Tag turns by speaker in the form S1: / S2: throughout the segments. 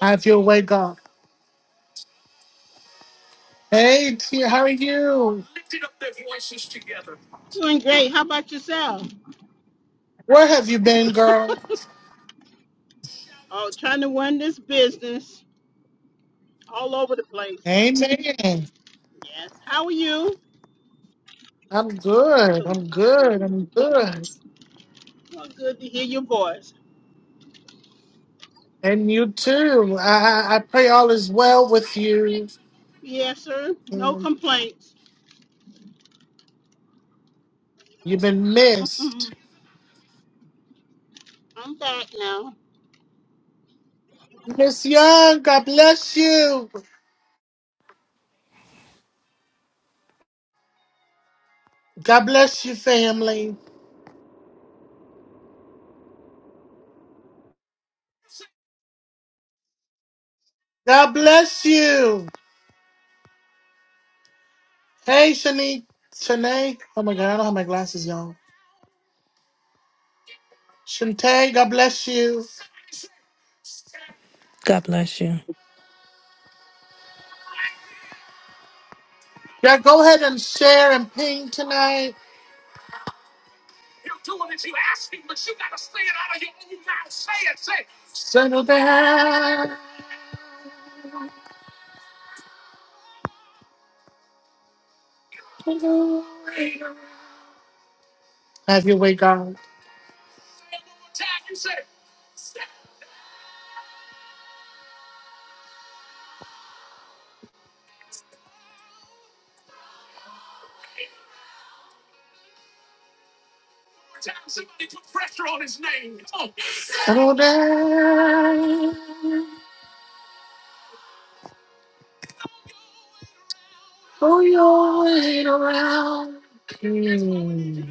S1: Have your way, God. Hey, T, how are you?
S2: Doing great. How about yourself?
S1: Where have you been, girl?
S2: Oh, trying to run this business all over the place.
S1: Amen.
S2: Yes. How are you?
S1: I'm good.
S2: Good.
S1: I'm good.
S2: Good.
S1: I'm good.
S2: Well, good to hear your voice.
S1: And you too. I, I I pray all is well with you.
S2: Yes, sir. No
S1: Um,
S2: complaints.
S1: You've been missed.
S2: I'm back now.
S1: Miss Young, God bless you. God bless you, family. God bless you. Hey, Shani, Shanae. Oh my God, I don't have my glasses, y'all. Shante, God bless you.
S3: God bless you.
S1: Yeah, go ahead and share and ping tonight. Settle down. Have your way, God. Settle down. Oh, you ain't around. Mm.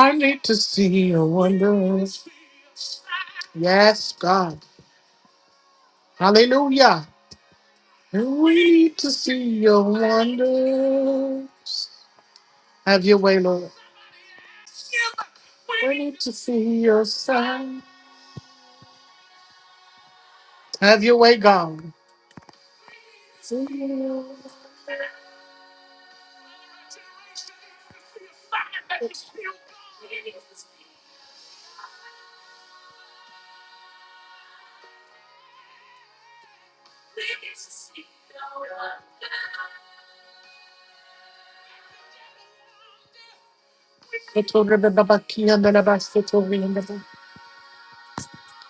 S1: I need to see your wonders. Yes, God. Hallelujah. We need to see your wonders. Have your way, Lord. We need to see your sign. Have your way, God. See you.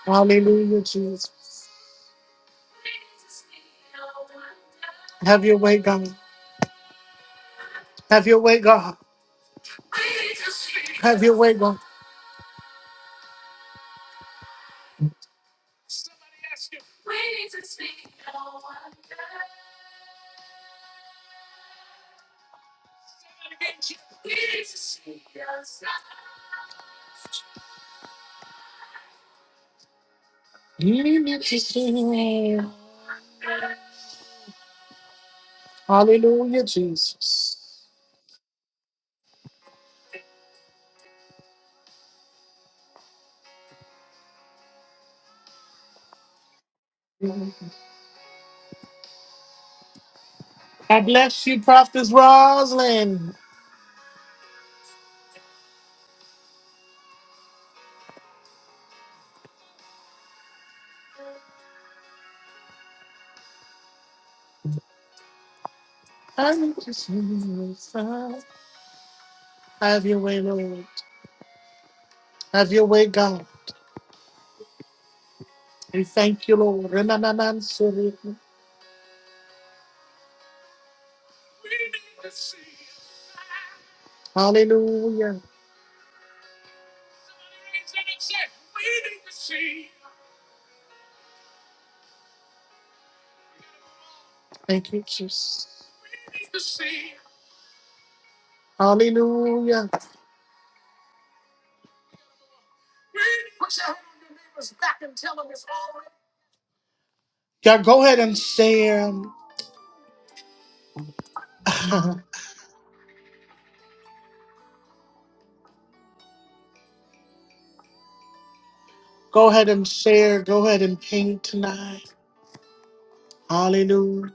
S1: Hallelujah, Jesus. Have your way, God. Have your way, God. Have your way, God. You need to see. Hallelujah, Jesus. God bless you, Prophet Roslyn. I'm just Have your way, Lord. Have your way, God. We thank you, Lord. Hallelujah. Thank you, Jesus. Hallelujah. Yeah, go ahead and share. um, go ahead and share. Go ahead and ping tonight. Hallelujah.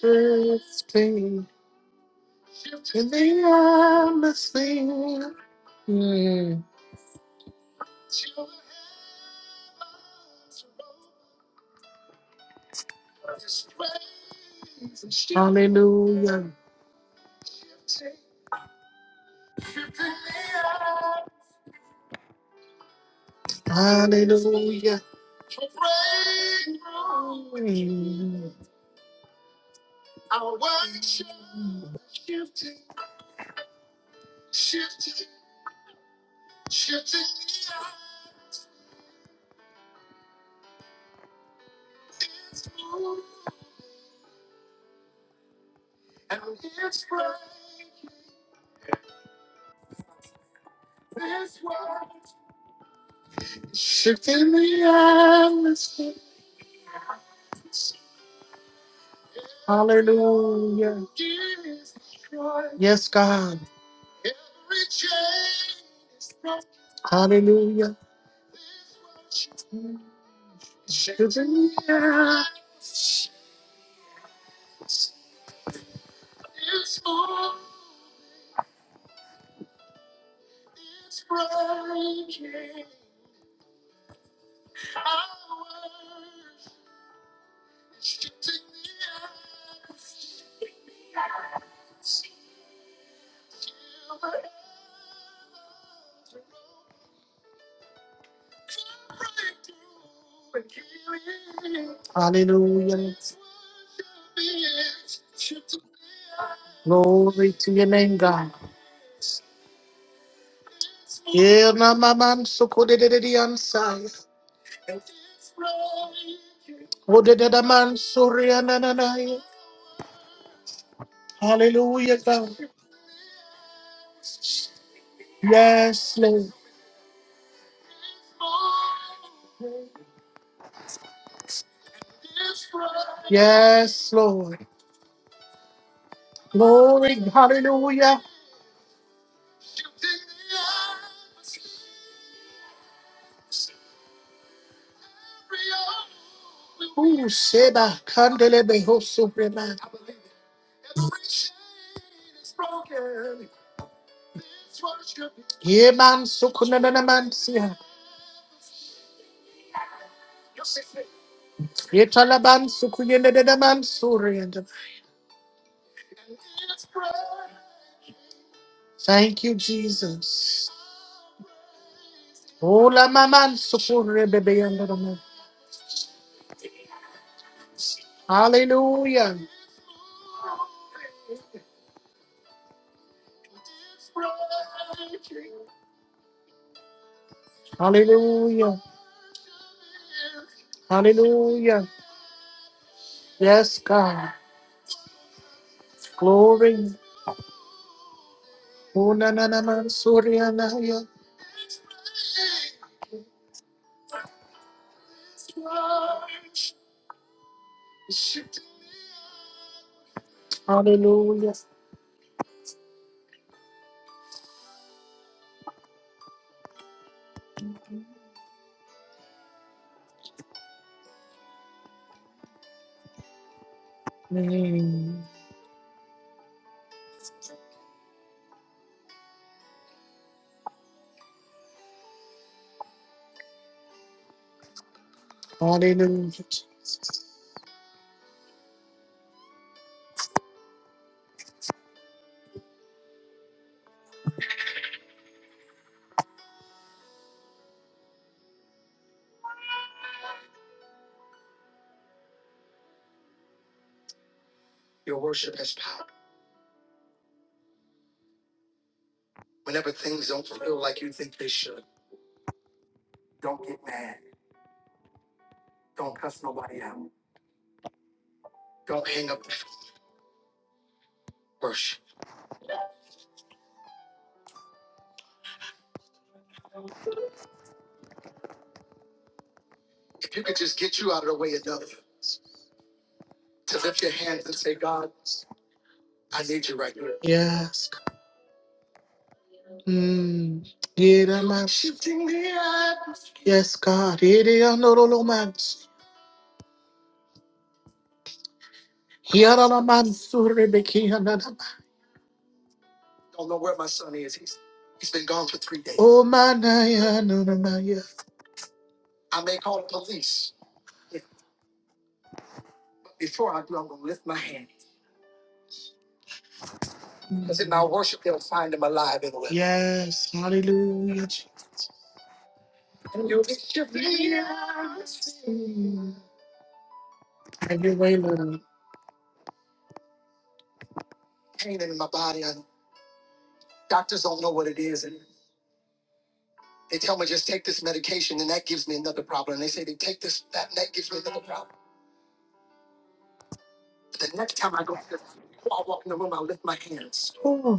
S1: First thing to the atmosphere. Hallelujah. Hallelujah. Hallelujah. Yes, God. Hallelujah. Hallelujah. Glory to your name, God. Yeah, na ma man so ko de de de de ansai. O de de da man so re na na na. yeah. Hallelujah, God. Yes, Lord. Yes, Lord. Glory, hallelujah. Ooh, Seba, kandele Kandelebe, Hosuprema. Yeman sukunanamansia. Yetalaban sukuyenedanaman suriyanda. Thank you, Jesus. Ola maman sukurebebeyandanaman. Hallelujah. Hallelujah. Hallelujah. Yes, God. Glory. Oh na, na, na, man, Surya Unananamansuryanaya. Hallelujah. Mm. Hallelujah. Yes. Mm. Yeramashitiya. Yes, God. Yereyanololomans. Yaralamansurebekiyananama. He's been gone for three days. Oh, manaya, nanamaya. I said, our worship, they'll find him alive and well. Yes, hallelujah. Jesus. And you'll be shifting the atmosphere. Have your way, Lord. Oh,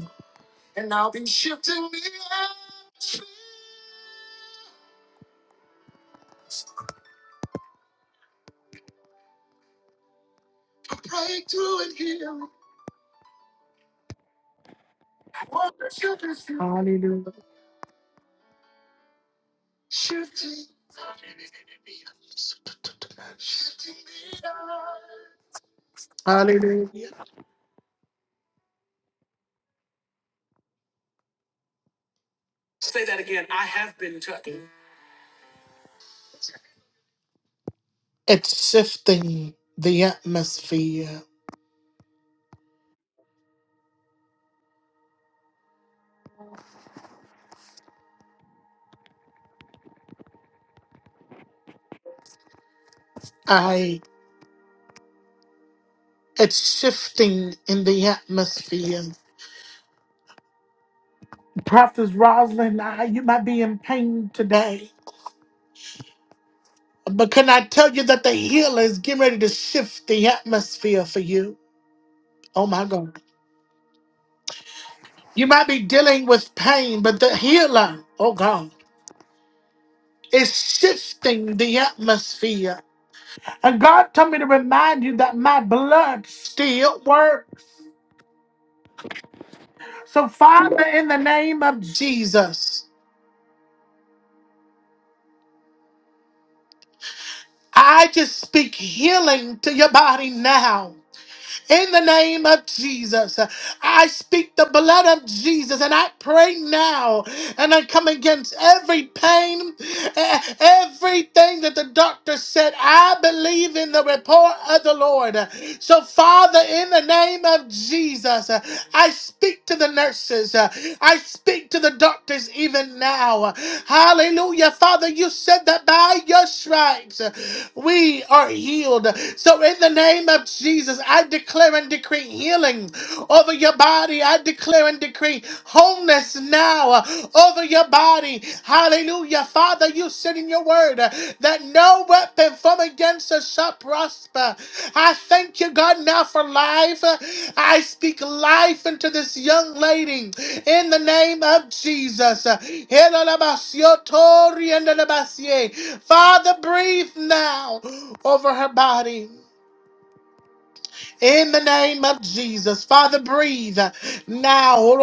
S1: Hallelujah. Hallelujah. It's shifting the atmosphere. I it's shifting in the atmosphere. Prophet Rosalind, I, you might be in pain today. But can I tell you that the healer is getting ready to shift the atmosphere for you? Oh my God. You might be dealing with pain, but the healer, oh God, is shifting the atmosphere. And God told me to remind you that my blood still works. So, Father, in the name of Jesus, I just speak healing to your body now. In the name of Jesus, I speak the blood of Jesus and I pray now and I come against every pain, e- everything that the doctor said. I believe in the report of the Lord. So, Father, in the name of Jesus, I speak to the nurses. I speak to the doctors even now. Hallelujah. Father, you said that by your stripes we are healed. So, in the name of Jesus, I declare declare and decree healing over your body. I declare and decree wholeness now uh, over your body. Hallelujah. Father, you said in your word uh, that no weapon formed against us shall prosper. I thank you, God, now for life. Uh, I speak life into this young lady in the name of Jesus. Uh, Father, breathe now over her body. In the name of Jesus, Father, breathe now. In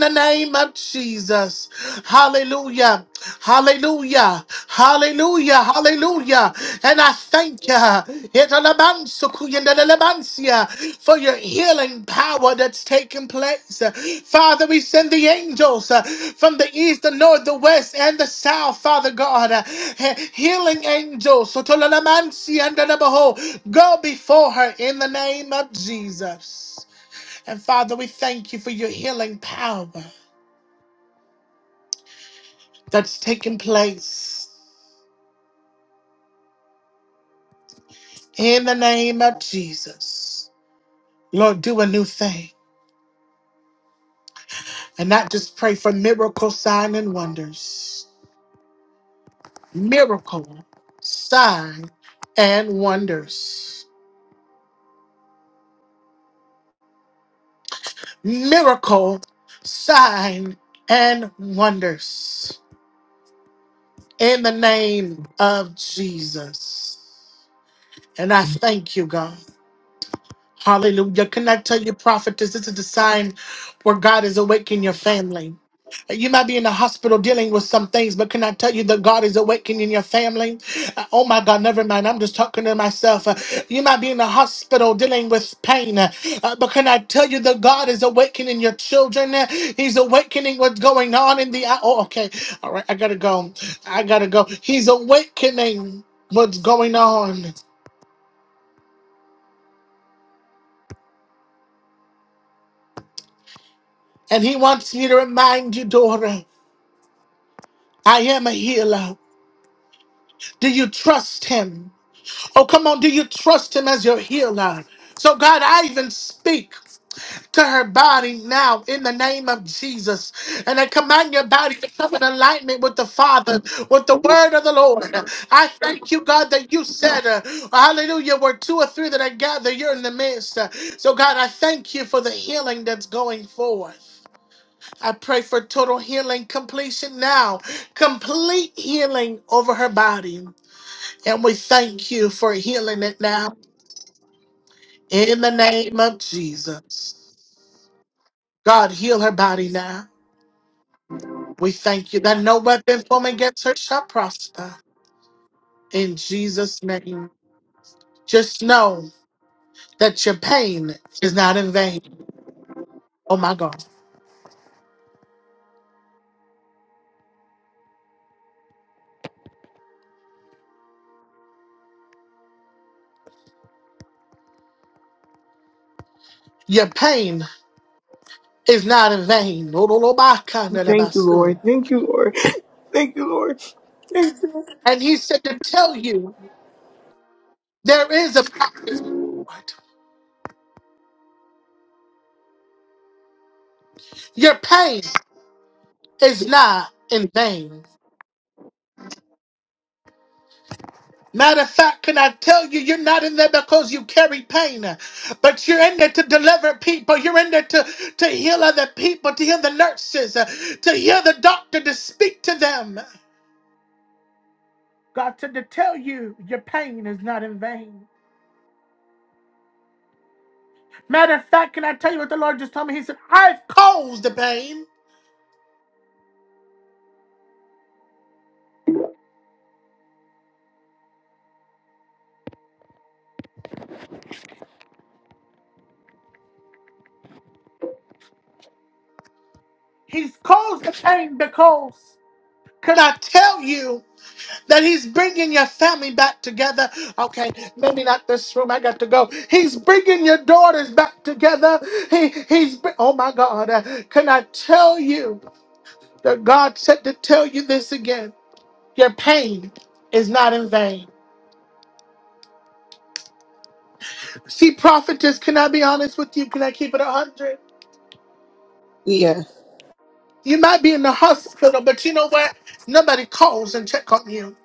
S1: the name of Jesus, hallelujah. Hallelujah. Hallelujah. Hallelujah. And I thank you Italabansukuyendelelebansia, for your healing power that's taking place. Father, we send the angels uh, from the east, the north, the west, and the south, Father God. Uh, he- Healing angels. Sotolalamansiandelebeho, Go before her in the name of Jesus. And Father, we thank you for your healing power that's taking place. In the name of Jesus, Lord, do a new thing and not just pray for miracle, sign, and wonders. Miracle, sign, and wonders. Miracle, sign, and wonders. In the name of Jesus. And I thank you, God. Hallelujah. Can I tell you, prophetess, this is the sign where God is awakening your family. You might be in the hospital dealing with some things, but can I tell you that God is awakening your family? Uh, oh my God, never mind. I'm just talking to myself. Uh, you might be in the hospital dealing with pain, uh, uh, but can I tell you that God is awakening your children? Uh, He's awakening what's going on in the. Oh, okay. All right. I got to go. I got to go. He's awakening what's going on. And he wants me to remind you, daughter. I am a healer. Do you trust him? Oh, come on. Do you trust him as your healer? So, God, I even speak to her body now in the name of Jesus. And I command your body to come in alignment with the Father, with the word of the Lord. I thank you, God, that you said, uh, Hallelujah, where two or three that I gather, you're in the midst. Uh, So, God, I thank you for the healing that's going forth. I pray for total healing, completion now, complete healing over her body. And we thank you for healing it now in the name of Jesus. God, heal her body now. We thank you that no weapon formed against her shall prosper in Jesus' name. Just know that your pain is not in vain. Oh my God. Your pain is not in vain.
S4: Thank you, Lord. Thank you, Lord. Thank you, Lord.
S1: And he said to tell you There is a what? Your pain is not in vain. Matter of fact, can I tell you, you're not in there because you carry pain, but you're in there to deliver people. You're in there to, to heal other people, to heal the nurses, uh, to heal the doctor, to speak to them. God said to tell you, your pain is not in vain. Matter of fact, can I tell you what the Lord just told me? He said, I've caused the pain. He's caused the pain because, can I tell you? that he's bringing your family back together. Okay, maybe not this room. I got to go. He's bringing your daughters back together. He he's br- oh my God. uh, can I tell you that God said to tell you this again? Your pain is not in vain. See, prophetess, can I be honest with you? Can I keep it a hundred?
S4: Yeah,
S1: You might be in the hospital, but you know what? Nobody calls and check on you.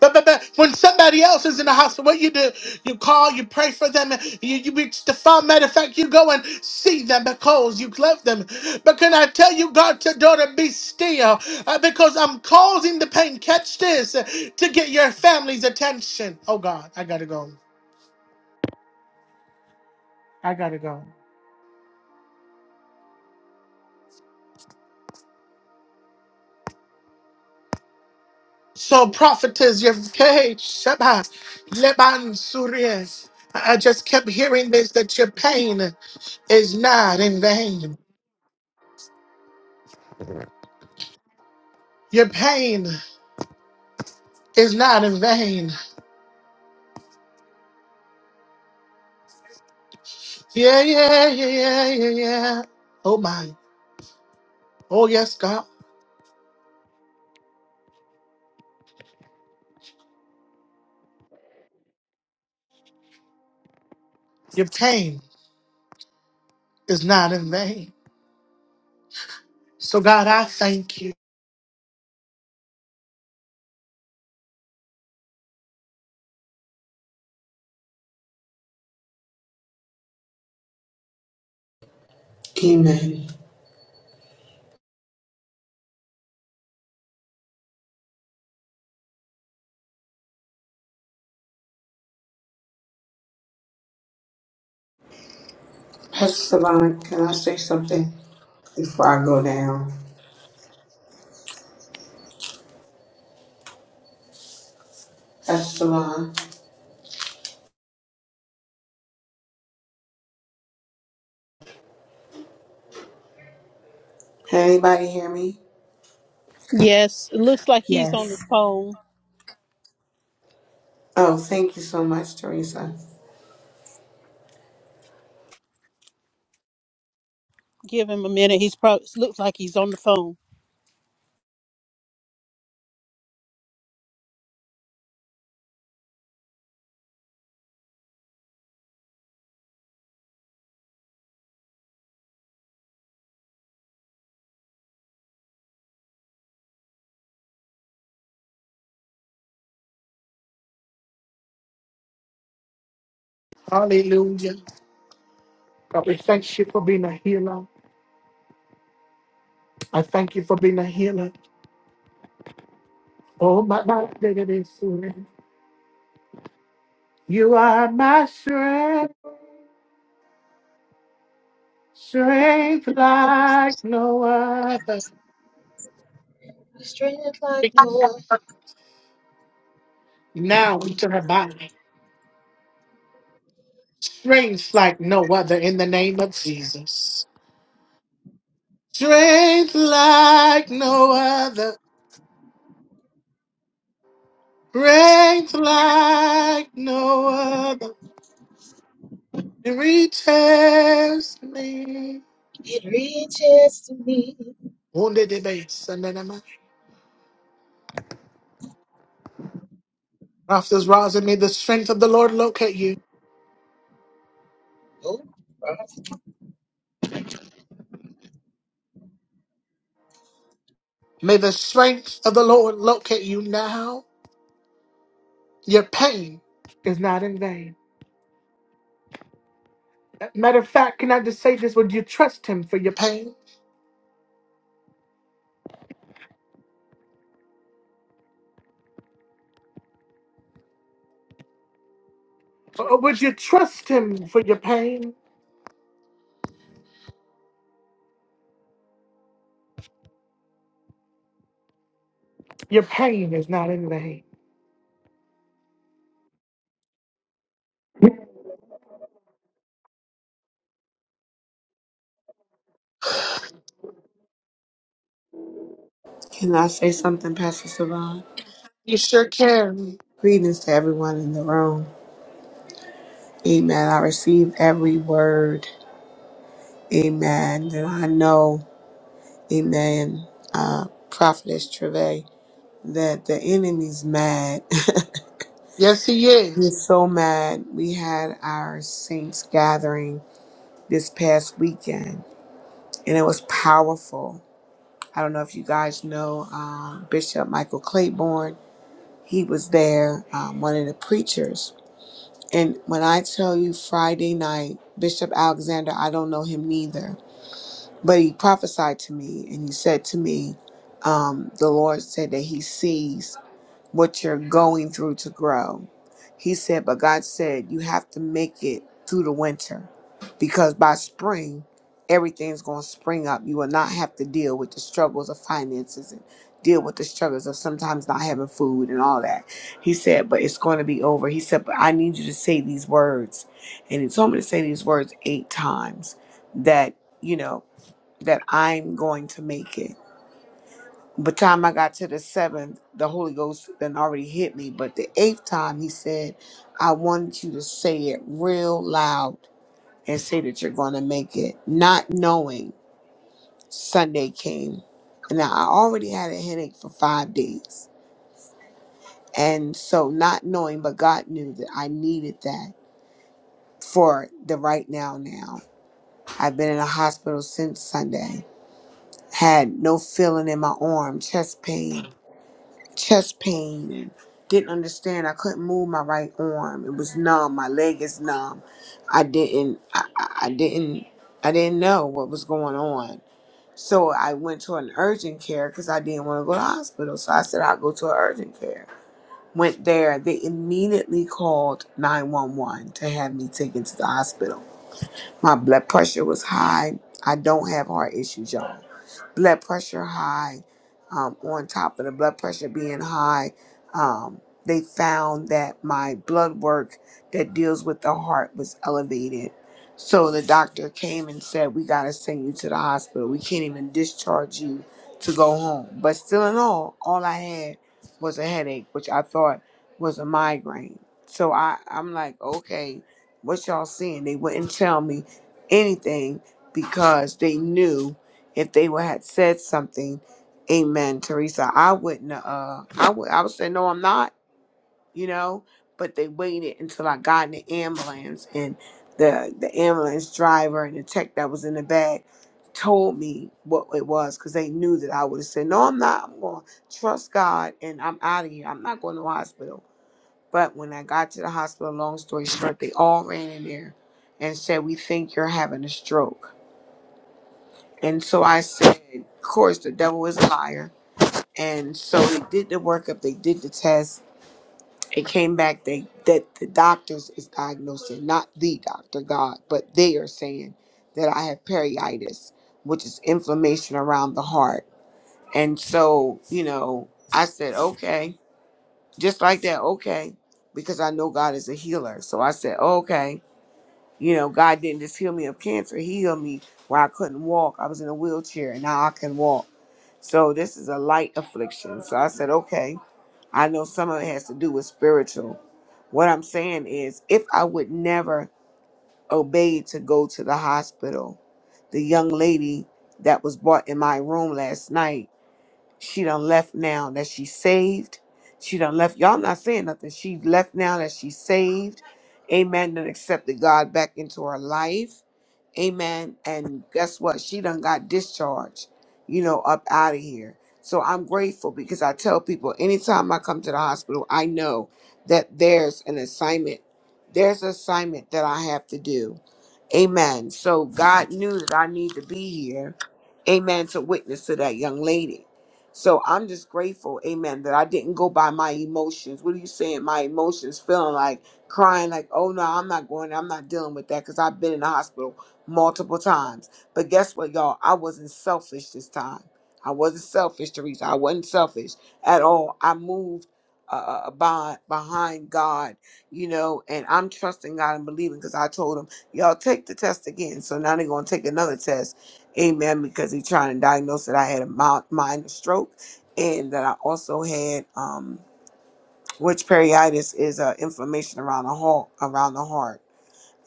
S1: But, but, but when somebody else is in the hospital, what you do? You call, you pray for them, you, you reach the phone. Matter of fact, you go and see them because you love them. But can I tell you, God, to daughter, be still uh, because I'm causing the pain. Catch this uh, to get your family's attention. Oh, God, I gotta go. I gotta go. So prophetess Yevke Sheba Leban Suries. I I just kept hearing this that your pain is not in vain. Your pain is not in vain. Yeah, yeah, yeah, yeah, yeah, yeah. Oh my. Oh yes, God. Your pain is not in vain. So God, I thank you.
S4: amen. Pastor Salon, can I say something before I go down? Pastor Salon, can anybody hear me?
S2: Yes, it looks like he's
S5: Yes.
S2: on the phone.
S4: Oh, thank you so much, Teresa.
S2: Give him a minute. He's probably looks like he's on the phone.
S1: Hallelujah. God, we thank you for being a healer. I thank you for being a healer. Oh my, my, that it is You are my strength. Strength like no other.
S6: Strength like Noah,
S1: Now into her body. Strength like no other in the name of Jesus. Strength like no other. Strength like no other. It me.
S6: it reaches to me.
S1: Wounded the base and then am Prophets rise and may the strength of the Lord locate you.
S6: Oh, uh,
S1: May the strength of the Lord locate you now. Your pain is not in vain. Matter of fact, can I just say this? Would you trust him for your pain? Or would you trust him for your pain? Your pain is not in vain.
S4: Can I say something, Pastor Salon?
S1: You sure can.
S4: Greetings to everyone in the room. Amen. I received every word. Amen. That I know, amen, uh, Prophetess Treve, that the enemy's mad.
S1: Yes, he
S4: We're
S1: is.
S4: so mad. We had our Saints gathering this past weekend, and it was powerful. I don't know if you guys know um, Bishop Michael Claiborne. He was there, um, one of the preachers. And when I tell you Friday night, Bishop Alexander, I don't know him neither, but he prophesied to me, and he said to me, um, the Lord said that he sees. what you're going through to grow. He said, but God said, you have to make it through the winter because by spring, everything's going to spring up. You will not have to deal with the struggles of finances and deal with the struggles of sometimes not having food and all that. He said, but it's going to be over. He said, but I need you to say these words. And he told me to say these words eight times that, you know, that I'm going to make it but time I got to the seventh, the Holy Ghost then already hit me. But the eighth time, he said, I want you to say it real loud and say that you're going to make it. Not knowing Sunday came. And I already had a headache for five days. And so, not knowing, but God knew that I needed that for the right now. Now, I've been in a hospital since Sunday, had no feeling in my arm, chest pain chest pain and didn't understand. I couldn't move my right arm. It was numb. My leg is numb. I didn't. I, I I didn't. I didn't know what was going on. So I went to an urgent care because I didn't want to go to the hospital. So I said I'll go to an urgent care. Went there. They immediately called 911 to have me taken to the hospital. My blood pressure was high. I don't have heart issues, y'all blood pressure high, um, on top of the blood pressure being high, um, they found that my blood work that deals with the heart was elevated. So the doctor came and said, We got to send you to the hospital. We can't even discharge you to go home. But still, in all, all I had was a headache, which I thought was a migraine. So I, I'm like, Okay, what y'all seeing? They wouldn't tell me anything because they knew if they would had said something amen teresa i wouldn't uh i would i would say no i'm not you know but they waited until i got in the ambulance and the the ambulance driver and the tech that was in the bag told me what it was because they knew that i would have said no i'm not i'm going to trust god and i'm out of here i'm not going to the hospital but when i got to the hospital long story short they all ran in there and said we think you're having a stroke and so I said, of course, the devil is a liar. And so they did the workup, they did the test. It came back they that the doctors is diagnosing, not the doctor, God, but they are saying that I have periitis, which is inflammation around the heart. And so, you know, I said, okay, just like that, okay, because I know God is a healer. So I said, okay. You know, God didn't just heal me of cancer, He healed me where I couldn't walk. I was in a wheelchair and now I can walk. So this is a light affliction. So I said, okay, I know some of it has to do with spiritual. What I'm saying is, if I would never obey to go to the hospital, the young lady that was brought in my room last night she done left now that she's saved. She done left. Y'all not saying nothing. She left now that she's saved. Amen. And accepted God back into her life. Amen. And guess what? She done got discharged, you know, up out of here. So I'm grateful because I tell people anytime I come to the hospital, I know that there's an assignment. There's an assignment that I have to do. Amen. So God knew that I need to be here. Amen. To witness to that young lady. So I'm just grateful, amen, that I didn't go by my emotions. What are you saying? My emotions feeling like crying, like, oh no, I'm not going, I'm not dealing with that because I've been in the hospital multiple times. But guess what, y'all? I wasn't selfish this time. I wasn't selfish, Teresa. I wasn't selfish at all. I moved uh, uh, uh, by behind God, you know, and I'm trusting God and believing because I told him, y'all take the test again. So now they're gonna take another test, amen, because he's trying to diagnose that I had a mild, minor stroke and that I also had um, which periitis is uh, inflammation around the heart, around the heart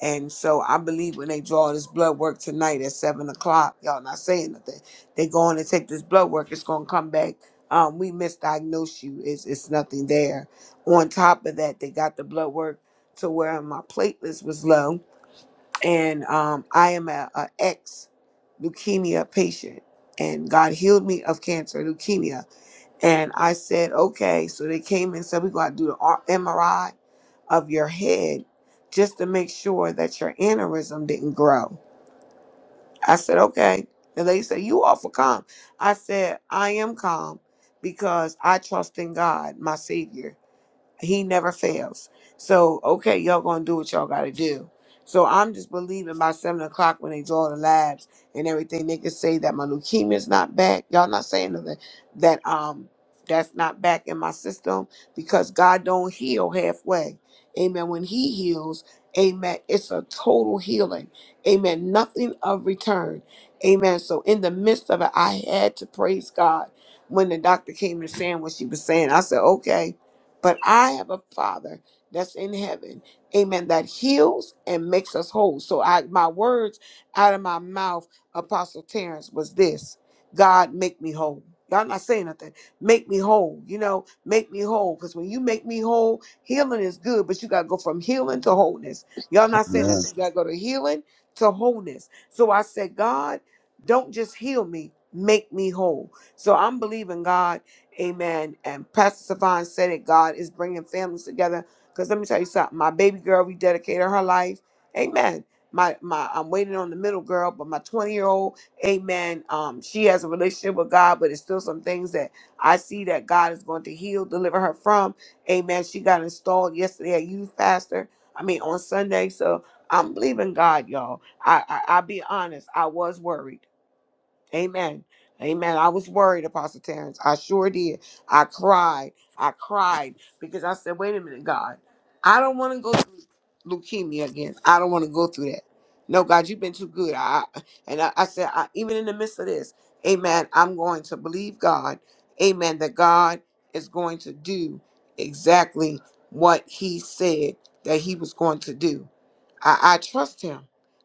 S4: and so I believe when they draw this blood work tonight at seven o'clock, y'all not saying nothing. They going to take this blood work. It's going to come back. Um, we misdiagnosed you. It's it's nothing there. On top of that, they got the blood work to where my platelets was low, and um, I am a, a ex leukemia patient, and God healed me of cancer leukemia and I said, okay. So they came and said, we're going to do the R- MRI of your head just to make sure that your aneurysm didn't grow. I said, okay. The lady said, you awful calm. I said, I am calm because I trust in God, my Savior. He never fails. So, okay, y'all gonna do what y'all gotta do. So I'm just believing by seven o'clock when they draw the labs and everything, they can say that my leukemia's not back. Y'all not saying nothing that um that's not back in my system because God don't heal halfway. Amen. When he heals, amen, it's a total healing. Amen. Nothing of return. Amen. So in the midst of it, I had to praise God when the doctor came to saying what she was saying. I said, okay. But I have a Father that's in heaven, amen, that heals and makes us whole. So I, my words out of my mouth, Apostle Terrence, was this God, make me whole. Y'all not saying nothing. Make me whole. You know, make me whole. Because when you make me whole, healing is good, but you got to go from healing to wholeness. Y'all not saying
S7: Amen.
S4: that. You got to go to healing to wholeness. So I said, God, don't just heal me, make me whole. So I'm believing God. Amen. And Pastor Savon said it. God is bringing families together. Because let me tell you something. My baby girl rededicated her life. Amen. My my, I'm waiting on the middle girl, but my 20 year old, Amen. Um, she has a relationship with God, but it's still some things that I see that God is going to heal, deliver her from. Amen. She got installed yesterday at Youth Pastor. I mean on Sunday. So I'm believing God, y'all. I, I I'll be honest. I was worried. Amen. Amen. I was worried, Apostle Terrence. I sure did. I cried. I cried because I said, wait a minute, God. I don't want to go through leukemia again. I don't want to go through that. No, God, you've been too good. I and I, I said, I, even in the midst of this, Amen. I'm going to believe God. Amen. That God is going to do exactly what He said that He was going to do. I, I trust him.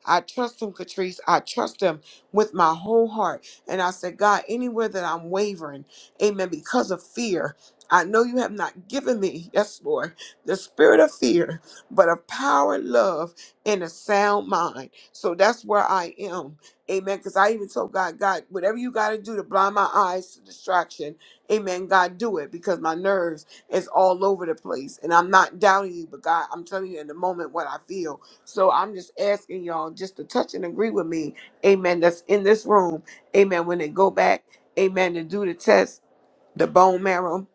S4: I trust him, Catrice. I trust him with my whole heart. And I said, God, anywhere that I'm wavering, amen, because of fear, I know you have not given me, yes, Lord, the spirit of fear, but of power, love, and a sound mind. So that's where I am. Amen. Because I even told God, God, whatever you got to do to blind my eyes to distraction, amen, God, do it because my nerves is all over the place. And I'm not doubting you, but God, I'm telling you in the moment what I feel. So I'm just asking y'all just to touch and agree with me, amen, that's in this room, amen, when they go back, amen, to do the test, the bone marrow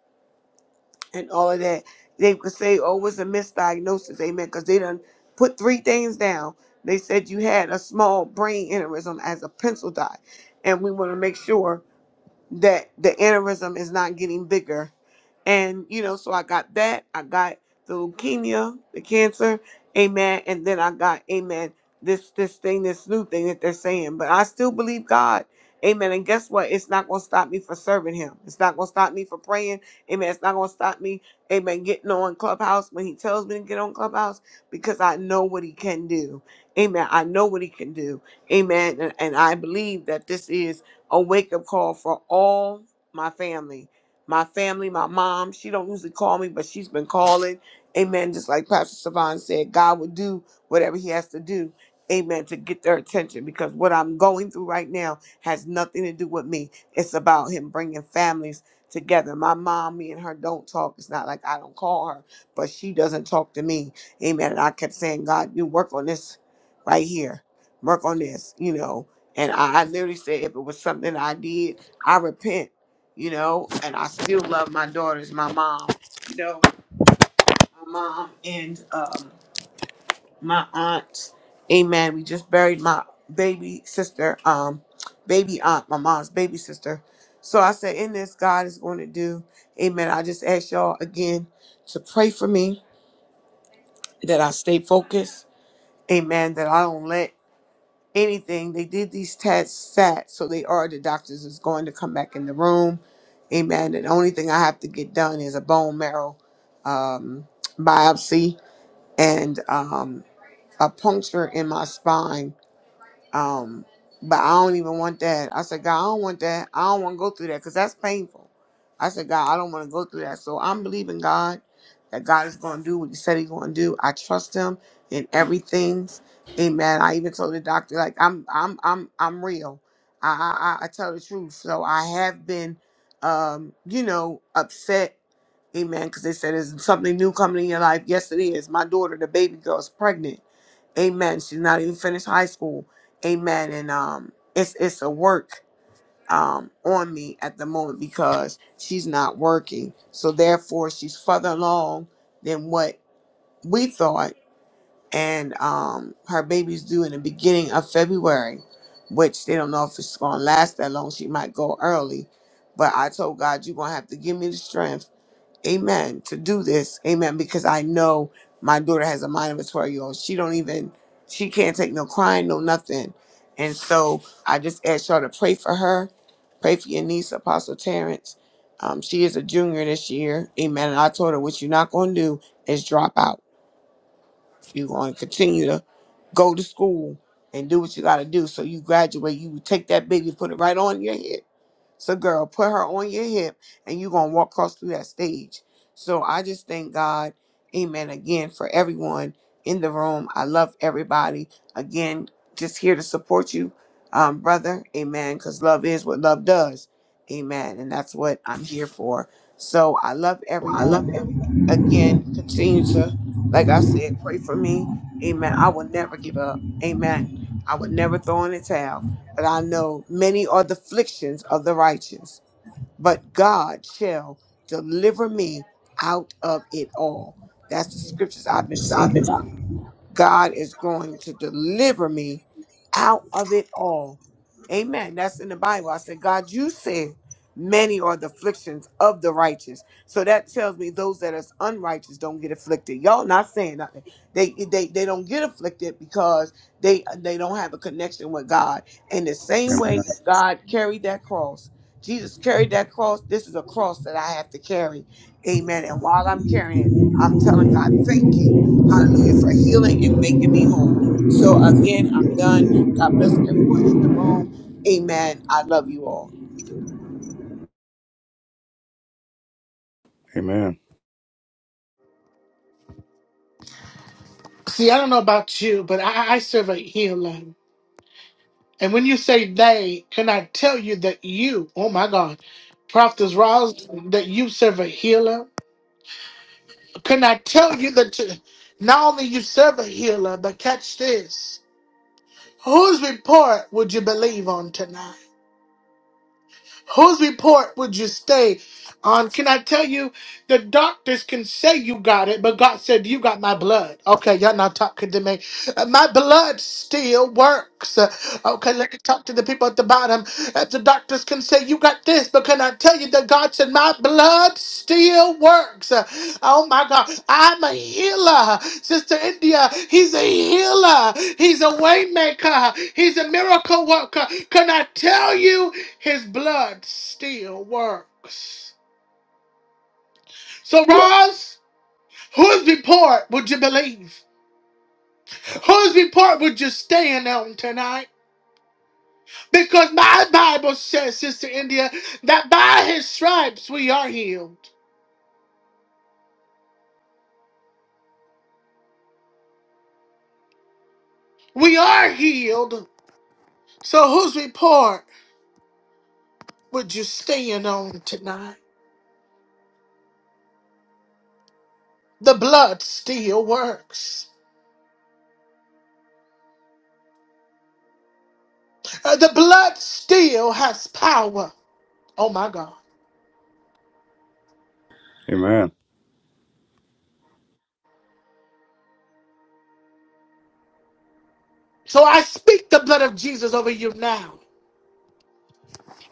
S4: and all of that, they could say, oh, it was a misdiagnosis, amen, because they done put three things down. They said you had a small brain aneurysm as a pencil dot, and we want to make sure that the aneurysm is not getting bigger. And, you know, so I got that. I got the leukemia, the cancer, amen. And then I got, amen, this this thing, this new thing that they're saying. But I still believe God. Amen. And guess what? It's not gonna stop me for serving him. It's not gonna stop me for praying. Amen. It's not gonna stop me, amen, getting on Clubhouse when he tells me to get on Clubhouse because I know what he can do. Amen. I know what he can do. Amen. And, and I believe that this is a wake up call for all my family. My family, my mom, she don't usually call me, but she's been calling. Amen. Just like Pastor Savan said, God will do whatever he has to do. Amen. To get their attention because what I'm going through right now has nothing to do with me. It's about him bringing families together. My mom, me and her don't talk. It's not like I don't call her, but she doesn't talk to me. Amen. And I kept saying, God, you work on this right here. Work on this, you know and I, I literally said, if it was something I did, I repent, you know, and I still love my daughters, my mom, you know, my mom and um, my aunt. Amen. We just buried my baby sister, um, baby aunt, my mom's baby sister. So I said, in this, God is going to do. Amen. I just ask y'all again to pray for me that I stay focused. Amen. That I don't let anything. They did these tests sat, so they are the doctors is going to come back in the room. Amen. And the only thing I have to get done is a bone marrow um, biopsy and um, a puncture in my spine um, but I don't even want that. I said, God, I don't want that. I don't want to go through that because that's painful. I said, God, I don't want to go through that. So I'm believing God that God is going to do what He said He's going to do. I trust Him in everything. Amen. I even told the doctor, like, I'm, I'm, I'm, I'm real. I, I, I I tell the truth. So I have been, um, you know, upset. Amen. Because they said, is something new coming in your life? Yes, it is. My daughter, the baby girl, is pregnant Amen. She's not even finished high school. Amen. And um it's it's a work um on me at the moment because she's not working. So therefore she's further along than what we thought. And um her baby's due in the beginning of February, which they don't know if it's gonna last that long. She might go early. But I told God you're gonna have to give me the strength amen to do this amen because i know my daughter has a mind of a 12 year old she don't even she can't take no crying no nothing and so i just ask y'all to pray for her pray for your niece apostle terrence um, she is a junior this year amen and i told her what you're not going to do is drop out you're going to continue to go to school and do what you got to do so you graduate you take that baby put it right on your head so, girl, put her on your hip and you're going to walk across through that stage. So, I just thank God, amen, again, for everyone in the room. I love everybody. Again, just here to support you, um, brother, amen, because love is what love does, amen. And that's what I'm here for. So, I love everyone. Again, continue to, like I said, pray for me, amen. I will never give up, amen. I would never throw in the towel. But I know many are the afflictions of the righteous, but God shall deliver me out of it all. That's the scriptures I've been saying. God is going to deliver me out of it all. Amen. That's in the Bible. I said, God, you said many are the afflictions of the righteous. So that tells me those that is unrighteous don't get afflicted. Y'all not saying nothing. They they they don't get afflicted because they they don't have a connection with God. In the same
S7: Amen.
S4: way that God carried that cross. Jesus carried that cross. This is a cross that I have to carry. Amen. And while I'm carrying it, I'm telling God, thank you. Hallelujah for healing and making me whole. So again, I'm done. God bless everyone in the room. Amen. I love you all.
S7: Amen.
S1: See, I don't know about you, but I, I serve a healer. And when you say they, can I tell you that you, oh my God, Prophet Ross, that you serve a healer? Can I tell you that you, not only you serve a healer, but catch this. Whose report would you believe on tonight? Whose report would you stay on? Can I tell you, the doctors can say you got it, but God said, You got my blood. Okay, y'all not talking to me. Uh, My blood still works. Uh, Okay, let me talk to the people at the bottom. Uh, The doctors can say you got this, but can I tell you that God said, My blood still works? Uh, Oh my God, I'm a healer. Sister India, He's a healer. He's a way maker. He's a miracle worker. Can I tell you? His blood still works. So, Roz, whose report would you believe? Whose report would you stand on tonight? Because my Bible says, Sister India, that by his stripes we are healed. We are healed. So, whose report would you stand on tonight? The blood still works. Uh, the blood still has power. Oh my God.
S7: Amen.
S1: So I speak the blood of Jesus over you now.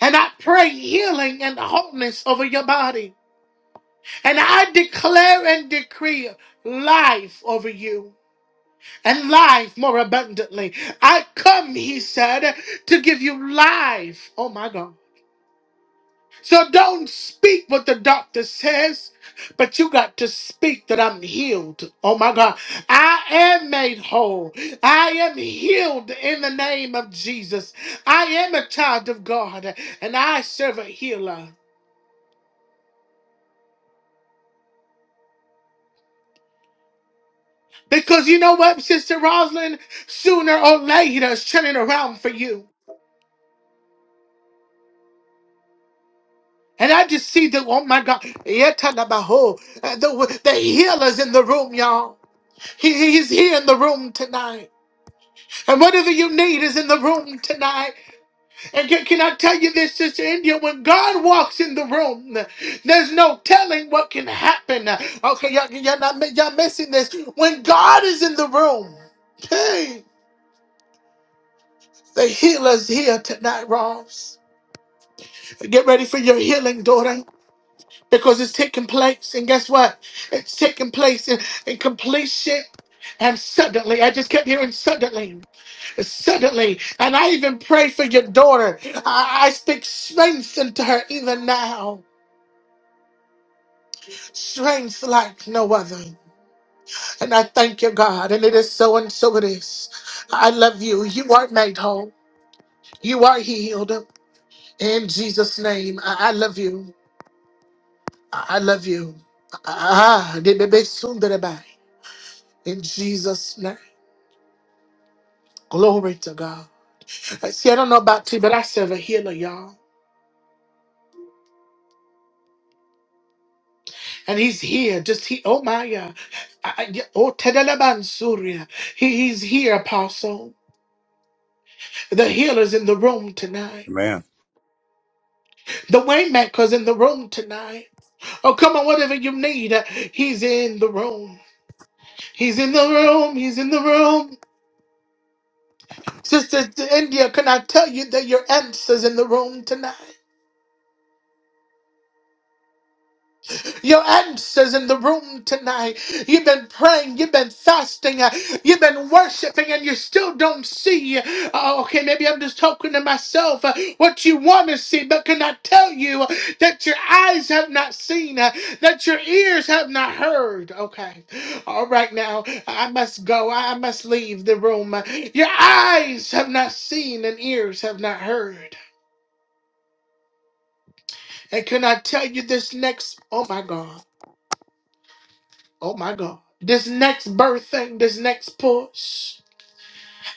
S1: And I pray healing and wholeness over your body. And I declare and decree life over you and life more abundantly. I come, he said, to give you life. Oh my God. So don't speak what the doctor says, but you got to speak that I'm healed. Oh my God. I am made whole. I am healed in the name of Jesus. I am a child of God and I serve a healer. Because you know what, Sister Roslyn, Sooner or later, it's turning around for you. And I just see the, oh my God, Yetanabaho, uh, the, the healer's in the room, y'all. He, he's here in the room tonight. And whatever you need is in the room tonight. And can, can I tell you this, Sister India? When God walks in the room, there's no telling what can happen. Okay, y'all, y'all, not, y'all missing this. When God is in the room, hey, the healer's here tonight, Ross. Get ready for your healing, daughter, because it's taking place. And guess what? It's taking place in, in completion. And suddenly, I just kept hearing suddenly, suddenly. And I even pray for your daughter. I, I speak strength into her even now, strength like no other. And I thank you, God. And it is so, and so it is. I love you. You are made whole. You are healed. In Jesus' name, I I love you. I I love you. Ah, ah, they may be soon that I buy. In Jesus' name. Glory to God. Uh, See, I don't know about you, but I serve a healer, y'all. And he's here. Just he oh my God. I- I- yeah, Oh Tedelebansuria. He, he's here, apostle. The healer's in the room tonight.
S7: Amen.
S1: The waymaker's in the room tonight. Oh, come on, whatever you need. uh, He's in the room. He's in the room. He's in the room. Sister India, can I tell you that your answer's in the room tonight? Your answers in the room tonight. You've been praying, you've been fasting, uh, you've been worshiping, and you still don't see. Uh, okay, maybe I'm just talking to myself uh, what you want to see, but can I tell you that your eyes have not seen, uh, that your ears have not heard? Okay, all right, now I must go, I must leave the room. Your eyes have not seen, and ears have not heard. And can I tell you this next? Oh my God. Oh my God. This next birth thing, this next push.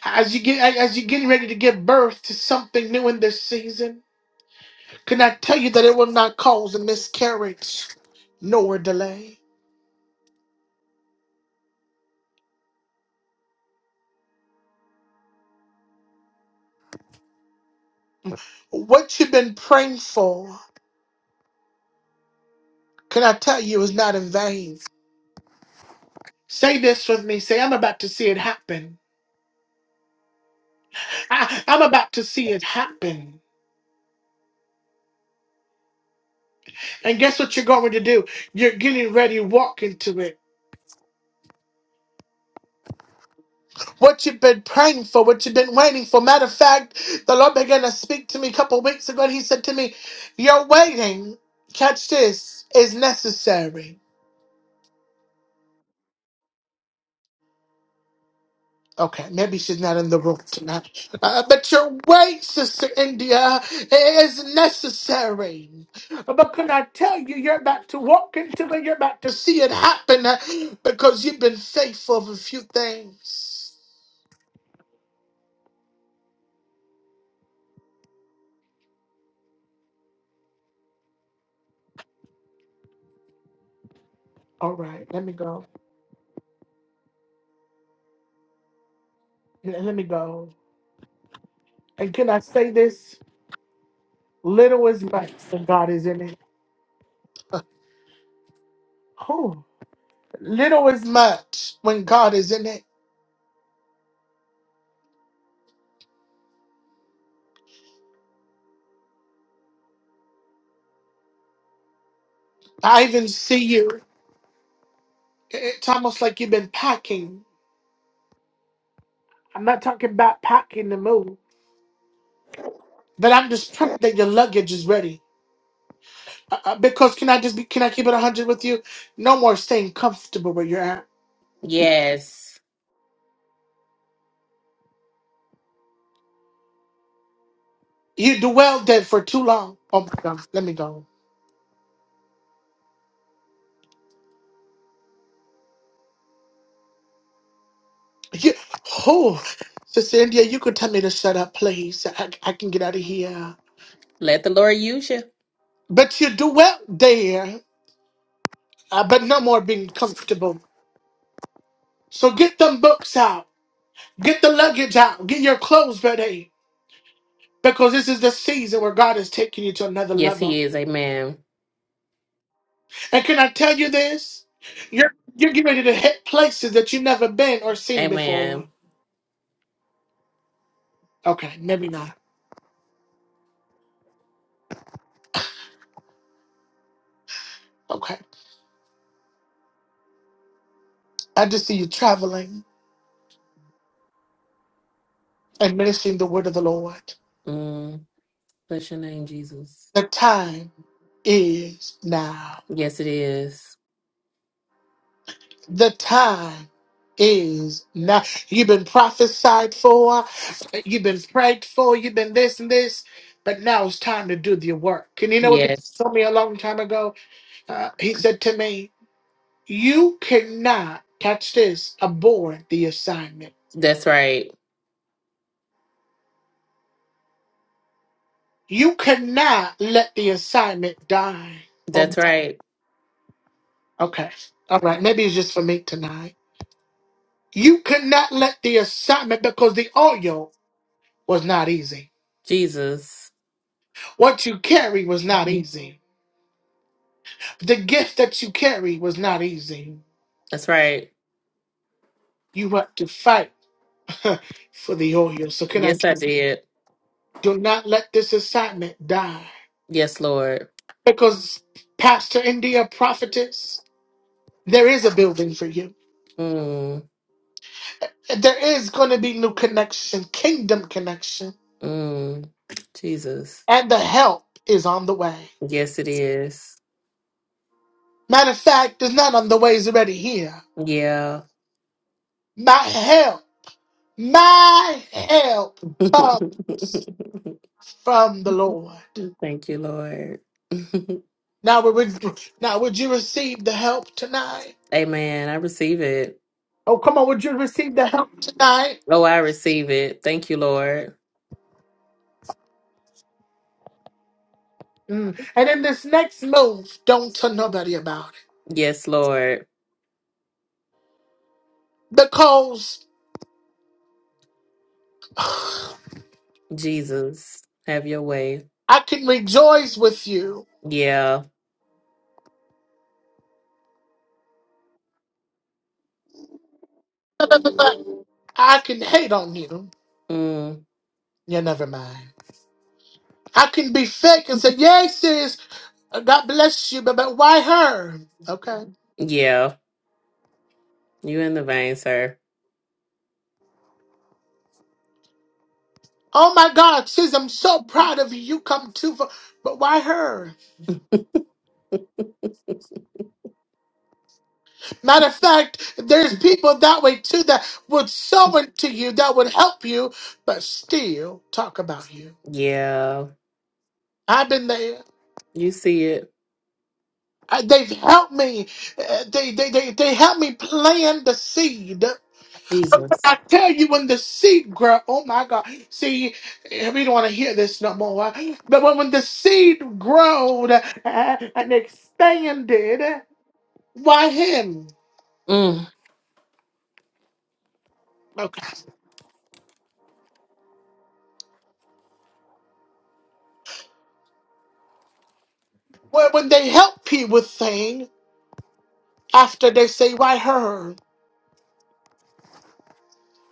S1: As you get as you're getting ready to give birth to something new in this season, can I tell you that it will not cause a miscarriage nor delay? What you've been praying for, can I tell you, is not in vain. Say this with me. Say, I'm about to see it happen. I, I'm about to see it happen. And guess what you're going to do? You're getting ready, to walk into it. What you've been praying for, what you've been waiting for. Matter of fact, the Lord began to speak to me a couple of weeks ago and He said to me, Your waiting, catch this, is necessary. Okay, maybe she's not in the room tonight. Uh, but your wait, Sister India, is necessary. But can I tell you, you're about to walk into it, you're about to see it happen uh, because you've been faithful of a few things. All right, let me go. let me go. And can I say this? Little is much when God is in it. Oh, little is much when God is in it. I even see you. It's almost like you've been packing. I'm not talking about packing the move, but I'm just praying that your luggage is ready. Uh, uh, because can I just be? Can I keep it 100 with you? No more staying comfortable where you're at.
S8: Yes.
S1: You dwelled there for too long. Oh my God, let me go. You, oh, Sister India, you could tell me to shut up, please. I, I can get out of here.
S8: Let the Lord use you.
S1: But you dwelt there. I bet no more being comfortable. So get them books out. Get the luggage out. Get your clothes ready. Because this is the season where God is taking you to another
S8: Yes,
S1: level.
S8: He is. Amen.
S1: And can I tell you this? You're you're getting ready to hit places that you've never been or seen before.
S8: Amen.
S1: Okay, maybe not. Okay. I just see you traveling and ministering the word of the Lord.
S8: Mm, bless your name, Jesus.
S1: The time is now.
S8: Yes, it is.
S1: The time is now. You've been prophesied for, you've been prayed for, you've been this and this, but now it's time to do the work. And you know what they
S8: Yes.
S1: told me a long time ago? Uh, he said to me, You cannot, catch this, abort the assignment.
S8: That's right.
S1: You cannot let the assignment die. Oh,
S8: That's right.
S1: okay. All right. Maybe it's just for me tonight. You cannot let the assignment because the oil was not easy.
S8: Jesus.
S1: What you carry was not easy. The gift that you carry was not easy.
S8: That's right.
S1: You had to fight for the oil. So can I
S8: Yes, I did.
S1: do not let this assignment die?
S8: Yes, Lord.
S1: Because Pastor India prophetess, there is a building for you.
S8: Mm,
S1: There is going to be new connection, kingdom connection,
S8: mm, Jesus.
S1: and the help is on the way.
S8: Yes, it is.
S1: Matter of fact, it's not on the way; it's already here.
S8: Yeah.
S1: My help, my help comes from the Lord.
S8: Thank you, Lord.
S1: Now would, would now would you receive the help tonight?
S8: Amen. I receive it.
S1: Oh, come on, would you receive the help tonight?
S8: Oh, I receive it. Thank you, Lord.
S1: Mm. And in this next move, don't tell nobody about it.
S8: Yes, Lord.
S1: Because I
S8: Jesus, have your way.
S1: can rejoice with you.
S8: Yeah.
S1: I can hate on you.
S8: Mm,
S1: Yeah, never mind. I can be fake and say, Yay, sis, uh, God bless you, but, but why her? Okay.
S8: yeah. You in the vein, sir.
S1: Oh my God, sis, I'm so proud of you. You come too far, but why her? Matter of fact, there's people that way too that would sow into you, that would help you, but still talk about you.
S8: Yeah.
S1: I've been there.
S8: You see it.
S1: I, they've helped me. Uh, they, they, they, they helped me plant the seed.
S8: Jesus.
S1: I tell you, when the seed grow, oh my God. See, eh, we don't want to hear this no more. But when, when the seed growed uh, and expanded, why him?
S8: Mm,
S1: Okay. Well, when they help people with things, after they say, why her?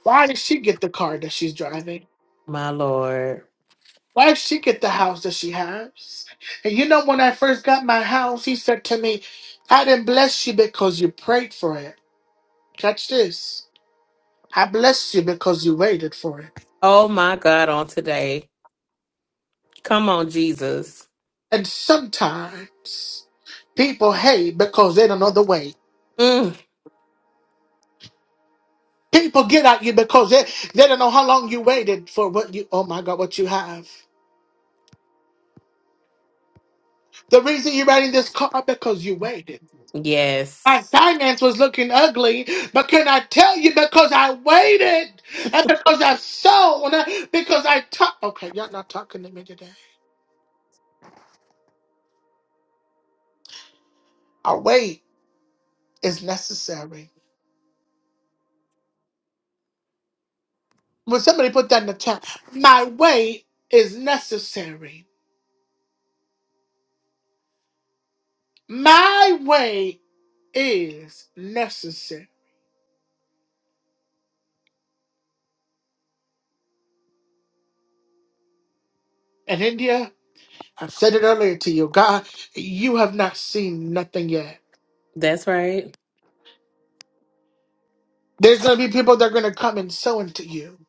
S1: Why did she get the car that she's driving?
S8: my Lord.
S1: Why did she get the house that she has? And you know, when I first got my house, he said to me, I didn't bless you because you prayed for it. Catch this. I blessed you because you waited for it.
S8: Oh, my God, on today. Come on, Jesus.
S1: And sometimes people hate because they don't know the way.
S8: Mm,
S1: People get at you because they, they don't know how long you waited for what you, oh my God, what you have. The reason you're riding this car because you waited.
S8: yes.
S1: my finance was looking ugly, but can I tell you because I waited and because I sown, because I talked? Okay, y'all not talking to me today. Our wait is necessary. When somebody put that in the chat, my wait is necessary. My wait is necessary. And India, I've said it earlier to you, God, you have not seen nothing yet.
S8: That's right.
S1: There's gonna be people that are gonna come and sow into you.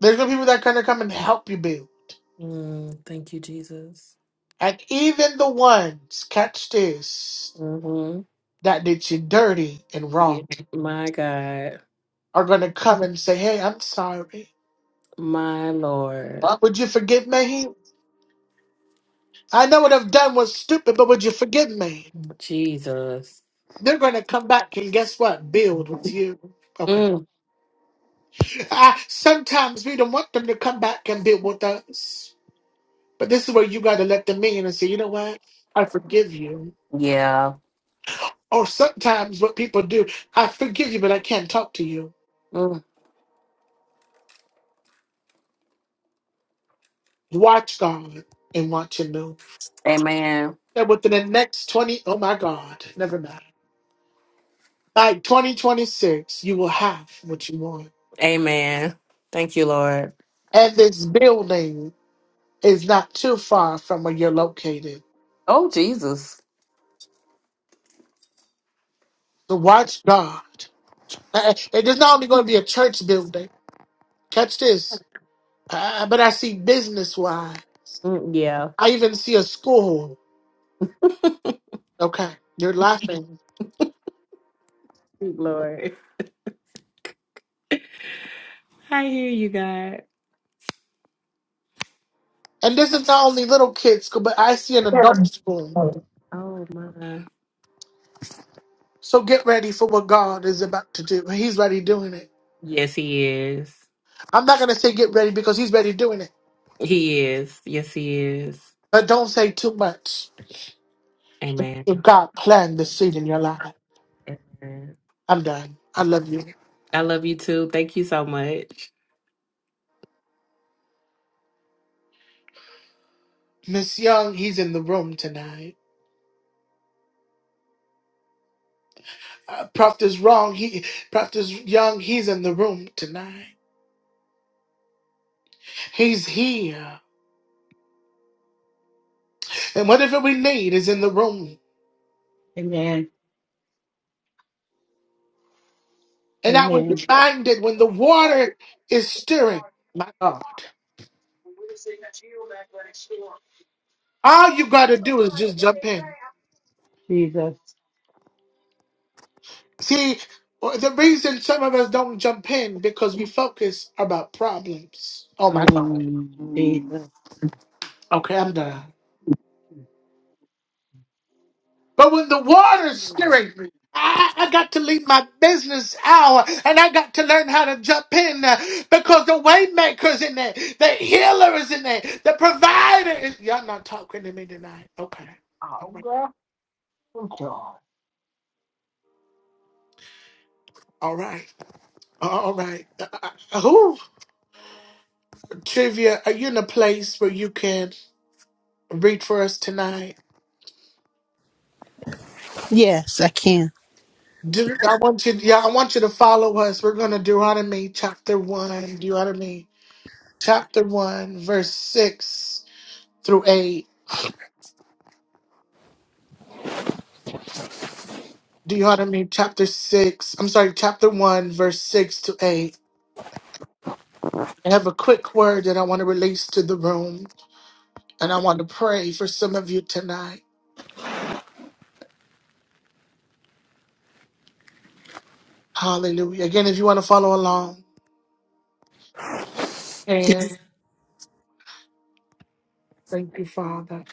S1: There's gonna be people that are gonna come and help you build.
S8: Mm, thank you, Jesus.
S1: And even the ones, catch this,
S8: hmm
S1: that did you dirty and
S8: Yeah.
S1: wrong
S8: My God.
S1: are going to come and say, Hey, I'm sorry.
S8: My Lord.
S1: Uh, Would you forgive me? I know what I've done was stupid, but would you forgive me?
S8: Jesus.
S1: They're going to come back and guess what? Build with you. Okay.
S8: Mm,
S1: Uh, sometimes we don't want them to come back and build with us. But this is where you got to let them in and say, You know what? I forgive you.
S8: yeah.
S1: Or sometimes what people do, I forgive you, but I can't talk to you.
S8: Mm,
S1: Watch God and watch Him move.
S8: amen.
S1: that within the next 20, oh my God, never mind. By 2026, you will have what you want.
S8: Amen. Thank you, Lord.
S1: And this building is not too far from where you're located.
S8: Oh, Jesus.
S1: So watch God. Uh, uh, It is not only going to be a church building. Catch this. Uh, uh, but I see business wide.
S8: Mm, Yeah.
S1: I even see a school. Okay, you're laughing.
S8: Thank you, Lord. I hear you, God.
S1: And this is not only little kids school, but I see an adult school.
S8: Oh, my.
S1: So get ready for what God is about to do. He's already doing it.
S8: Yes, He is.
S1: I'm not gonna say get ready because he's ready doing it.
S8: He is. Yes, He is.
S1: But don't say too much.
S8: Amen.
S1: If God planned the seed in your life.
S8: Amen.
S1: I'm done. I love you.
S8: I love you too. Thank you so much.
S1: Miss Young, he's in the room tonight. Uh, Prophet is wrong. He Prophet is Young, he's in the room tonight. He's here. And whatever we need is in the room.
S9: Amen.
S1: And I was
S9: Amen.
S1: reminded when the water is stirring, my God. All you gotta do is just jump in.
S9: Jesus.
S1: See, uh, the reason some of us don't jump in because we focus about problems. Oh my God.
S9: Mm, Jesus.
S1: Okay, I'm done. But when the water's
S9: Mm,
S1: stirring me, I, I got to leave my business hour and I got to learn how to jump in uh, because the waymaker's in there, the healer is in there, the provider is. Y'all not talking to me tonight. Okay. All right. All right. All right. Uh, uh, who, Trivia, are you in a place where you can read for us tonight?
S2: Yes, I can.
S1: Do- I want you, yeah, I want you to follow us. We're going to Deuteronomy chapter one, Deuteronomy chapter one, verse six through eight. Deuteronomy chapter six. I'm sorry, chapter one, verse six to eight. I have a quick word that I want to release to the room, and I want to pray for some of you tonight. Hallelujah. Again, if you want to follow along, and
S2: Did,
S1: thank you, Father.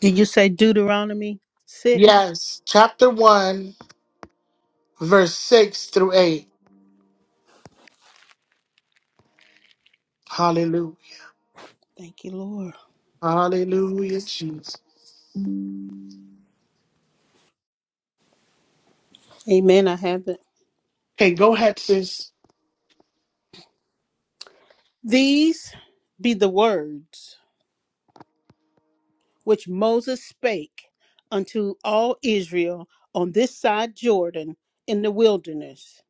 S2: did you say Deuteronomy six?
S1: Yes, chapter one, verse six through eight. Hallelujah.
S2: Thank you, Lord.
S1: Hallelujah, Jesus.
S2: Amen. I have it.
S1: Okay, go ahead, sis.
S2: These be the words. which Moses spake unto all Israel on this side Jordan in the wilderness,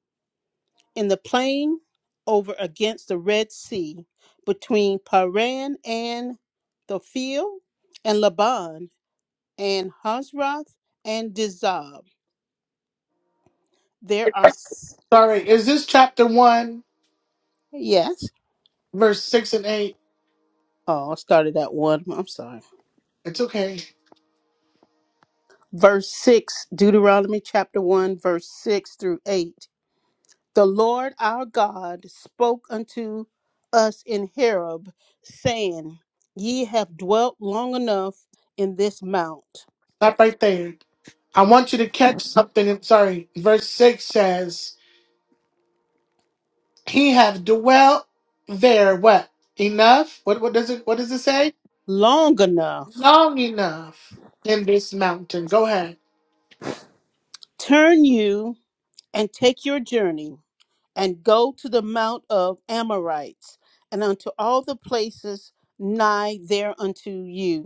S2: in the plain over against the Red Sea, between Paran and the field, and Laban, and Hazroth, and Dizab. There are, s-
S1: Sorry, is this chapter 1,
S2: yes.
S1: verse 6 and 8?
S2: Oh, I started at one. I'm sorry.
S1: It's okay.
S2: Verse 6, Deuteronomy chapter 1, verse 6 through 8. The Lord our God spoke unto us in Horeb, saying, Ye have dwelt long enough in this mount,
S1: Stop right there. I want you to catch something. I'm sorry. Verse 6 says, He have dwelt there, what? Enough? What, what does it What does it say?
S2: long enough.
S1: Long enough in this mountain. Go ahead.
S2: Turn you and take your journey, and go to the mount of Amorites, and unto all the places nigh thereunto you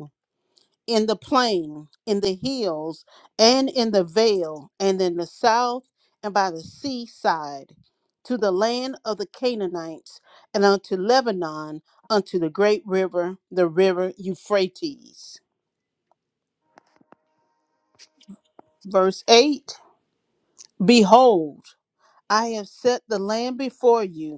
S2: in the plain, in the hills, and in the vale, and in the south, and by the seaside, to the land of the Canaanites, and unto Lebanon, unto the great river, the river Euphrates. Verse 8 Behold, I have set the land before you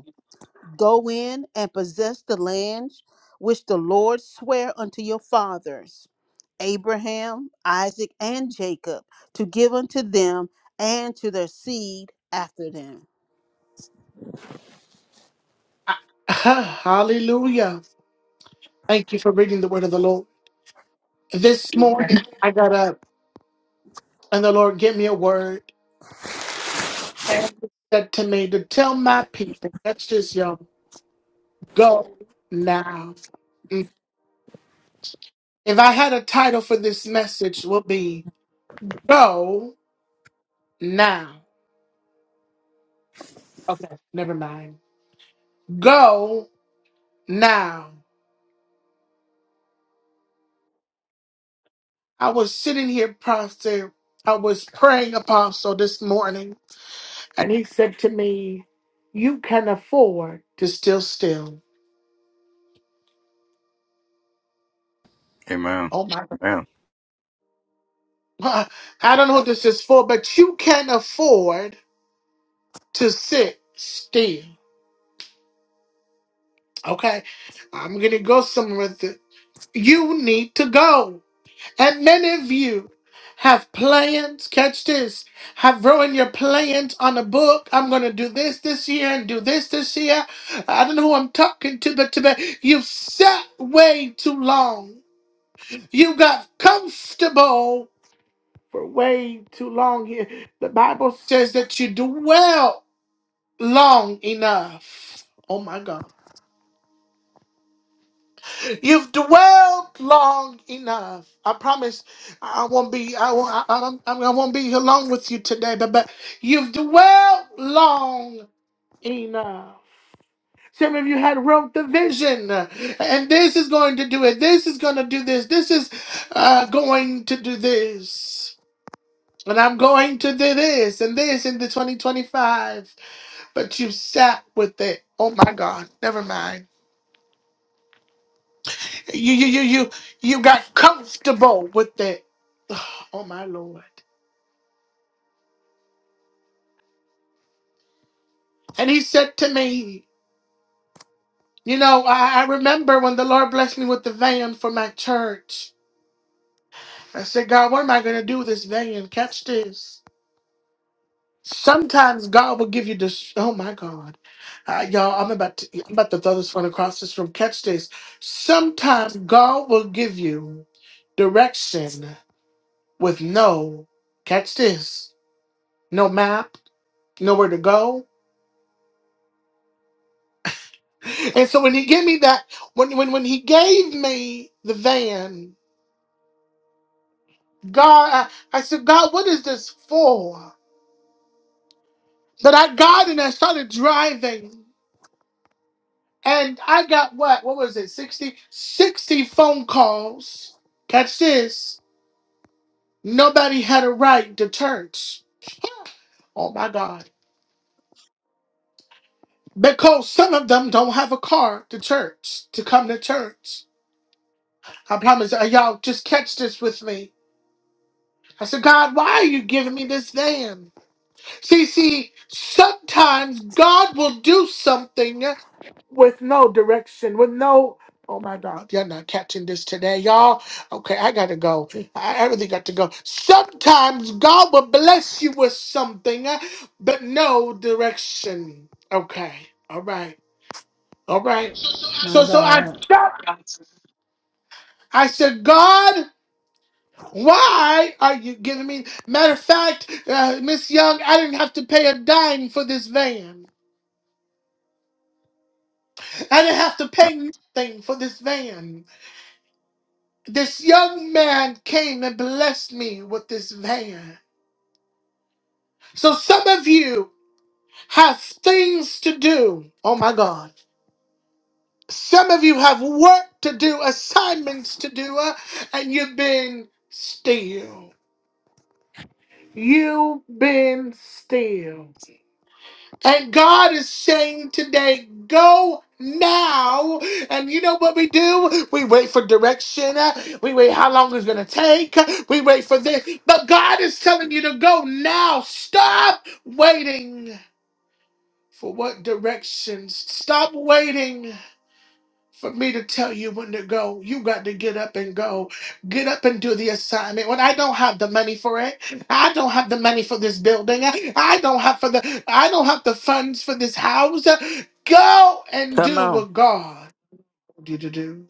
S2: Go in and possess the land which the Lord sware unto your fathers, Abraham, Isaac, and Jacob, to give unto them and to their seed after them.
S1: Ah, Hallelujah. Thank you for reading the word of the Lord. This morning, I got up and the Lord gave me a word. And he said to me to tell my people, that's just your go now. Mm. If I had a title for this message, would be Go Now. Okay, never mind. Go Now. I was sitting here, Pastor. I was praying, Apostle, this morning, and he said to me, You can afford to still, still. Oh my God. I don't know what this is for, but you can afford to sit still. Okay, I'm gonna go somewhere that you need to go. And many of you have plans, catch this, have ruined your plans on a book. I'm gonna do this this year and do this this year. I don't know who I'm talking to, but today you've sat way too long. You got comfortable for way too long here. The Bible says that you dwell long enough. Oh my God. You've dwelled long enough. I promise I won't be I won't I, I, don't- I won't be here long with you today, but but you've dwelled long enough. Some of you had wrote the vision, uh, and this is going to do it. This is going to do this. This is uh, going to do this, and I'm going to do this and this in the 2025. But you sat with it. Oh my God! Never mind. You you you you you got comfortable with it. oh my lord. And he said to me, you know, I, I remember when the Lord blessed me with the van for my church. I said, God, what am I gonna do with this van? Catch this. Sometimes God will give you this. Oh my God, Uh, y'all! I'm about to I'm about to throw this one across this room. Catch this. Sometimes God will give you direction with no. Catch this. No map. Nowhere to go. And so when he gave me that, when when when he gave me the van, God, I, I said, God, what is this for? But I got and I started driving, and I got what? What was it? 60 60 phone calls. Catch this. Nobody had a right to church. Oh my God. Because some of them don't have a car to church, to come to church. I promise uh, y'all just catch this with me. I said, God, why are you giving me this van? See, see, sometimes God will do something with no direction, with no. Oh my God, you're not catching this today, y'all. Okay, I gotta go. I I really got to go. Sometimes God will bless you with something, uh, but no direction. Okay, all right, all right.
S9: My
S1: So, so I
S9: God.
S1: stopped. I said, God, why are you giving me? Matter of fact, uh, Miss Young, I didn't have to pay a dime for this van. I didn't have to pay nothing for this van. This young man came and blessed me with this van. So some of you have things to do. Oh my God. Some of you have work to do, assignments to do, uh, and you've been still. You've been still. And God is saying today, go now. And you know what we do? We wait for direction. We wait how long it's going to take. We wait for this. But God is telling you to go now. Stop waiting for what directions. Stop waiting for me to tell you when to go. You got to get up and go. Get up and do the assignment. When I don't have the money for it, I don't have the money for this building. I don't have for the I don't have the funds for this house. Go and
S10: Come
S1: do
S10: on.
S1: what God told you to do.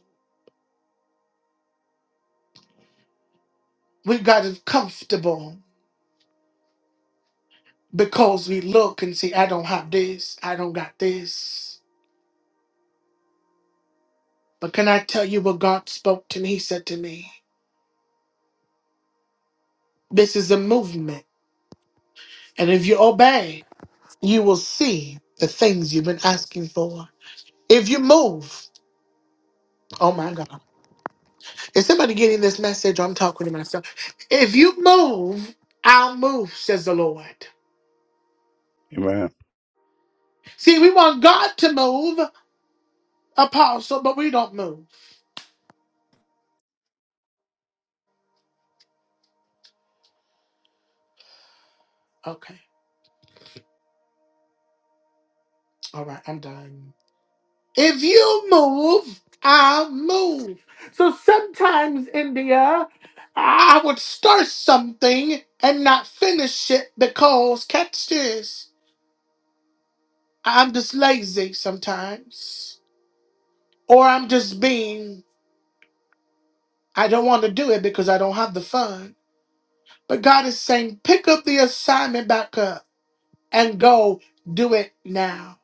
S1: We got it comfortable because we look and see, I don't have this, I don't got this. But can I tell you what God spoke to me? He said to me, This is a movement. And if you obey, you will see the things you've been asking for. If you move, oh my God. Is somebody getting this message? I'm talking to myself. If you move, I'll move, says the Lord.
S7: Amen.
S1: See, we want God to move, apostle, but we don't move. Okay. All right, I'm done. If you move, I'll move. So sometimes, India, I would start something and not finish it because, catch this. I'm just lazy sometimes, or I'm just being, I don't want to do it because I don't have the fun. But God is saying, pick up the assignment back up and go do it now.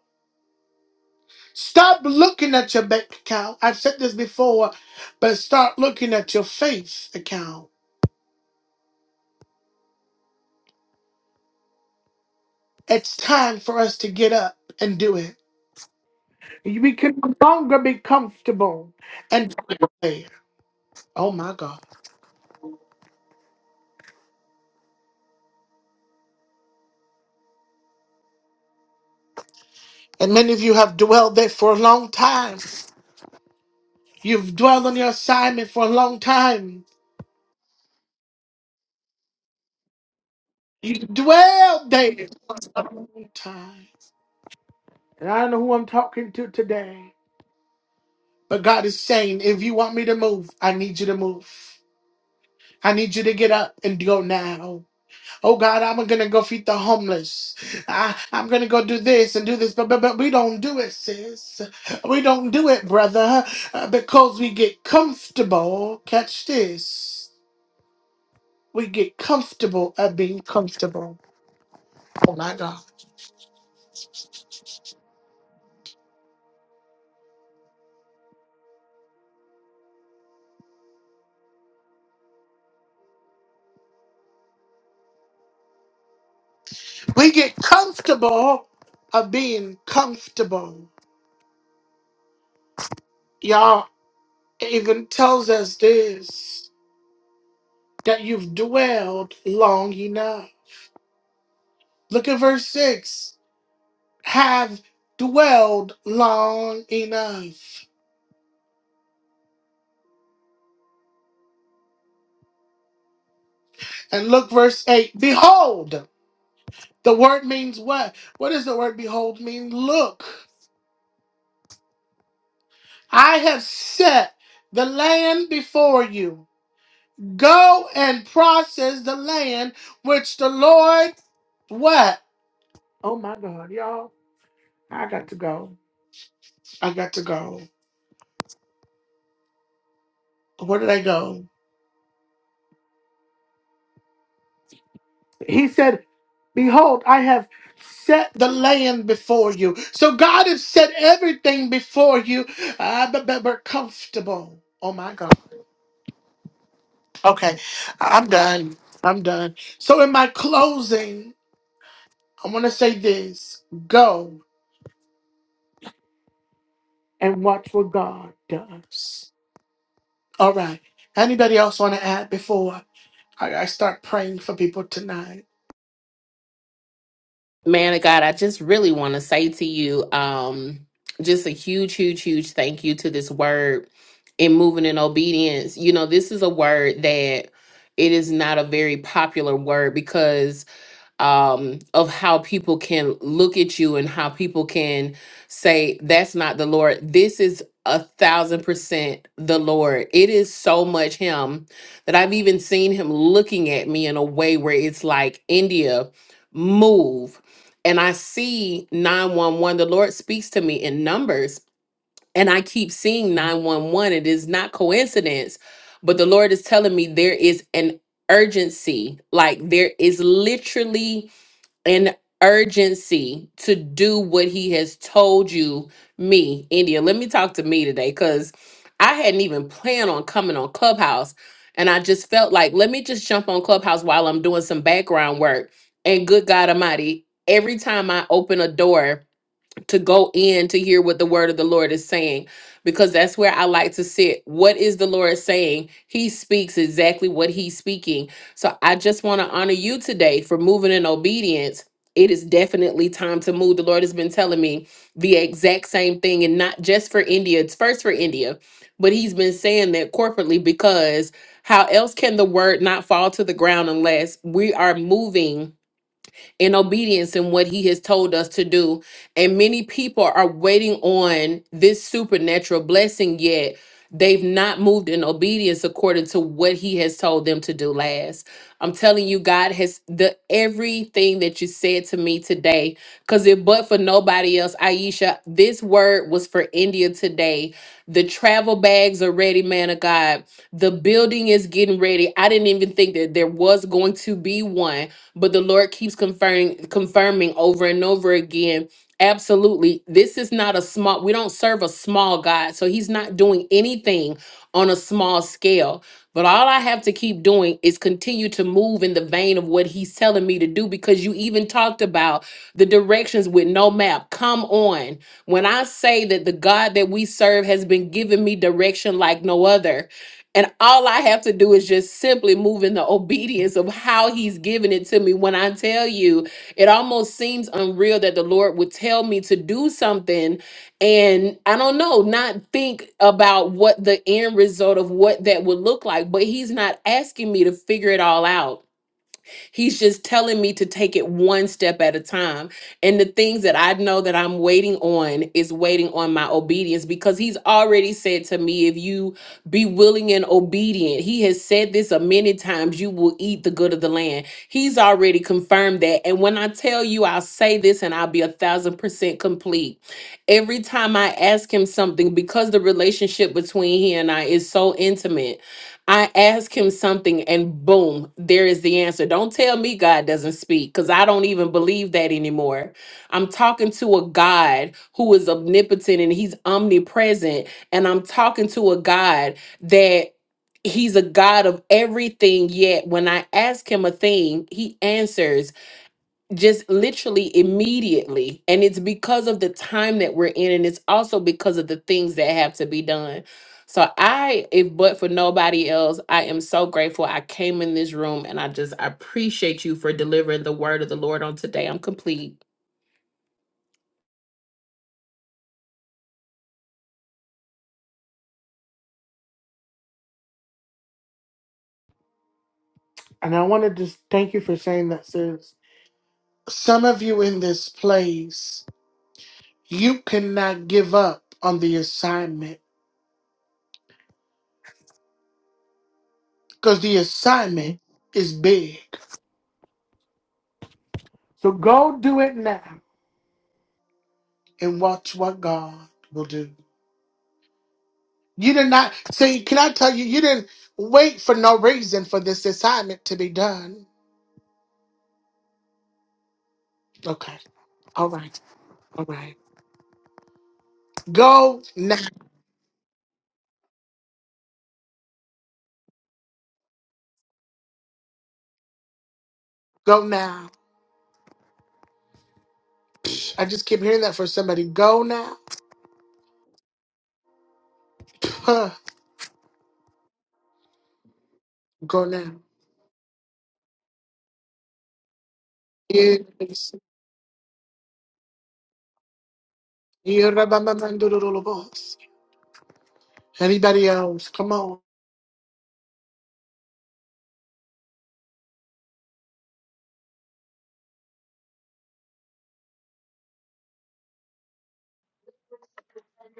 S1: Stop looking at your bank account. I've said this before, but start looking at your faith account. It's time for us to get up and do it. We can no longer be comfortable and there. Oh my God. And many of you have dwelled there for a long time. You've dwelled on your assignment for a long time. You've dwelled there for a long time. And I don't know who I'm talking to today. But God is saying, if you want me to move, I need you to move. I need you to get up and go now. Oh God, I'm gonna go feed the homeless. I, I'm gonna go do this and do this, but, but but we don't do it, sis. We don't do it, brother, uh, because we get comfortable. Catch this. We get comfortable at being comfortable. Oh my God. We get comfortable of being comfortable. Y'all it even tells us this that you've dwelled long enough. Look at verse 6. Have dwelled long enough. And look verse 8. Behold. The word means what? What does the word behold mean? Look. I have set the land before you. Go and process the land which the Lord what? Oh my God, y'all, I got to go. I got to go. Where did I go? He said, Behold, I have set the land before you. So God has set everything before you, uh, but, but we're comfortable. Oh my God. Okay, I'm done. I'm done. So, in my closing, I want to say this go and watch what God does. All right. Anybody else want to add before I, I start praying for people tonight?
S8: Man of God, I just really want to say to you, um, just a huge, huge, huge thank you to this word in moving in obedience. You know, this is a word that it is not a very popular word because um, of how people can look at you and how people can say, that's not the Lord. This is a thousand percent the Lord. It is so much Him that I've even seen Him looking at me in a way where it's like, India, move. And I see 911. The Lord speaks to me in numbers, and I keep seeing 911. It is not coincidence, but the Lord is telling me there is an urgency. Like there is literally an urgency to do what he has told you, me, India. Let me talk to me today because I hadn't even planned on coming on Clubhouse. And I just felt like, let me just jump on Clubhouse while I'm doing some background work. And good God Almighty, every time I open a door, to go in to hear what the word of the Lord is saying because that's where I like to sit. What is the Lord saying? He speaks exactly what he's speaking. So I just want to honor you today for moving in obedience. It is definitely time to move. The Lord has been telling me the exact same thing and not just for India. It's first for India, but he's been saying that corporately because how else can the word not fall to the ground unless we are moving? in obedience in what he has told us to do. And many people are waiting on this supernatural blessing, yet they've not moved in obedience according to what he has told them to do last. I'm telling you, God has the everything that you said to me today. Cause if but for nobody else, Aisha, this word was for India today. The travel bags are ready, man of God. The building is getting ready. I didn't even think that there was going to be one but the Lord keeps confirming confirming over and over again. Absolutely. This is not a small we don't serve a small God. So he's not doing anything on a small scale. But all I have to keep doing is continue to move in the vein of what he's telling me to do because you even talked about the directions with no map. Come on. When I say that the God that we serve has been giving me direction like no other, and all I have to do is just simply move in the obedience of how he's giving it to me. When I tell you, it almost seems unreal that the Lord would tell me to do something and I don't know, not think about what the end result of what that would look like. But he's not asking me to figure it all out. He's just telling me to take it one step at a time. And the things that I know that I'm waiting on is waiting on my obedience because he's already said to me, if you be willing and obedient, he has said this a many times, you will eat the good of the land. He's already confirmed that. And when I tell you, I'll say this and I'll be a thousand percent complete. Every time I ask him something, because the relationship between he and I is so intimate. I ask him something and boom, there is the answer. Don't tell me God doesn't speak because I don't even believe that anymore. I'm talking to a God who is omnipotent and he's omnipresent. And I'm talking to a God that he's a God of everything. Yet when I ask him a thing, he answers just literally immediately and it's because of the time that we're in and it's also because of the things that have to be done so i if but for nobody else i am so grateful i came in this room and i just I appreciate you for delivering the word of the lord on today i'm complete
S1: And I want to just thank you for saying that, sis. Some of you in this place, you cannot give up on the assignment because the assignment is big. So go do it now and watch what God will do. You did not say, can I tell you, you didn't wait for no reason for this assignment to be done. Okay. All right. All right. Go now. Go now. I just keep hearing that for somebody. Go now. Huh. Go now. Yes. Yerabamamandururulubos. Anybody else? Come on.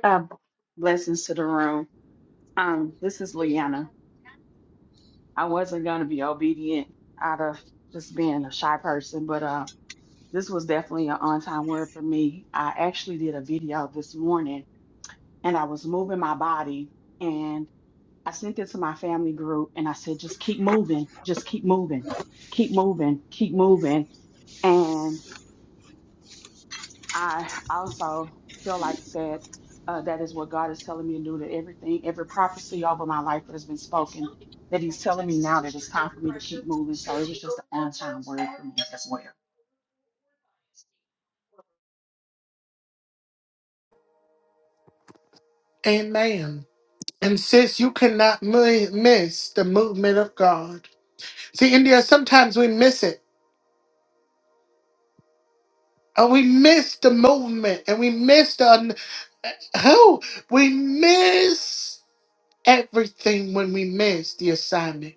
S11: Uh, blessings to the room. Um, this is Leanna. I wasn't gonna be obedient out of just being a shy person, but uh, this was definitely an on-time word for me. I actually did a video this morning, and I was moving my body, and I sent it to my family group, and I said, just keep moving, just keep moving, keep moving, keep moving, And I also feel like that uh, that is what God is telling me to do. That everything, every prophecy over my life that has been spoken, that He's telling me now that it's time for me to keep moving. So it was just an on time word for me as well.
S1: Amen. And sis, you cannot mi- miss the movement of God. See, India, sometimes we miss it. And we miss the movement and we miss the un- oh, we miss everything when we miss the assignment.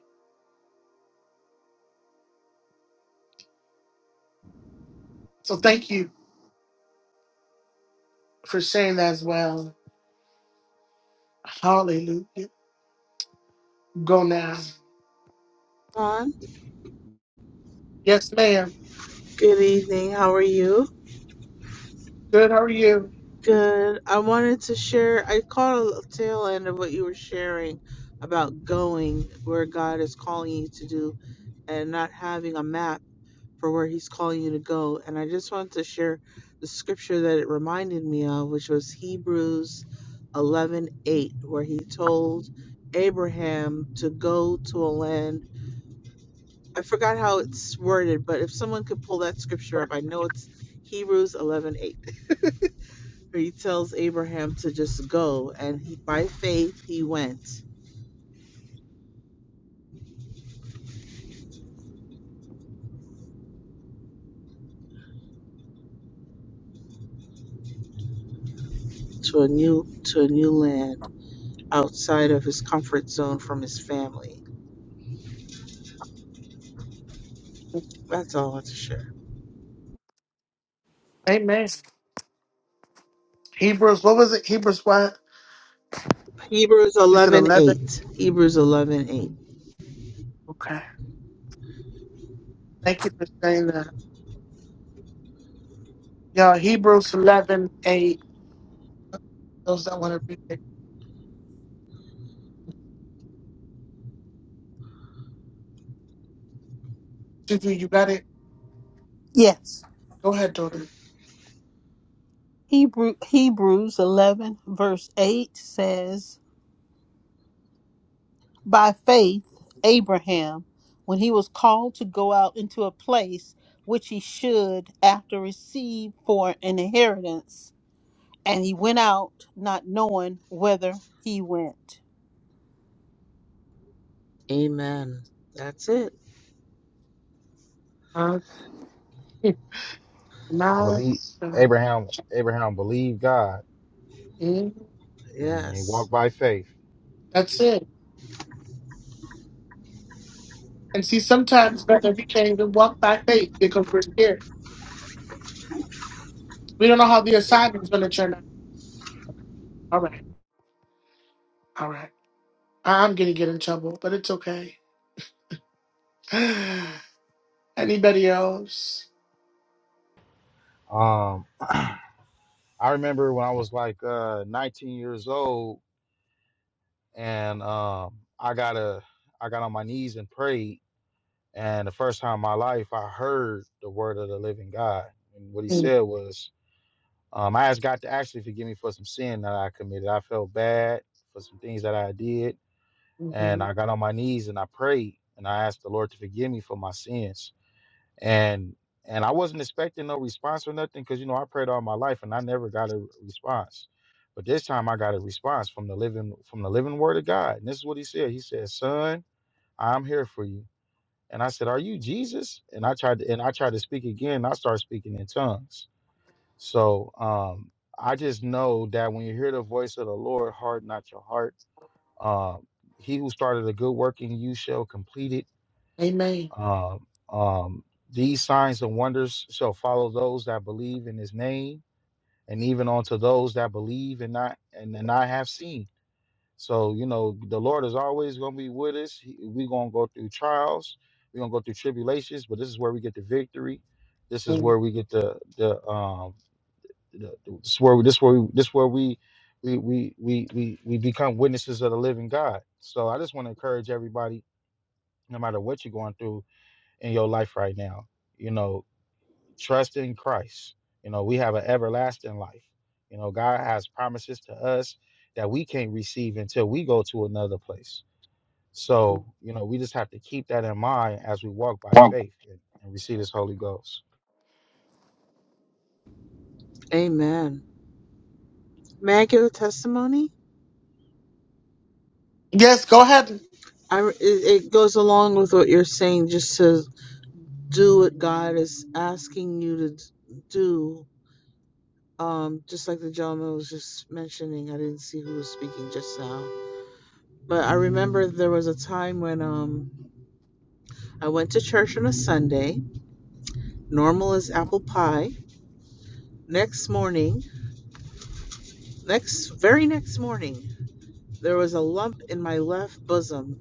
S1: So thank you for sharing that as well. Hallelujah. Go now.
S12: Ron.
S1: Yes, ma'am.
S12: Good evening. How are you?
S1: Good. How are you?
S12: Good. I wanted to share, I caught a tail end of what you were sharing about going where God is calling you to do and not having a map for where He's calling you to go. And I just wanted to share the scripture that it reminded me of, which was Hebrews 11:8, where He told Abraham to go to a land. I forgot how it's worded, but if someone could pull that scripture up, I know it's Hebrews 11:8. He tells Abraham to just go, and he, by faith he went to a new to a new land outside of his comfort zone from his family. That's all I want to share.
S1: Amen. Hebrews, what was it? Hebrews what?
S12: Hebrews
S1: Is it
S12: eleven
S1: 11?
S12: eight. Hebrews eleven eight.
S1: Okay. Thank you for saying that. y'all. Hebrews 11 8. Those that want to read it. Juju, you got it?
S2: Yes.
S1: Go ahead, daughter.
S2: Hebrew, Hebrews 11, verse 8 says, By faith, Abraham, when he was called to go out into a place which he should after receive for an inheritance, and he went out not knowing whither he went.
S12: Amen. That's it.
S1: Uh, my
S13: Believe
S1: son.
S13: Abraham. Abraham believed God,
S1: Mm,
S13: and he
S12: Yes.
S13: walked by faith.
S1: That's it. And see, sometimes, brother, we can't even walk by faith because we're scared. We don't know how the assignment's going to turn out. All right. All right. I- I'm going to get in trouble, but it's okay. Anybody else?
S13: Um, I remember when I was like uh, 19 years old, and um, I got a, I got on my knees and prayed, and the first time in my life I heard the word of the living God, and what He
S1: Mm,
S13: said was, um, I asked God to actually forgive me for some sin that I committed. I felt bad for some things that I did, and
S1: mhm.
S13: I got on my knees and I prayed, and I asked the Lord to forgive me for my sins and and I wasn't expecting no response or nothing because you know I prayed all my life and I never got a response, but this time I got a response from the living from the living Word of God, and this is what He said. He said, "Son, I'm here for you." And I said, "Are you Jesus?" And I tried to, and I tried to speak again. and I started speaking in tongues. So um, I just know that when you hear the voice of the Lord, harden not your heart. Um, he who started a good work in you shall complete it
S1: Amen.
S13: um, um, these signs and wonders shall follow those that believe in his name, and even unto those that believe and not and, and I have seen. So, you know, the Lord is always gonna be with us. He- We're gonna go through trials, we're gonna go through tribulations, but this is where we get the victory. This is
S1: Mm.
S13: where we get the the um the, the- this is where we this where we this where we we, we we we we become witnesses of the living God. So I just want to encourage everybody, no matter what you're going through, in your life right now. You know, trust in Christ. You know, we have an everlasting life. You know, God has promises to us that we can't receive until we go to another place. So, you know, we just have to keep that in mind as we walk by faith and, and receive this Holy Ghost.
S12: Amen. May I give a testimony?
S1: Yes, go ahead.
S12: I, it, it goes along with what you're saying, just to do what God is asking you to do Um, just like the gentleman was just mentioning, I didn't see who was speaking just now. But I remember there was a time when um, I went to church on a Sunday, normal as apple pie. Next morning, next very next morning, there was a lump in my left bosom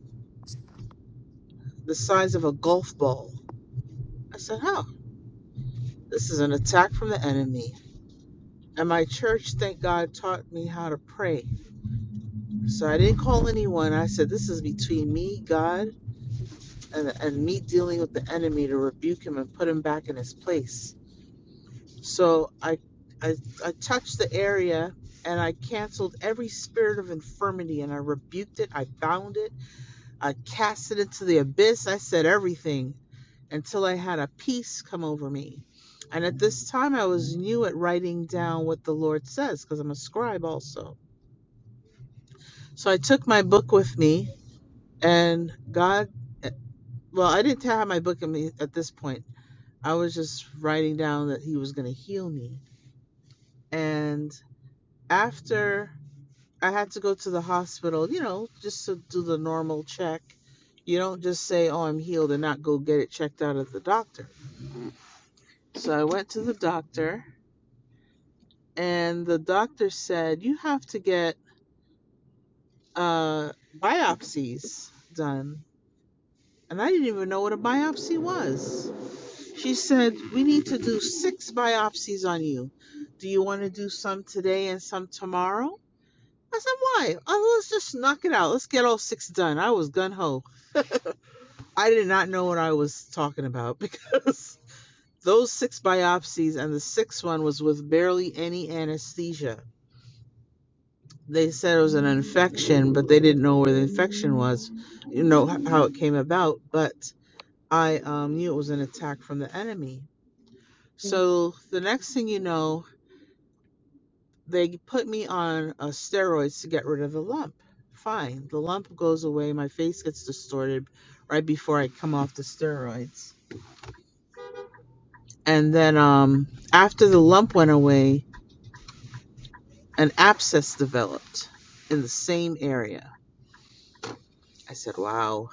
S12: the size of a golf ball. I said, "Oh, this is an attack from the enemy." And my church, thank God, taught me how to pray. So I didn't call anyone. I said, "This is between me, God, and, and me dealing with the enemy to rebuke him and put him back in his place. So I, I, I touched the area and I canceled every spirit of infirmity and I rebuked it. I bound it. I cast it into the abyss. I said everything until I had a peace come over me. And at this time, I was new at writing down what the Lord says because I'm a scribe also. So I took my book with me and God, well, I didn't have my book in me at this point. I was just writing down that he was going to heal me. And after I had to go to the hospital, you know, just to do the normal check, you don't just say, oh, I'm healed and not go get it checked out at the doctor. So I went to the doctor, and the doctor said, you have to get uh, biopsies done. And I didn't even know what a biopsy was. She said, we need to do six biopsies on you. Do you want to do some today and some tomorrow? I said, why? Oh, let's just knock it out. Let's get all six done. I was gun ho. I did not know what I was talking about because those six biopsies and the sixth one was with barely any anesthesia. They said it was an infection, but they didn't know where the infection was, you know, how it came about. But I um, knew it was an attack from the enemy. So the next thing you know, They put me on uh, steroids to get rid of the lump. Fine. The lump goes away. My face gets distorted right before I come off the steroids. And then um, after the lump went away, an abscess developed in the same area. I said, wow.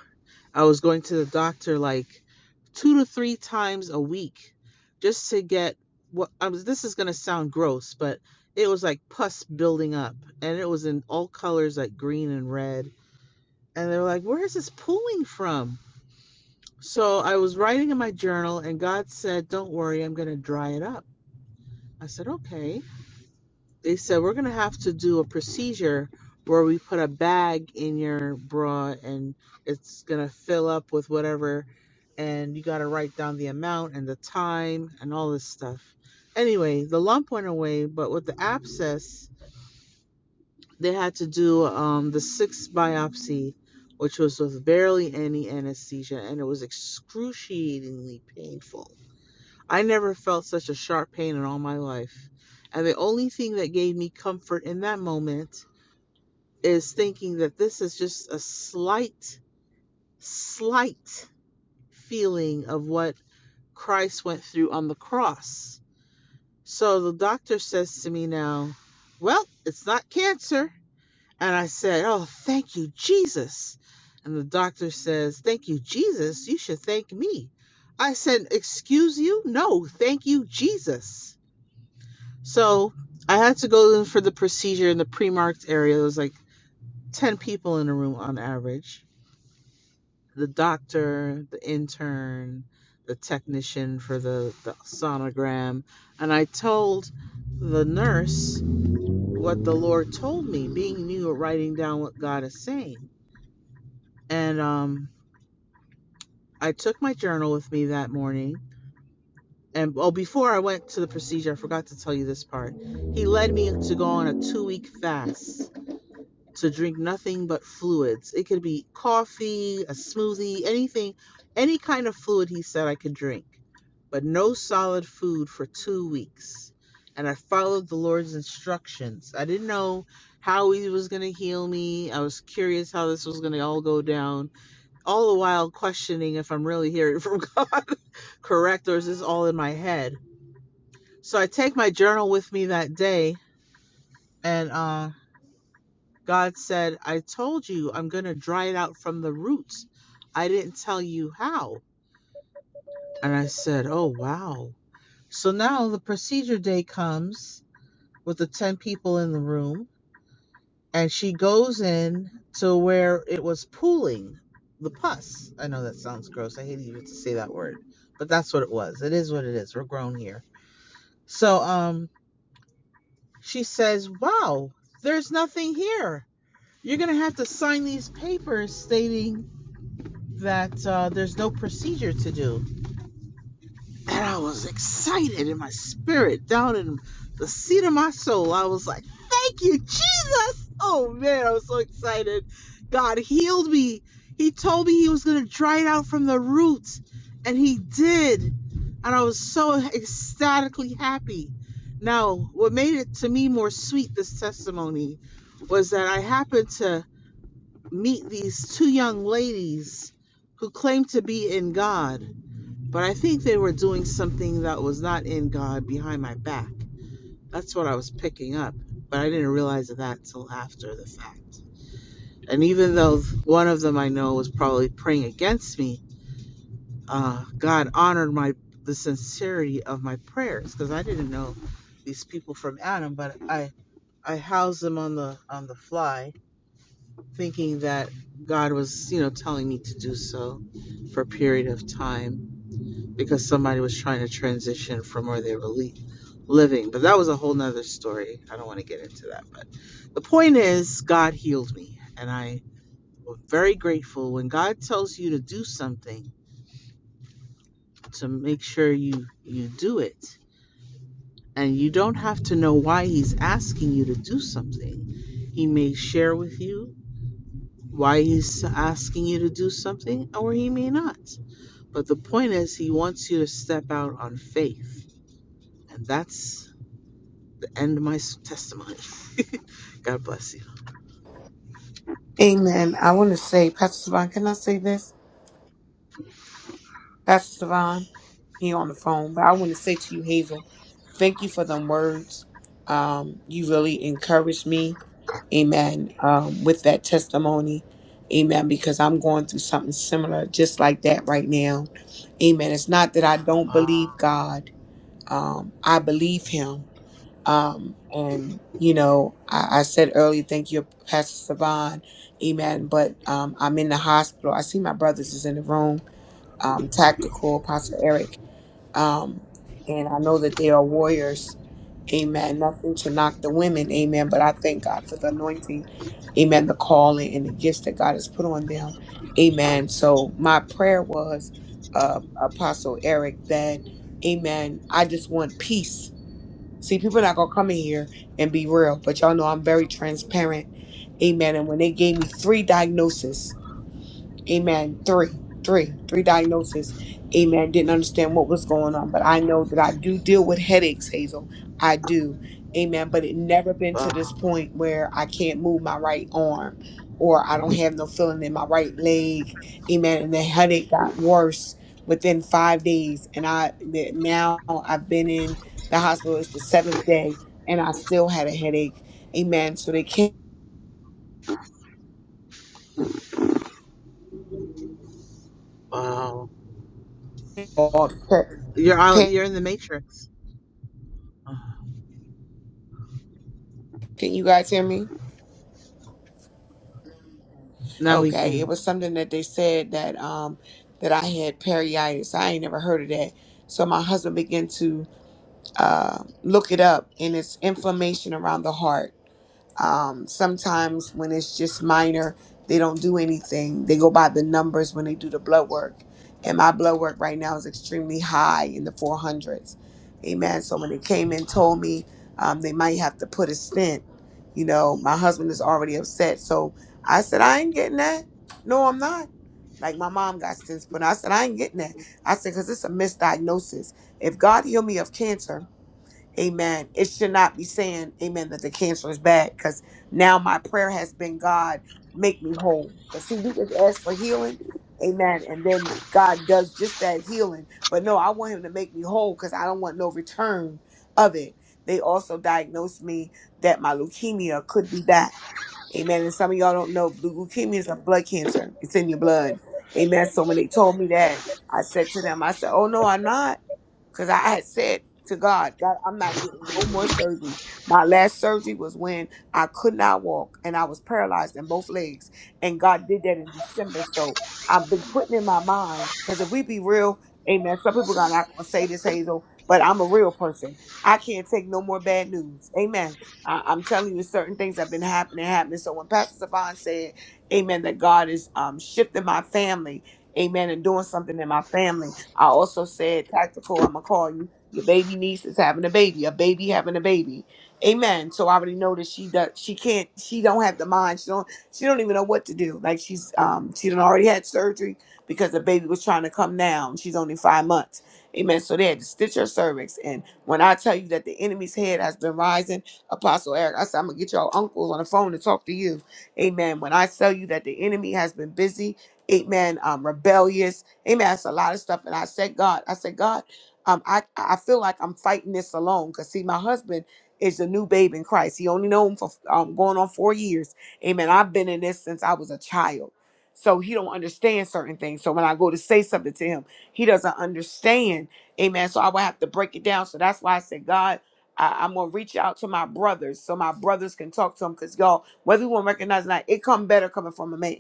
S12: I was going to the doctor like two to three times a week just to get what I was. This is going to sound gross, but it was like pus building up and it was in all colors like green and red. and they're like, Where is this pooling from? So I was writing in my journal, and God said, Don't worry, I'm going to dry it up. I said, Okay. They said, We're going to have to do a procedure where we put a bag in your bra and it's going to fill up with whatever. And you got to write down the amount and the time and all this stuff. Anyway, the lump went away, but with the abscess, They had to do um, the sixth biopsy, which was with barely any anesthesia, and it was excruciatingly painful. I never felt such a sharp pain in all my life. And the only thing that gave me comfort in that moment is thinking that this is just a slight, slight feeling of what Christ went through on the cross. So the doctor says to me now, Well, it's not cancer And I said, Oh, thank you, Jesus. And the doctor says, Thank you, Jesus. You should thank me. I said, Excuse you? No, thank you, Jesus. So I had to go in for the procedure in the pre marked area. There was like 10 people in the room on average the doctor, the intern, the technician for the, the sonogram. And I told the nurse what the Lord told me, being new at writing down what God is saying. and um, I took my journal with me that morning. And well, before I went to the procedure, I forgot to tell you this part. He led me to go on a two-week fast to drink nothing but fluids. It could be coffee, a smoothie, anything, any kind of fluid he said I could drink, but no solid food for two weeks. And I followed the Lord's instructions. I didn't know how he was going to heal me. I was curious how this was going to all go down all the while questioning if I'm really hearing from God correct or is this all in my head. So I take my journal with me that day, and uh, God said, I told you I'm going to dry it out from the roots. I didn't tell you how. And I said, Oh, wow. So now the procedure day comes with the 10 people in the room and she goes in to where it was pooling the pus. I know that sounds gross. I hate even to say that word, but that's what it was. It is what it is. We're grown here. So um, she says, "Wow, there's nothing here. You're gonna have to sign these papers stating that uh, there's no procedure to do." And I was excited in my spirit, down in the seat of my soul. I was like, thank you, Jesus. Oh man, I was so excited. God healed me. He told me he was going to dry it out from the roots, and he did. And I was so ecstatically happy. Now, what made it to me more sweet, this testimony, was that I happened to meet these two young ladies who claimed to be in God. But I think they were doing something that was not in God behind my back. That's what I was picking up. But I didn't realize that till after the fact. And even though one of them I know was probably praying against me, uh, God honored my the sincerity of my prayers because I didn't know these people from Adam, but I I housed them on the on the fly, thinking that God was you know telling me to do so for a period of time because somebody was trying to transition from where they were le- living. But that was a whole nother story. I don't want to get into that. But the point is, God healed me, and I was very grateful when God tells you to do something to make sure you you do it, and you don't have to know why He's asking you to do something. He may share with you why he's asking you to do something or he may not but the point is he wants you to step out on faith and that's end my testimony. God bless you.
S4: Amen. I want to say, Pastor Savon, can I say this? Pastor Savon, he on the phone, but I want to say to you, Hazel, thank you for them words. Um, you really encouraged me. Amen. Um, with that testimony. Amen. Because I'm going through something similar just like that right now. Amen. It's not that I don't believe
S12: Wow,
S4: God. Um, I believe him Um, and you know, I, I said earlier, thank you, Pastor Saban, Amen. But um, I'm in the hospital. I see my brothers is in the room, um, tactical, Pastor Eric, um, and I know that they are warriors, Amen. Nothing to knock the women, Amen. But I thank God for the anointing, Amen. The calling and the gifts that God has put on them, Amen. So my prayer was, uh, Apostle Eric, that, Amen. I just want peace See, people not gonna come in here and be real, but y'all know I'm very transparent. Amen. And when they gave me three diagnoses, Amen. Three, three, three diagnoses. Amen. Didn't understand what was going on, but I know that I do deal with headaches, Hazel. I do. Amen. But it never been to this
S12: wow,
S4: point where I can't move my right arm or I don't have no feeling in my right leg. Amen. And the headache got worse within five days. And I that now I've been in the hospital. It's the seventh day and I still had a headache. Amen. So they can't
S12: wow.
S4: all
S12: You're out. You're in the matrix.
S4: Can you guys hear me?
S12: Now we
S4: Okay, it
S12: can.
S4: was something that they said that um that I had periitis. I ain't never heard of that. So my husband began to uh, look it up, and it's inflammation around the heart. Um, sometimes when it's just minor, they don't do anything. They go by the numbers when they do the blood work. And my blood work right now is extremely high in the 400s. Amen. So when they came and
S12: Wow.
S4: told me um, they might have to put a stent, you know, my husband is already upset. So I said, I ain't getting that. No, I'm not. Like my mom got stents put. in. I said, I ain't getting that. I said, because it's a misdiagnosis. If God healed me of cancer, Amen. It should not be saying, Amen, that the cancer is bad because now my prayer has been, God, make me whole. Because see, we just ask for healing. Amen. And then God does just that healing. But no, I want him to make me whole because I don't want no return of it. They also diagnosed me that my leukemia could be back. Amen. And some of y'all don't know, blue leukemia is a blood cancer. It's in your blood. Amen. So when they told me that, I said to them, I said, Oh no, I'm not. Because I had said to God, God, I'm not getting no more surgeries. My last surgery was when I could not walk and I was paralyzed in both legs. And God did that in December. So I've been putting in my mind, because if we be real, amen, some people are not going to say this, Hazel, but I'm a real person. I can't take no more bad news. Amen. I, I'm telling you, certain things have been happening, happening. So when Pastor Savon said, amen, that God is um, shifting my family, Amen. And doing something in my family. I also said, Tactical, I'm going to call you. Your baby niece is having a baby, a baby having a baby. Amen. So I already know that she does. She can't. She don't have the mind. She don't. She don't even know what to do. Like she's um. She done already had surgery because the baby was trying to come down. She's only five months. Amen. So they had to stitch her cervix. And when I tell you that the enemy's head has been rising, Apostle Eric, I said I'm gonna get your uncles on the phone to talk to you. Amen. When I tell you that the enemy has been busy amen, um, rebellious, amen. That's a lot of stuff. And I said, God, I said, God, um, I, I feel like I'm fighting this alone. Cause see, my husband is the new babe in Christ. He only known him for um, going on four years. Amen. I've been in this since I was a child. So he don't understand certain things. So when I go to say something to him, he doesn't understand. Amen. So I would have to break it down. So that's why I said, God, I, I'm gonna reach out to my brothers so my brothers can talk to him. Cause y'all, whether you want to recognize or not, it come better coming from a man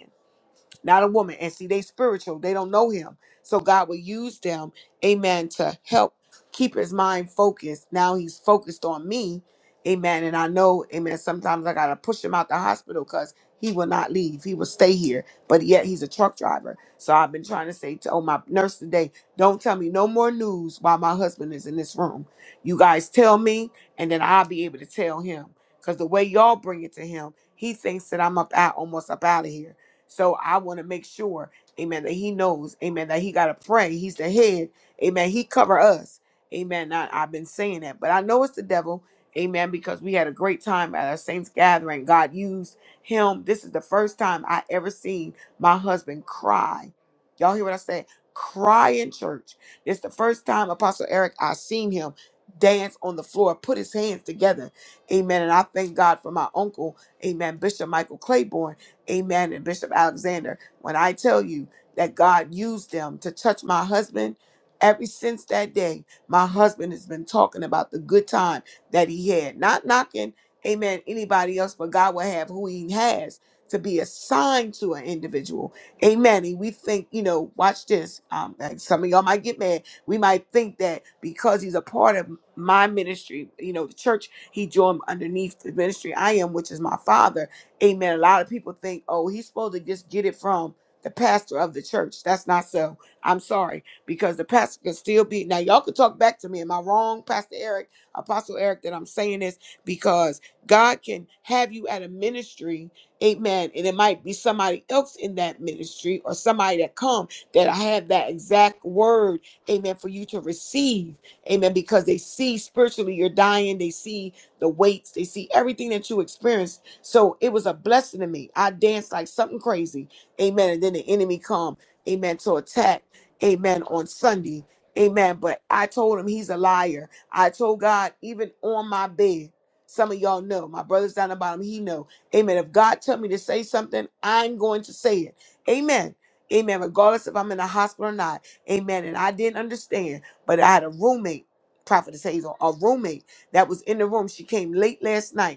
S4: not a woman. And see, they spiritual. They don't know him. So God will use them, amen, to help keep his mind focused. Now he's focused on me. Amen. And I know, amen, sometimes I gotta push him out the hospital because he will not leave. He will stay here. But yet he's a truck driver. So I've been trying to say to oh, my nurse today, don't tell me no more news while my husband is in this room. You guys tell me, and then I'll be able to tell him. Because the way y'all bring it to him, he thinks that I'm up out almost up out of here. So I want to make sure, amen, that he knows, amen, that he got to pray. He's the head, amen. He cover us, amen. I, I've been saying that, but I know it's the devil, amen, because we had a great time at our saints gathering. God used him. This is the first time I ever seen my husband cry. Y'all hear what I said? Cry in church. It's the first time Apostle Eric I seen him dance on the floor, put his hands together, amen. And I thank God for my uncle, amen, Bishop Michael Claiborne. Amen. And Bishop Alexander, when I tell you that God used them to touch my husband, ever since that day, my husband has been talking about the good time that he had. Not knocking, amen, anybody else, but God will have who he has to be assigned to an individual. Amen. And we think, you know, watch this. Um, and some of y'all might get mad. We might think that because he's a part of my ministry, you know, the church he joined underneath the ministry I am, which is my father Amen. A lot of people think, oh, he's supposed to just get it from the pastor of the church. That's not so. I'm sorry, because the pastor can still be. Now, y'all can talk back to me. Am I wrong, Pastor Eric, Apostle Eric, that I'm saying this? Because God can have you at a ministry, amen, and it might be somebody else in that ministry or somebody that come that I have that exact word, amen, for you to receive, amen, because they see spiritually you're dying. They see the weights. They see everything that you experience so it was a blessing to me. I danced like something crazy. Amen. And then the enemy come, amen, to attack, amen, on Sunday. Amen. But I told him he's a liar. I told God, even on my bed, some of y'all know, my brother's down the bottom, he know. Amen. If God tell me to say something, I'm going to say it. Amen. Amen. Regardless if I'm in the hospital or not. Amen. And I didn't understand, but I had a roommate, Prophetess Hazel, a roommate that was in the room. She came late last night.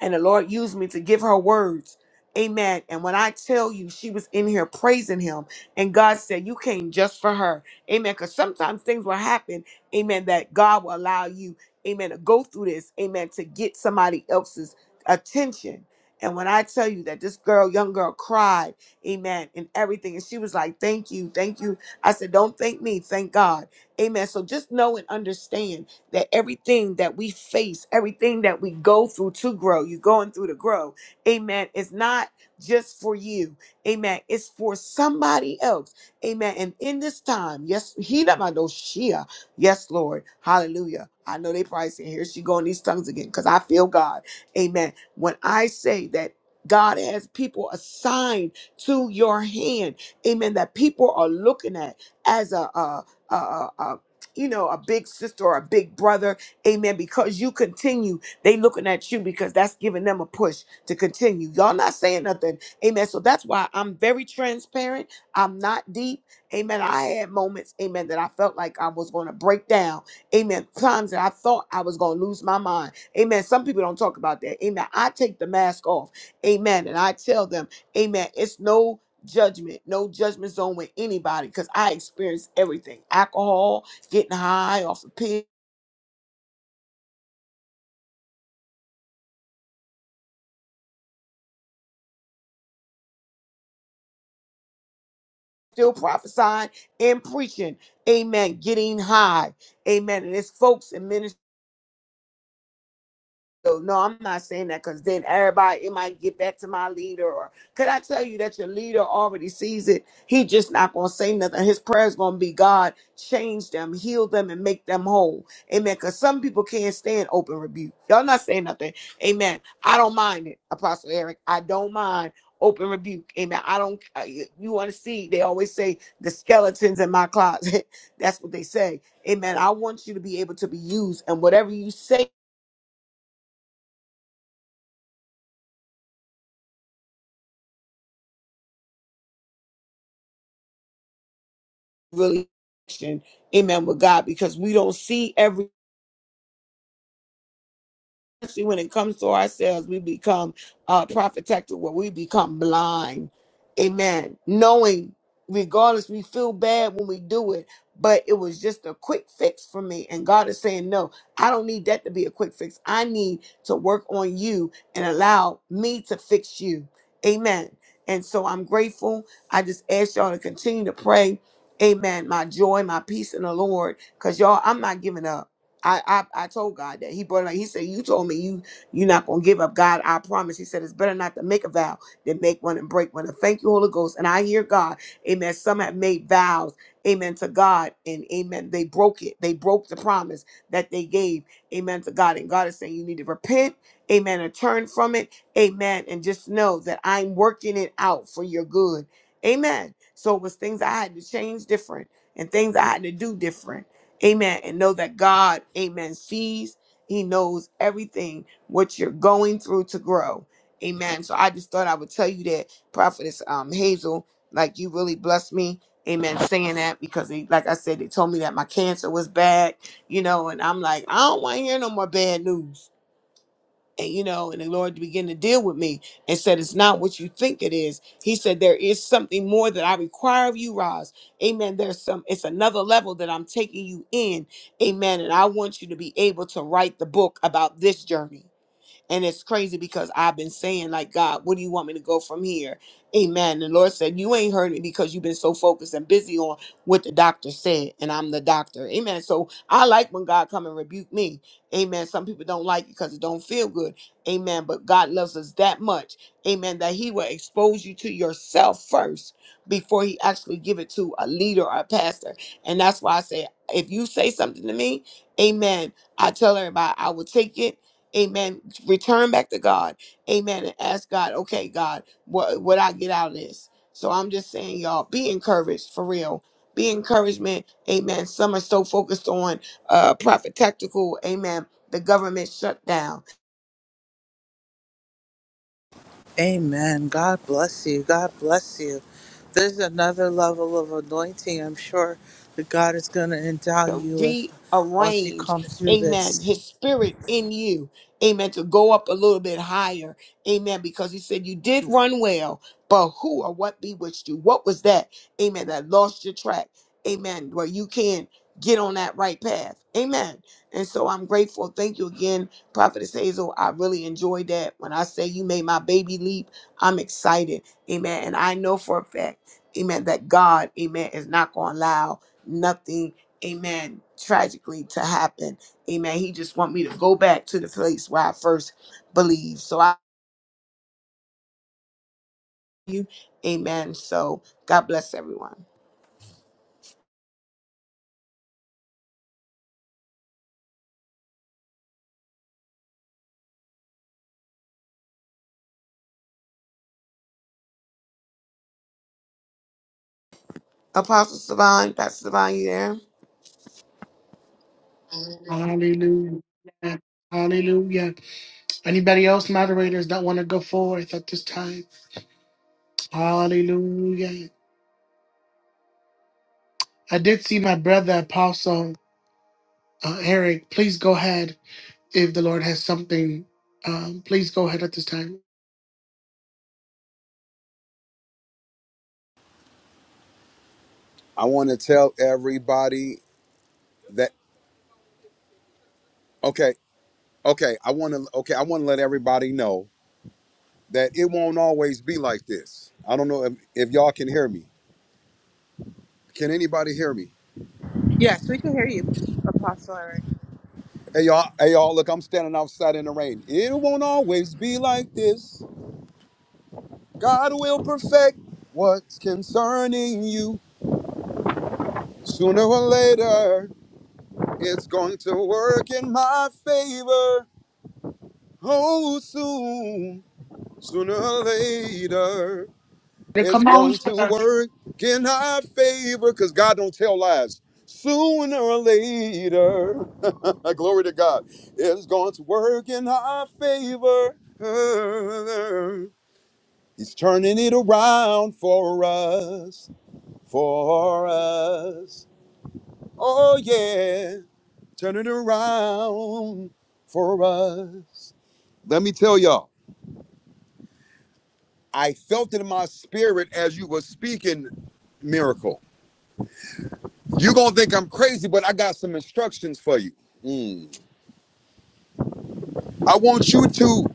S4: And the Lord used me to give her words. Amen. And when I tell you, she was in here praising him. And God said, You came just for her. Amen. Because sometimes things will happen. Amen. That God will allow you, amen, to go through this. Amen. To get somebody else's attention. And when I tell you that this girl, young girl, cried, amen, and everything, and she was like, Thank you, thank you. I said, Don't thank me, thank God. Amen. So just know and understand that everything that we face, everything that we go through to grow, you're going through to grow. Amen. It's not just for you. Amen. It's for somebody else. Amen. And in this time, yes, he that I know Shia. Yes, Lord. Hallelujah. I know they probably say, here she going these tongues again, because I feel God. Amen. When I say that God has people assigned to your hand, amen, that people are looking at as a, a, you know, a big sister or a big brother. Amen. Because you continue, they looking at you because that's giving them a push to continue. Y'all not saying nothing. Amen. So that's why I'm very transparent. I'm not deep. Amen. I had moments, amen, that I felt like I was going to break down. Amen. Times that I thought I was going to lose my mind. Amen. Some people don't talk about that. Amen. I take the mask off. Amen. And I tell them, amen, it's no judgment, no judgment zone with anybody because I experienced everything alcohol getting high off the pig, still prophesying and preaching. Amen. Getting high. Amen. And it's folks in ministry So no, I'm not saying that because then everybody it might get back to my leader. Or could I tell you that your leader already sees it? He just not gonna say nothing. His prayer's gonna be God, change them, heal them, and make them whole. Amen. Because some people can't stand open rebuke. Y'all not saying nothing. Amen. I don't mind it, Apostle Eric. I don't mind open rebuke. Amen. I don't. Uh, you you want to see? They always say the skeletons in my closet. That's what they say. Amen. I want you to be able to be used, and whatever you say. really connection, amen, with God because we don't see every especially when it comes to ourselves, we become uh protected where we become blind. Amen. Knowing regardless, we feel bad when we do it, but it was just a quick fix for me. And God is saying, No, I don't need that to be a quick fix. I need to work on you and allow me to fix you. Amen. And so I'm grateful. I just ask y'all to continue to pray. Amen. My joy, my peace in the Lord. Because y'all, I'm not giving up. I, I I told God that he brought it up. He said, "You told me you you're not gonna give up, God. I promise." He said, "It's better not to make a vow than make one and break one." And thank you, Holy Ghost. And I hear God, Amen. Some have made vows, Amen, to God, and Amen. They broke it. They broke the promise that they gave, Amen, to God. And God is saying, "You need to repent, Amen, and turn from it, Amen, and just know that I'm working it out for your good, Amen." So it was things I had to change different and things I had to do different. Amen. And know that God, amen, sees, He knows everything what you're going through to grow. Amen. So I just thought I would tell you that, Prophetess um, Hazel, like you really blessed me. Amen. Saying that because, they, like I said, they told me that my cancer was bad, you know, and I'm like, I don't want to hear no more bad news and you know, and the Lord began to deal with me and said, It's not what you think it is. He said, There is something more that I require of you, Roz. Amen. There's some, it's another level that I'm taking you in. Amen. And I want you to be able to write the book about this journey. And it's crazy because I've been saying, like, God, what do you want me to go from here? Amen. And The Lord said, You ain't heard me because you've been so focused and busy on what the doctor said, and I'm the doctor. Amen. So I like when God come and rebuke me. Amen. Some people don't like it because it don't feel good. Amen. But God loves us that much. Amen. That He will expose you to yourself first before He actually give it to a leader or a pastor. And that's why I say, if you say something to me, Amen. I tell everybody I will take it Amen. Return back to God. Amen. And ask God, okay, God, what what I get out of this. So I'm just saying, y'all, be encouraged for real. Be encouragement. Amen. Some are so focused on uh prophet tactical, amen. The government shutdown.
S12: Amen. God bless you. God bless you. There's another level of anointing I'm sure that God is going to endow
S4: to
S12: you with once you
S4: rearrange,
S12: come through
S4: amen,
S12: this.
S4: his spirit in you, amen, to go up a little bit higher, amen, because he said you did run well, but who or what bewitched you? What was that, amen, that lost your track, amen, where you can get on that right path, amen. And so I'm grateful. Thank you again, Prophetess Hazel. I really enjoyed that. When I say you made my baby leap, I'm excited, amen. And I know for a fact, amen, that God, amen, is not going to allow nothing amen tragically to happen amen he just want me to go back to the place where i first believed so i you amen so god bless everyone apostle savon pastor savon you there
S1: Hallelujah. Hallelujah. Anybody else, moderators, that want to go forth at this time? Hallelujah. I did see my brother, Apostle uh, Eric. Please go ahead if the Lord has something. Um, please go ahead at this time.
S14: I want to tell everybody that okay, okay, I want to okay, I want to let everybody know that it won't always be like this. I don't know if, if y'all can hear me. Can anybody hear me?
S12: Yes, we can hear you, Apostle Eric.
S14: Hey y'all, hey y'all, look, I'm standing outside in the rain. It won't always be like this. God will perfect what's concerning you. Sooner or later, it's going to work in my favor. Oh, soon, sooner or later. It's
S1: Come on,
S14: going to
S1: sir.
S14: work in our favor because God don't tell lies. Sooner or later, glory to God, it's going to work in our favor. He's turning it around for us, for us. Oh, yeah, turn it around for us. Let me tell y'all, I felt it in my spirit as you were speaking, miracle. you gonna think I'm crazy, but I got some instructions for you. Mm. I want you to,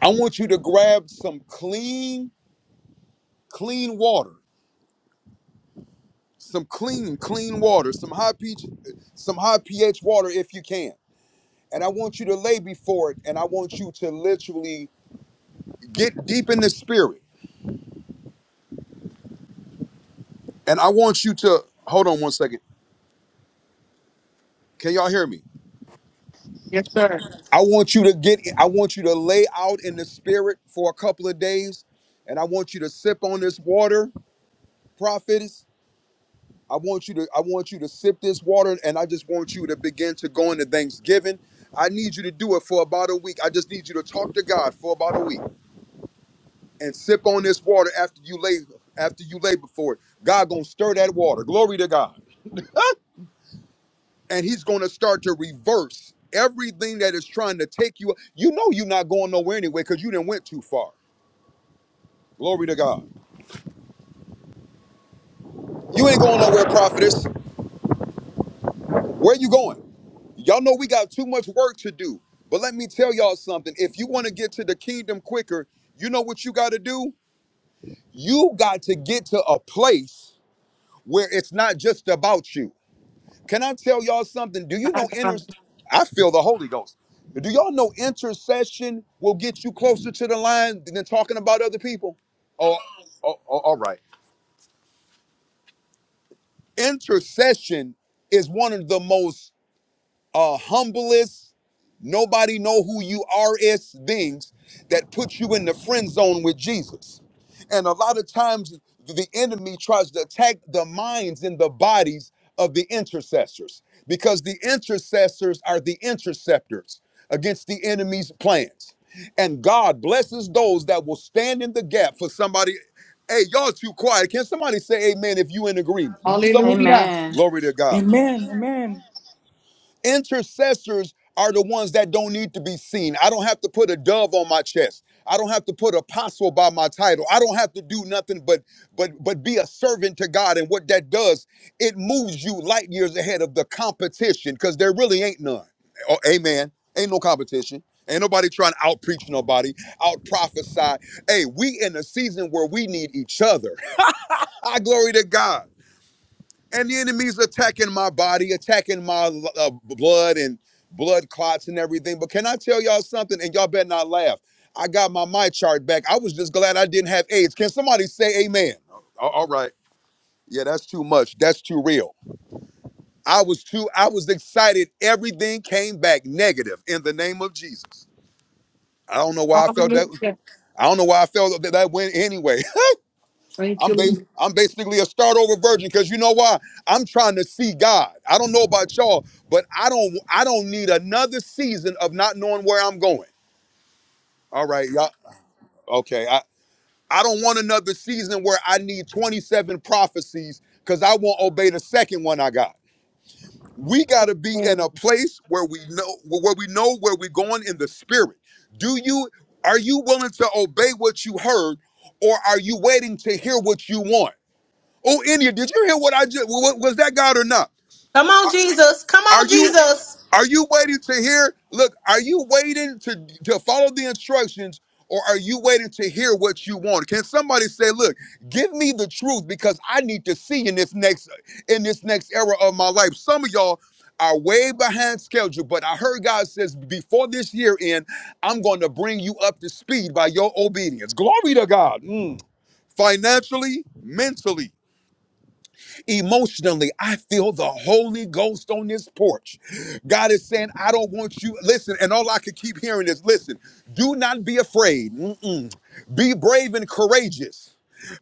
S14: I want you to grab some clean, clean water, some clean, clean water, some high pH, some high pH water if you can. And I want you to lay before it, and I want you to literally get deep in the spirit. And I want you to hold on one second. Can y'all hear me?
S1: Yes, sir.
S14: I want you to get, I want you to lay out in the spirit for a couple of days, and I want you to sip on this water, prophetess I want you to I want you to sip this water and I just want you to begin to go into Thanksgiving. I need you to do it for about a week. I just need you to talk to God for about a week and sip on this water after you lay after you labor for it. God gonna stir that water. Glory to God. And he's gonna start to reverse everything that is trying to take you. You know you're not going nowhere anyway, because you didn't went too far. Glory to God. You ain't going nowhere, prophetess. Where you going? Y'all know we got too much work to do. But let me tell y'all something. If you want to get to the kingdom quicker, you know what you got to do? You got to get to a place where it's not just about you. Can I tell y'all something? Do you
S1: My
S14: know inter
S1: God.
S14: I feel the Holy Ghost. Do y'all know intercession will get you closer to the line than talking about other people? Oh, oh, oh all right. Intercession is one of the most uh, humblest, nobody know who you are is things that put you in the friend zone with Jesus. And a lot of times the enemy tries to attack the minds and the bodies of the intercessors because the intercessors are the interceptors against the enemy's plans. And God blesses those that will stand in the gap for somebody. Hey, y'all too quiet. Can somebody say amen if you in agreement? You- Some
S1: Hallelujah.
S11: Amen.
S14: glory to God.
S15: Amen. Amen.
S14: Intercessors are the ones that don't need to be seen. I don't have to put a dove on my chest. I don't have to put apostle by my title. I don't have to do nothing but but but be a servant to God. And what that does, it moves you light years ahead of the competition because there really ain't none. Oh, amen. Ain't no competition. Ain't nobody trying to out preach nobody, out prophesy. Hey, we in a season where we need each other. I glory to God and the enemy's attacking my body, attacking my uh, blood and blood clots and everything. But can I tell y'all something? And y'all better not laugh. I got my my chart back. I was just glad I didn't have AIDS. Can somebody say Amen? A- All right. Yeah, that's too much. That's too real. I was too. I was excited. Everything came back negative in the name of Jesus. I don't know why I felt that.
S1: Hallelujah.
S14: I don't know why I felt that, that went anyway.
S1: Thank
S14: I'm bas-
S1: you,
S14: I'm basically a start over virgin because you know why? I'm trying to see God. I don't know about y'all, but I don't I don't need another season of not knowing where I'm going. All right, y'all. Okay, I I don't want another season where I need 27 prophecies because I won't obey the second one I got. We got to be in
S1: Lord.
S14: a place where we know where we know where we're going in the spirit. Do you are you willing to obey what you heard, or are you waiting to hear what you want? Oh, India, did you hear what I just was, was that God or not?
S8: Come on.
S14: Are you are you waiting to hear? Look, are you waiting to to follow the instructions or are you waiting to hear what you want? Can somebody say, "Look, give me the truth because I need to see in this next in this next era of my life." Some of y'all are way behind schedule, but I heard God says before this year end, I'm going to bring you up to speed by your obedience. Glory to God. Mm. Financially, mentally, Emotionally, I feel the Holy Ghost on this porch. God is saying, I don't want you. Listen, and all I could keep hearing is, listen, do not be afraid. Mm-mm. Be brave and courageous.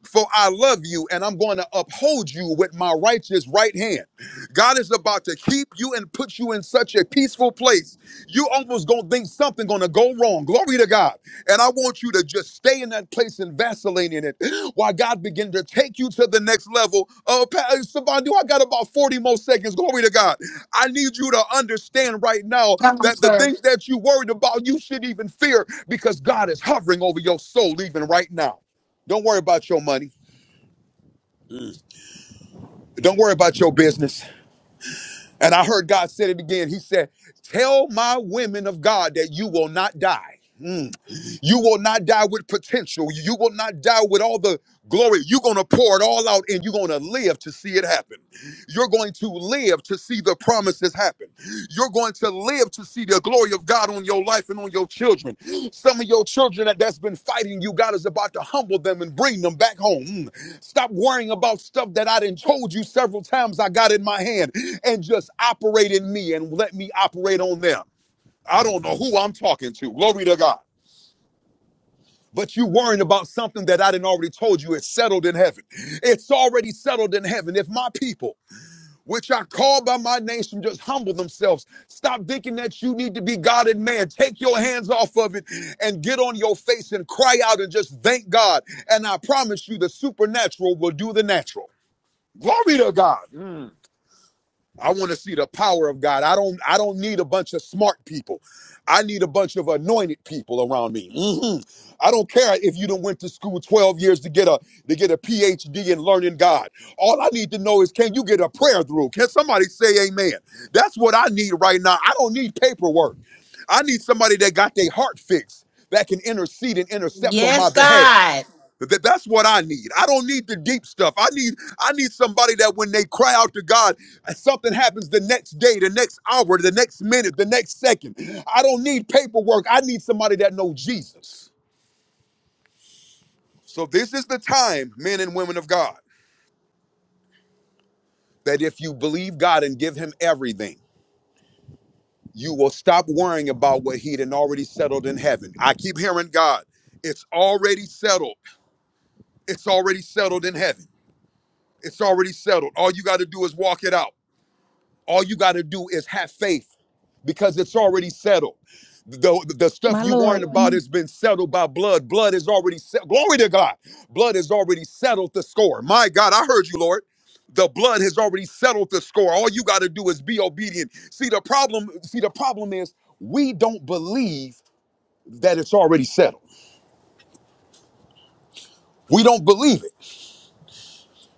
S14: For I love you and I'm going to uphold you with my righteous right hand. God is about to keep you and put you in such a peaceful place. You almost gonna think something gonna go wrong. Glory to God. And I want you to just stay in that place and vacillate in it while God begin to take you to the next level. Oh, uh, Savon, do I got about 40 more seconds? Glory to God. I need you to understand right now
S1: Come,
S14: that the
S1: sir.
S14: things that you worried about, you should even fear because God is hovering over your soul even right now. Don't worry about your money. Don't worry about your business. And I heard God said it again. He said, Tell my women of God that you will not die. Hmm. You will not die with potential. You will not die with all the glory. You're going to pour it all out and you're going to live to see it happen. You're going to live to see the promises happen. You're going to live to see the glory of God on your life and on your children. Some of your children that, that's been fighting you, God is about to humble them and bring them back home. Mm. Stop worrying about stuff that I didn't told you several times I got in my hand and just operate in me and let me operate on them. I don't know who I'm talking to. Glory to God. But you worrying about something that I didn't already told you. It's settled in heaven. It's already settled in heaven. If my people, which I call by my name, should just humble themselves, stop thinking that you need to be God and man. Take your hands off of it and get on your face and cry out and just thank God. And I promise you, the supernatural will do the natural. Glory to God. I want to see the power of God. I don't I don't need a bunch of smart people. I need a bunch of anointed people around me. Mhm. I don't care if you done went to school 12 years to get a to get a PhD in learning God. All I need to know is can you get a prayer through? Can somebody say amen? That's what I need right now. I don't need paperwork. I need somebody that got their heart fixed that can intercede and intercept on
S8: Yes,
S14: my behalf.
S8: God.
S14: Th- that's what I need. I don't need the deep stuff. I need I need somebody that when they cry out to God, uh, something happens the next day, the next hour, the next minute, the next second. I don't need paperwork. I need somebody that knows Jesus. So this is the time, men and women of God, that if you believe God and give him everything, you will stop worrying about what he'd and already settled in heaven. I keep hearing God, it's already settled. It's already settled in heaven. It's already settled. All you got to do is walk it out. All you got to do is have faith because it's already settled. The, the stuff
S16: My
S14: you
S16: Lord,
S14: worrying about has been settled by blood. Blood is already settled. Glory to God. Blood has already settled the score. My God, I heard you, Lord. The blood has already settled the score. All you got to do is be obedient. See the problem. See the problem is we don't believe that it's already settled. We don't believe it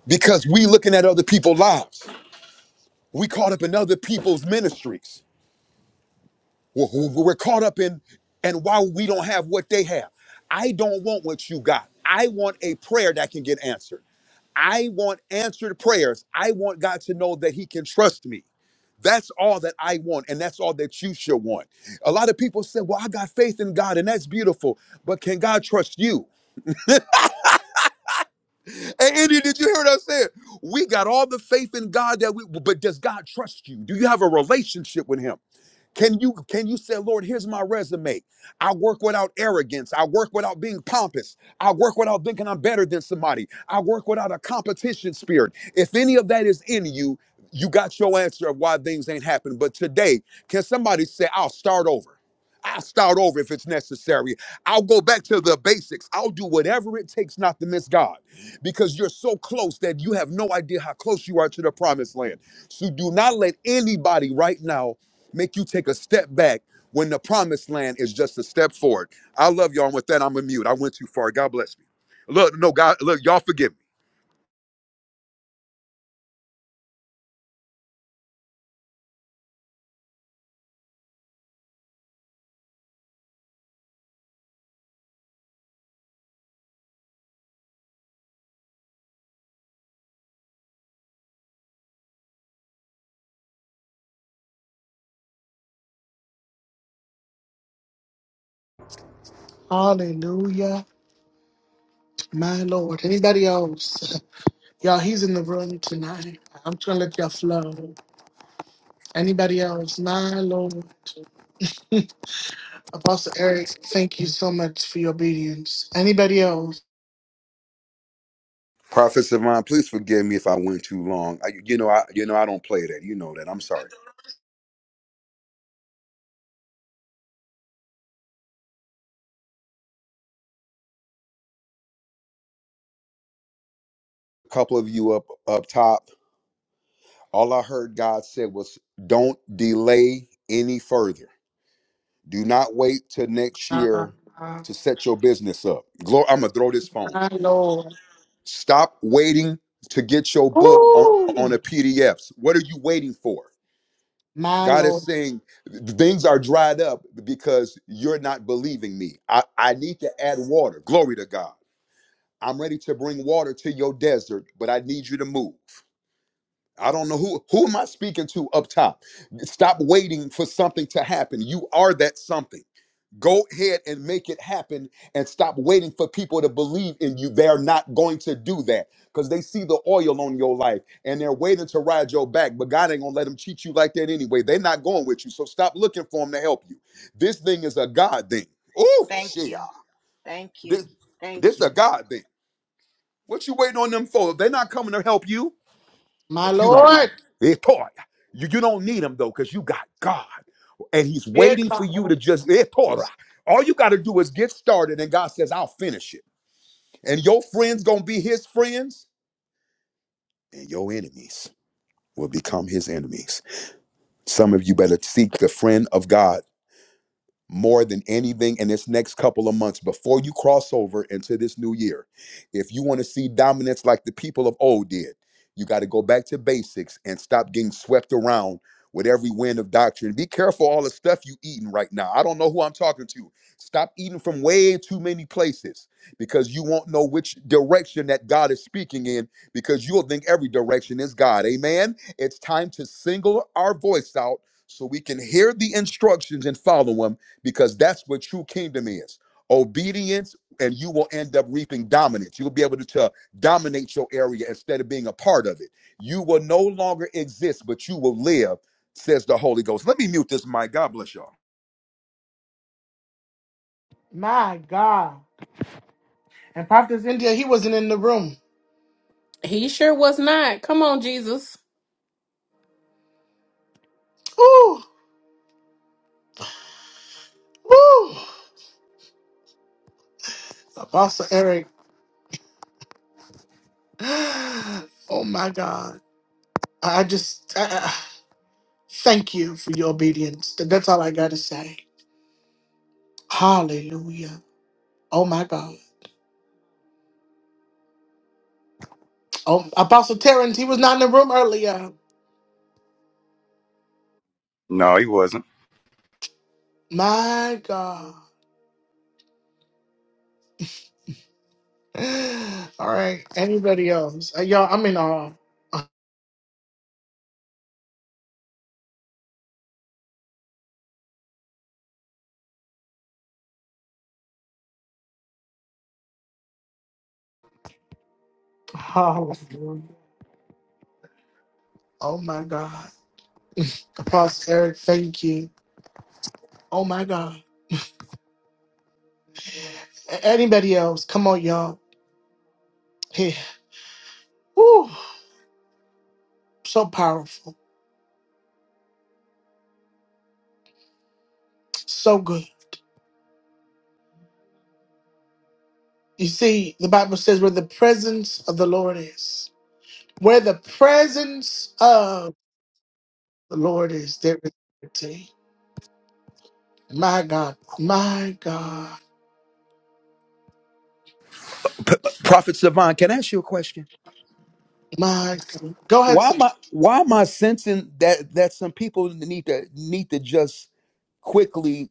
S14: because we looking at other people's lives. We caught up in other people's ministries. We're we're caught up in, and why we don't have what they have. I don't want what you got. I want a prayer that can get answered. I want answered prayers. I want God to know that He can trust me. That's all that I want, and that's all that you should want. A lot of people say, Well, I got faith in God, and that's beautiful, but can God trust you? Hey, Andy, did you hear what I said? We got all the faith in God that we, but does God trust you? Do you have a relationship with Him? Can you can you say, Lord, here's my resume. I work without arrogance. I work without being pompous. I work without thinking I'm better than somebody. I work without a competition spirit. If any of that is in you, you got your answer of why things ain't happening. But today, can somebody say, I'll start over? I'll start over if it's necessary. I'll go back to the basics. I'll do whatever it takes not to miss God because you're so close that you have no idea how close you are to the promised land. So do not let anybody right now make you take a step back when the promised land is just a step forward. I love y'all. And with that, I'm a mute. I went too far. God bless me. Look, no, God, look, y'all forgive me.
S1: Hallelujah. My Lord. Anybody else? Y'all, he's in the room tonight. I'm trying to let y'all flow. Anybody else? Nah, Lord. Apostle Eric, thank you so much for your obedience. Anybody else?
S14: Prophet Savon, please forgive me if I went too long. I, you know, I you know I don't play that. You know that. I'm sorry. A couple of you up up top. All I heard God said was, "Don't delay any further. Do not wait till next
S1: Nah,
S14: year
S1: nah,
S14: to set your business up." Glory. I'm gonna throw this phone.
S1: my Lord.
S14: Stop waiting to get your book on,
S1: Ooh,
S14: on a PDFs. What are you waiting for?
S1: my
S14: God is
S1: Lord.
S14: saying things are dried up because you're not believing me. I, I need to add water. Glory to God. I'm ready to bring water to your desert, but I need you to move. I don't know who who am I speaking to up top. Stop waiting for something to happen. You are that something. Go ahead and make it happen and stop waiting for people to believe in you. They're not going to do that because they see the oil on your life and they're waiting to ride your back. But God ain't going to let them cheat you like that anyway. They're not going with you. So stop looking for them to help you. This thing is a God thing. Oh,
S5: Thank
S14: shit.
S5: you. Thank you.
S14: This,
S5: Thank
S14: this a
S5: you.
S14: God thing. What you waiting on them for? If they're not coming to help you.
S1: My
S14: But you don't,
S1: Lord.
S14: it toy. You, you don't need them though, because you got God. And he's
S1: It-
S14: waiting for you to just it toy. All you got to do is get started, and God says, I'll finish it. And your friends gonna be his friends, and your enemies will become his enemies. Some of you better seek the friend of God more than anything in this next couple of months before you cross over into this new year. If you want to see dominance like the people of old did, you got to go back to basics and stop getting swept around with every wind of doctrine. Be careful all the stuff you eating right now. I don't know who I'm talking to. Stop eating from way too many places because you won't know which direction that God is speaking in because you'll think every direction is God. Amen. It's time to single our voice out so we can hear the instructions and follow them because that's what true kingdom is obedience and you will end up reaping dominance you'll be able to, to dominate your area instead of being a part of it you will no longer exist but you will live says the holy ghost let me mute this mic god bless y'all
S1: My God. And Prophet India, he wasn't in the room.
S8: He sure was not. Come on, Jesus.
S1: Ooh, ooh. Apostle Eric. Oh my God. I I just I, I- thank you for your obedience. That- That's all I got to say. Hallelujah. Oh my God. Oh, Apostle Terrence, he was not in the room earlier.
S7: No, he wasn't.
S1: My God. All right. Anybody else? Uh, Y'all, I'm in awe. Hallelujah. Oh, my God. Apostle Eric, thank you. Oh, my God. A- Anybody else? Come on, y'all. Here. Woo. So powerful. So good. You see, the Bible says where the presence of the Lord is, where the presence of the Lord is, there is liberty. My God. My God.
S14: prophet savon can i ask you a question
S1: My God. Go ahead.
S14: why am i
S1: Sister.
S14: why am i sensing that that some people need to need to just quickly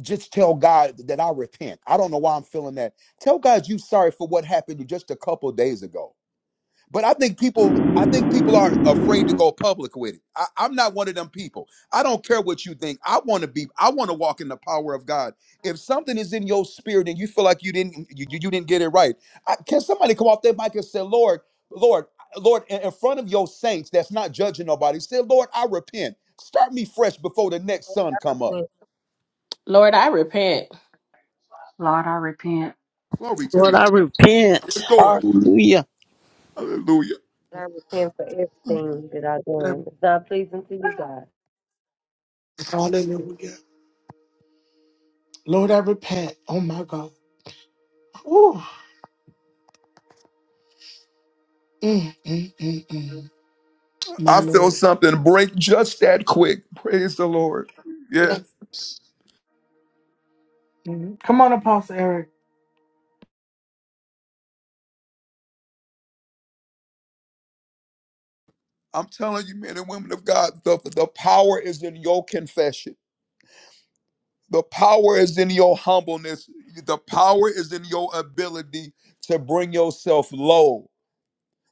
S14: just tell God that I repent. I don't know why I'm feeling that. Tell God you sorry for what happened to just a couple days ago. But I think people, I think people are afraid to go public with it. I, I'm not one of them people. I don't care what you think. I want to be. I want to walk in the power of God. If something is in your spirit and you feel like you didn't, you, you didn't get it right, I, can somebody come off their mic and say, "Lord, Lord, Lord," in, in front of your saints that's not judging nobody, say, "Lord, I repent. Start me fresh before the next sun come up."
S17: Yes,
S8: Lord, I repent.
S14: Glory to
S2: Lord,
S14: God.
S2: I repent.
S14: It's yours.
S2: Hallelujah.
S14: Hallelujah.
S17: I repent for everything that I've done. It's not pleasing to you, God.
S1: Hallelujah. Lord, I repent. Oh my God. Ooh. Mm, mm, mm, mm. My
S14: I feel
S1: Lord.
S14: something break just that quick. Praise the Lord.
S1: Yes. Mm. Come on, Apostle Eric.
S14: I'm telling you, men and women of God, the, the power is in your confession. The power is in your humbleness. The power is in your ability to bring yourself low.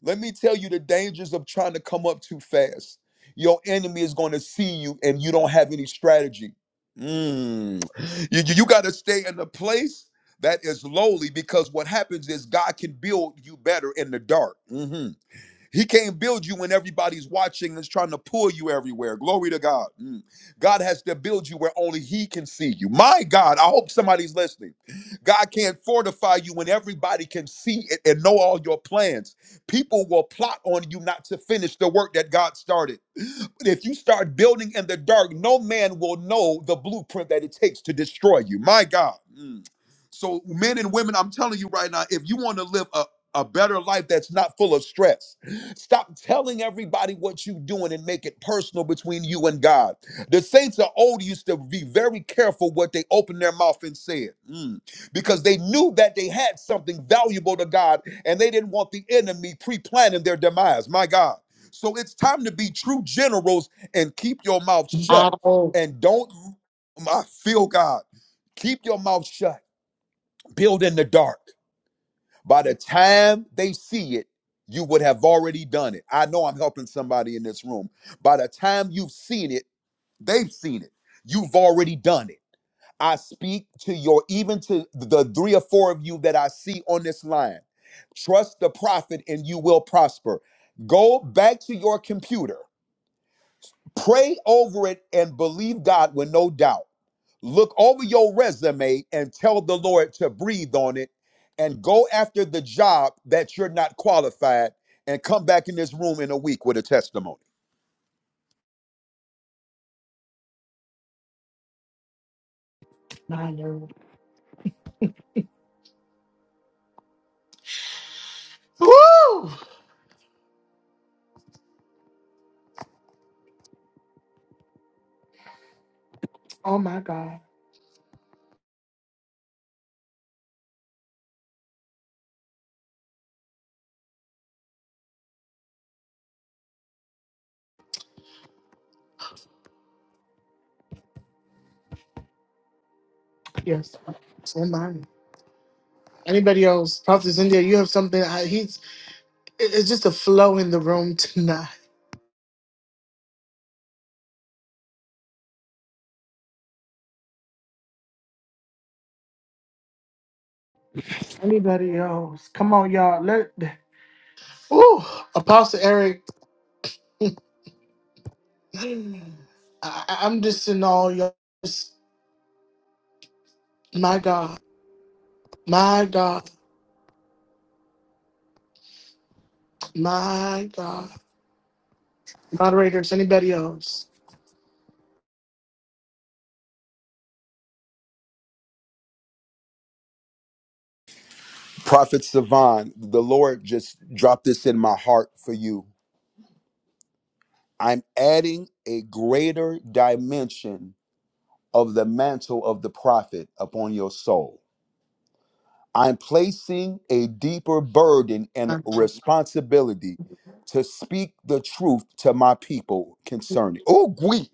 S14: Let me tell you the dangers of trying to come up too fast. Your enemy is going to see you and you don't have any strategy. Mm. You, you got to stay in a place that is lowly because what happens is God can build you better in the dark. Mm-hmm. He can't build you when everybody's watching and is trying to pull you everywhere. Glory to God. Mm. God has to build you where only He can see you. My God, I hope somebody's listening. God can't fortify you when everybody can see it and know all your plans. People will plot on you not to finish the work that God started. If you start building in the dark, no man will know the blueprint that it takes to destroy you. My God. Mm. So, men and women, I'm telling you right now, if you want to live a a better life that's not full of stress. Stop telling everybody what you're doing and make it personal between you and God. The saints of old used to be very careful what they opened their mouth and said Mm. because they knew that they had something valuable to God and they didn't want the enemy pre planning their demise. My God. So it's time to be true generals and keep your mouth
S1: My
S14: shut. And don't, I feel God, keep your mouth shut. Build in the dark. By the time they see it, you would have already done it. I know I'm helping somebody in this room. By the time you've seen it, they've seen it. You've already done it. I speak to your, even to the three or four of you that I see on this line. Trust the prophet and you will prosper. Go back to your computer Pray over it and believe God with no doubt. Look over your resume and tell the Lord to breathe on it and go after the job that you're not qualified and come back in this room in a week with a testimony.
S1: Lord. Woo! Oh my God. Yes. Oh my. Anybody else? Prophet India, you have something. I, he's. it- It's just a flow in the room tonight. Anybody else? Come on, y'all. Let. Ooh, Apostle Eric. Mm. I, I- I'm just in all y'all. My God. My God. My God. Moderators, anybody else?
S14: Prophet Savan, the Lord just dropped this in my heart for you. I'm adding a greater dimension of the mantle of the prophet upon your soul. I'm placing a deeper burden and
S1: My God.
S14: responsibility to speak the truth to my people concerning. Oh, gwe,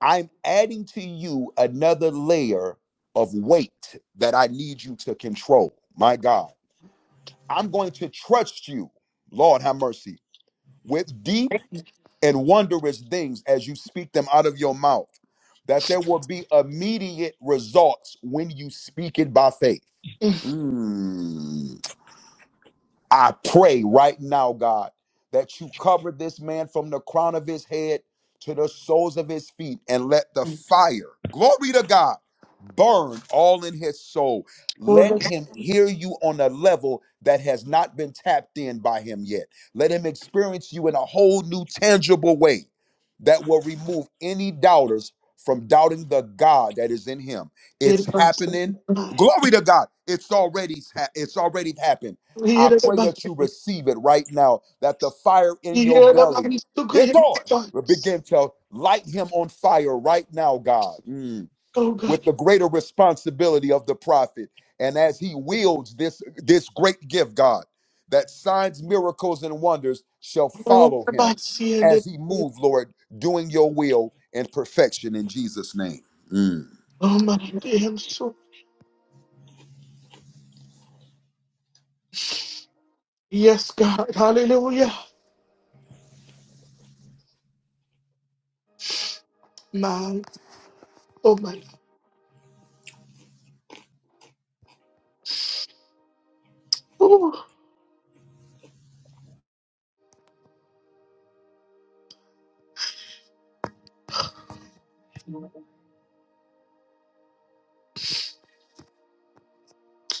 S14: I'm adding to you another layer of weight that I need you to control. My God, I'm going to trust you, Lord, have mercy, with deep and wondrous things as you speak them out of your mouth, that there will be immediate results when you speak it by faith. Mm. I pray right now, God, that you cover this man from the crown of his head to the soles of his feet and let the
S1: Mhm.
S14: fire, glory to God, burn all in his soul. Let
S1: Ora
S14: him hear you on a level that has not been tapped in by him yet. Let him experience you in a whole new, tangible way that will remove any doubters from doubting the God that is in him.
S1: kiri
S14: It's
S1: basa.
S14: happening.
S1: Ira basa.
S14: Glory to God. It's already it's already happened. I
S1: Ira
S14: pray
S1: basa.
S14: that you receive it right now, that the fire in your belly, it
S1: Kiri
S14: will
S1: basa.
S14: begin to light him on fire right now, God, Mm.
S1: Oh God.
S14: with the greater responsibility of the prophet. And as he wields this, this great gift, God, that signs, miracles, and wonders shall
S1: Oh
S14: follow
S1: my
S14: him
S1: God.
S14: as he move, Lord, doing your will and perfection in Jesus' name. Mm.
S1: Oh my damn soul. Yes, God. Hallelujah. My oh my God. Ooh.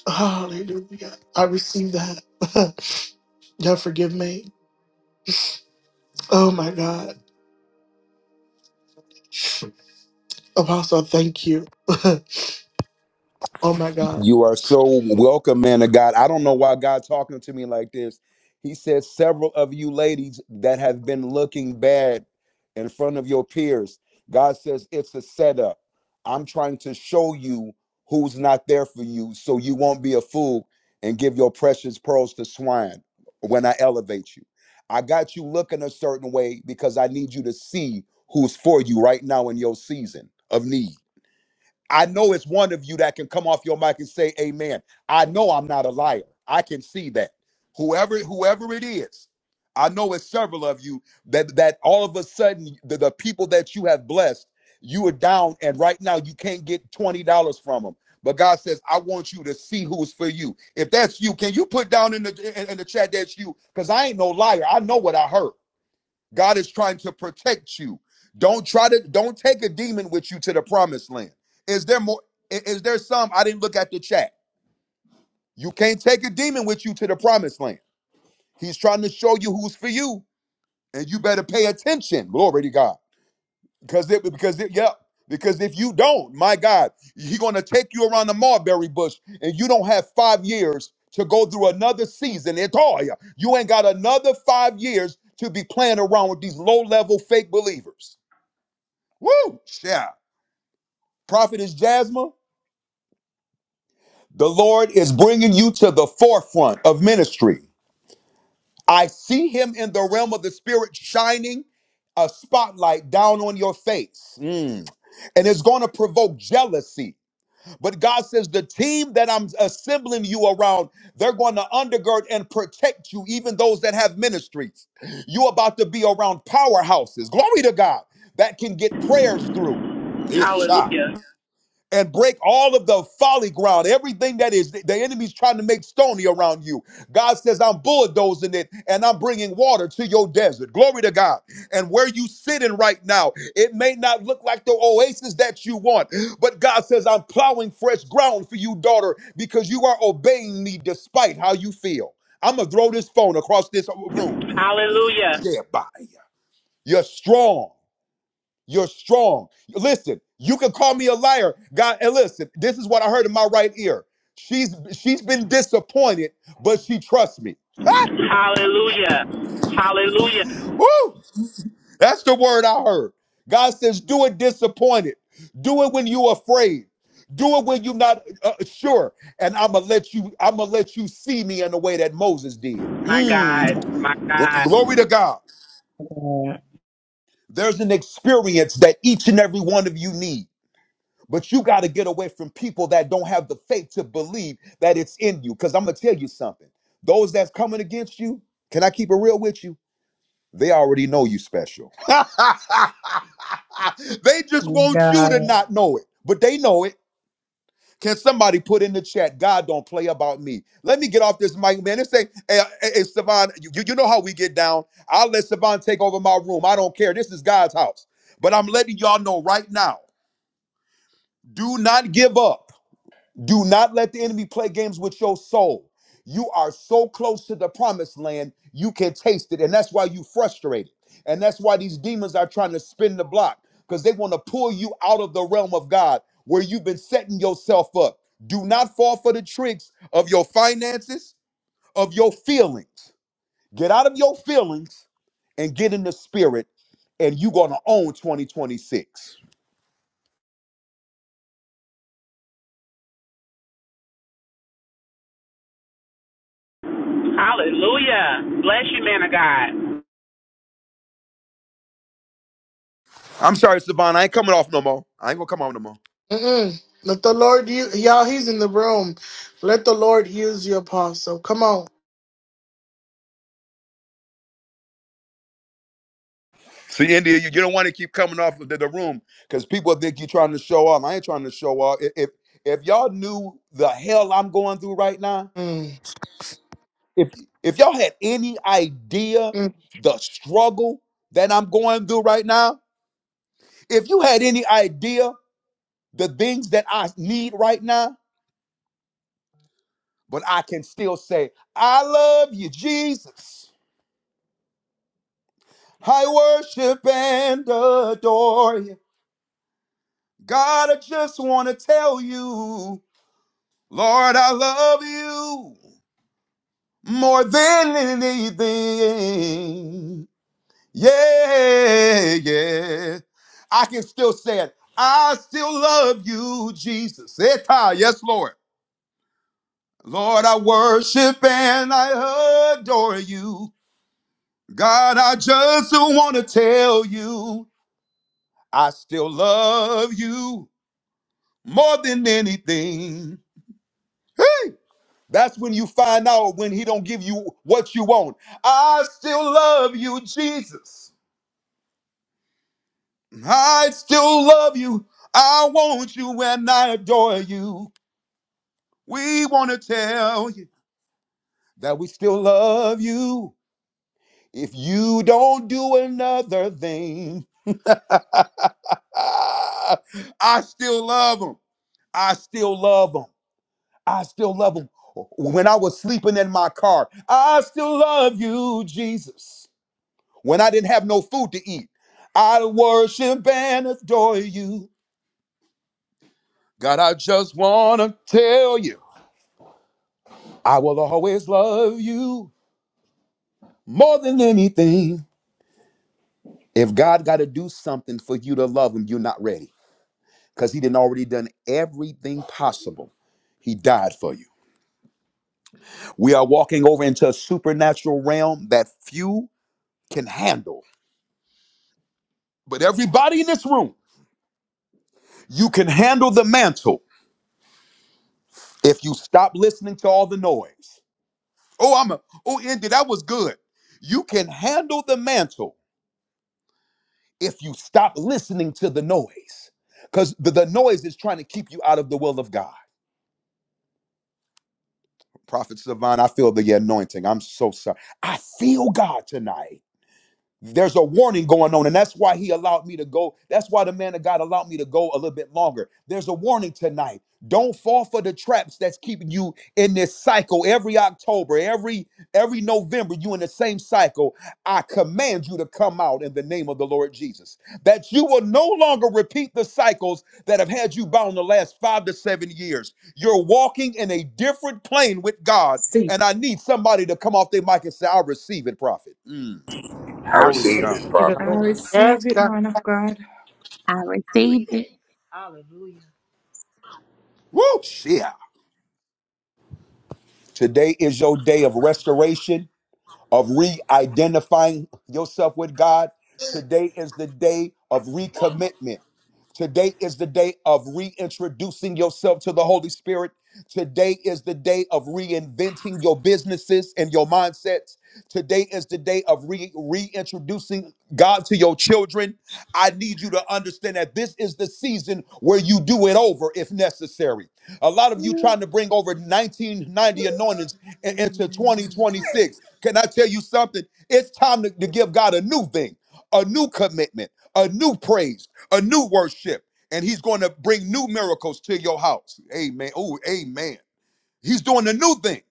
S1: Hallelujah. I receive that. God forgive me. Oh my God. Apostle, thank you. oh my God.
S14: You are so welcome, man of God. I don't know why God talking to me like this. He says several of you ladies that have been looking bad in front of your peers. God says it's a setup. I'm trying to show you who's not there for you so you won't be a fool and give your precious pearls to swine when I elevate you. I got you looking a certain way because I need you to see who's for you right now in your season of need. I know it's one of you that can come off your mic and say amen. I know I'm not a liar. I can see that. Whoever whoever it is, I know it's several of you that that all of a sudden the, the people that you have blessed, you are down and right now you can't get $20 from them. But God says, I want you to see who's for you. If that's you, can you put down in the in, in the chat that's you? Because I ain't no liar. I know what I heard. God is trying to protect you. Don't try to don't take a demon with you to the promised land. Is there more i- is there some I didn't look at the chat. You can't take a demon with you to the promised land. He's trying to show you who's for you and you better pay attention. Glory to God. Because it because it yeah, because if you don't, my God, he's going to take you around the mulberry bush and you don't have 5 years to go through another season at all. You You ain't got another 5 years to be playing around with these low-level fake believers. Woo! Yeah. Prophet is Jasmine. The Lord is bringing you to the forefront of ministry. I see him in the realm of the spirit shining a spotlight down on your face. Mm. And it's going to provoke jealousy. But God says, the team that I'm assembling you around, they're going to undergird and protect you, even those that have ministries. You're about to be around powerhouses. Glory to God. That can get prayers through. Yes,
S18: Hallelujah.
S14: and break all of the folly ground, everything that is the enemy's trying to make stony around you. God says, I'm bulldozing it and I'm bringing water to your desert. Glory to God. And where you sitting right now, it may not look like the oasis that you want, but God says, I'm plowing fresh ground for you, daughter, because you are obeying me despite how you feel. I'm going to throw this phone across this room.
S18: Hallelujah.
S14: Yeah, bye. You're strong. You're strong. Listen, you can call me a liar. God, and listen, this is what I heard in my right ear. She's she's been disappointed, but she trusts me.
S18: Hallelujah. Hallelujah.
S14: Woo! That's the word I heard. God says, do it disappointed. Do it when you're afraid. Do it when you're not uh, sure. And I'm gonna let you. I'm gonna let you see me in the way that Moses did.
S18: My God.
S14: Mm.
S18: My
S14: Glory
S18: God.
S14: to God.
S19: God.
S14: There's an experience that each and every one of you need. But you got to get away from people that don't have the faith to believe that it's in you. Because I'm going to tell you something. Those that's coming against you, can I keep it real with you? They already know you special. they just
S19: My
S14: want
S19: God.
S14: you to not know it, but they know it. Can somebody put in the chat, God don't play about me? Let me get off this mic, man. This ain't, hey, hey, hey Savon, you, you know how we get down. I'll let Savon take over my room. I don't care. This is God's house. But I'm letting y'all know right now do not give up. Do not let the enemy play games with your soul. You are so close to the promised land, you can taste it. And that's why you frustrated. And that's why these demons are trying to spin the block because they want to pull you out of the realm of God where you've been setting yourself up. Do not fall for the tricks of your finances, of your feelings. Get out of your feelings and get in the spirit, and you're going to own 2026.
S18: Hallelujah. Bless you, man of God.
S14: I'm sorry, Savannah. I ain't coming off no more. I ain't going to come off no more.
S1: Mm-mm. Let the Lord use y'all. He's in the room. Let the Lord use you, Apostle. Come on.
S14: See, India, you, you don't want to keep coming off of the, the room because people think you're trying to show off. I ain't trying to show off. If if if y'all knew the hell I'm going through right now,
S1: Mm.
S14: if if y'all had any idea
S1: Mm.
S14: the struggle that I'm going through right now, if you had any idea the things that I need right now, but I can still say, I love you, Jesus. I worship and adore you. God, I just want to tell you. Lord, I love you more than anything. Yeah, yeah. I can still say it. I still love you, Jesus. Eta, yes, Lord. Lord, I worship and I adore you. God, I just want to tell you, I still love you more than anything. That's when you find out when he don't give you what you want. I still love you, Jesus. I still love you. I want you and I adore you. We want to tell you that we still love you. If you don't do another thing, ah, I still love him. I still love him. I still love him. When I was sleeping in my car, I still love you, Jesus. when I didn't have no food to eat. I worship and adore you. God, I just want to tell you, I will always love you more than anything. If God got to do something for you to love him, you're not ready because he didn't already done everything possible. He died for you. We are walking over into a supernatural realm that few can handle. But everybody in this room, you can handle the mantle if you stop listening to all the noise. Oh, I'm a, oh, Andy, that was good. You can handle the mantle if you stop listening to the noise, because the, the noise is trying to keep you out of the will of God. Prophet Savant, I feel the anointing. I'm so sorry. I feel God tonight. there's a warning going on and that's why he allowed me to go that's why the man of god allowed me to go a little bit longer there's a warning tonight don't fall for the traps that's keeping you in this cycle every october every every november you in the same cycle i command you to come out in the name of the lord jesus that you will no longer repeat the cycles that have had you bound the last five to seven years you're walking in a different plane with god
S20: see
S14: and i need somebody to come off their mic and say i receive it prophet Mm.
S21: I,
S14: Glory to
S1: I thank
S14: God.
S1: you,
S15: I
S1: Lord.
S15: receive
S1: Yes,
S15: it,
S1: God.
S15: man of God.
S16: I receive
S5: receive
S16: it.
S5: it. Hallelujah.
S14: Woo! Yeah. Today is your day of restoration. of re-identifying yourself with God. Today is the day of recommitment. Today is the day of reintroducing yourself to the Holy Spirit. Today is the day of reinventing your businesses and your mindsets. Today is the day of re- reintroducing God to your children. I need you to understand that this is the season where you do it over if necessary. A lot of you trying to bring over 1990 anointings i- into 2026. Can I tell you something? It's time to, to give God a new thing, a new commitment, a new praise, a new worship. And he's going to bring new miracles to your house. Amen. Oh, amen. He's doing a new thing,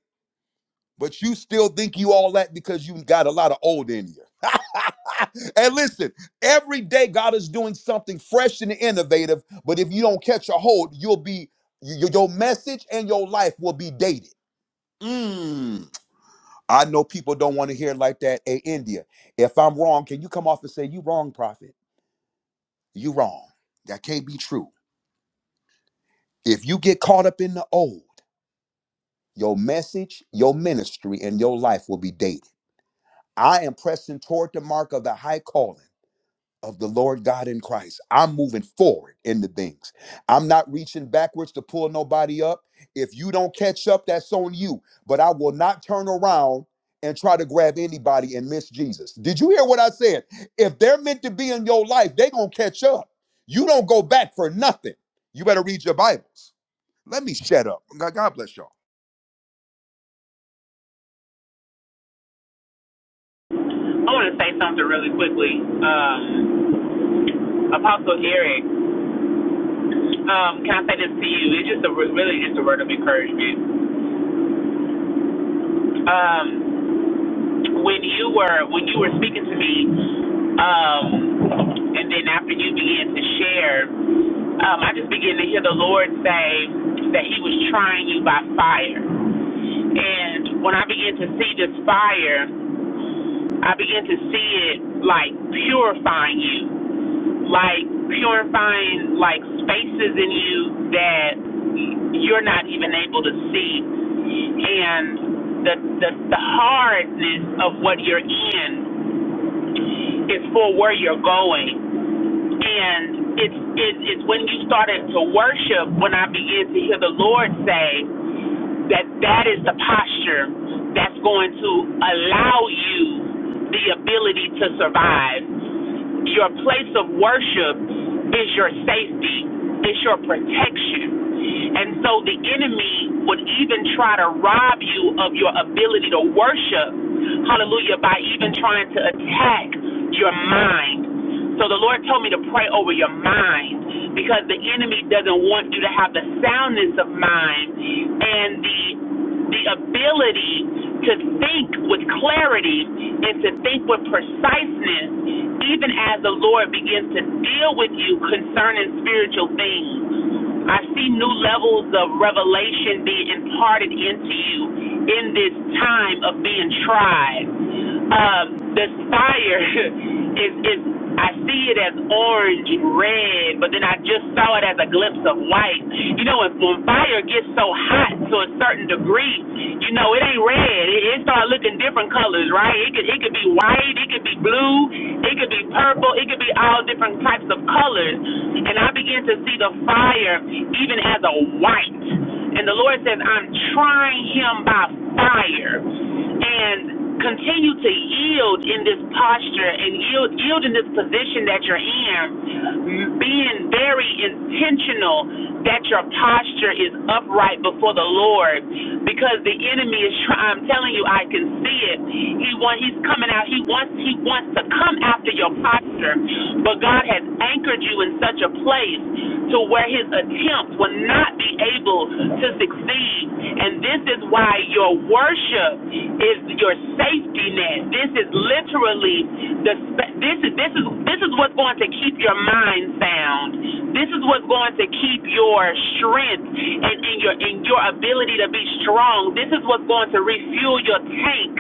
S14: but you still think you all that because you got a lot of old in you. And listen, every day God is doing something fresh and innovative, but if you don't catch a hold, you'll be your your message and your life will be dated. Mm. I know people don't want to hear it like that. Hey, India, if I'm wrong, can you come off and say, You wrong, prophet? You wrong. That can't be true. If you get caught up in the old, your message, your ministry, and your life will be dated. I am pressing toward the mark of the high calling of the Lord God in Christ. I'm moving forward into things. I'm not reaching backwards to pull nobody up. If you don't catch up, that's on you. But I will not turn around and try to grab anybody and miss Jesus. Did you hear what I said? If they're meant to be in your life, they're going to catch up. You don't go back for nothing. You better read your Bibles. Let me shut up. God God bless y'all.
S18: I want to say something really quickly. Um, Apostle Eric, um, can I say this to you? It's just a really just a word of encouragement. Um, when you were when you were speaking to me, um, and then after you began to share, um, I just began to hear the Lord say that He was trying you by fire. And when I began to see this fire, I began to see it like purifying you, like purifying like spaces in you that you're not even able to see, and the the, the hardness of what you're in It's for where you're going. And it's, it's, it's when you started to worship when I began to hear the Lord say that that is the posture that's going to allow you the ability to survive. Your place of worship is your safety, is your protection. And so the enemy would even try to rob you of your ability to worship, hallelujah, by even trying to attack your mind. So the Lord told me to pray over your mind because the enemy doesn't want you to have the soundness of mind and the the ability to think with clarity and to think with preciseness, even as the Lord begins to deal with you concerning spiritual things. I see new levels of revelation being imparted into you in this time of being tried. Um, this fire is is I see it as orange, red, but then I just saw it as a glimpse of white. You know, if, when fire gets so hot to a certain degree, you know, it ain't red. It, it start looking different colors, right? It could it could be white, it could be blue, it could be purple, it could be all different types of colors. And I began to see the fire even as a white. And the Lord says, I'm trying him by fire. And continue to yield in this posture and yield, yield in this position that you're in, being very intentional that your posture is upright before the Lord, because the enemy is. trying. I'm telling you, I can see it. He want, he's coming out. He wants he wants to come after your posture, but God has anchored you in such a place to where his attempt will not be able to succeed succeed. And this is why your worship is your safety net. This is literally the this is this is this is what's going to keep your mind sound. This is what's going to keep your strength and, and your and your ability to be strong. This is what's going to refuel your tank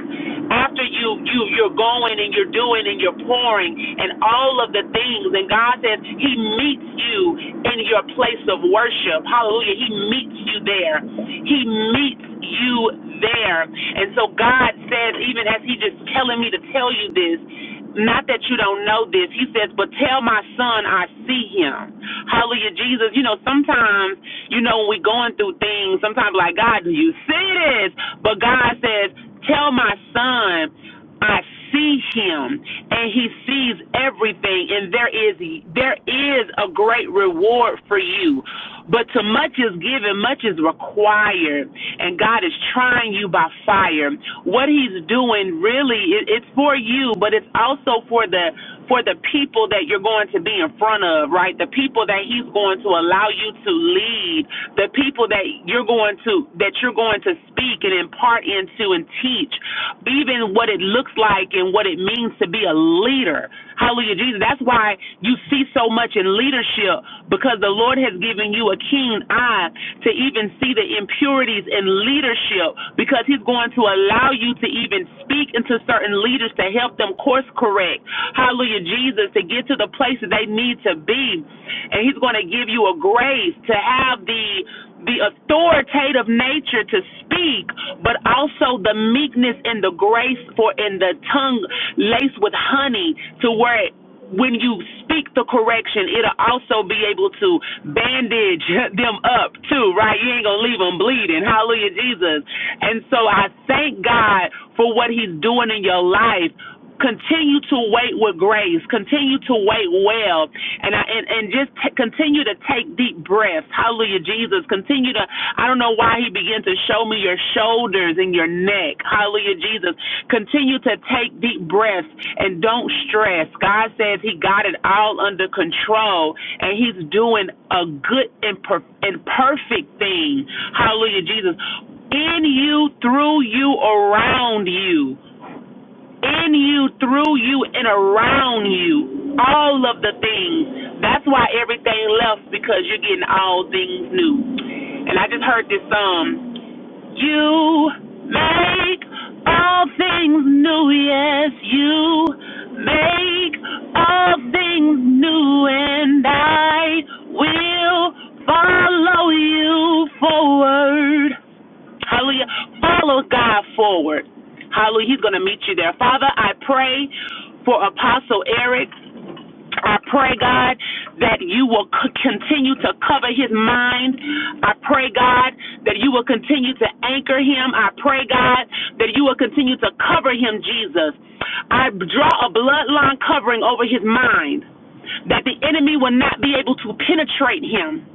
S18: after you you you're going and you're doing and you're pouring and all of the things. And God says He meets meets you in your place of worship. Hallelujah. He meets you there. He meets you there. And so God says, even as He just telling me to tell you this, not that you don't know this, He says, but tell my son I see him. Hallelujah, Jesus. You know, sometimes, you know, when we're going through things, sometimes like, God, do you see this? But God says, tell my son I see him and he sees everything and there is there is a great reward for you. But to much is given, much is required, and God is trying you by fire. What he's doing really it, it's for you, but it's also for the for the people that you're going to be in front of, right? The people that he's going to allow you to lead, the people that you're going to that you're going to speak and impart into and teach, even what it looks like and what it means to be a leader. Hallelujah, Jesus. That's why you see so much in leadership because the Lord has given you a keen eye to even see the impurities in leadership because he's going to allow you to even speak into certain leaders to help them course correct. Hallelujah, Jesus, to get to the place that they need to be. And He's going to give you a grace to have the the authoritative nature to speak, but also the meekness and the grace for in the tongue laced with honey to where it when you speak the correction, it'll also be able to bandage them up too, right? You ain't gonna leave them bleeding. Hallelujah, Jesus. And so I thank God for what He's doing in your life. Continue to wait with grace. Continue to wait well, and I, and and just t- continue to take deep breaths. Hallelujah, Jesus shoulders. Continue to, I don't know why he began to show me your shoulders and your neck. Hallelujah, Jesus. Continue to take deep breaths and don't stress. God says he got it all under control and he's doing a good and, per- and perfect thing. Hallelujah, Jesus. In you, through you, around you in you, through you, and around you. All of the things. That's why everything left because you're getting all things new. And I just heard this song. You make all things new, yes, you make all things new, and I will follow you forward. Hallelujah. Follow God forward. Hallelujah. He's going to meet you there. Father, I pray for Apostle Eric. I pray, God, that you will c- continue to cover his mind. I pray, God, that you will continue to anchor him. I pray, God, that you will continue to cover him, Jesus. I draw a bloodline covering over his mind, that the enemy will not be able to penetrate him,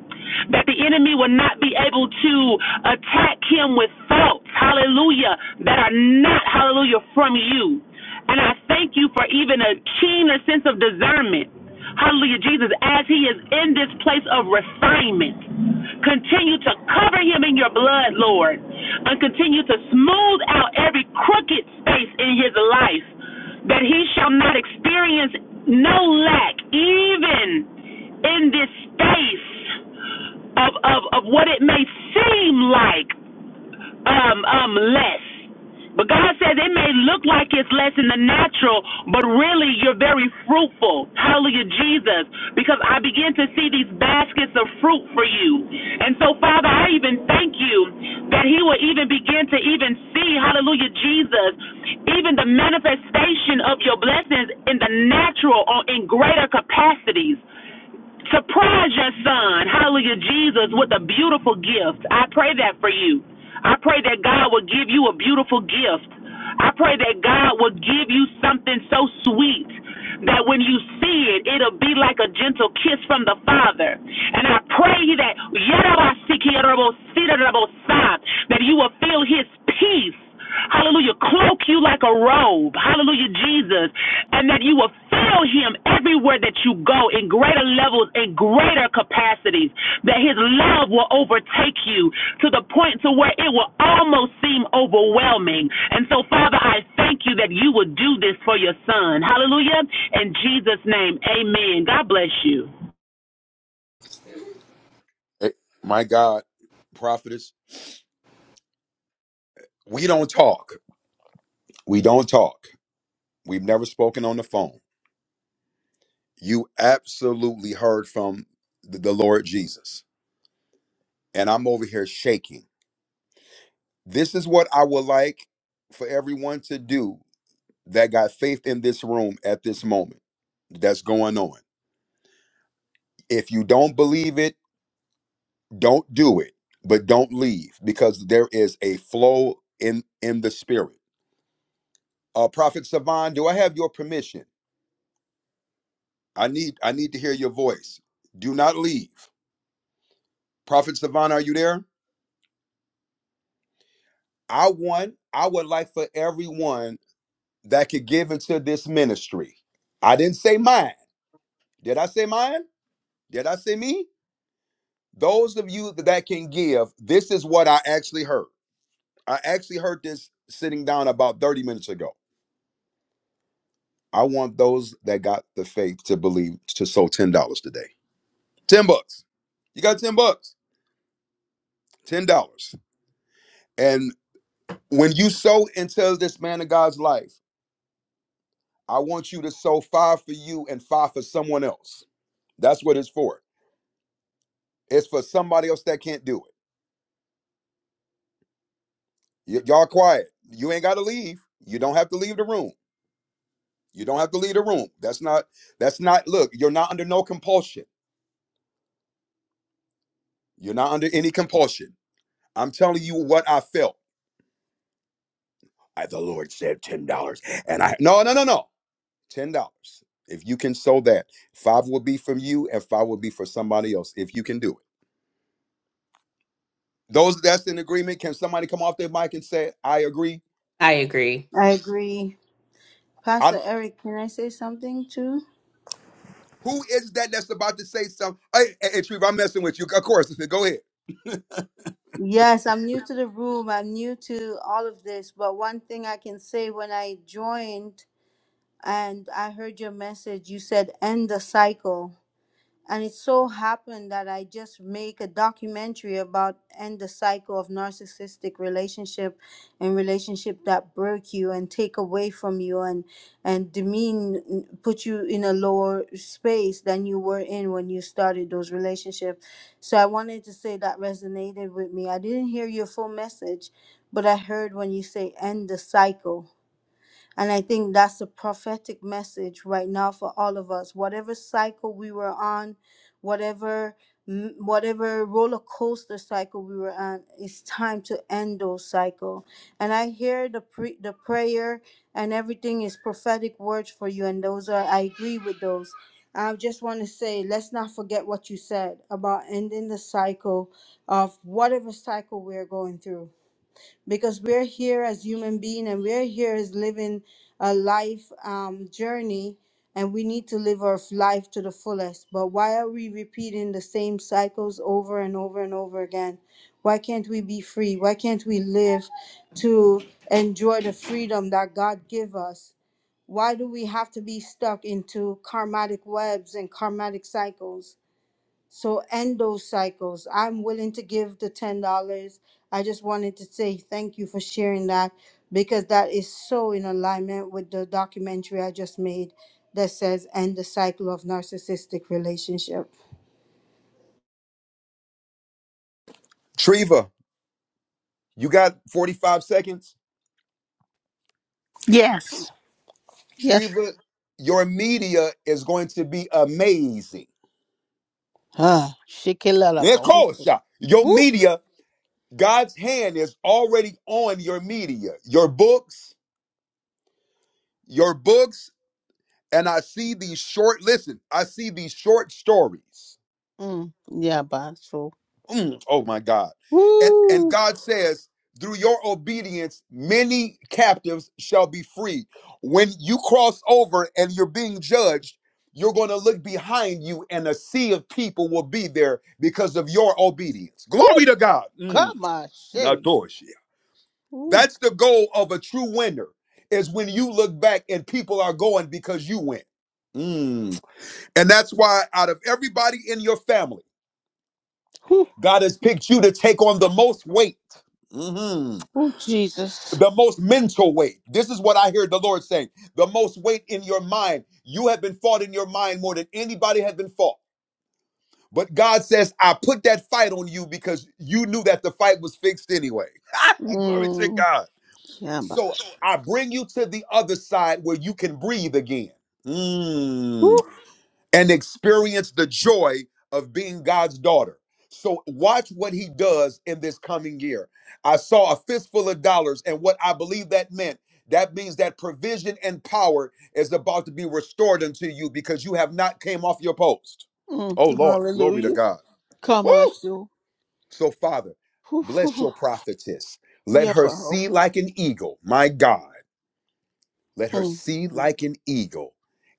S18: that the enemy will not be able to attack him with thoughts, hallelujah, that are not, hallelujah, from you. And I thank you for even a keener sense of discernment. Hallelujah, Jesus, as he is in this place of refinement. Continue to cover him in your blood, Lord, and continue to smooth out every crooked space in his life that he shall not experience no lack, even in this space of, of, of what it may seem like um, um, less. But God says it may look like it's less in the natural, but really you're very fruitful. Hallelujah, Jesus. Because I begin to see these baskets of fruit for you. And so, Father, I even thank you that He will even begin to even see, hallelujah, Jesus, even the manifestation of your blessings in the natural or in greater capacities. Surprise your son, hallelujah, Jesus, with a beautiful gift. I pray that for you. I pray that God will give you a beautiful gift. I pray that God will give you something so sweet that when you see it, it'll be like a gentle kiss from the Father. And I pray that that you will feel His peace Hallelujah. Cloak you like a robe. Hallelujah, Jesus. And that you will fill him everywhere that you go in greater levels and greater capacities. That his love will overtake you to the point to where it will almost seem overwhelming. And so, Father, I thank you that you will do this for your son. Hallelujah. In Jesus' name, amen. God bless you.
S14: Eh, My God, prophetess, we don't talk. We don't talk. We've never spoken on the phone. You absolutely heard from the, the Lord Jesus. And I'm over here shaking. This is what I would like for everyone to do that got faith in this room at this moment that's going on. If you don't believe it, don't do it, but don't leave because there is a flow in in the spirit. Uh Prophet Savan, do I have your permission? I need I need to hear your voice. Do not leave. Prophet Savan, are you there? I want I would like for everyone that could give into this ministry. I didn't say mine. Did I say mine? Did I say me? Those of you that can give, this is what I actually heard. I actually heard this sitting down about 30 minutes ago. I want those that got the faith to believe to sow $10 today. 10 bucks. You got 10 bucks. $10. And when you sow into this man of God's life, I want you to sow five for you and five for someone else. That's what it's for. It's for somebody else that can't do it. Y- y'all quiet. You ain't got to leave. You don't have to leave the room. You don't have to leave the room. That's not. That's not. Look, you're not under no compulsion. You're not under any compulsion. I'm telling you what I felt. I, the Lord said ten dollars, and I no no no no ten dollars. If you can sow that, five will be from you, and five will be for somebody else. If you can do it, those that's in agreement, can somebody come off their mic and say, "I agree"?
S8: I agree.
S22: I agree.
S14: I
S22: Pastor Eric, can I say something too?
S14: who is that that's about to say something? Hey, hey, hey Treva, I'm messing with you. Of course, go ahead,
S22: Yes, I'm new to the room. I'm new to all of this. But one thing I can say when I joined and I heard your message, you said end the cycle. and it so happened that I just make a documentary about end the cycle of narcissistic relationship and relationship that break you and take away from you and and demean put you in a lower space than you were in when you started those relationships. So I wanted to say that resonated with me. I didn't hear your full message, but I heard when you say end the cycle and I think that's a prophetic message right now for all of us. Whatever cycle we were on, whatever mm, whatever roller coaster cycle we were on, it's time to end those cycle. And I hear the pre- the prayer and everything is prophetic words for you and those are I agree with those. I just want to say let's not forget what you said about ending the cycle of whatever cycle we're going through because we're here as human being and we're here as living a life um, journey and we need to live our f- life to the fullest but why are we repeating the same cycles over and over and over again why can't we be free why can't we live to enjoy the freedom that god give us why do we have to be stuck into karmatic webs and karmatic cycles so end those cycles. I'm willing to give the ten dollars. I just wanted to say thank you for sharing that because that is so in alignment with the documentary I just made that says end the cycle of narcissistic relationship.
S14: Treva. You got 45 seconds.
S2: Yes. Yes.
S14: Treva, your media is going to be amazing.
S2: Ah,
S14: Yeah, of
S2: shikilalabo.
S14: course, yeah. Your
S2: Woo.
S14: media, God's hand is already on your media, your books, your books. And I see these short, listen, I see these short stories.
S2: Mm. Yeah, but so
S14: Mm, oh my God. And and
S2: Woo.
S14: God says, through your obedience, many captives shall be free. When you cross over and you're being judged, you're going to look behind you and a sea of people will be there because of your obedience.
S2: woo,
S14: Glory to God.
S2: come
S14: Mm,
S2: on, shame.
S14: Natoshia.
S2: Ooh,
S14: That's the goal of a true winner is when you look back and people are going because you went. Mm. And that's why out of everybody in your family
S2: ooh,
S14: God has picked you to take on the most weight. Mhm.
S2: ooh, Jesus.
S14: The most mental weight. This is what I hear the Lord saying. The most weight in your mind. You have been fought in your mind more than anybody has been fought. But God says, I put that fight on you because you knew that the fight was fixed anyway. Glory to
S2: Mm.
S14: God.
S2: Yeah, ba.
S14: So I bring you to the other side where you can breathe again. Mm
S2: ooh,
S14: and experience the joy of being God's daughter. So, watch what he does in this coming year. I saw a fistful of dollars, and what I believe that meant that means that provision and power is about to be restored unto you because you have not came off your post.
S2: mm.
S14: Oh, Lord, glory to
S2: Hallelujah.
S14: God.
S2: Come on,
S14: Woo!
S2: so.
S14: So, Father,
S2: Ooh, ooh,
S14: bless
S2: ooh.
S14: your prophetess. Let
S2: Yeah, ba.
S14: her
S2: oh,
S14: see like an eagle, my God. Let her
S2: mm.
S14: see like an eagle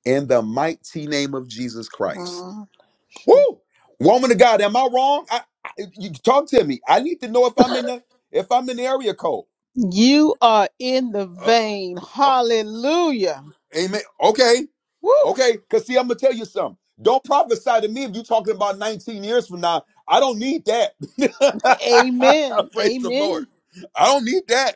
S14: in the mighty name of Jesus Christ.
S2: Ah, so.
S14: Woo! Woman of God, am I wrong? I, I you talk to me. I need to know if I'm in the if I'm in the area code.
S2: You are in the
S14: Uh,
S2: vein.
S14: oh,
S2: Hallelujah.
S14: amen. Okay,
S2: Woo.
S14: okay. Cause see, I'm gonna tell you something. Don't prophesy to me if you're talking about 19 years from now. I don't need that.
S2: Amen.
S14: Praise the Lord.
S2: Amen.
S14: I don't need that.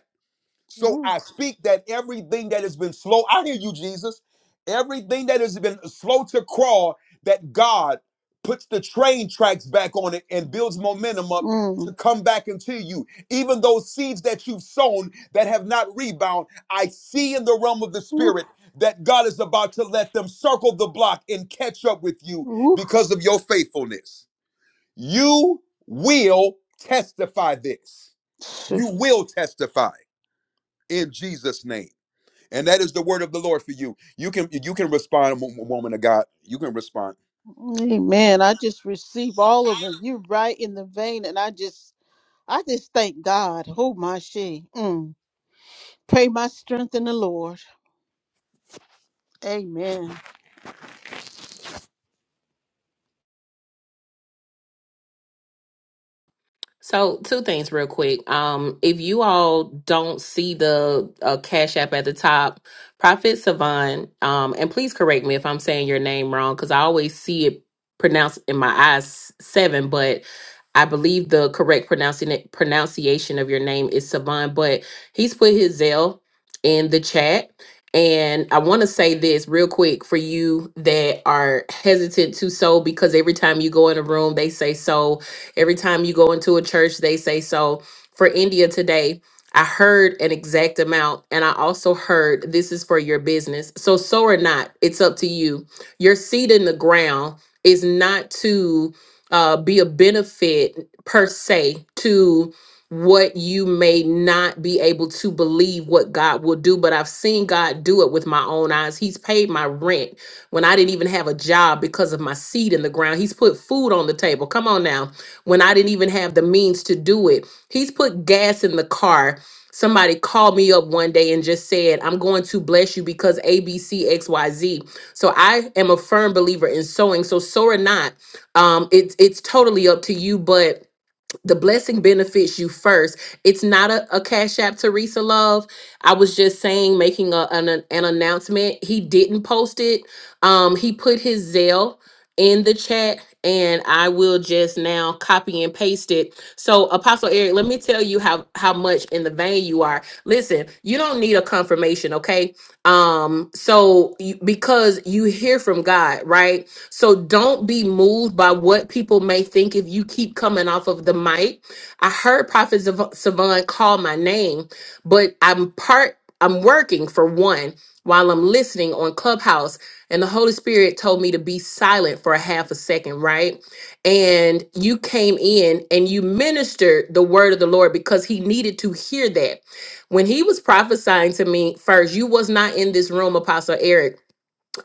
S14: So
S2: Woo.
S14: I speak that everything that has been slow, I hear you, Jesus. Everything that has been slow to crawl, that God puts the train tracks back on it and builds momentum up
S2: Mm.
S14: to come back into you. Even those seeds that you've sown that have not rebound, I see in the realm of the
S2: Woo.
S14: spirit that God is about to let them circle the block and catch up with you
S2: Woo.
S14: because of your faithfulness. You will testify this.
S2: Phew.
S14: You will testify in Jesus' name. And that is the word of the Lord for you. You can you can respond, wo- woman of God. You can respond.
S2: Amen. I just receive all of it. You are right in the vein, and I just, I just thank God. Oh my she. Mm. Pray my strength in the Lord. Amen.
S8: So, two things real quick. Um, if you all don't see the uh, Cash App at the top, Prophet Savon, um, and please correct me if I'm saying your name wrong because I always see it pronounced in my eyes seven, but I believe the correct pronouncing pronunciation of your name is Savon. But he's put his Zell in the chat. And I want to say this real quick for you that are hesitant to sow because every time you go in a room, they say so Every time you go into a church, they say so. For India today, I heard an exact amount, and I also heard this is for your business. So, so or not, it's up to you. Your seed in the ground is not to uh, be a benefit per se to what you may not be able to believe what God will do, but I've seen God do it with my own eyes. He's paid my rent when I didn't even have a job because of my seed in the ground. He's put food on the table. Come on now when I didn't even have the means to do it. He's put gas in the car. Somebody called me up one day and just said, I'm going to bless you because ABCXYZ. So I am a firm believer in sowing. So sow or not, um, it's it's totally up to you. But the blessing benefits you first. It's not a, a cash app, Teresa Love. I was just saying, making a, an an announcement. He didn't post it. Um, he put his Zelle in the chat, and I will just now copy and paste it. So, Apostle Eric, let me tell you how how much in the vein you are. Listen, you don't need a confirmation, okay? Um, so you, because you hear from God, right? So don't be moved by what people may think if you keep coming off of the mic. I heard Prophet Zav- Savant call my name, but I'm part, I'm working for one while I'm listening on Clubhouse. And the Holy Spirit told me to be silent for a half a second, right? And you came in and you ministered the word of the Lord because he needed to hear that. When he was prophesying to me first, you was not in this room, Apostle Eric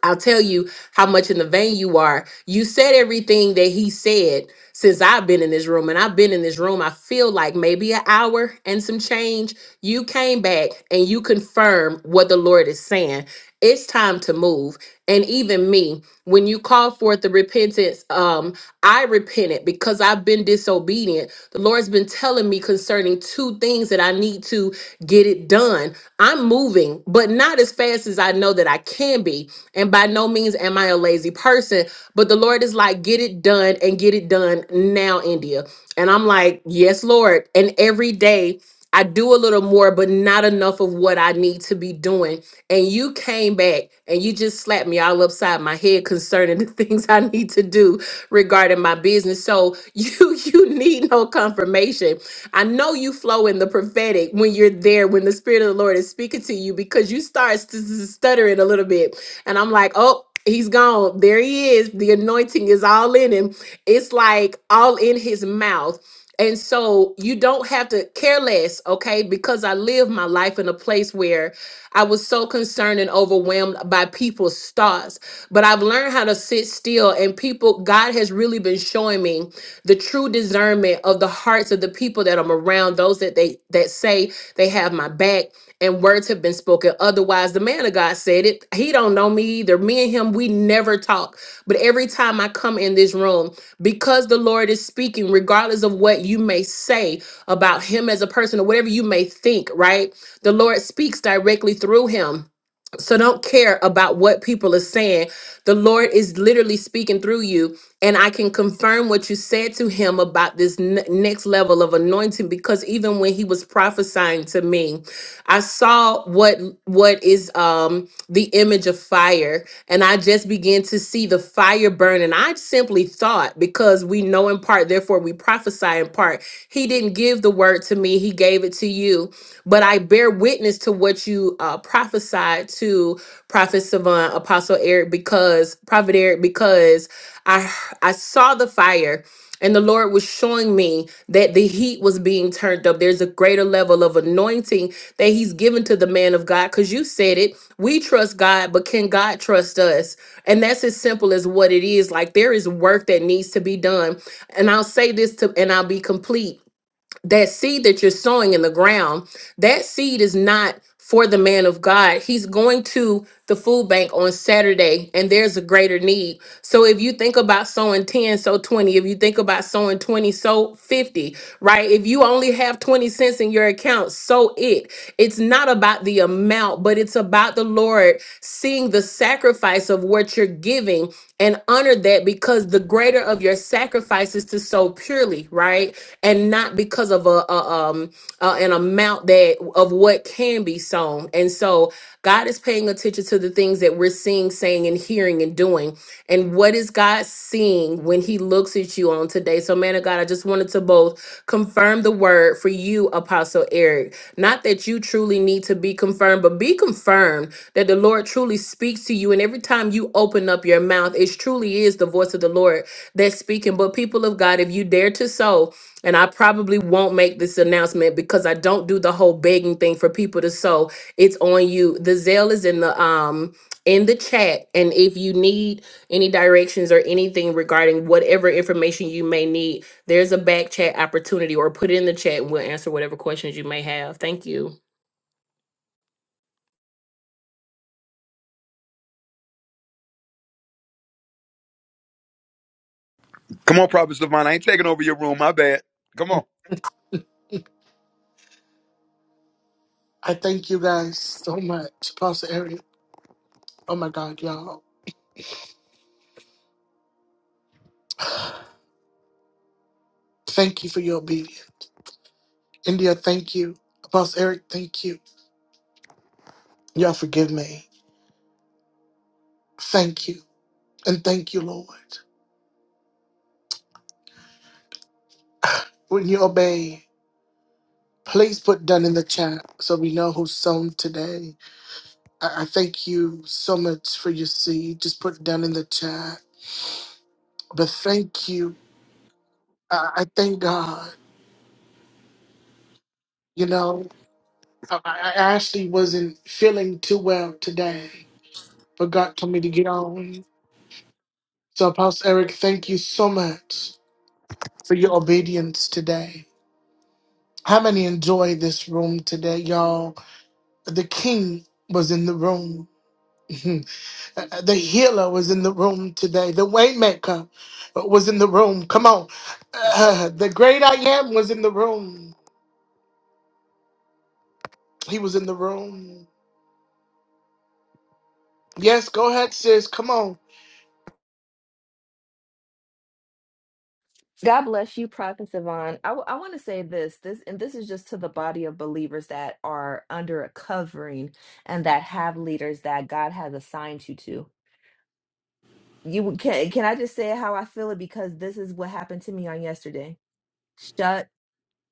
S8: I'll tell you how much in the vein you are. You said everything that he said since I've been in this room, and I've been in this room, I feel like maybe an hour and some change. You came back and you confirmed what the Lord is saying. It's time to move. And even me, when you call forth the repentance, um, I repented because I've been disobedient. The Lord's been telling me concerning two things that I need to get it done. I'm moving, but not as fast as I know that I can be. And by no means am I a lazy person, but the Lord is like, get it done and get it done now, India. And I'm like, yes, Lord. And every day, I do a little more, but not enough of what I need to be doing. And you came back and you just slapped me all upside my head concerning the things I need to do regarding my business. So you you need no confirmation. I know you flow in the prophetic when you're there, when the spirit of the Lord is speaking to you, because you start st- st- stuttering a little bit, and I'm like, oh. He's gone. There he is. The anointing is all in him. It's like all in his mouth and so you don't have to care less, okay? Because I lived my life in a place where I was so concerned and overwhelmed by people's thoughts. But I've learned how to sit still, and people, God has really been showing me the true discernment of the hearts of the people that I'm around, those that they that say they have my back and words have been spoken otherwise the man of god said it he don't know me either me and him we never talk but every time I come in this room, because the Lord is speaking, regardless of what you may say about Him as a person or whatever you may think, right? The Lord speaks directly through Him so don't care about what people are saying. The Lord is literally speaking through you. And I can confirm what you said to him about this n- next level of anointing because even when he was prophesying to me, I saw what what is um the image of fire and I just began to see the fire burn and I simply thought because we know in part therefore we prophesy in part. He didn't give the word to me, he gave it to you but I bear witness to what you uh, prophesied to Prophet Savant, Apostle Eric, because Prophet Eric, because I I saw the fire. And the Lord was showing me that the heat was being turned up. There's a greater level of anointing that He's given to the man of God. Because you said it, we trust God, but can God trust us? And that's as simple as what it is. Like there is work that needs to be done. And I'll say this to, and I'll be complete that seed that you're sowing in the ground, that seed is not for the man of God. He's going to the food bank on Saturday and there's a greater need. So if you think about sowing 10, sow 20. If you think about sowing 20, sow 50, right? If you only have 20 cents in your account, sow it. It's not about the amount, but it's about the Lord seeing the sacrifice of what you're giving and honor that because the greater of your sacrifice is to sow purely right and not because of a, a um uh, an amount that of what can be sown and so god is paying attention to the things that we're seeing saying and hearing and doing and what is god God seeing when He looks at you on today? So, man of God, I just wanted to both confirm the word for you, Apostle Eric. Not that you truly need to be confirmed, but be confirmed that the Lord truly speaks to you. And every time you open up your mouth, it truly is the voice of the Lord that's speaking. But, people of God, if you dare to sow, and I probably won't make this announcement because I don't do the whole begging thing for people to sow. It's on you. The Zelle is in the um in the chat, and if you need any directions or anything regarding whatever information you may need, there's a back chat opportunity or put it in the chat and we'll answer whatever questions you may have. Thank you.
S14: Come on, Prophet Savannah. I ain't taking over your room. My bad. Come on.
S1: I thank you guys so much, Apostle Eric. Oh my God, y'all. Thank you for your obedience, India. Thank you, Apostle Eric. Thank you. Y'all forgive me. Thank you, and thank you, Lord. When you obey, please put done in the chat so we know who's sown today. I, I thank you so much for your seed. Just put it down in the chat. But thank you. I, I thank God. You know, I, I I actually wasn't feeling too well today, but God told me to get on. So, Apostle Eric, thank you so much for your obedience today. How many enjoyed this room today, y'all? The king was in the room. Uh, The healer was in the room today. The waymaker uh, was in the room. Come on. Uh, the great I am was in the room. He was in the room. Yes, go ahead, sis. Come on,
S23: God bless you, Prophet Savon. I, want to say this, this, and this is just to the body of believers that are under a covering and that have leaders that God has assigned you to. You would- can, can I just say how I feel it because this is what happened to me on yesterday. Shut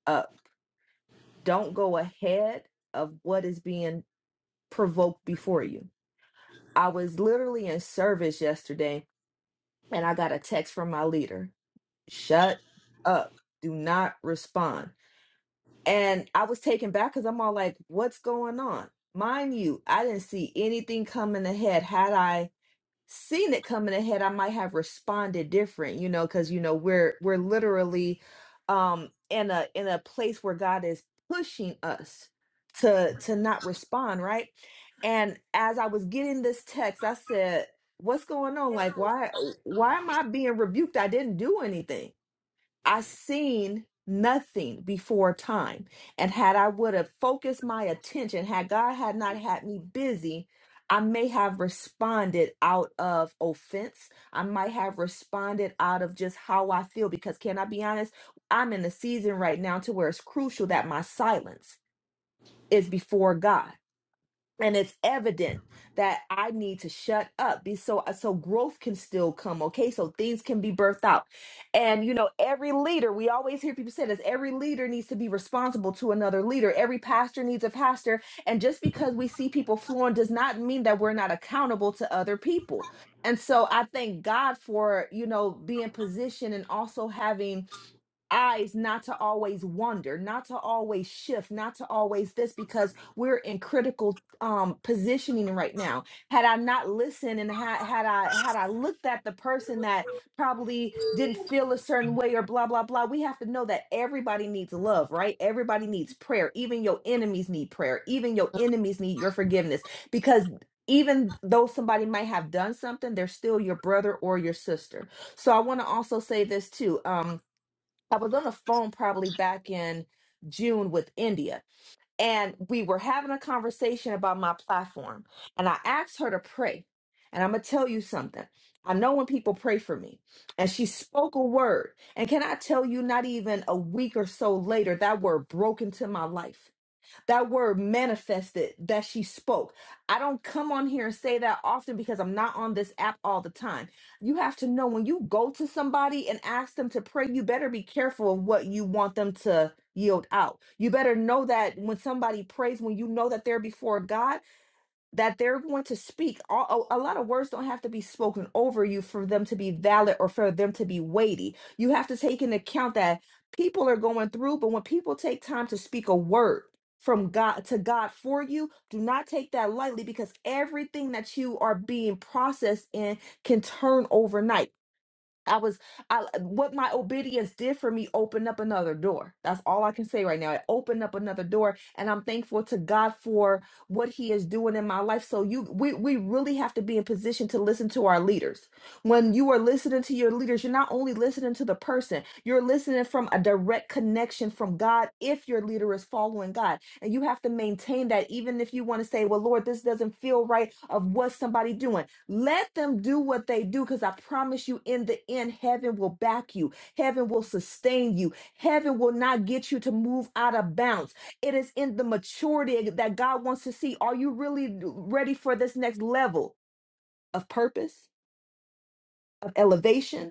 S23: up. Don't go ahead of what is being provoked before you. I was literally in service yesterday and I got a text from my leader. Shut up. Do not respond. And I was taken back because I'm all like, what's going on? Mind you, I didn't see anything coming ahead. Had I seen it coming ahead, I might have responded different, you know, because you know, we're we're literally um in a in a place where God is pushing us to to not respond, right? And as I was getting this text, I said, What's going on? Like, why why am I being rebuked? I didn't do anything I seen nothing before time. And had I would have focused my attention, had God had not had me busy, I may have responded out of offense. I might have responded out of just how I feel. Because can I be honest? I'm in a season right now to where it's crucial that my silence is before God and it's evident that i need to shut up be so uh, so growth can still come okay so things can be birthed out and you know every leader we always hear people say this every leader needs to be responsible to another leader every pastor needs a pastor and just because we see people flowing does not mean that we're not accountable to other people and so i thank god for you know being positioned and also having eyes not to always wonder not to always shift not to always this because we're in critical um positioning right now had i not listened and had had i had i looked at the person that probably didn't feel a certain way or blah blah blah we have to know that everybody needs love right everybody needs prayer even your enemies need prayer even your enemies need your forgiveness because even though somebody might have done something they're still your brother or your sister so i want to also say this too um I was on the phone probably back in June with India, and we were having a conversation about my platform. And I asked her to pray. And I'm going to tell you something. I know when people pray for me, and she spoke a word. And can I tell you, not even a week or so later, that word broke into my life. That word manifested that she spoke. I don't come on here and say that often because I'm not on this app all the time. You have to know when you go to somebody and ask them to pray, you better be careful of what you want them to yield out. You better know that when somebody prays, when you know that they're before God that they're going to speak. A, a a lot of words don't have to be spoken over you for them to be valid or for them to be weighty. You have to take into account that people are going through, but when people take time to speak a word from God to God for you, do not take that lightly because everything that you are being processed in can turn overnight. I was I what my obedience did for me opened up another door. That's all I can say right now. It opened up another door and I'm thankful to God for what he is doing in my life. So you we we really have to be in position to listen to our leaders. When you are listening to your leaders, you're not only listening to the person, you're listening from a direct connection from God if your leader is following God. And you have to maintain that even if you want to say, "Well, Lord, this doesn't feel right of what somebody doing." Let them do what they do because I promise you, in the end, heaven will back you. Heaven will sustain you. Heaven will not get you to move out of bounds. It is in the maturity that God wants to see. Are you really ready for this next level of purpose, of elevation?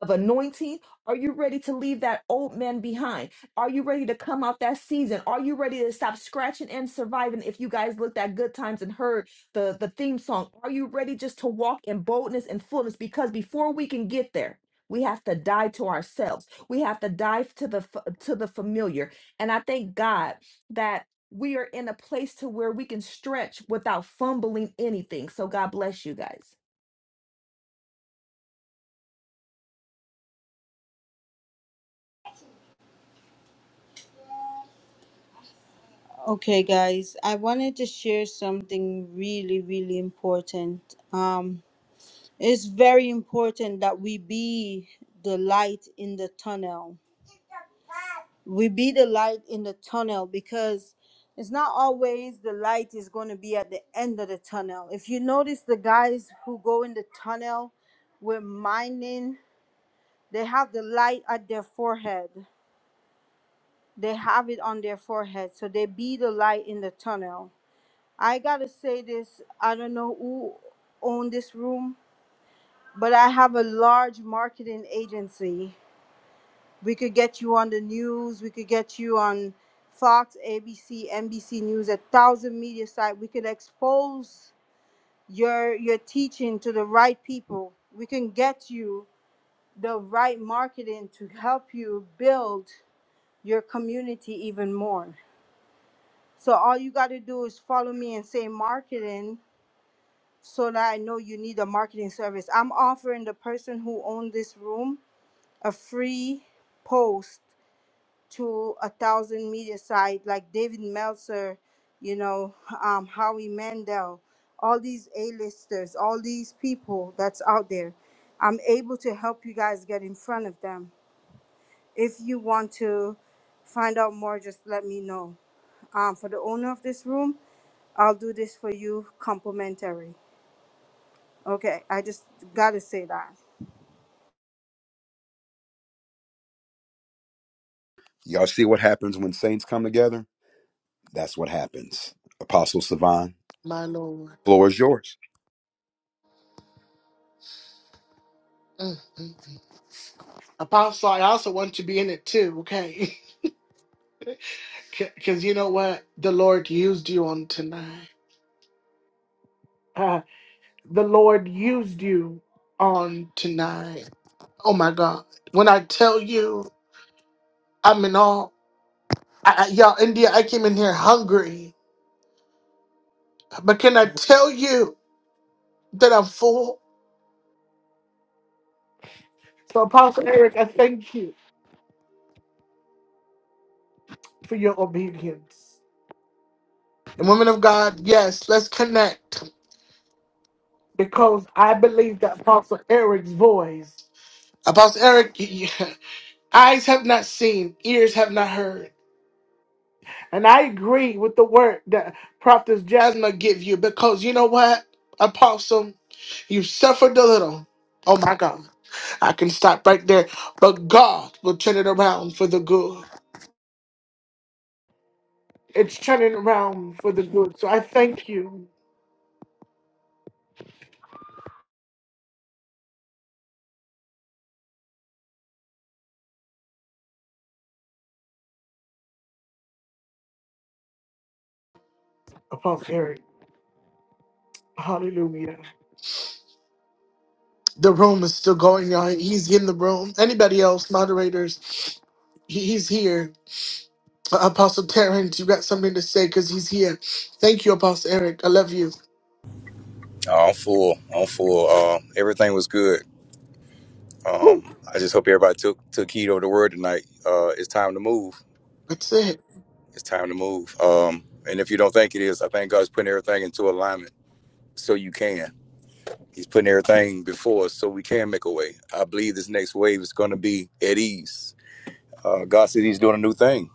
S23: of anointing? Are you ready to leave that old man behind? Are you ready to come out that season? Are you ready to stop scratching and surviving? If you guys looked at Good Times and heard the, the theme song, are you ready just to walk in boldness and fullness? Because before we can get there, we have to die to ourselves. We have to die to the f- to the familiar. And I thank God that we are in a place to where we can stretch without fumbling anything. So God bless you guys.
S22: Okay guys, I wanted to share something really, really important. Um it's very important that we be the light in the tunnel we be the light in the tunnel because it's not always the light is going to be at the end of the tunnel. If you notice the guys who go in the tunnel with mining, they have the light at their forehead. They have it on their forehead. So they be the light in the tunnel. I got to say this, I don't know who owned this room, but I have a large marketing agency We could get you on the news. We could get you on Fox, ABC, NBC News, a thousand media sites. We could expose your your teaching to the right people. We can get you the right marketing to help you build your community even more. So all you got to do is follow me and say marketing so that I know you need a marketing service. I'm offering the person who owned this room a free post to a thousand media site like David Meltzer, you know, um, Howie Mandel, all these A-listers, all these people that's out there. I'm able to help you guys get in front of them. If you want to find out more, just let me know. Um, for the owner of this room, I'll do this for you complimentary. Okay, I just gotta say that.
S14: Y'all see what happens when saints come together? That's what happens. Apostle Savan,
S1: my Lord.
S14: floor is yours.
S1: Mm, mm. Apostle, I also want you to be in it too, okay? Because you know what? The Lord used you on tonight. Uh, the Lord used you on tonight. Oh my God. When I tell you I'm in awe, I, I, y'all, India, I came in here hungry. But can I tell you that I'm full? So, Apostle Eric, I thank you for your obedience. And, women of God, yes, let's connect because I believe that Apostle Eric's voice, Apostle Eric, eyes have not seen, ears have not heard. And I agree with the word that Prophetess Jasmine give you because you know what, Apostle, you suffered a little. Oh my God, I can stop right there. But God will turn it around for the good. It's turning around for the good. So I thank you, Apostle Eric. Hallelujah. The room is still going on. He's in the room. Anybody else, moderators? He- He's here. Uh, Apostle Terrence, you got something to say because he's here. Thank you, Apostle Eric. I love you.
S7: No, I'm full. I'm full. Uh, everything was good.
S1: Woo.
S7: I just hope everybody took took heed of the word tonight. Uh, it's time to move.
S1: That's it.
S7: It's time to move. Um, and if you don't think it is, I think God's putting everything into alignment so you can. He's putting everything before us so we can make a way. I believe this next wave is going to be at ease. Uh, God said He's doing a new thing.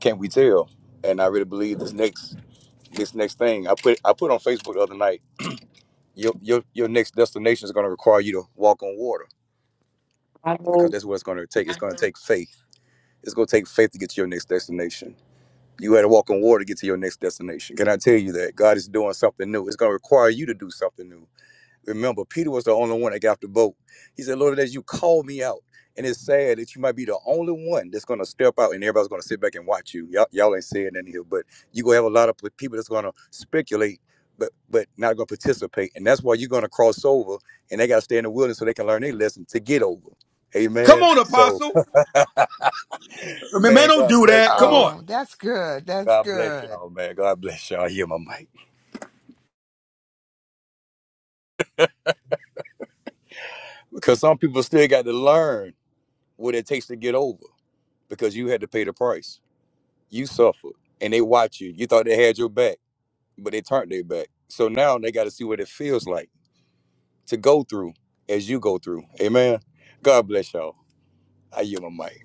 S7: Can't we tell? And I really believe this next this next thing. I put I put on Facebook the other night. your your your next destination is going to require you to walk on water because that's what it's going to take. It's going to take faith. It's going to take faith to get to your next destination. You had to walk on water to get to your next destination. Can I tell you that God is doing something new? It's going to require you to do something new. Remember, Peter was the only one that got off the boat. He said, Lord, as you call me out, and it's sad that you might be the only one that's going to step out and everybody's going to sit back and watch you. Y'all, y'all ain't saying nothing here, but you're going to have a lot of people that's going to speculate, but but not going to participate. And that's why you're going to cross over and they got to stay in the wilderness so they can learn their lesson to get over.
S14: Come
S7: Amen.
S14: on,
S7: So,
S14: Apostle. I mean, man,
S7: man,
S14: don't
S7: God
S14: do
S7: bless
S14: that. Come on.
S7: y'all.
S24: Oh, that's good. That's
S7: God bless
S24: good.
S7: y'all, man. God bless y'all. Hear my mic. Because some people still got to learn what it takes to get over because you had to pay the price. You suffered, and they watch you. You thought they had your back, but they turned their back. So now they got to see what it feels like to go through as you go through. Amen. God bless y'all. I yield my mic.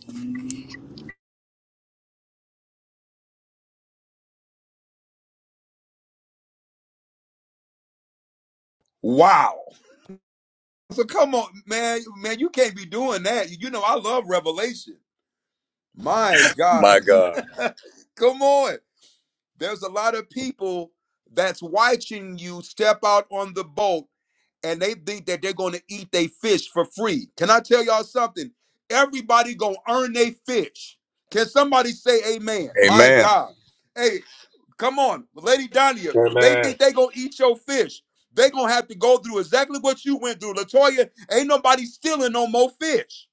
S14: Wow. So come on, man. Man, you can't be doing that. You know, I love revelation. My God.
S7: My God.
S14: come on. There's a lot of people that's watching you step out on the boat and they think that they're going to eat their fish for free. Can I tell y'all something? Everybody going to earn their fish. Can somebody say amen? My
S7: Amen.
S14: God. Hey, come on. Lady Donia, they
S25: Amen.
S14: think they going to eat your fish. they going to have to go through exactly what you went through. Latoya, ain't nobody stealing no more fish.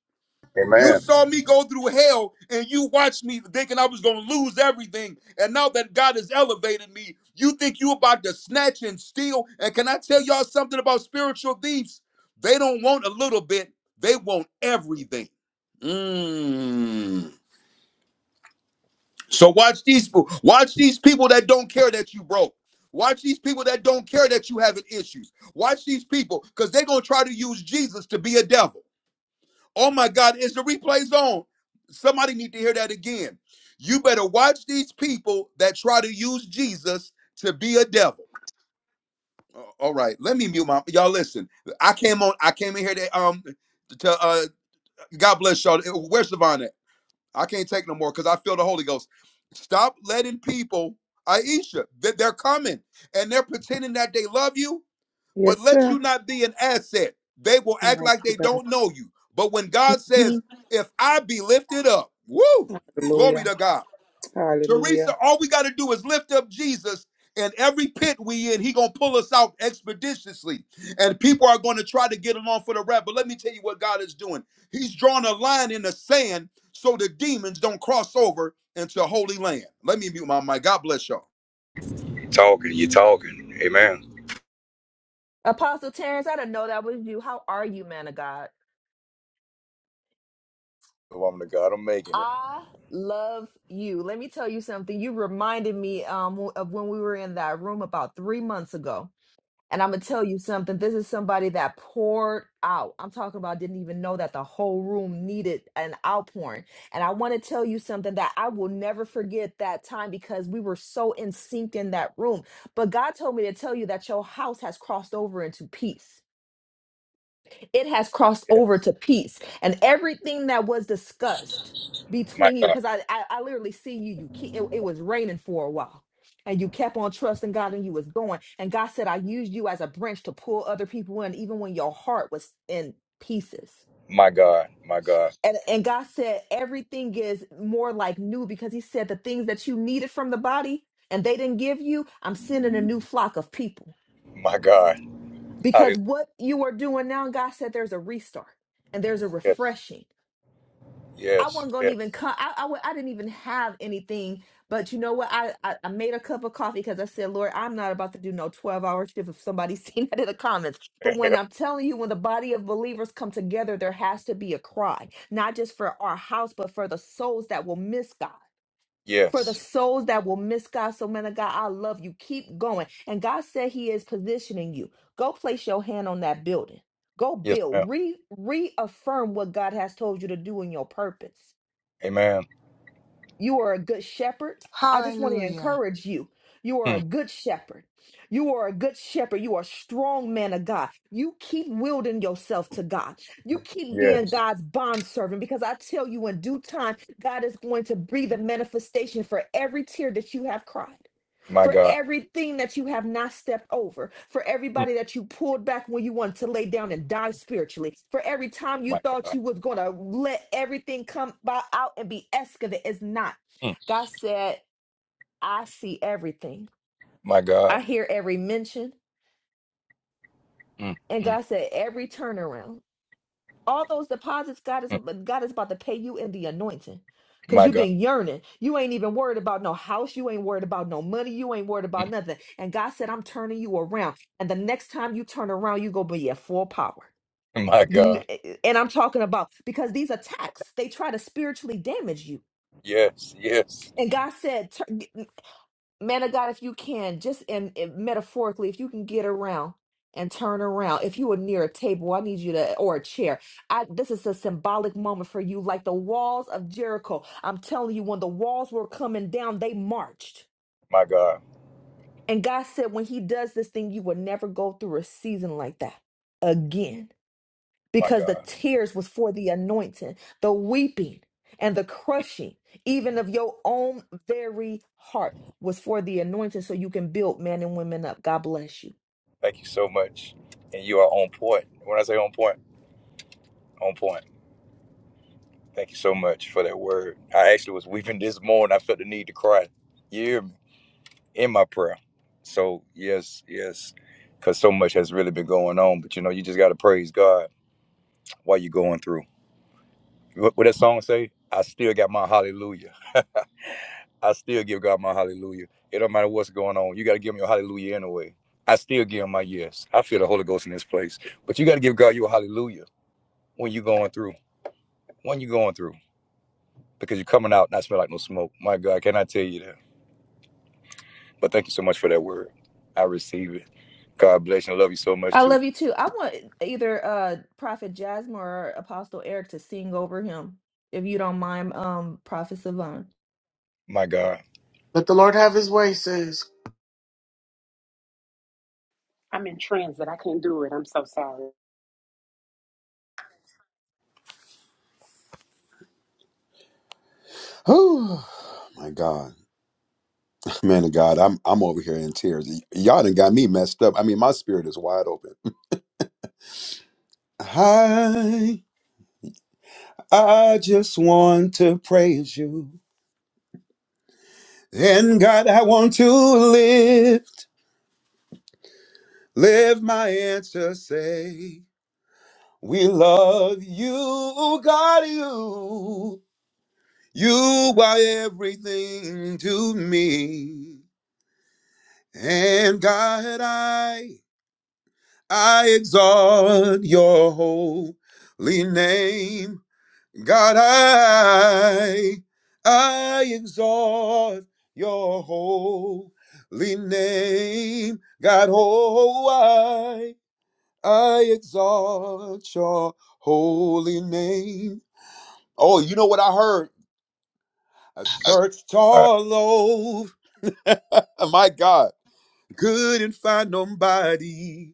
S14: You
S7: Amen.
S14: saw me go through hell and you watched me thinking I was going to lose everything. And now that God has elevated me, you think you about to snatch and steal. And can I tell y'all something about spiritual thieves? They don't want a little bit, they want everything. Mm. So watch these people. Watch these people that don't care that you broke. Watch these people that don't care that you having issues. Watch these people because they're going to try to use Jesus to be a devil. Oh my God, is the replays on? Somebody need to hear that again. You better watch these people that try to use Jesus to be a devil. Uh, All right, let me mute my y'all. Listen, I came on. I came in here to um to uh. God bless y'all. Uh, Where's Savannah? I can't take no more because I feel the Holy Ghost. Stop letting people, Aisha, that they're coming and they're pretending that they love you but
S15: Yes,
S14: let
S15: sir.
S14: you not be an asset. They will act like
S15: Mighty
S14: they
S15: God.
S14: don't know you. But when God says,
S15: Mm,
S14: if I be lifted up, woo, glory
S15: Hallelujah.
S14: to God. Teresa,
S15: Hallelujah.
S14: all we got to do is lift up Jesus and every pit we in, he going to pull us out expeditiously. And people are going to try to get along for the rap. But let me tell you what God is doing. He's drawing a line in the sand so the demons don't cross over into holy land. Let me mute my mic. God bless y'all.
S7: You talking. You talking. Amen.
S23: Apostle Terrence, I didn't know that was you. How are you, man of God?
S7: The woman of God, I'm making it.
S23: I love you. Let me tell you something. You reminded me um of when we were in that room about three months ago. And I'm gonna tell you something. This is somebody that poured out. I'm talking about didn't even know that the whole room needed an outpouring. And I want to tell you something that I will never forget that time because we were so in sync in that room. But God told me to tell you that your house has crossed over into peace it has crossed
S7: Yes.
S23: over to peace and everything that was discussed
S7: My
S23: between you
S7: God.
S23: because I, I i literally see you you ke- it, it was raining for a while and you kept on trusting god and you was going and god said i used you as a branch to pull other people in even when your heart was in pieces
S7: My God. My God.
S23: and, and god said everything is more like new because he said the things that you needed from the body and they didn't give you i'm sending a new flock of people
S7: My God.
S23: because
S7: Hallelujah.
S23: what you are doing now god said there's a restart and there's a
S7: Yes.
S23: refreshing I
S7: Yes.
S23: wasn't gonna
S7: Yes.
S23: even come. I, I, wa- I didn't even have anything, but you know what? I, I, I made a cup of coffee because I said, Lord, I'm not about to do no 12 hour shift. If somebody's seen that in the comments, but when I'm telling you, when the body of believers come together, there has to be a cry, not just for our house, but for the souls that will miss God. For the
S7: yes.
S23: souls that will miss God, so man of God, I love you. Keep going. And God said He is positioning you. Go place your hand on that building. Go
S7: Yes, ma'am.
S23: build. Re reaffirm what God has told you to do in your purpose
S7: Amen.
S23: you are a good shepherd. I just want to
S24: Hallelujah.
S23: encourage you. You are
S7: Hmm.
S23: a good shepherd. You are a good shepherd. You are a strong man of God. You keep wielding yourself to God. You keep being
S7: Yes.
S23: God's bondservant because I tell you, in due time, God is going to breathe a manifestation for every tear that you have cried
S7: My
S23: for
S7: God.
S23: everything that you have not stepped over, for
S7: Hmm.
S23: everybody that you pulled back when you wanted to lay down and die spiritually, for every time you
S7: My
S23: thought
S7: God.
S23: you was going to let everything come by out and be excavated. It's not.
S7: Hmm.
S23: God said, I see everything.
S7: My God.
S23: I hear every mention.
S7: Mm,
S23: And
S7: mm,
S23: God said, every turnaround. All those deposits, God is
S7: mm.
S23: God is about to pay you in the anointing. Cause
S7: My
S23: you've
S7: God.
S23: been yearning. You ain't even worried about no house. You ain't worried about no money. You ain't worried about
S7: Mm,
S23: nothing. And God said, I'm turning you around. And the next time you turn around, you go be at full power.
S7: My
S23: You kn-
S7: God.
S23: eh, eh, and I'm talking about because these attacks, they try to spiritually damage you.
S7: Yes, yes.
S23: And God said, "Turn." Man of God, if you can, just in, in- metaphorically, if you can get around and turn around, if you were near a table, I need you to, or a chair. I, this is a symbolic moment for you, like the walls of Jericho. I'm telling you, when the walls were coming down, they marched.
S7: My God.
S23: And God said, when He does this thing, you will never go through a season like that again
S7: My
S23: because the
S7: God.
S23: tears was for the anointing, the weeping and the crushing, even of your own very heart, was for the anointing so you can build men and women up. God bless you.
S7: Thank you so much. And you are on point. When I say on point, on point. Thank you so much for that word. I actually was weeping this morning. I felt the need to cry. You hear me? In my prayer. So, yes, yes. Because so much has really been going on. But you know, you just got to praise God while you're going through. What, what that song say? I still got my hallelujah. I still give God my hallelujah. It don't matter what's going on. You got to give him your hallelujah anyway. I still give him my yes. I feel the Holy Ghost in this place. But you got to give God your hallelujah when you're going through. When you're going through. Because you're coming out not smell like no smoke. My God, can I tell you that? But thank you so much for that word. I receive it. God bless you. I love you so much
S23: I
S7: too.
S23: love you too. I want either uh Prophet Jasmine or Apostle Eric to sing over him, if you don't mind, um, Prophet Savon.
S7: My God.
S1: Let the Lord have his way, says.
S14: Oh my God. Man of God, I'm I'm over here in tears. Y- y'all done got me messed up. I mean, my spirit is wide open. I I just want to praise you. And God, I want to live, live my answer, say. We love you, God, you. You are everything to me. And God, I I exalt your holy name. God, I, I exalt your holy name. God, oh, I, I exalt your holy name. Oh, you know what I heard? I searched all over. My God, couldn't find nobody.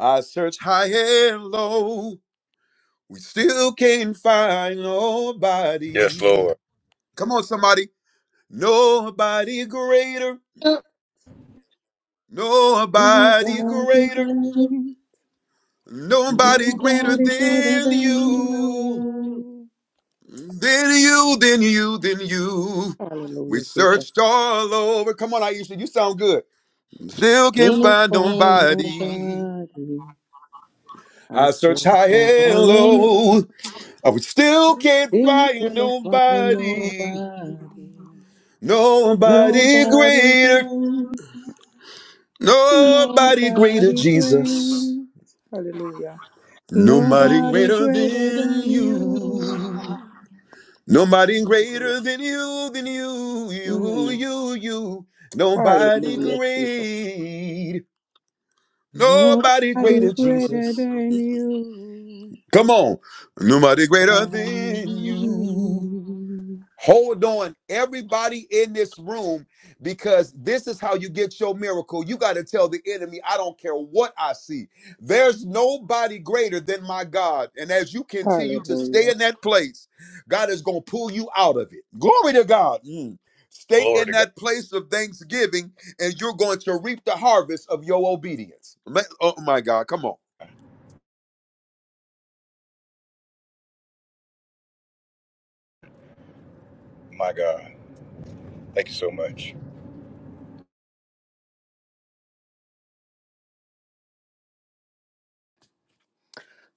S14: I searched high and low. We still can't find
S7: Yes,
S14: nobody.
S7: Lord.
S14: Come on, somebody. Nobody greater, nobody
S15: Nobody
S14: greater,
S15: great.
S14: nobody greater
S15: Nobody greater
S14: than
S15: than
S14: you,
S15: you.
S14: than you, than you, than you. We
S15: Hallelujah, Jesus.
S14: searched all over. Come on, Aisha, you sound good. Still can't
S15: Gonna
S14: find
S15: find
S14: nobody.
S15: nobody. I
S14: I
S15: said
S14: searched
S15: if
S14: high
S15: I
S14: and
S15: am
S14: low. I would still can't
S15: there,
S14: find
S15: gonna find
S14: nobody.
S15: nobody.
S14: Nobody
S15: Nobody
S14: greater.
S15: great.
S14: Nobody greater,
S15: Nobody
S14: Jesus.
S15: brings. Hallelujah.
S14: Nobody
S15: Nobody
S14: greater
S15: greater than
S14: than you.
S15: you.
S14: Nobody greater than you, than you, you,
S15: Mm.
S14: you, you. Nobody
S15: Hallelujah, Jesus.
S14: great. Nobody
S15: Nobody
S14: greater,
S15: greater
S14: Jesus.
S15: than you.
S14: Come on. Nobody greater than you.
S15: Mm.
S14: Hold on, everybody in this room, because this is how you get your miracle. You got to tell the enemy, I don't care what I see. There's nobody greater than my God. And as you continue to
S15: Hallelujah.
S14: stay in that place, God is going to pull you out of it. Glory to God. Mm. Stay
S7: Glory
S14: in
S7: to God.
S14: that place of thanksgiving, and you're going to reap the harvest of your obedience. Ma- Oh, my God. Come on.
S7: My God. Thank you so much.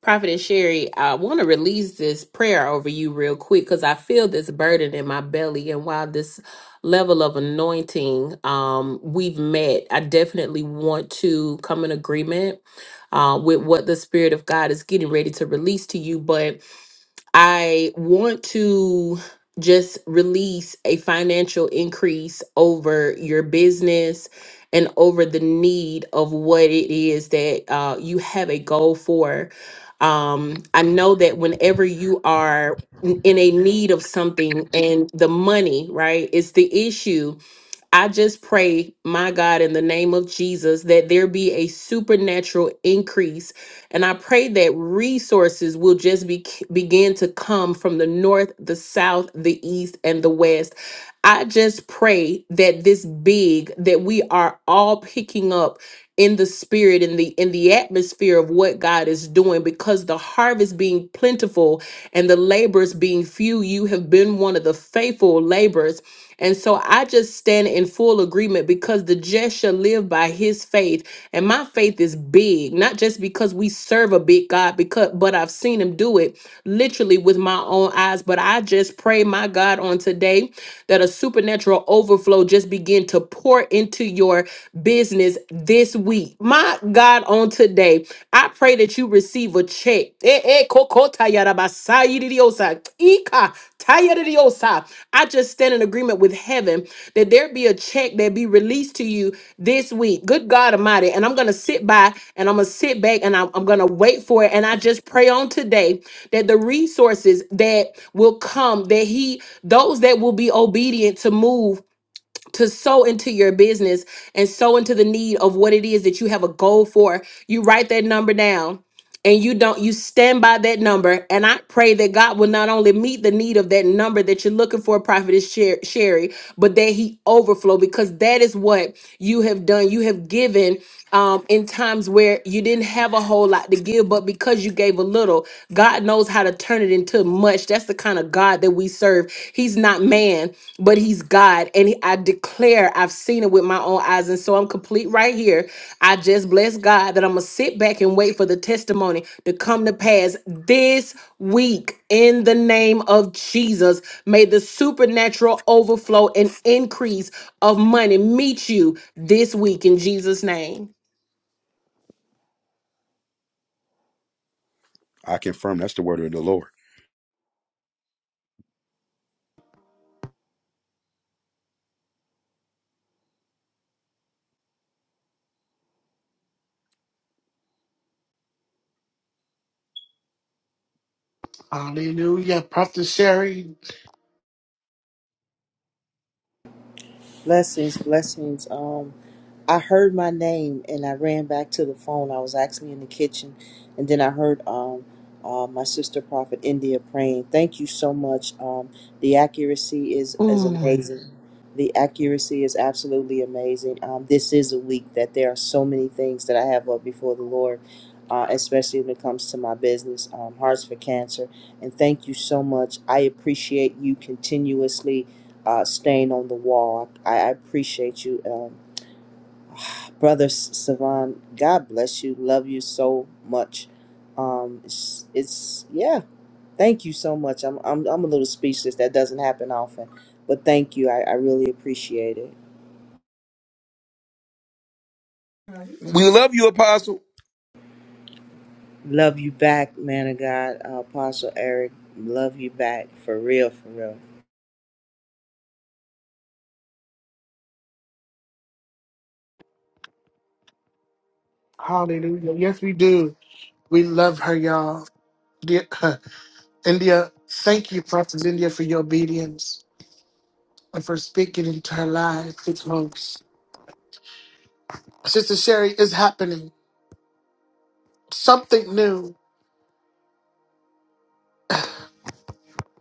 S8: Prophetess Sherry, I want to release this prayer over you real quick because I feel this burden in my belly. And while this level of anointing um, we've met, I definitely want to come in agreement uh, with what the Spirit of God is getting ready to release to you. But I want to just release a financial increase over your business and over the need of what it is that uh, you have a goal for. Um, I know that whenever you are in in a need of something and the money, right, is the issue I just pray, my God, in the name of Jesus, that there be a supernatural increase. And I pray that resources will just be, begin to come from the north, the south, the east, and the west. I just pray that this big, that we are all picking up in the spirit in the in the atmosphere of what God is doing because the harvest being plentiful and the laborers being few you have been one of the faithful laborers and so I just stand in full agreement because the just shall live by his faith. And my faith is big, not just because we serve a big God, because but I've seen him do it literally with my own eyes. But I just pray, my God, on today that a supernatural overflow just begin to pour into your business this week. My God, on today, I pray that you receive a check. Eh, eh, koko tayarabasayididiosa, ika tayarabidiosa. I just stand in agreement with with heaven, that there be a check that be released to you this week. Good God Almighty. And I'm going to sit by and I'm going to sit back and I'm, I'm going to wait for it. And I just pray on today that the resources that will come, that He, those that will be obedient to move to sow into your business and sow into the need of what it is that you have a goal for. You write that number down and you don't you stand by that number and i pray that god will not only meet the need of that number that you're looking for prophetess Sher- sherry but that he overflow because that is what you have done you have given um, in times where you didn't have a whole lot to give but because you gave a little god knows how to turn it into much that's the kind of god that we serve he's not man, but he's God. And I declare I've seen it with my own eyes. And so I'm complete right here. I just bless God that I'm going to sit back and wait for the testimony to come to pass this week in the name of Jesus. May the supernatural overflow and increase of money meet you this week in Jesus' name.
S14: I confirm that's the word of the Lord.
S1: Hallelujah. Prophet Sherry.
S26: Blessings, blessings. Um, I heard my name and I ran back to the phone. I was actually in the kitchen, and then I heard um, uh, my sister prophet India praying. Thank you so much. Um, the accuracy is is
S27: Mm.
S26: amazing. The accuracy is absolutely amazing. Um, this is a week that there are so many things that I have up before the Lord, uh, especially when it comes to my business, um, Hearts for Cancer. And thank you so much. I appreciate you continuously uh, stain on the wall. I, I appreciate you, um, brother Savan. God bless you. Love you so much. Um, it's, it's yeah. Thank you so much. I'm I'm I'm a little speechless. That doesn't happen often, but thank you. I, I really appreciate it.
S14: We love you, Apostle.
S26: Love you back, man of God, uh, Apostle Eric. Love you back for real, for real.
S1: Hallelujah. Yes, we do. We love her, y'all. Dear- India, thank you, Prophet India, for your obedience. and for speaking into our lives, It's most. Sister Sherry is happening. Something new.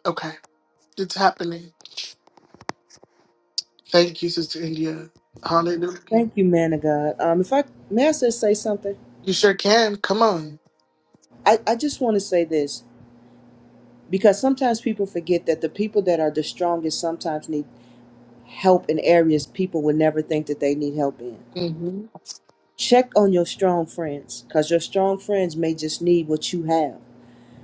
S1: Okay. It's happening. Thank you, Sister India. Hallelujah.
S26: Thank you, man of God. Um, if I may, I just say something.
S1: You sure can. Come on.
S26: I I just want to say this because sometimes people forget that the people that are the strongest sometimes need help in areas people would never think that they need help in.
S1: hmm
S26: Check on your strong friends because your strong friends may just need what you have.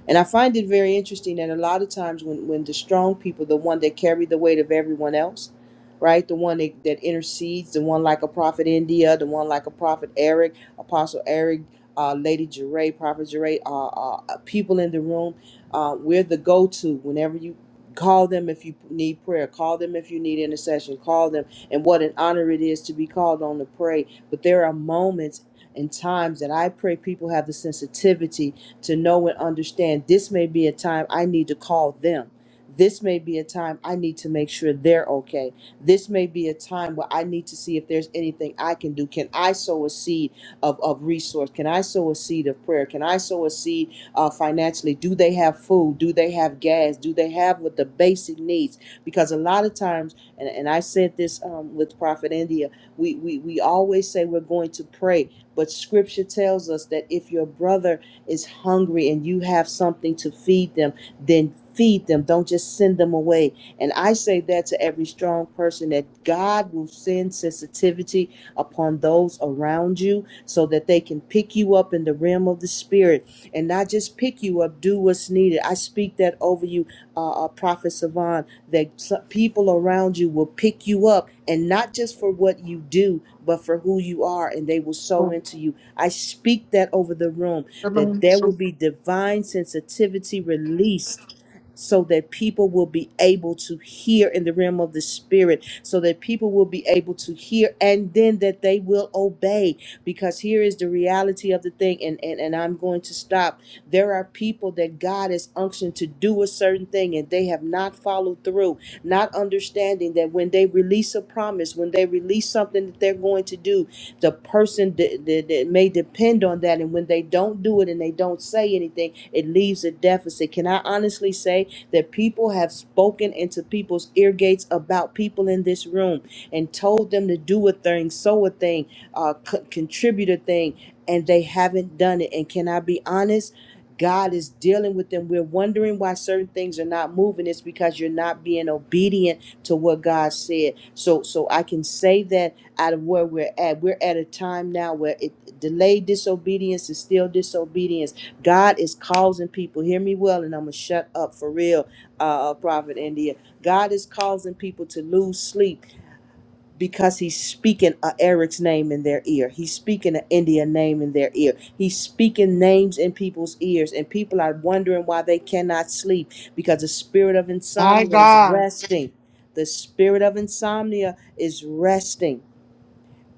S26: And I find it very interesting that a lot of times when, when the strong people, the one that carry the weight of everyone else, right? The one that, that intercedes, the one like a prophet India, the one like a prophet Eric, Apostle Eric, uh, Lady Jeray, Prophet Jeray, uh, uh, uh, people in the room, uh, we're the go to whenever you call them if you need prayer, call them if you need intercession, call them. And what an honor it is to be called on to pray. But there are moments and times that I pray people have the sensitivity to know and understand this may be a time I need to call them. This may be a time I need to make sure they're okay. This may be a time where I need to see if there's anything I can do. Can I sow a seed of, of resource? Can I sow a seed of prayer? Can I sow a seed uh, financially? Do they have food? Do they have gas? Do they have what the basic needs? Because a lot of times, and, and I said this um, with Prophet India, we, we, we always say we're going to pray, but scripture tells us that if your brother is hungry and you have something to feed them, then feed them. Don't just send them away. And I say that to every strong person that God will send sensitivity upon those around you so that they can pick you up in the realm of the spirit and not just pick you up, do what's needed. I speak that over you, uh, uh, Prophet Savan, that people around you will pick you up and not just for what you do, but for who you are, and they will sow into you. I speak that over the room
S1: Come
S26: that
S1: on.
S26: there will be divine sensitivity released so that people will be able to hear in the realm of the spirit so that people will be able to hear and then that they will obey because here is the reality of the thing and and, and i'm going to stop there are people that god has unctioned to do a certain thing and they have not followed through not understanding that when they release a promise when they release something that they're going to do the person that, that, that may depend on that and when they don't do it and they don't say anything it leaves a deficit can i honestly say that people have spoken into people's ear gates about people in this room and told them to do a thing sow a thing uh, co- contribute a thing and they haven't done it and can i be honest God is dealing with them. We're wondering why certain things are not moving. It's because you're not being obedient to what God said. So, so I can say that out of where we're at. We're at a time now where it, delayed disobedience is still disobedience. God is causing people, hear me well, and I'm going to shut up for real, uh, uh, Prophet India. God is causing people to lose sleep because he's speaking uh, Eric's name in their ear. He's speaking an India name in their ear. He's speaking names in people's ears, and people are wondering why they cannot sleep because the spirit of
S1: My
S26: insomnia is
S1: God.
S26: resting. The spirit of insomnia is resting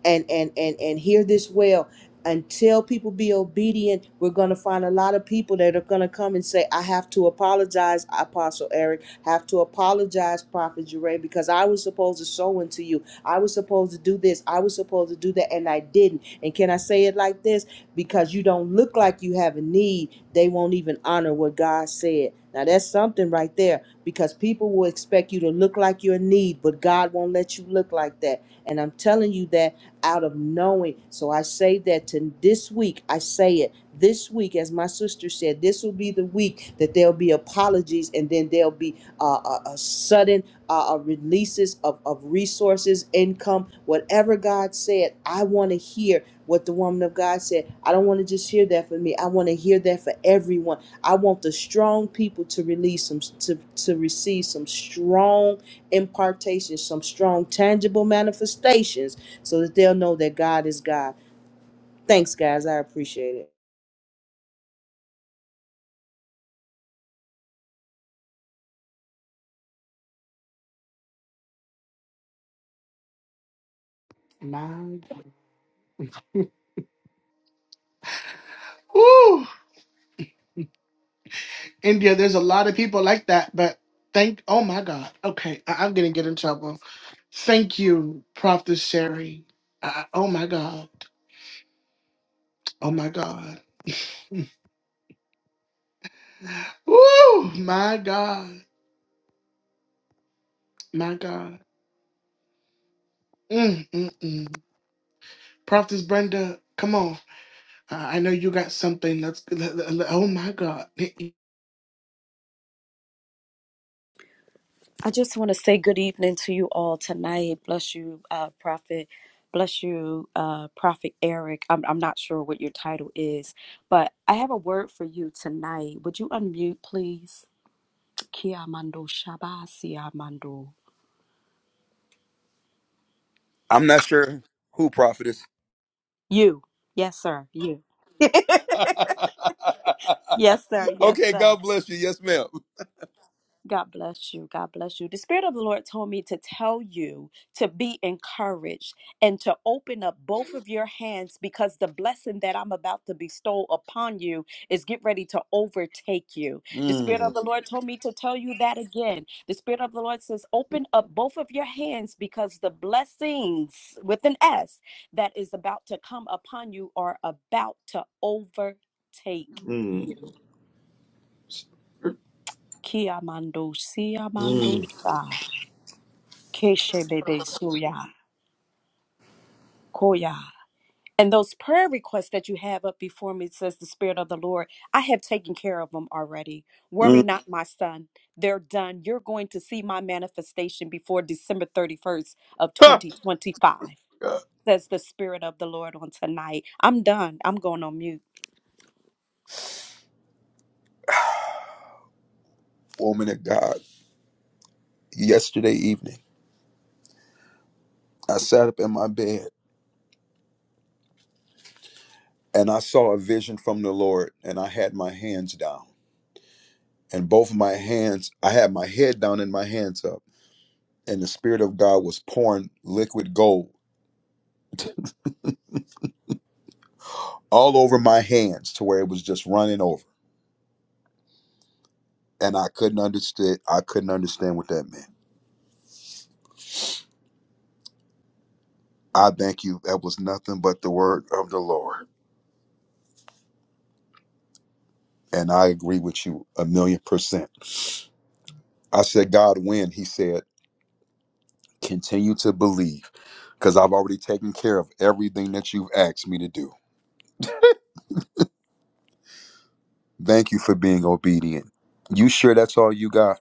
S26: and and and and hear this well until people be obedient we're going to find a lot of people that are going to come and say i have to apologize apostle eric have to apologize prophet Jeray, because i was supposed to sow into you i was supposed to do this i was supposed to do that and i didn't and can i say it like this because you don't look like you have a need they won't even honor what god said now that's something right there because people will expect you to look like you're in need but god won't let you look like that and i'm telling you that out of knowing. So I say that to this week, I say it this week, as my sister said, this will be the week that there'll be apologies and then there'll be uh, a, a sudden uh, uh, releases of, of resources, income, whatever God said. I want to hear what the woman of God said. I don't want to just hear that for me. I want to hear that for everyone. I want the strong people to release some to, to receive some strong impartations, some strong tangible manifestations so that they'll know that God is God. Thanks guys. I appreciate it.
S1: My God. Ooh. India, there's a lot of people like that, but thank oh my God. Okay. I- I'm gonna get in trouble. Thank you, Prophet Sherry. I, oh my God. Oh my God. Woo! My God. My God. Mm, mm, mm. Prophetess Brenda, come on. Uh, I know you got something. Let's. let- let- let- oh my God.
S28: I just want to say good evening to you all tonight. Bless you, uh, Prophet. Bless you, uh, Prophet Eric. I'm, I'm not sure what your title is, but I have a word for you tonight. Would you unmute, please? Kia mando shabasia mando.
S14: I'm not sure who prophetess.
S28: You. Yes, sir. You. yes, sir. Yes,
S14: okay,
S28: sir.
S14: God bless you. Yes, ma'am.
S28: God bless you. God bless you. The Spirit of the Lord told me to tell you to be encouraged and to open up both of your hands because the blessing that I'm about to bestow upon you is get ready to overtake you. The Spirit of
S14: Mm,
S28: the Lord told me to tell you that again. The Spirit of the Lord says, open up both of your hands because the blessings with an S that is about to come upon you are about to overtake
S14: mm,
S28: you. Kiamando, siamando,
S14: mm,
S28: sha. Keshebebesuya, Koya. And those prayer requests that you have up before me, says the Spirit of the Lord, I have taken care of them already. Worry
S14: mm.
S28: not, my son. They're done. You're going to see my manifestation before December 31st of
S14: Ha!
S28: 2025,
S14: God.
S28: says the Spirit of the Lord on tonight. I'm done. I'm going on mute.
S14: Woman of God, yesterday evening, I sat up in my bed and I saw a vision from the Lord, and I had my hands down. And both of my hands, I had my head down and my hands up. And the Spirit of God was pouring liquid gold all over my hands to where it was just running over. And I couldn't understand I couldn't understand what that meant. I thank you. That was nothing but the word of the Lord. And I agree with you a million percent. I said, God, when? He said, continue to believe because I've already taken care of everything that you've asked me to do. Thank you for being obedient. You sure that's all you got?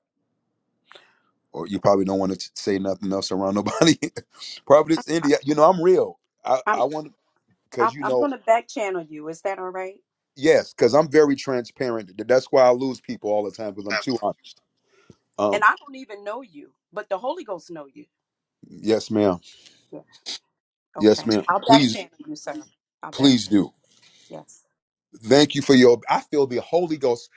S14: Or you probably don't want to say nothing else around nobody. probably it's India. You know, I'm real. I, I
S28: I'm
S14: want
S28: I'm,
S14: because you
S28: I'm
S14: know,
S28: going to back channel you. Is that all right?
S14: yes, because I'm very transparent. Th- That's why I lose people all the time because I'm too honest.
S28: And
S14: Um,
S28: I don't even know you, but the Holy Ghost know you.
S14: yes, ma'am.
S28: Yeah.
S14: Yes,
S28: Okay.
S14: ma'am.
S28: I'll back
S14: Please
S28: channel you, sir. I'll back
S14: Please
S28: channel.
S14: do.
S28: Yes.
S14: Thank you for your. I feel the Holy Ghost.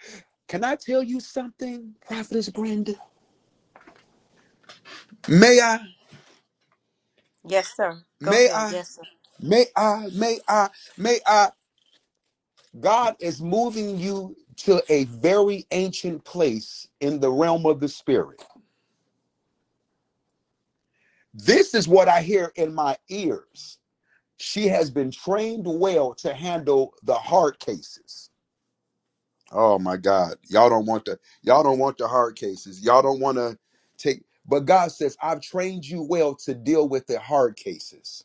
S14: Can I tell you something, Prophetess Brenda? May I?
S28: Yes, sir. Go
S14: May
S28: ahead.
S14: I?
S28: Yes, sir.
S14: May I? May I? May I? God is moving you to a very ancient place in the realm of the spirit. This is what I hear in my ears. She has been trained well to handle the hard cases. Oh my God. Y'all don't want the y'all don't want the hard cases. Y'all don't want to take but God says, I've trained you well to deal with the hard cases.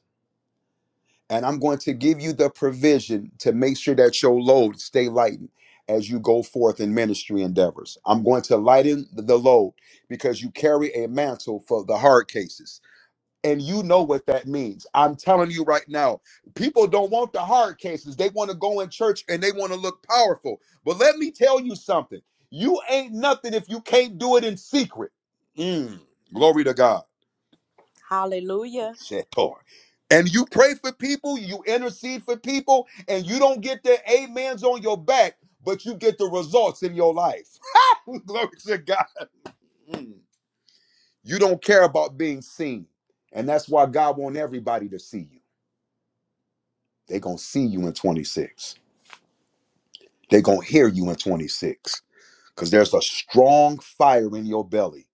S14: And I'm going to give you the provision to make sure that your load stay lightened as you go forth in ministry endeavors. I'm going to lighten the load because you carry a mantle for the hard cases and you know what that means. I'm telling you right now, people don't want the hard cases. They want to go in church and they want to look powerful. But let me tell you something you ain't nothing if you can't do it in secret. Mm, glory to God.
S28: Hallelujah.
S14: Shetor. And you pray for people, you intercede for people, and you don't get their amens on your back, but you get the results in your life. glory to God. Mm. You don't care about being seen. And that's why God wants everybody to see you. They're going to see you in 26. They're going to hear you in 26 because there's a strong fire in your belly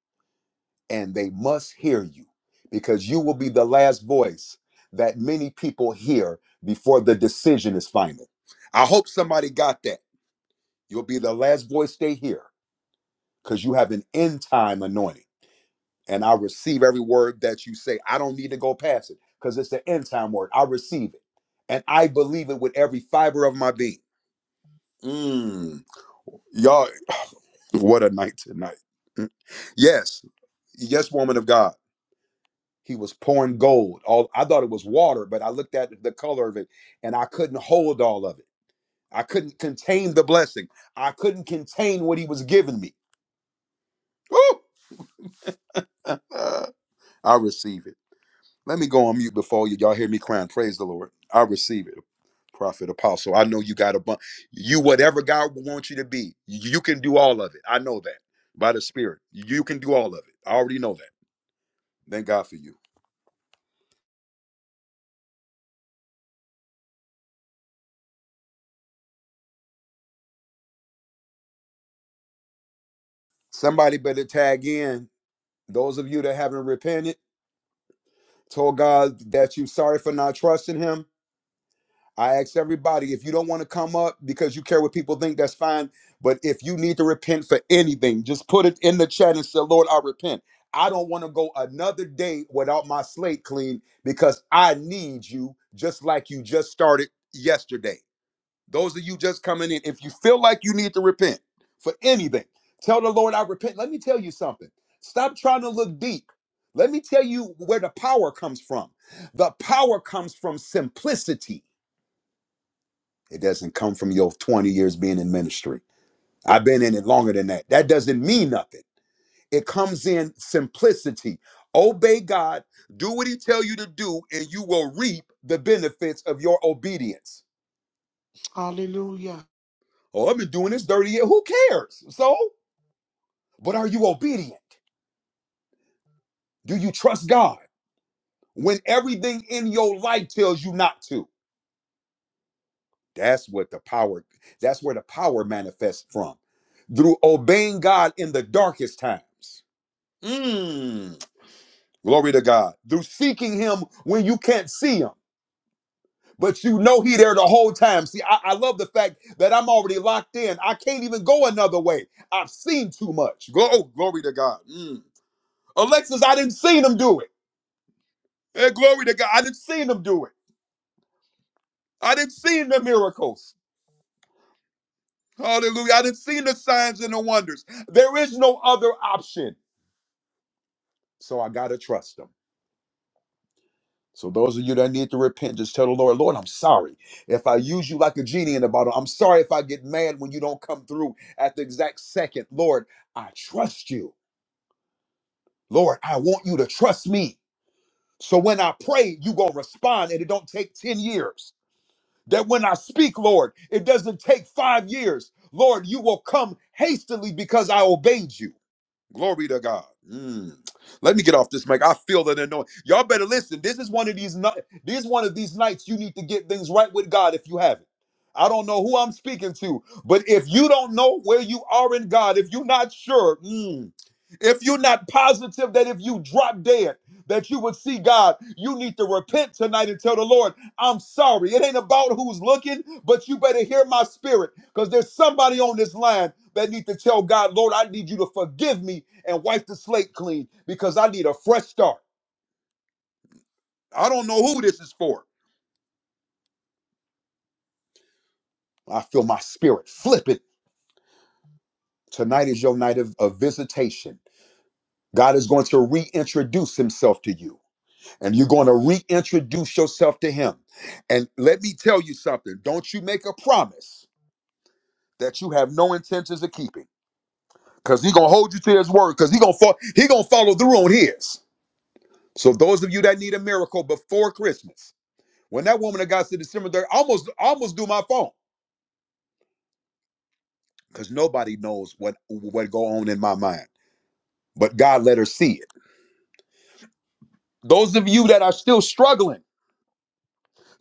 S14: and they must hear you because you will be the last voice that many people hear before the decision is final. I hope somebody got that. You'll be the last voice they hear because you have an end time anointing. And I receive every word that you say. I don't need to go past it because it's the end time word. I receive it. And I believe it with every fiber of my being. Mm. Y'all, What a night tonight. Mm. Yes. Yes, woman of God. He was pouring gold. All I thought it was water, but I looked at the color of it and I couldn't hold all of it. I couldn't contain the blessing. I couldn't contain what he was giving me. Woo! Uh, I receive it. Let me go on mute before you. Y'all hear me crying. Praise the Lord. I receive it. Prophet apostle. I know you got a bunch. You whatever God wants you to be, you can do all of it. I know that by the Spirit. You can do all of it. I already know that. Thank God for you. Somebody better tag in. Those of you that haven't repented, told God that you're sorry for not trusting Him. I ask everybody if you don't want to come up because you care what people think, that's fine. But if you need to repent for anything, just put it in the chat and say, Lord, I repent. I don't want to go another day without my slate clean because I need you just like you just started yesterday. Those of you just coming in, if you feel like you need to repent for anything, tell the Lord, I repent. Let me tell you something. Stop trying to look deep. Let me tell you where the power comes from. The power comes from simplicity. It doesn't come from your 20 years being in ministry. I've been in it longer than that. That doesn't mean nothing. It comes in simplicity. Obey God, do what he tell you to do, and you will reap the benefits of your obedience.
S1: Hallelujah.
S14: Oh, I've been doing this 30 years. Who cares? So? But are you obedient? Do you trust God when everything in your life tells you not to? That's what the power that's where the power manifests from. Through obeying God in the darkest times. Mm. Glory to God. Through seeking him when you can't see him. But you know he there the whole time. See, I, I love the fact that I'm already locked in. I can't even go another way. I've seen too much. Go, oh, glory to God. Mm. Alexis, I didn't see them do it. Hey, glory to God. I didn't see them do it. I didn't see the miracles. Hallelujah. I didn't see the signs and the wonders. There is no other option. So I got to trust him. So those of you that need to repent, just tell the Lord, Lord, I'm sorry if I use you like a genie in a bottle. I'm sorry if I get mad when you don't come through at the exact second. Lord, I trust you. Lord, I want you to trust me. So when I pray, you going to respond and it don't take 10 years. That when I speak, Lord, it doesn't take 5 years. Lord, you will come hastily because I obeyed you. Glory to God. Mm. Let me get off this mic. I feel that anointing. Y'all better listen. This is one of these nights. This is one of these nights you need to get things right with God if you haven't. I don't know who I'm speaking to, but if you don't know where you are in God, if you're not sure, mm, if you're not positive that if you drop dead, that you would see God, you need to repent tonight and tell the Lord, I'm sorry. It ain't about who's looking, but you better hear my spirit because there's somebody on this line that need to tell God, Lord, I need you to forgive me and wipe the slate clean because I need a fresh start. I don't know who this is for. I feel my spirit flipping. Tonight is your night of, of visitation. God is going to reintroduce himself to you, and you're going to reintroduce yourself to him. And let me tell you something don't you make a promise that you have no intentions of keeping Cause he gonna hold you to his word. Cause he gonna he gonna follow through on his. So those of you that need a miracle before Christmas, when that woman that got to December, cemetery, I almost almost do my phone. Cause nobody knows what what go on in my mind. But God let her see it. Those of you that are still struggling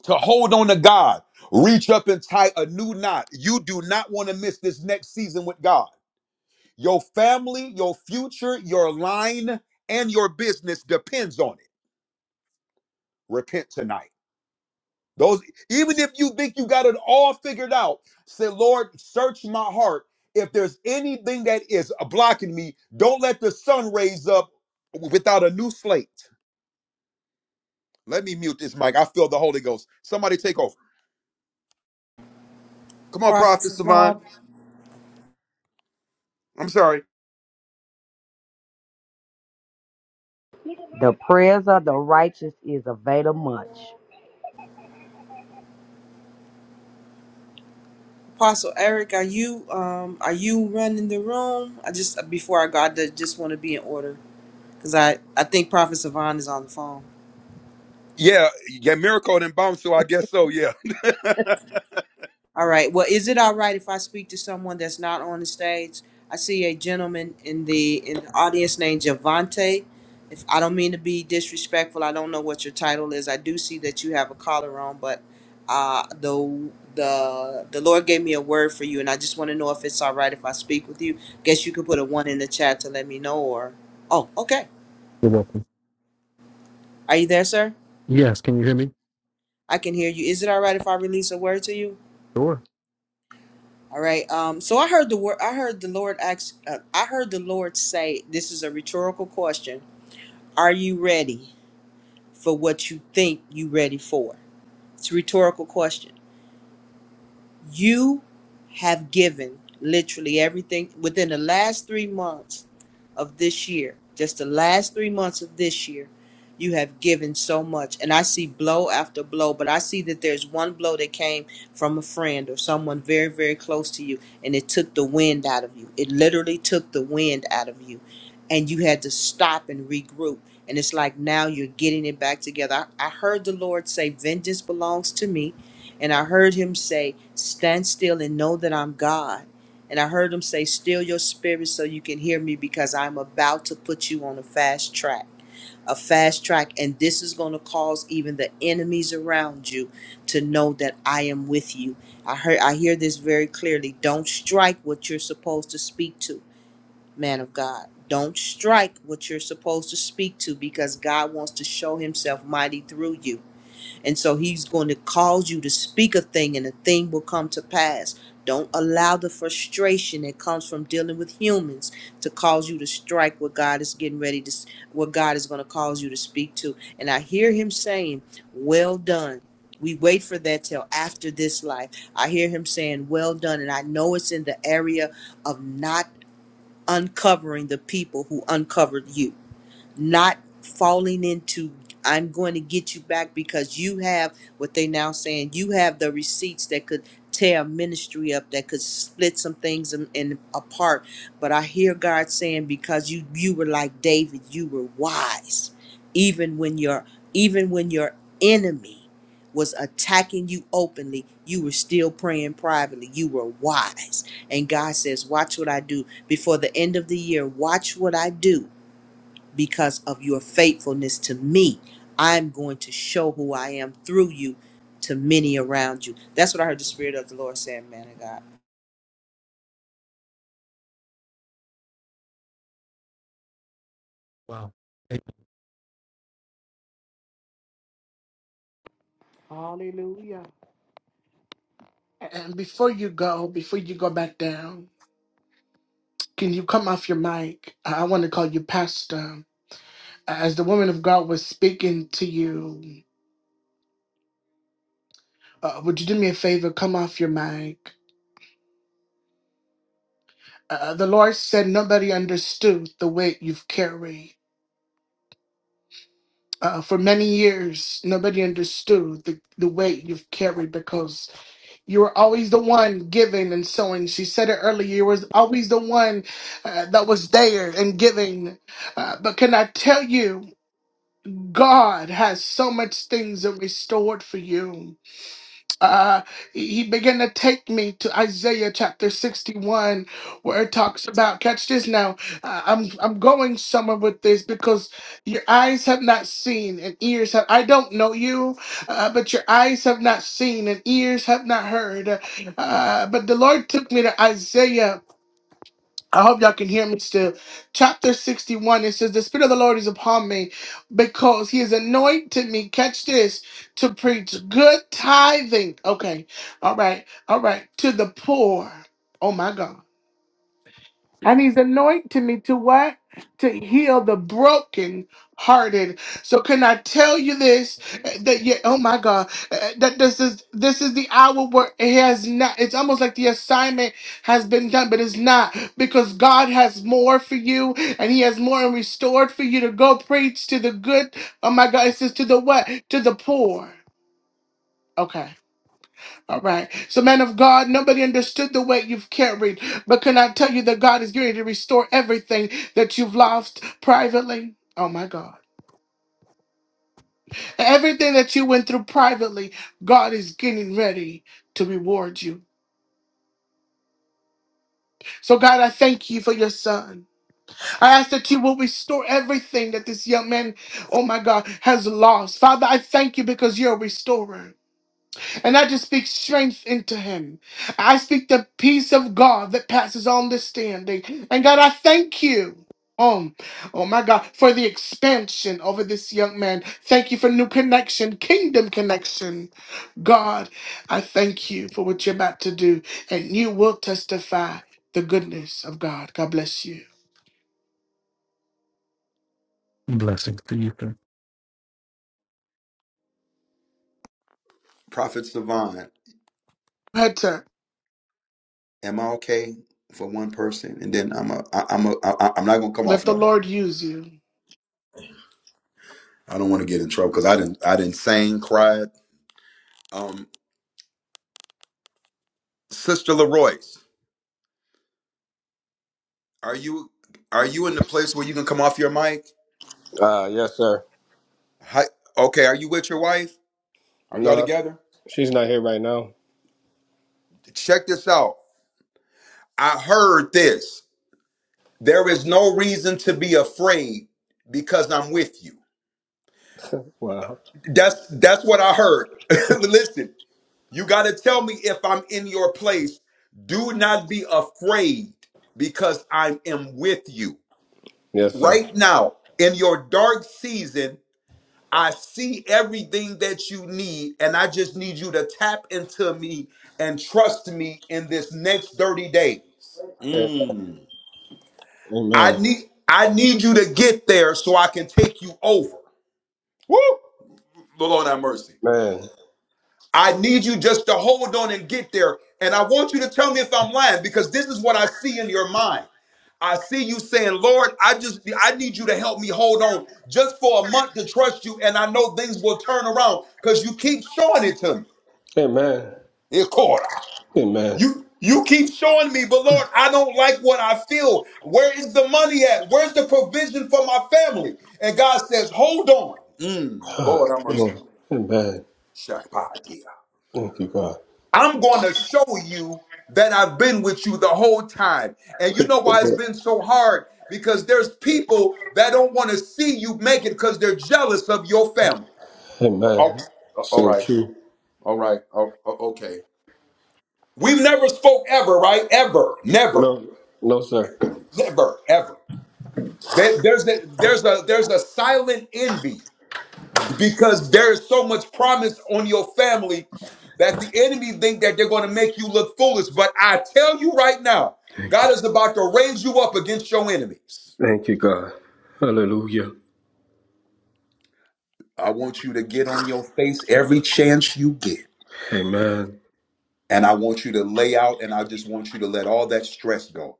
S14: to hold on to God, reach up and tie a new knot. You do not want to miss this next season with God. Your family, your future, your line, and your business depends on it. Repent tonight. Those, even if you think you got it all figured out, say, Lord, search my heart. If there's anything that is blocking me, don't let the sun raise up without a new slate. Let me mute this mic. I feel the Holy Ghost. Somebody take over. Come on,
S26: Prophet
S14: Prophet Savon.
S26: Savon,
S14: I'm sorry.
S21: the prayers of the righteous is available much.
S26: Apostle Eric, are you um are you running the room? I just before I go, I ju- just want to be in order because I I think Prophet Savon is on the phone.
S14: Yeah, yeah, miracle and bounce, so I guess so, yeah.
S26: All right. Well, is it all right if I speak to someone that's not on the stage? I see a gentleman in the in the audience named Javante. If I don't mean to be disrespectful, I don't know what your title is. I do see that you have a collar on, but uh, the the the Lord gave me a word for you, and I just want to know if it's all right if I speak with you. Guess you could put a one in the chat to let me know. Or oh, okay.
S29: You're welcome.
S26: Are you there, sir?
S29: Yes, can you hear me?
S26: I can hear you. Is it all right if I release a word to you?
S29: Sure.
S26: All right. Um, so I heard the word. I heard the Lord ask. Uh, I heard the Lord say, "This is a rhetorical question. Are you ready for what you think you ready for?" It's a rhetorical question. You have given literally everything within the last three months of this year, just the last three months of this year, you have given so much. And I see blow after blow, but I see that there's one blow that came from a friend or someone very, very close to you, and it took the wind out of you. It literally took the wind out of you. And you had to stop and regroup. And it's like now you're getting it back together. I, I heard the Lord say, Vengeance belongs to me. And I heard him say, Stand still and know that I'm God and I heard him say, Still your spirit so you can hear me because I'm about to put you on a fast track. A fast track. And this is going to cause even the enemies around you to know that I am with you. I heard I hear this very clearly. Don't strike what you're supposed to speak to, man of God. Don't strike what you're supposed to speak to because God wants to show himself mighty through you. And so he's going to cause you to speak a thing and a thing will come to pass. Don't allow the frustration that comes from dealing with humans to cause you to strike what God is getting ready to, what God is going to cause you to speak to. And I hear him saying, Well done. We wait for that till after this life. I hear him saying, Well done. And I know it's in the area of not uncovering the people who uncovered you not falling into I'm going to get you back because you have what they now saying you have the receipts that could tear ministry up that could split some things in, in apart but I hear God saying because you you were like David you were wise even when your even when your enemy was attacking you openly you were still praying privately you were wise and God says watch what I do before the end of the year watch what I do because of your faithfulness to me. I'm going to show who I am through you to many around you. That's what I heard the Spirit of the Lord saying, man of God.
S29: Wow. Hey,
S1: Hallelujah. And before you go, before you go back down, can you come off your mic? I want to call you Pastor. As the woman of God was speaking to you, Uh, would you do me a favor? Come off your mic. Uh, the Lord said nobody understood the weight you've carried. Uh, for many years, nobody understood the, the weight you've carried because you were always the one giving and sowing. She said it earlier, you was always the one uh, that was there and giving. Uh, but can I tell you, God has so much things that restored for you. uh, he began to take me to Isaiah chapter 61, where it talks about, catch this now, uh, I'm, I'm going somewhere with this because your eyes have not seen and ears have, I don't know you, uh, but your eyes have not seen and ears have not heard. Uh, but the Lord took me to Isaiah I hope y'all can hear me still. Chapter 61, it says, The Spirit of the Lord is upon me because he has anointed me, catch this, to preach good tithing. Okay, all right, all right, to the poor. Oh my God. And he's anointed me to what? To heal the broken hearted. So can I tell you this? eh, That yeah, oh my God, eh, eh, that this is this is the hour where it has not. It's almost like the assignment has been done, but it's not because God has more for you, and He has more and restored for you to go preach to the good. Oh my God, it says to the what? To the poor. Okay. All right. So, man of God, nobody understood the weight you've carried, but can I tell you that God is going to restore everything that you've lost privately? Oh, my God. Everything that you went through privately, God is getting ready to reward you. So, God, I thank you for your son. I ask that you will restore everything that this young man, oh, my God, has lost. Father, I thank you because you're a restorer. And I just speak strength into him. I speak the peace of God that passes all understanding. And God, I thank you. Um, oh my God, for the expansion over this young man. Thank you for new connection, kingdom connection. God, I thank you for what you're about to do. And you will testify the goodness of God. God bless you.
S29: Blessings to you. sir.
S14: Prophet Savon,
S1: Hunter,
S14: am I okay for one person? And then I'm a, I, I'm a, I, I'm not gonna come
S1: let
S14: off
S1: the
S14: no more.
S1: Lord use you.
S14: I don't want to get in trouble because I didn't, I didn't sing, cried. um. Sister Leroyce, are you are you in the place where you can come off your mic?
S25: Ah, yes, sir.
S14: Hi, okay, are you with your wife? Are y'all
S25: No,
S14: together?
S25: she's not here right now.
S14: Check this out. I heard this. There is no reason to be afraid because I'm with you.
S25: Wow.
S14: That's that's what I heard. Listen, you got to tell me if I'm in your place. Do not be afraid because I am with you
S25: Yes, sir.
S14: right now in your dark season. I see everything that you need, and I just need you to tap into me and trust me in this next 30 days.
S25: Amen.
S14: Mm. I
S25: Amen.
S14: need I need you to get there so I can take you over. Woo! Lord have mercy. I need you just to hold on and get there. And I want you to tell me if I'm lying because this is what I see in your mind. I see you saying, Lord, I just I need you to help me hold on just for a month to trust you, and I know things will turn around because you keep showing it to me.
S25: Amen.
S14: Ikora.
S25: Amen.
S14: You you keep showing me, but Lord, I don't like what I feel. Where is the money at? Where's the provision for my family? And God says, Hold on. Mm,
S25: Ah,
S14: Lord have
S25: Come
S14: mercy.
S25: on. Amen. Thank you, God.
S14: I'm going to show you that I've been with you the whole time. And you know why it's been so hard? Because there's people that don't want to see you make it because they're jealous of your family.
S25: Amen.
S14: All all
S25: So
S14: right.
S25: true.
S14: All right. o- o- Okay. We've never spoke ever, right? Ever. Never.
S25: No, no, sir.
S14: Never. Ever. There- There's a, there's a there's a silent envy because there is so much promise on your family that the enemy think that they're going to make you look foolish but i tell you right now god is about to raise you up against your enemies
S25: Thank you, God. Hallelujah.
S14: i want you to get on your face every chance you get
S25: Amen.
S14: and i want you to lay out and i just want you to let all that stress go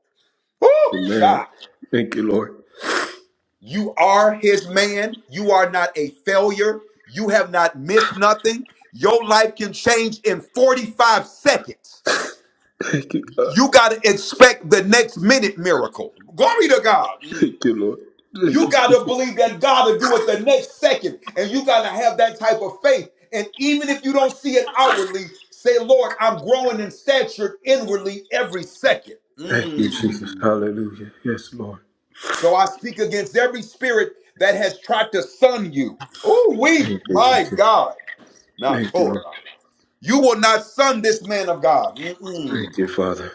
S14: Woo!
S25: Amen.
S14: shot
S25: Thank you, Lord.
S14: you are his man you are not a failure you have not missed nothing your life can change in 45 seconds
S25: Thank you, God.
S14: You got to expect the next minute miracle. Glory to God. Mm.
S25: Thank you, Lord. Thank
S14: You
S25: you.
S14: got to believe that God will do it the next second. And you got to have that type of faith. And even if you don't see it outwardly, say, Lord, I'm growing in stature inwardly every second.
S25: Thank you, Jesus.
S14: Mm.
S25: Hallelujah. Yes, Lord.
S14: So I speak against every spirit that has tried to sun you. Oh, we,
S25: Thank you,
S14: my
S25: Jesus.
S14: God, not
S25: Thank you, Lord.
S14: Torah. You will not sun this man of God. Mm-mm.
S25: Thank you, Father.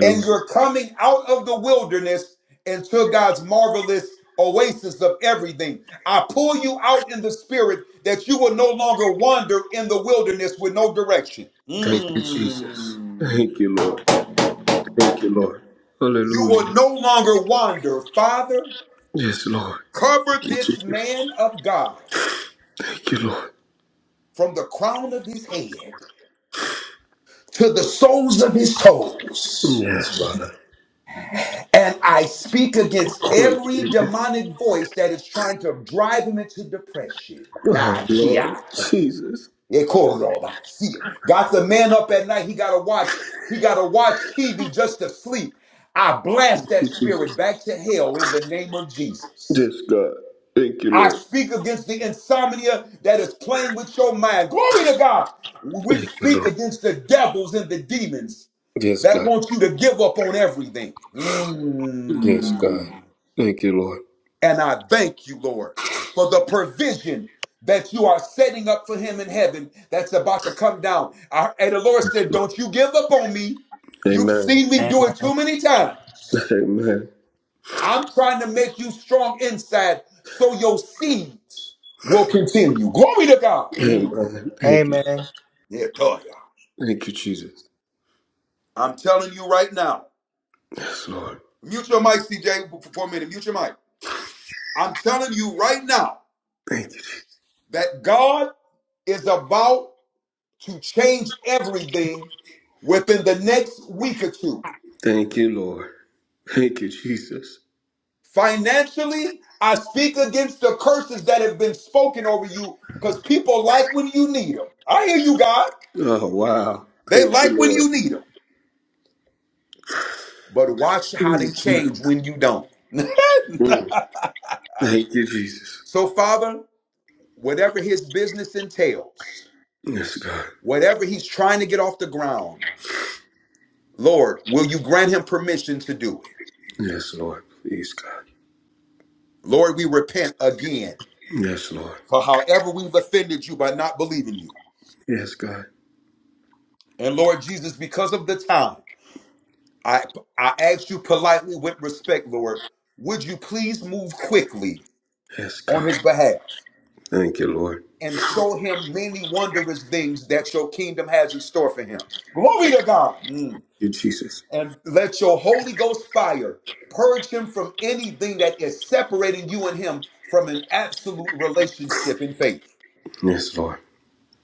S14: and you're coming out of the wilderness into God's marvelous oasis of everything. I pull you out in the spirit that you will no longer wander in the wilderness with no direction.
S25: Thank you, Jesus.
S14: Mm.
S25: Thank you, Lord. Thank you, Lord.
S14: You will
S25: Hallelujah.
S14: no longer wander. Father,
S25: Yes, Lord.
S14: cover
S25: Thank you,
S14: this
S25: Jesus.
S14: man of God
S25: Thank you, Lord.
S14: from the crown of his head to the soles of his toes
S25: Yes, Father.
S14: And I speak against every
S25: Hallelujah.
S14: demonic voice that is trying to drive him into depression. Nah,
S25: Oh,
S14: Shia.
S25: Lord. Jesus.
S14: Ekoroba, see. Got the man up at night. He gotta watch. He gotta watch TV just to sleep. I blast
S25: Thank
S14: that
S25: you,
S14: spirit
S25: Jesus.
S14: back to hell in the name of Jesus.
S25: Yes, God. Thank you,
S14: I
S25: Lord.
S14: speak against the insomnia that is playing with your mind. Glory to God. We
S25: Thank you,
S14: speak
S25: Lord.
S14: against the devils and the demons
S25: Yes,
S14: that
S25: God.
S14: want you to give up on everything.
S25: Yes, God.
S14: Mm.
S25: Thank you, Lord.
S14: And I thank you, Lord, for the provision that you are setting up for him in heaven that's about to come down. I, and the Lord said, Don't you give up on me. You've
S25: Amen.
S14: seen me do it
S30: Amen.
S14: too many times.
S25: Amen.
S14: I'm trying to make you strong inside so your seeds will continue. Glory to God. Mm.
S25: Amen. Thank you.
S30: Amen.
S14: Yeah, Toya.
S25: Thank you, Jesus.
S14: I'm telling you right now.
S25: Yes, Lord.
S14: Mute your mic, CJ, for for a minute. Mute your mic. I'm telling you right now
S25: Thank you, Jesus.
S14: that God is about to change everything within the next week or two.
S25: Thank you, Lord. Thank you, Jesus.
S14: Financially, I speak against the curses that have been spoken over you because people like when you need them. I hear you, God.
S25: Oh, wow.
S14: They
S25: Thank
S14: like
S25: you,
S14: when
S25: Lord.
S14: you need them, but watch how they change when you don't.
S25: Mm. Thank you, Jesus.
S14: so, Father, whatever his business entails,
S25: Yes, God.
S14: whatever he's trying to get off the ground, Lord, will you grant him permission to do it?
S25: Yes, Lord. Please, God.
S14: Lord, we repent again
S25: Yes, Lord.
S14: for however we've offended you by not believing you.
S25: Yes, God.
S14: And Lord Jesus, because of the time, I I ask you politely with respect, Lord, would you please move quickly
S25: Yes,
S14: on
S25: God.
S14: his behalf
S25: Thank you, Lord.
S14: and show him many wondrous things that your kingdom has in store for him. Glory to God. Mm.
S25: You, Jesus.
S14: And let your Holy Ghost fire purge him from anything that is separating you and him from an absolute relationship in faith.
S25: Yes, Lord.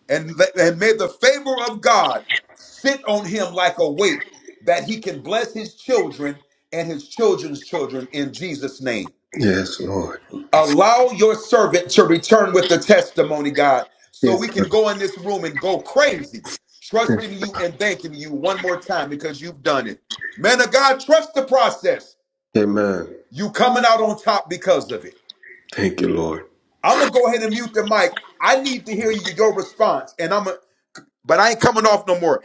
S14: and, let- and may the favor of God sit on him like a weight that he can bless his children and his children's children in Jesus' name.
S25: Yes, Lord.
S14: Allow your servant to return with the testimony, God, so
S25: Yes,
S14: we can
S25: God.
S14: go in this room and go crazy, trusting you and thanking you one more time because you've done it. Man of God, trust the process.
S25: Amen.
S14: You coming out on top because of it.
S25: Thank you, Lord.
S14: I'm gonna go ahead and mute the mic. I need to hear you, your response, and I'm But I ain't coming off no more.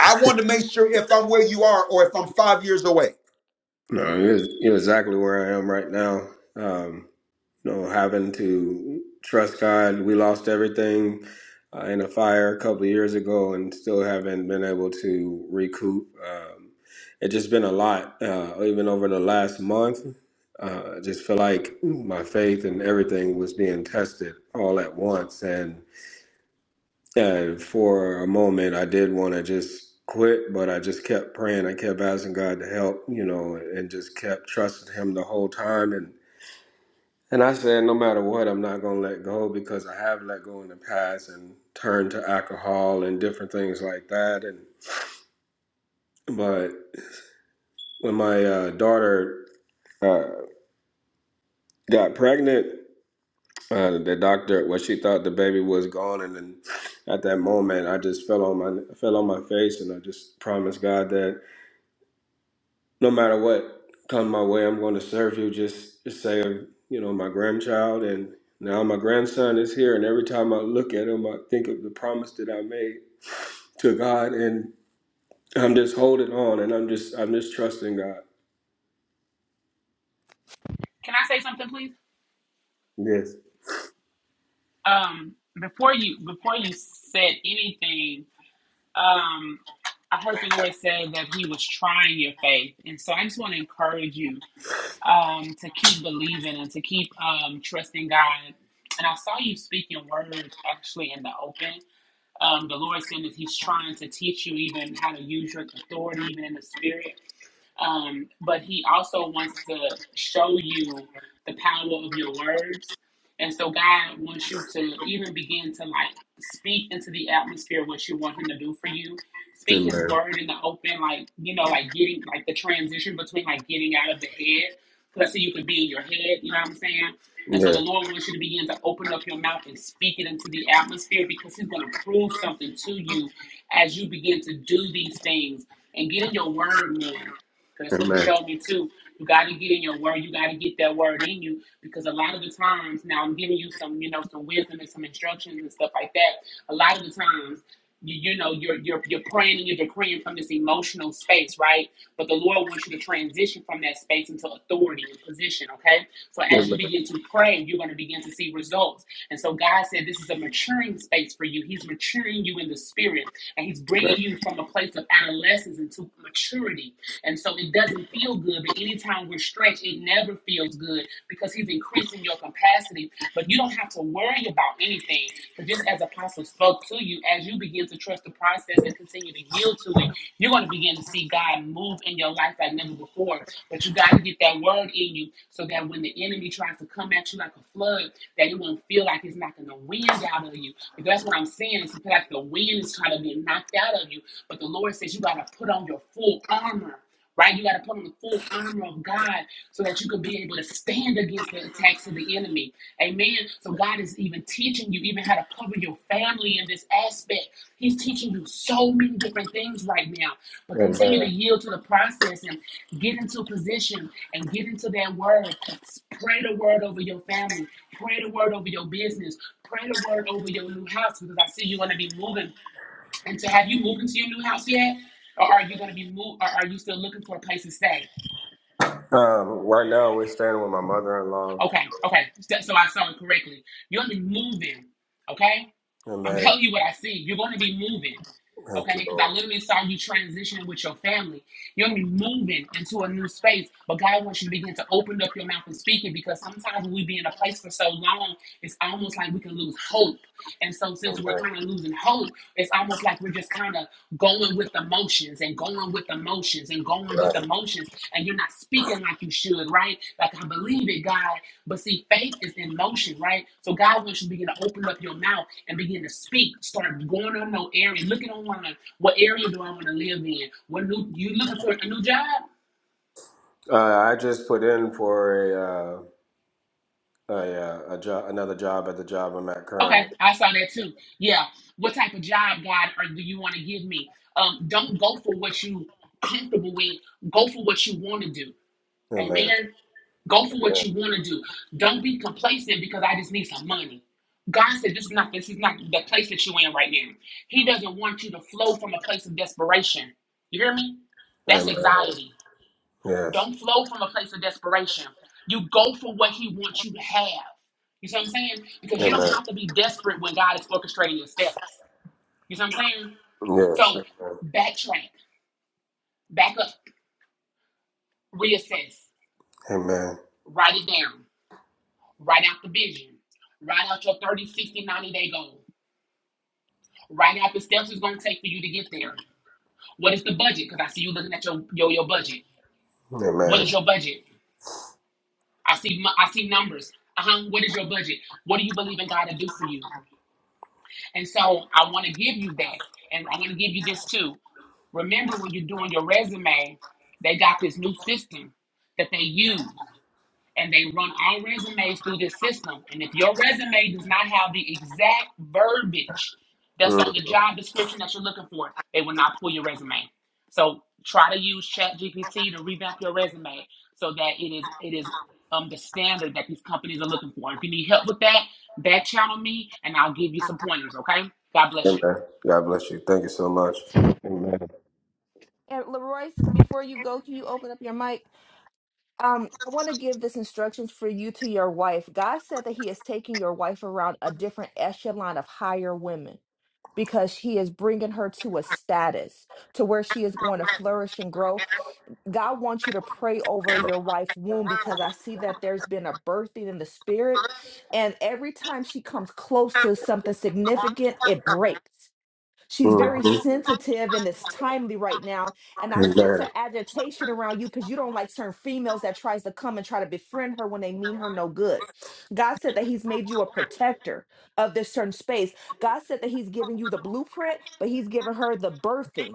S14: I want to make sure if I'm where you are or if I'm five years away.
S25: No, here's, here's exactly where I am right now. Um, you know, having to trust God. We lost everything uh, in a fire a couple of years ago, and still haven't been able to recoup. Um, it's just been a lot, uh, even over the last month. Uh, I just feel like my faith and everything was being tested all at once, and uh, for a moment, I did want to just quit, but I just kept praying. I kept asking God to help, you know, and just kept trusting Him the whole time, and and I said, no matter what, I'm not going to let go because I have let go in the past and turned to alcohol and different things like that. And but when my uh, daughter uh, got pregnant, uh, the doctor, well, she thought the baby was gone, and then at that moment, I just fell on my fell on my face, and I just promised God that no matter what comes my way, I'm going to serve you. Just, just say, you know, my grandchild, and now my grandson is here, and every time I look at him, I think of the promise that I made to God, and I'm just holding on, and I'm just, I'm just trusting God. Yes. Amen. Yeah. Amen. Amen. Amen. Um, right now, we're staying with my mother-in-law. Amen. Thank you, Lord. Amen. Uh, I just put in for a. Oh yeah, a job, another job at the job I'm at currently. Amen. Amen. Yes. Amen. Yes. Amen. Amen. Amen. Mhm. Amen. God bless you. Thank you so much. Amen.
S23: And Leroy, before you go, can you open up your mic? Um, I want to give this instructions for you to your wife. God said that He is taking your wife around a different echelon of higher women. because he is bringing her to a status to where she is going to flourish and grow. God wants you to pray over your wife's womb because I see that there's been a birthing in the spirit. And every time she comes close to something significant, it breaks. She's
S25: hmm
S23: very sensitive and it's timely right now. And I sense an
S25: Amen.
S23: agitation around you because you don't like certain females that tries to come and try to befriend her when they mean her no good. God said that He's made you a protector of this certain space. God said that He's given you the blueprint, but He's given her the birthing.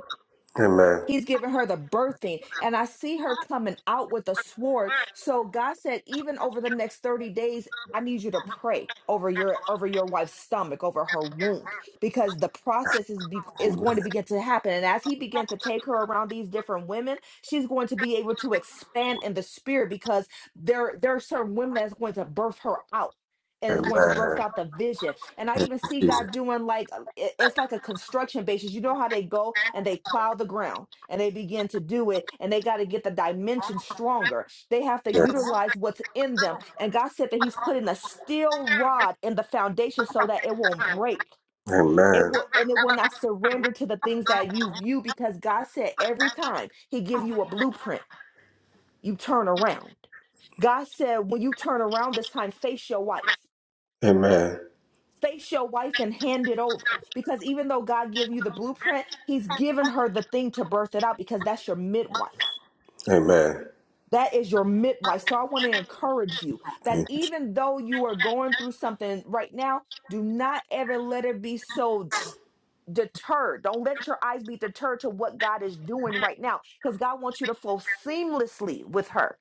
S25: Amen.
S23: He's giving her the birthing. And I see her coming out with a sword. So God said, even over the next 30 days, I need you to pray over your over your wife's stomach, over her wound, because the process is be, is going to begin to happen. And as he began to take her around these different women, she's going to be able to expand in the spirit because there there are certain women that's going to birth her out
S25: Amen.
S23: and is going to birth
S25: Amen.
S23: out the vision. And I even see
S25: Jesus.
S23: God doing like uh, it- it's like a construction basis. You know how they go and they plow the ground and they begin to do it and they got to get the dimension stronger. They have to
S25: Yes.
S23: utilize what's in them. And God said that He's putting a steel rod in the foundation so that it won't break. It
S25: Amen.
S23: will and it will not surrender to the things that you view because God said every time He give you a blueprint, you turn around. God said, when you turn around this time, face your wife
S25: Amen.
S23: face your wife and hand it over because even though god gave you the blueprint he's given her the thing to birth it out because that's your midwife
S25: Amen.
S23: that is your midwife so i want to encourage you that
S25: Thank
S23: even though you are going through something right now do not ever let it be so deterred don't let your eyes be deterred to what god is doing right now because god wants you to flow seamlessly with her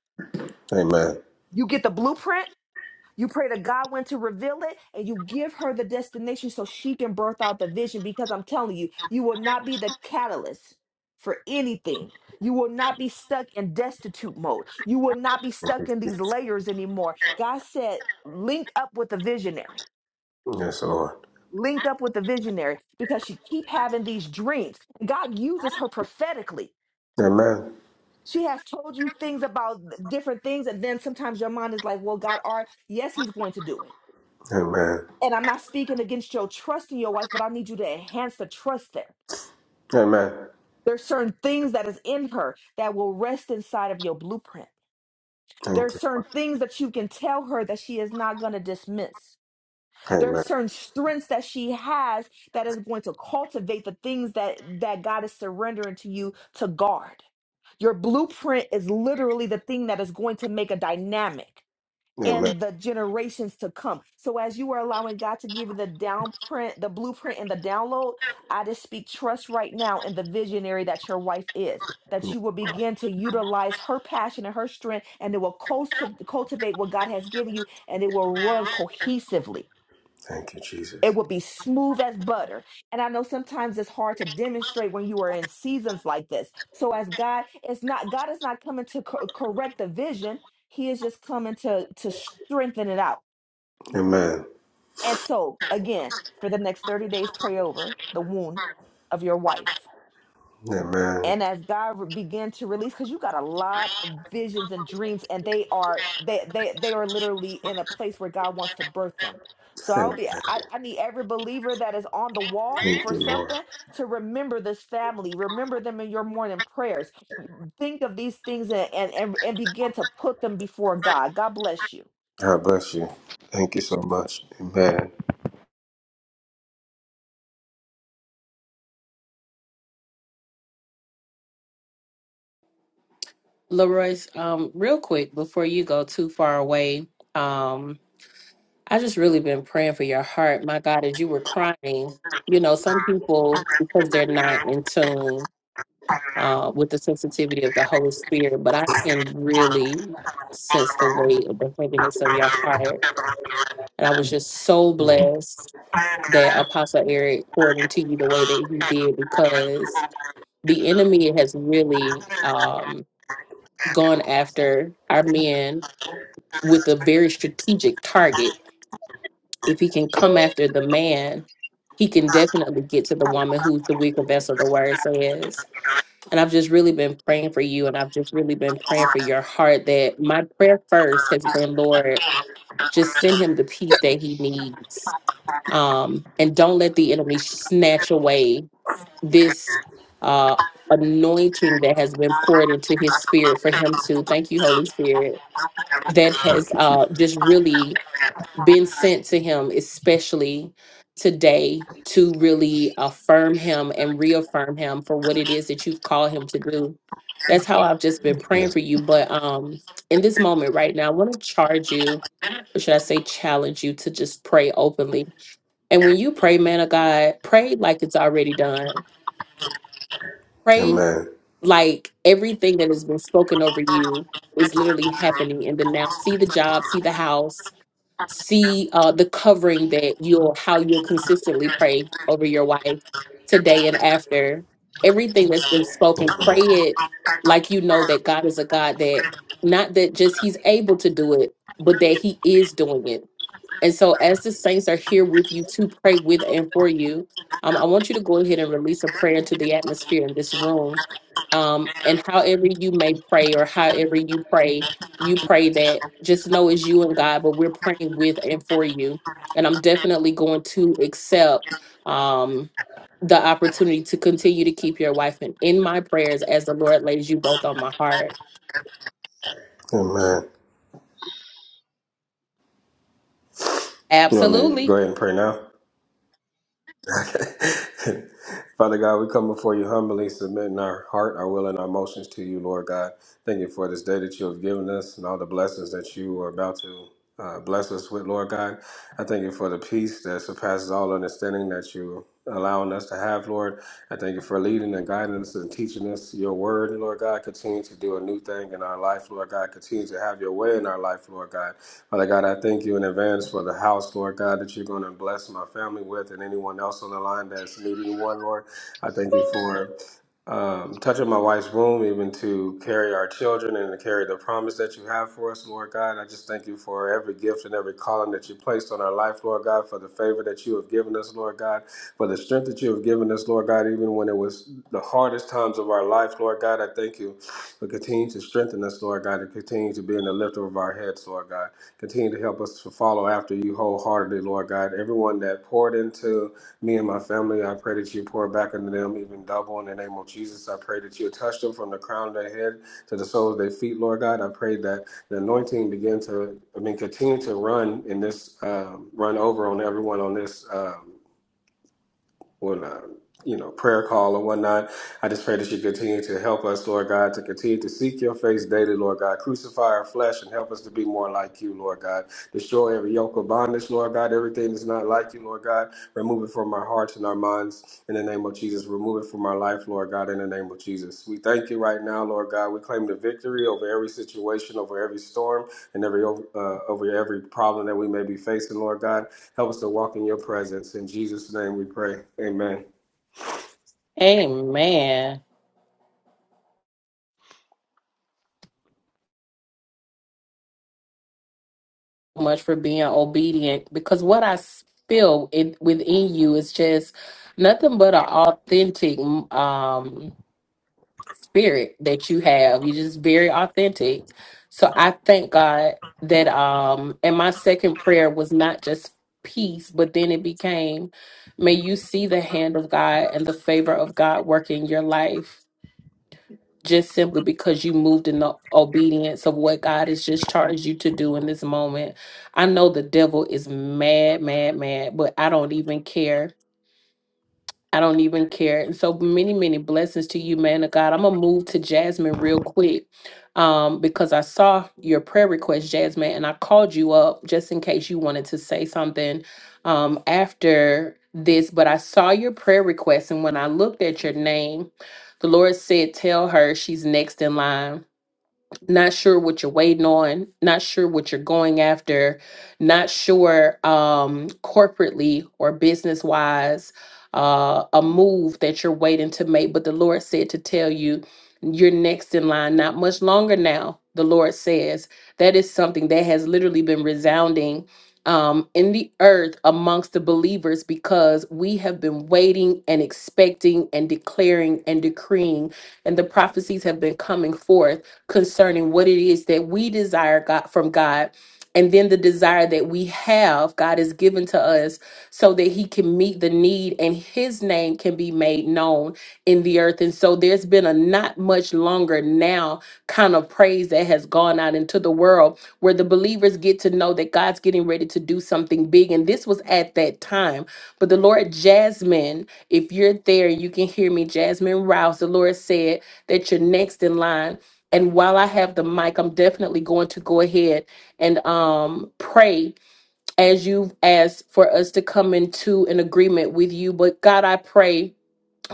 S25: you. Amen.
S23: you get the blueprint You pray to God when to reveal it, and you give her the destination so she can birth out the vision. Because I'm telling you, you will not be the catalyst for anything. You will not be stuck in destitute mode. You will not be stuck in these layers anymore. God said, link up with the visionary.
S25: Yes, Lord.
S23: Linked up with the visionary because she keep having these dreams. God uses her prophetically.
S25: Amen.
S23: She has told you things about different things, and then sometimes your mind is like, "Well, God, are yes, He's going to do it."
S25: Amen.
S23: and I'm not speaking against your trust in your wife, but I need you to enhance the trust there. There's certain things that is in her that will rest inside of your blueprint. There
S25: Amen.
S23: are certain things that you can tell her that she is not going to dismiss. There are
S25: Amen.
S23: certain strengths that she has that is going to cultivate the things that that God is surrendering to you to guard. Your blueprint is literally the thing that is going to make a dynamic.
S25: Amen.
S23: and the generations to come. So as you are allowing God to give you the down print, the blueprint and the download, I just speak trust right now in the visionary that your wife is, that you will begin to utilize her passion and her strength and it will culti- cultivate what God has given you and it will run cohesively.
S25: Thank you,
S23: It
S25: Jesus.
S23: would be smooth as butter. And I know sometimes it's hard to demonstrate when you are in seasons like this. So as God, it's not God is not coming to co- correct the vision. He is just coming to to strengthen it out.
S25: Amen.
S23: And so again, for the next 30 days pray over the wound of your wife
S25: Amen.
S23: and as God re- began to release, because you got a lot of visions and dreams, and they are they they they are literally in a place where God wants to birth them. So I'll
S25: Amen.
S23: be I, I need every believer that is on the wall
S25: Thank
S23: for
S25: you, Lord.
S23: something to remember this family, remember them in your morning prayers. Think of these things and and and, and begin to put them before God. God bless you.
S25: God bless you. Thank you so much. Amen.
S8: Leroy's, um, real quick before you go too far away, um, I just really been praying for your heart. My God, as you were crying, you know, some people because they're not in tune uh, with the sensitivity of the Holy Spirit, but I can really sense the weight of the heaviness of your heart, and I was just so
S25: Thank
S8: blessed that Apostle Eric poured into you the way that he did because the enemy has really um, gone after our men with a very strategic target. If he can come after the man, he can definitely get to the woman who's the weaker vessel, the word says. And I've just really been praying for you, and I've just really been praying for your heart that my prayer first has been, Lord, just send him the peace that he needs. Um, and don't let the enemy snatch away this uh anointing that has been poured into his spirit for him to thank you, Holy Spirit, that has
S25: thank you,
S8: uh
S25: Jesus.
S8: just really been sent to him, especially today, to really affirm him and reaffirm him for what it is that you've called him to do. That's how I've just been praying
S25: Yes.
S8: for you. But um, in this moment right now, I want to charge you, or should I say, challenge you to just pray openly. And when you pray, man of God, pray like it's already done. Pray
S25: Amen.
S8: like everything that has been spoken over you is literally happening in the now. See the job, see the house, see uh, the covering that you'll how you'll consistently pray over your wife today and after everything that's been spoken
S25: Amen.
S8: pray it like you know that god is a god that not that just he's able to do it but that he is doing it and so, as the saints are here with you to pray with and for you, um, I want you to go ahead and release a prayer into the atmosphere in this room. Um, and however you may pray, or however you pray, you pray that just know it's you and God, but we're praying with and for you. And I'm definitely going to accept um, the opportunity to continue to keep your wife in, in my prayers as the Lord lays you both on my heart.
S25: Amen. You want me to go
S8: Absolutely.
S25: ahead and pray now? Okay. Father God, we come before you humbly, submitting our heart, our will, and our emotions to you, Lord God. Thank you for this day that you have given us and all the blessings that you are about to uh, bless us with, Lord God. I thank you for the peace that surpasses all understanding that you are allowing us to have, Lord. I thank you for leading and guiding us and teaching us your word, Lord God. Continue to do a new thing in our life, Lord God. Continue to have your way in our life, Lord God. Father God, I thank you in advance for the house, Lord God, that you're going to bless my family with and anyone else on the line that's needing one, Lord. I thank you for um, touching my wife's womb, even to carry our children and to carry the promise that you have for us, Lord God. I just thank you for every gift and every calling that you placed on our life, Lord God, for the favor that you have given us, Lord God, for the strength that you have given us, Lord God, even when it was the hardest times of our life, Lord God. I thank you for continuing to strengthen us, Lord God, and continue to be in the lift of our heads, Lord God. Continue to help us to follow after you wholeheartedly, Lord God. Everyone that poured into me and my family, I pray that you pour back into them even double in the name of Jesus. I pray that you touch them from the crown of their head to the soles of their feet, Lord God. I pray that the anointing begin to, I mean, continue to run in this, um, run over on everyone on this. Um, on uh, you know prayer call or whatnot. I just pray that you continue to help us, Lord God, to continue to seek your face daily, Lord God. Crucify our flesh and help us to be more like you, Lord God. Destroy every yoke of bondage, Lord God. Everything that's not like you, Lord God. Remove it from our hearts and our minds in the name of Jesus. Remove it from our life, Lord God, in the name of Jesus. We thank you right now, Lord God. We claim the victory over every situation, over every storm, and every uh, over every problem that we may be facing, Lord God. Help us to walk in your presence. In Jesus' name we pray. Amen.
S8: Amen. much for being obedient because what I s- feel it within you is just nothing but an authentic um spirit that you have. You're just very authentic. So I thank God that um and my second prayer was not just peace, but then it became may you see the hand of God and the favor of God working your life just simply because you moved in the obedience of what God has just charged you to do in this moment. I know the devil is mad, mad, mad, but I don't even care I don't even care. And so many, many blessings to you, man of God. I'm gonna move to Jasmine real quick. Um, because I saw your prayer request, Jasmine, and I called you up just in case you wanted to say something um after this. But I saw your prayer request, and when I looked at your name, the Lord said, Tell her she's next in line not sure what you're waiting on, not sure what you're going after, not sure um, corporately or business wise, uh, a move that you're waiting to make. But the Lord said to tell you, you're next in line, not much longer now. The Lord says that is something that has literally been resounding um, in the earth amongst the believers because we have been waiting and expecting and declaring and decreeing, and the prophecies have been coming forth concerning what it is that we desire God from God. And then the desire that we have, God has given to us so that He can meet the need and His name can be made known in the earth. And so there's been a not much longer now kind of praise that has gone out into the world where the believers get to know that God's getting ready to do something big. And this was at that time. But the Lord, Jasmine, if you're there, you can hear me, Jasmine Rouse, the Lord said that you're next in line and while I have the mic, I'm definitely going to go ahead and um, pray as you've asked for us to come into an agreement with you. But God, I pray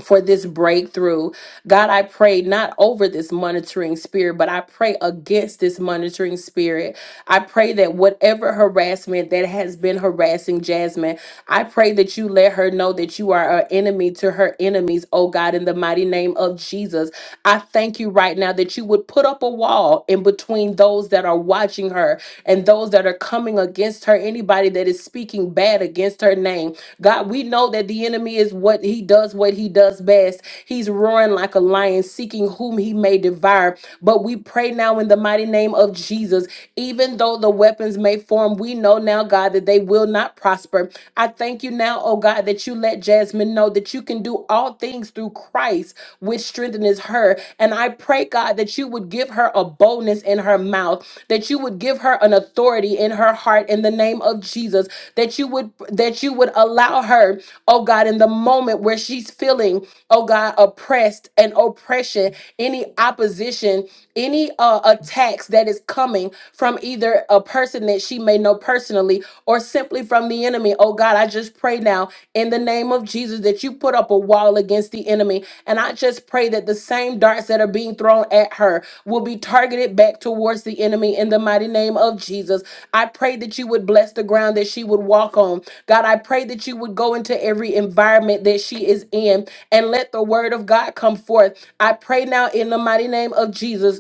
S8: for this breakthrough. God, I pray not over this monitoring spirit, but I pray against this monitoring spirit. I pray that whatever harassment that has been harassing Jasmine, I pray that you let her know that you are an enemy to her enemies, oh God, in the mighty name of Jesus. I thank you right now that you would put up a wall in between those that are watching her and those that are coming against her, anybody that is speaking bad against her name. God, we know that the enemy is what he does, what he does best. He's roaring like a lion, seeking whom he may devour. But we pray now in the mighty name of Jesus, even though the weapons may form, we know now, God, that they will not prosper. I thank you now, oh God, that you let let Jasmine know that you can do all things through Christ, which strengthens her. And I pray, God, that you would give her a boldness in her mouth, that you would give her an authority in her heart in the name of Jesus, that you would that you would allow her, oh God, in the moment where she's feeling, oh God, oppressed and oppression, any opposition, any uh attacks that is coming from either a person that she may know know, personally or simply from the enemy. Oh God, I just pray now in the name of Jesus that you put up a wall against the enemy. And I just pray that the same darts that are being thrown at her will be targeted back towards the enemy in the mighty name of Jesus. I pray that you would bless the ground that she would walk on. God, I pray that you would go into every environment that she is in and let the word of God come forth. I pray now in the mighty name of Jesus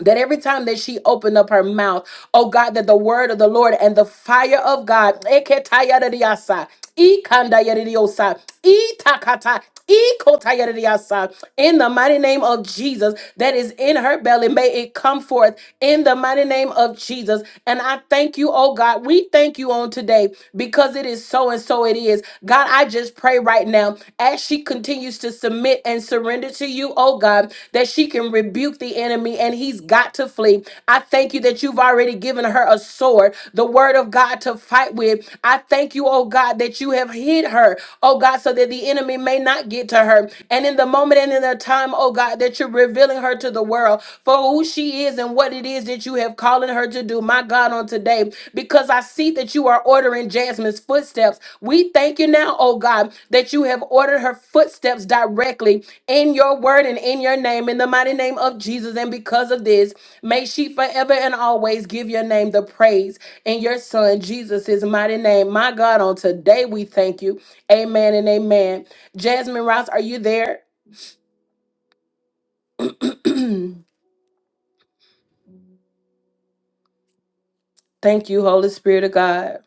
S8: that every time that she opened up her mouth, oh God, that the word of the Lord and the fire of God, eketayaradiasa, ikandayaradiyosa, itakata, ikotayaradiasa, in the mighty name of Jesus, that is in her belly, may it come forth in the mighty name of Jesus. And I thank you, oh God, we thank you on today because it is so and so it is. God, I just pray right now as she continues to submit and surrender to you, oh God, that she can rebuke the enemy and he's got to flee. I thank you that you've already given her a sword, the word of God to fight with. I thank you, oh God, that you have hid her, oh God, so that the enemy may not get to to her. And in the moment and in the time, oh God, that you're revealing her to the world for who she is and what it is that you have calling her to do, my God, on today, because I see that you are ordering Jasmine's footsteps. We thank you now, oh God, that you have ordered her footsteps directly in your word and in your name, in the mighty name of Jesus. And because of this, may she forever and always give your name the praise in your son Jesus' mighty name. My God, on today we thank you. Amen and amen. Jasmine Ross, are you there? Thank you, Holy Spirit of God.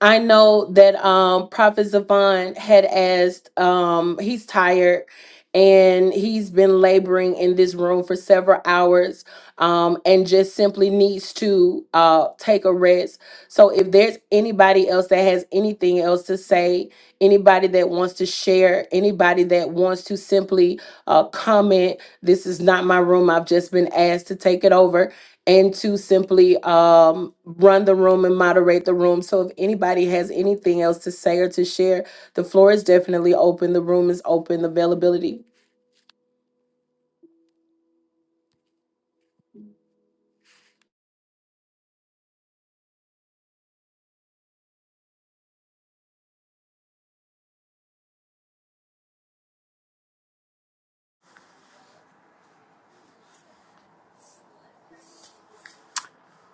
S8: I know that um Prophet Zavon had asked, um, he's tired and he's been laboring in this room for several hours um and just simply needs to uh take a rest. So if there's anybody else that has anything else to say, anybody that wants to share, anybody that wants to simply uh comment, this is not my room. I've just been asked to take it over and to simply um, run the room and moderate the room. So if anybody has anything else to say or to share, the floor is definitely open. The room is open. The availability.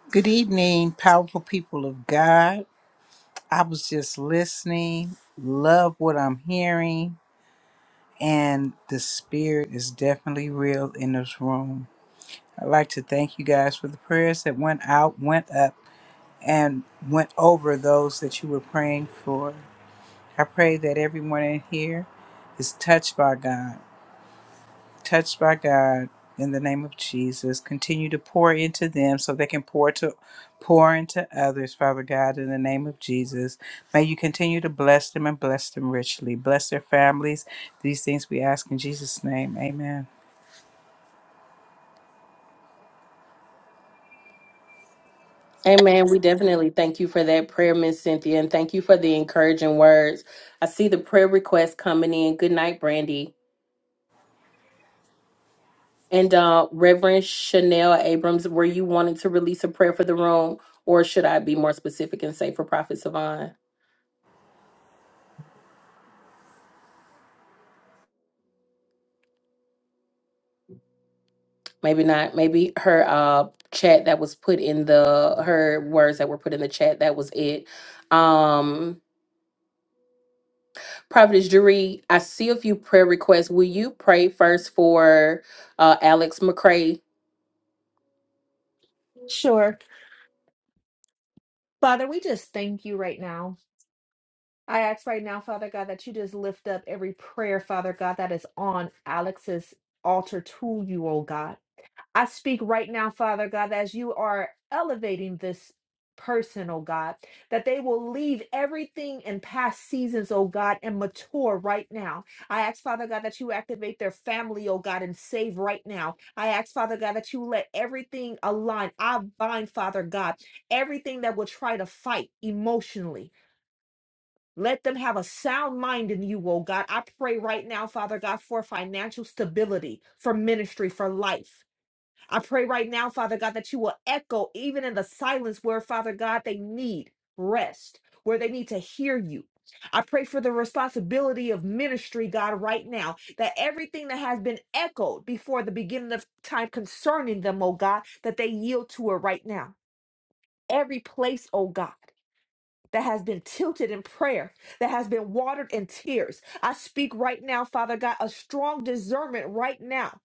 S31: Good evening, powerful people of God. I was just listening, love what I'm hearing, and the spirit is definitely real in this room. I'd like to thank you guys for the prayers that went out, went up, and went over those that you were praying for. I pray that everyone in here is touched by God touched by God in the name of Jesus. Continue to pour into them so they can pour to pour into others, Father God, in the name of Jesus. May you continue to bless them and bless them richly. Bless their families. These things we ask in Jesus' name. Amen.
S8: Amen. We definitely thank you for that prayer, Miss Cynthia, and thank you for the encouraging words. I see the prayer request coming in. Good night, Brandy. And uh, Reverend Chanel Abrams, were you wanting to release a prayer for the room, or should I be more specific and say for Prophet Savon? maybe not maybe her uh chat that was put in the her words that were put in the chat that was it um prophetess jury i see a few prayer requests will you pray first for uh alex mccrae
S23: Sure. Father, we just thank you right now. I ask right now, Father God, that you just lift up every prayer, Father God, that is on Alex's altar to you, oh God. I speak right now, Father God, that as you are elevating this person, oh God, that they will leave everything in past seasons, oh God, and mature right now. I ask, Father God, that you activate their family, oh God, and save right now. I ask, Father God, that you let everything align. I bind, Father God, everything that will try to fight emotionally. Let them have a sound mind in you, oh God. I pray right now, Father God, for financial stability, for ministry, for life. I pray right now, Father God, that you will echo even in the silence where, Father God, they need rest, where they need to hear you. I pray for the responsibility of ministry, God, right now, that everything that has been echoed before the beginning of time concerning them, oh God, that they yield to it right now. Every place, oh God that has been tilted in prayer, that has been watered in tears. I speak right now, Father God, a strong discernment right now.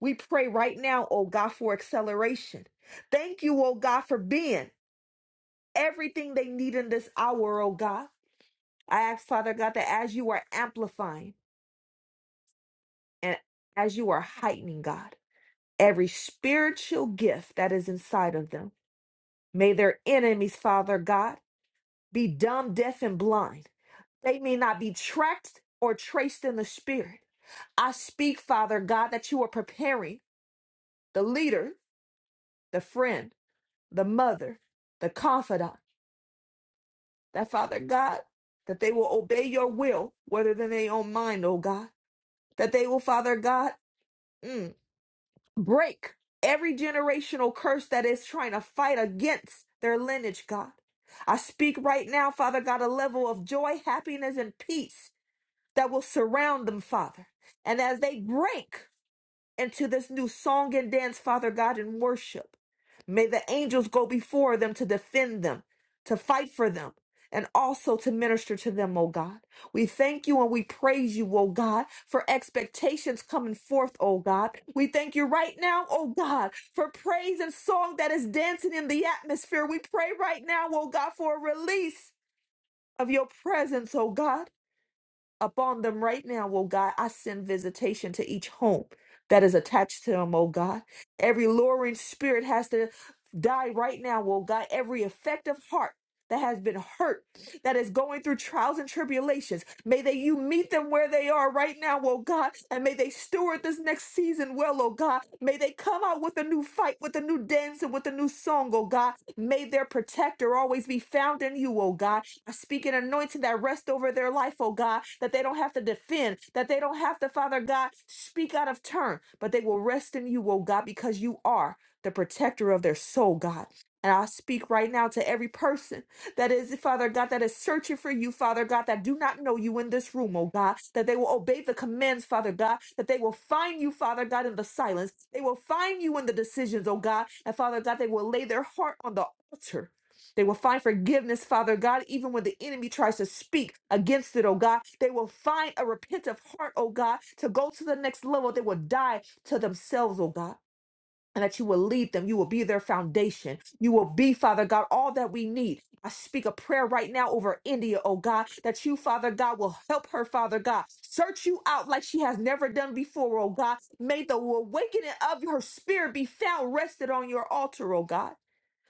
S23: We pray right now, oh God, for acceleration. Thank you, oh God, for being everything they need in this hour, oh God. I ask, Father God, that as you are amplifying and as you are heightening, God, every spiritual gift that is inside of them, may their enemies, Father God, be dumb, deaf, and blind. They may not be tracked or traced in the spirit. I speak, Father God, that you are preparing the leader, the friend, the mother, the confidant, that Father God, that they will obey your will whether than their own mind, oh God. That they will, Father God, mm, break every generational curse that is trying to fight against their lineage, God. I speak right now, Father God, a level of joy, happiness, and peace that will surround them, Father. And as they break into this new song and dance, Father God, in worship, may the angels go before them to defend them, to fight for them. And also to minister to them, O God. We thank you and we praise you, O God, for expectations coming forth, O God. We thank you right now, O God, for praise and song that is dancing in the atmosphere. We pray right now, O God, for a release of your presence, O God upon them right now, O God. I send visitation to each home that is attached to them, O God. Every luring spirit has to die right now, O God. Every effective heart that has been hurt, that is going through trials and tribulations, may they you meet them where they are right now, O God, and may they steward this next season well, O God. May they come out with a new fight, with a new dance, and with a new song, O God. May their protector always be found in you, O God. I speak an anointing that rests over their life, oh God, that they don't have to defend, that they don't have to, Father God, speak out of turn, but they will rest in you, oh God, because you are the protector of their soul, God. And I speak right now to every person that is, Father God, that is searching for you, Father God, that do not know you in this room, oh God, that they will obey the commands, Father God, that they will find you, Father God, in the silence. They will find you in the decisions, oh God, and Father God, they will lay their heart on the altar they will find forgiveness, Father God, even when the enemy tries to speak against it, oh God. They will find a repentant heart, oh God, to go to the next level. They will die to themselves, oh God. And that you will lead them. You will be their foundation. You will be, Father God, all that we need. I speak a prayer right now over India, oh God, that you, Father God, will help her, Father God. Search you out like she has never done before, oh God. May the awakening of her spirit be found rested on your altar, oh God.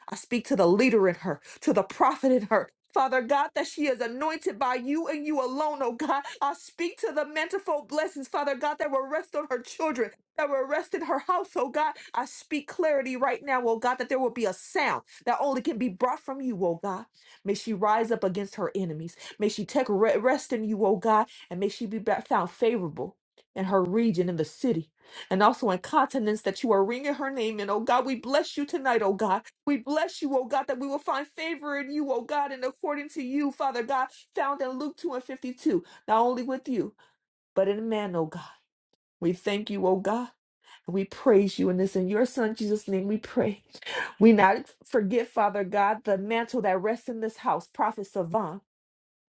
S23: I speak to the leader in her, to the prophet in her. Father God, that she is anointed by you and you alone, oh God. I speak to the manifold blessings, Father God, that will rest on her children, that will rest in her house, oh God. I speak clarity right now, oh God, that there will be a sound that only can be brought from you, oh God. May she rise up against her enemies. May she take re- rest in you, oh God, and may she be ba- found favorable in her region, in the city, and also in continents that you are ringing her name in, oh God. We bless you tonight, oh God. We bless you, O God, that we will find favor in you, O God, and according to you, Father God, found in Luke 2 and 52, not only with you, but in man, O God. We thank you, O God, and we praise you in this. In your Son, Jesus' name, we pray. We not forget, Father God, the mantle that rests in this house, Prophet Savant,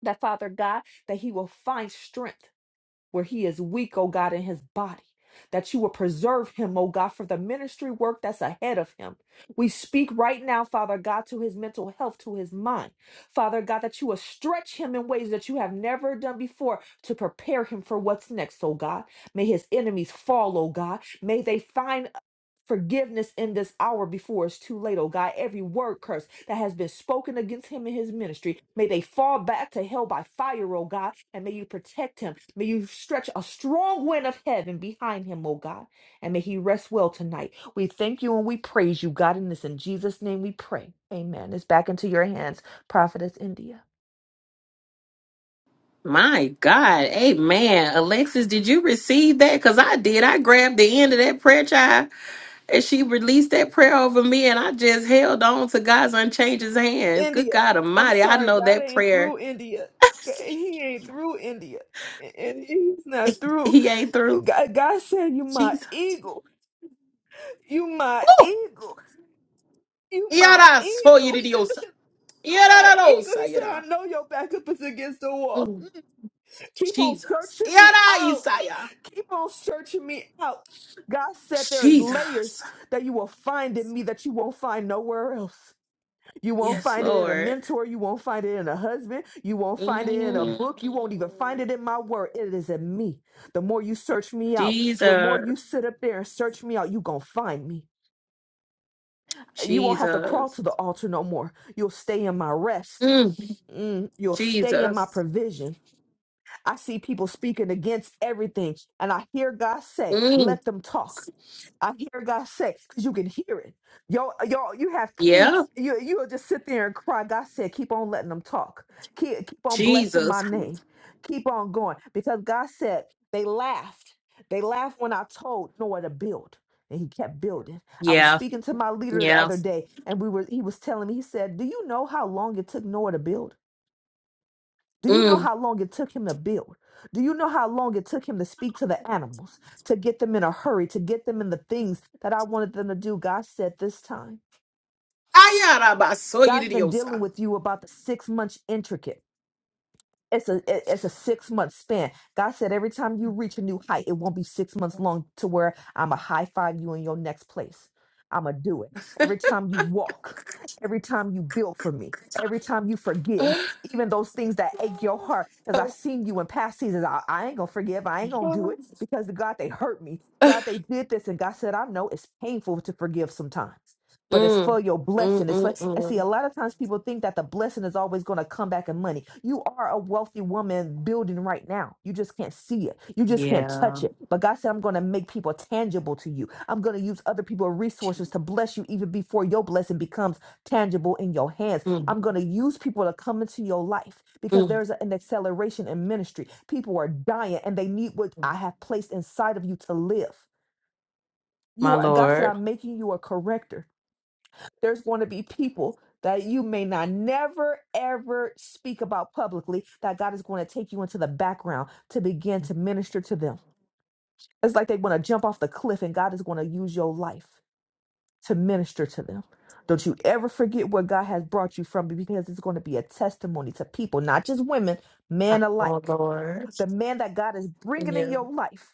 S23: that Father God, that he will find strength where he is weak, oh God, in his body. That you will preserve him, oh God, for the ministry work that's ahead of him. We speak right now, Father God, to his mental health, to his mind. Father God, that you will stretch him in ways that you have never done before to prepare him for what's next, oh God. May his enemies fall, oh God. May they find forgiveness in this hour before it's too late, oh God. Every word curse that has been spoken against him and his ministry, may they fall back to hell by fire, oh God, and may you protect him. May you stretch a strong wind of heaven behind him, oh God, and may he rest well tonight. We thank you and we praise you, God, in this. In Jesus' name we pray. Amen. It's back into your hands, Prophetess India.
S8: My God, amen. Alexis, did you receive that? Because I did. I grabbed the end of that prayer child and she released that prayer over me, and I just held on to God's unchanged hands. Good
S23: India.
S8: God
S23: I'm
S8: Almighty. I
S23: sorry,
S8: know
S23: God
S8: that
S23: ain't
S8: prayer,
S23: through India. He ain't through India. And he's not through.
S8: He ain't through.
S23: God, God said, "You my
S8: Jesus.
S23: eagle, you my eagle, you my
S8: Yada so
S23: eagle,
S8: yidiosa.
S23: my
S8: Yada no
S23: eagle." He said, "I
S8: sayada.
S23: know your backup is against the wall. Keep on
S8: Jesus.
S23: searching me
S8: Yada
S23: out.
S8: Isaiah.
S23: Keep on searching me out." God said, "There is
S8: Jesus.
S23: layers that you will find in me that you won't find nowhere else." You won't
S8: Yes,
S23: find it in a
S8: Lord.
S23: mentor. You won't find it in a husband. You won't find it in a
S8: Mm.
S23: book. You won't even find it in my word. It is in me. The more you search me out, the more you
S8: Jesus.
S23: sit up there and search me out, you going to find me. You won't have to crawl to
S8: Jesus.
S23: the altar no more. You'll stay in my rest.
S8: Mm.
S23: Mm, you'll stay in my
S8: Jesus.
S23: provision. I see people speaking against everything, and I hear God say,
S8: Mm.
S23: Let them talk. I hear God say, because you can hear it. Yo, yo, you have
S8: Yeah.
S23: kids. You you'll just sit there and cry. God said, keep on letting them talk. Keep keep on blessing my
S8: Jesus.
S23: name. Keep on going. Because God said they laughed. They laughed when I told Noah to build. And he kept building. I was
S8: Yeah.
S23: speaking to my leader the
S8: Yeah.
S23: other day, and we were he was telling me, he said, Do you know how long it took Noah to build? Do you know
S8: Mm.
S23: how long it took him to build? Do you know how long it took him to speak to the animals, to get them in a hurry, to get them in the things that I wanted them to do? God said this time.
S8: Ayada baso
S23: God's been dealing
S8: yidiosa.
S23: with you about the six months intricate. It's a it- it's a six month span. God said every time you reach a new height, it won't be six months long to where I'm a high five you in your next place. I'm gonna do it every time you walk, every time you build for me, every time you forgive, even those things that ache your heart. Because I've seen you in past seasons. I, I ain't gonna forgive. I ain't gonna do
S8: Mm.
S23: it because God they hurt me. God they did this, and God said I know it's painful to forgive sometimes but it's
S8: Mm,
S23: for your blessing. It's for
S8: mm,
S23: and
S8: mm.
S23: see, a lot of times people think that the blessing is always going to come back in money. You are a wealthy woman building right now. You just can't see it. You just can't touch
S8: Yeah.
S23: it. But God said, I'm going to make people tangible to you. I'm going to use other people's resources to bless you even before your blessing becomes tangible in your hands.
S8: Mm,
S23: I'm going to use people to come into your life because
S8: mm.
S23: there's an acceleration in ministry. People are dying and they need what I
S8: mm.
S23: have placed inside of you to live.
S8: My
S23: You are God said,
S8: Lord.
S23: I'm making you a corrector there's going to be people that you may not never ever speak about publicly that God is going to take you into the background to begin to minister to them. It's like they want to jump off the cliff and God is going to use your life to minister to them. Don't you ever forget where God has brought you from because it's going to be a testimony to people, not just women, men
S8: Oh,
S23: alike.
S8: Lord.
S23: The man that God is bringing in
S8: Yeah.
S23: your life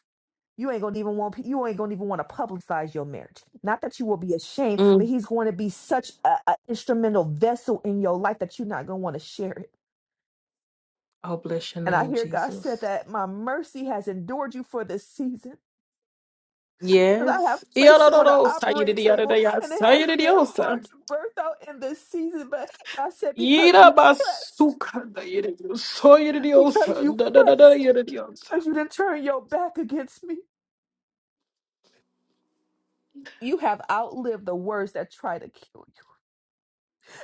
S23: you ain't gonna even want you ain't gonna even want to publicize your marriage. Not that you will be ashamed, but
S8: Mm.
S23: he's going to be such an instrumental vessel in your life that you're not gonna want to share it.
S8: Oh, bless your
S23: And I
S8: name,
S23: hear God said
S8: Jesus.
S23: that my mercy has endured you for this season. Because I have
S8: Yes.
S23: placed you on the
S8: Yadadadosa,
S23: operating table, and it
S8: yadadadadasa,
S23: has been hard
S8: yadadadiosa.
S23: to birth out in this season. But God said, because you pressed,
S8: Yidabasuka, yadadiosa, yadadiosa,
S23: because you
S8: dadadada,
S23: pressed,
S8: yadadiosa.
S23: because you didn't turn your back against me, you have outlived the words that try to kill you.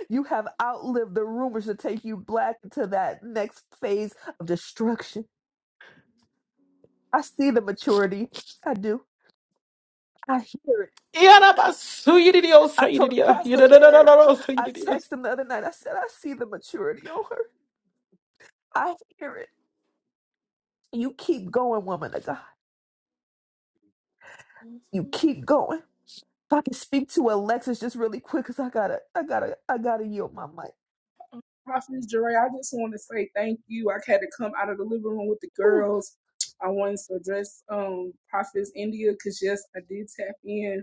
S23: You have outlived the rumors to take you black into that next phase of destruction. I see the maturity. I do. I hear it.
S8: Yadabasu, yadadiosa,
S23: I told
S8: yadadia,
S23: Apostle Eric,
S8: yadadadadadosa,
S23: I
S8: yadadia.
S23: texted him the other night. I said, I see the maturity on her. I hear it. You keep going, woman of God. You keep going. If I can speak to Alexis just really quick, because I gotta, I gotta, I gotta yield my mic.
S32: Prophetess Jeray, I just want to say thank you. I had to come out of the living room with the
S23: Ooh.
S32: girls. I wanted to address um, Prophetess India because, yes, I did tap in.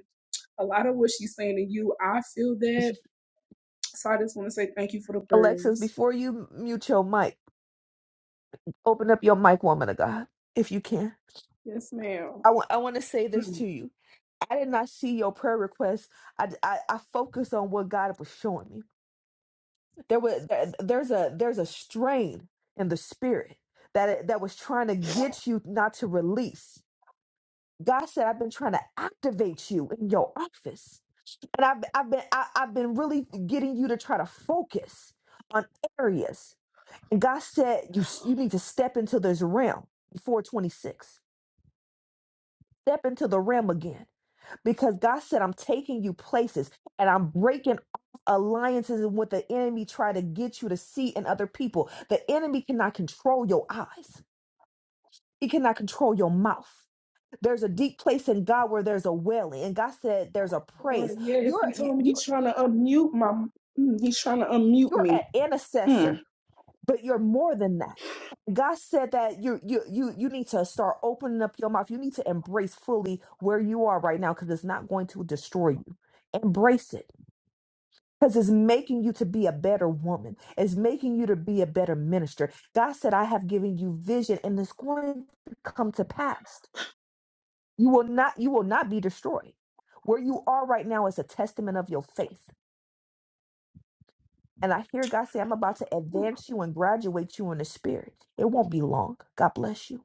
S32: A lot of what she's saying to you, I feel that. So I just want to say thank you for the
S23: Alexis,
S32: prayers.
S23: before you mute your mic, open up your mic, woman of God, if you can.
S32: Yes, ma'am.
S23: I want I want to say this
S32: Mm.
S23: to you. I did not see your prayer request. I, I, I focused on what God was showing me. There was there- there's a there's a strain in the spirit that that was trying to get you not to release. God said, "I've been trying to activate you in your office, and I've I've been I, I've been really getting you to try to focus on areas." And God said, "You you need to step into this realm." 426. Step into the realm again because God said, I'm taking you places and I'm breaking off alliances and what the enemy tried to get you to see in other people. The enemy cannot control your eyes, he cannot control your mouth. There's a deep place in God where there's a wailing, and God said there's a
S32: Or,
S23: praise.
S32: yes,
S23: You're
S32: he
S23: you-
S32: told me
S23: you're
S32: he's trying to unmute my, mm, he's trying to unmute
S23: you're an
S32: me. Mm.
S23: intercessor, but you're more than that. God said that you you you you need to start opening up your mouth. You need to embrace fully where you are right now because it's not going to destroy you. Embrace it because it's making you to be a better woman. It's making you to be a better minister. God said, I have given you vision and it's going to come to pass. You will not, you will not be destroyed. Where you are right now is a testament of your faith. And I hear God say, I'm about to advance you and graduate you in the spirit. It won't be long. God bless you.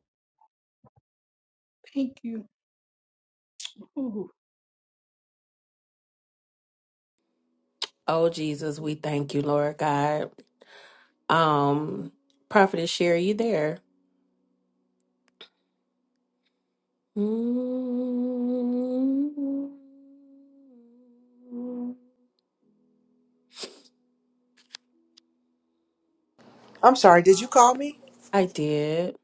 S32: Thank you.
S8: Oh Jesus, we thank you, Lord God. Um, Prophetess Sherry, you there? Mm.
S26: I'm sorry, did you call me?
S8: I did.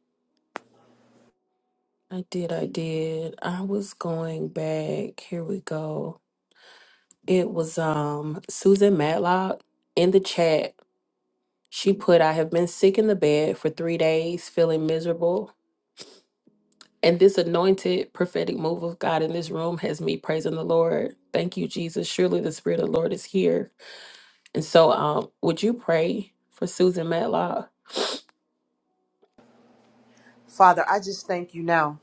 S8: I did. I did. I was going back. Here we go. It was um Susan Matlock in the chat. She put, I have been sick in the bed for three days, feeling miserable. And this anointed prophetic move of God in this room has me praising the Lord. Thank you, Jesus. Surely the Spirit of the Lord is here. And so um, would you pray for Susan Matlock?
S26: Father, I just thank you now.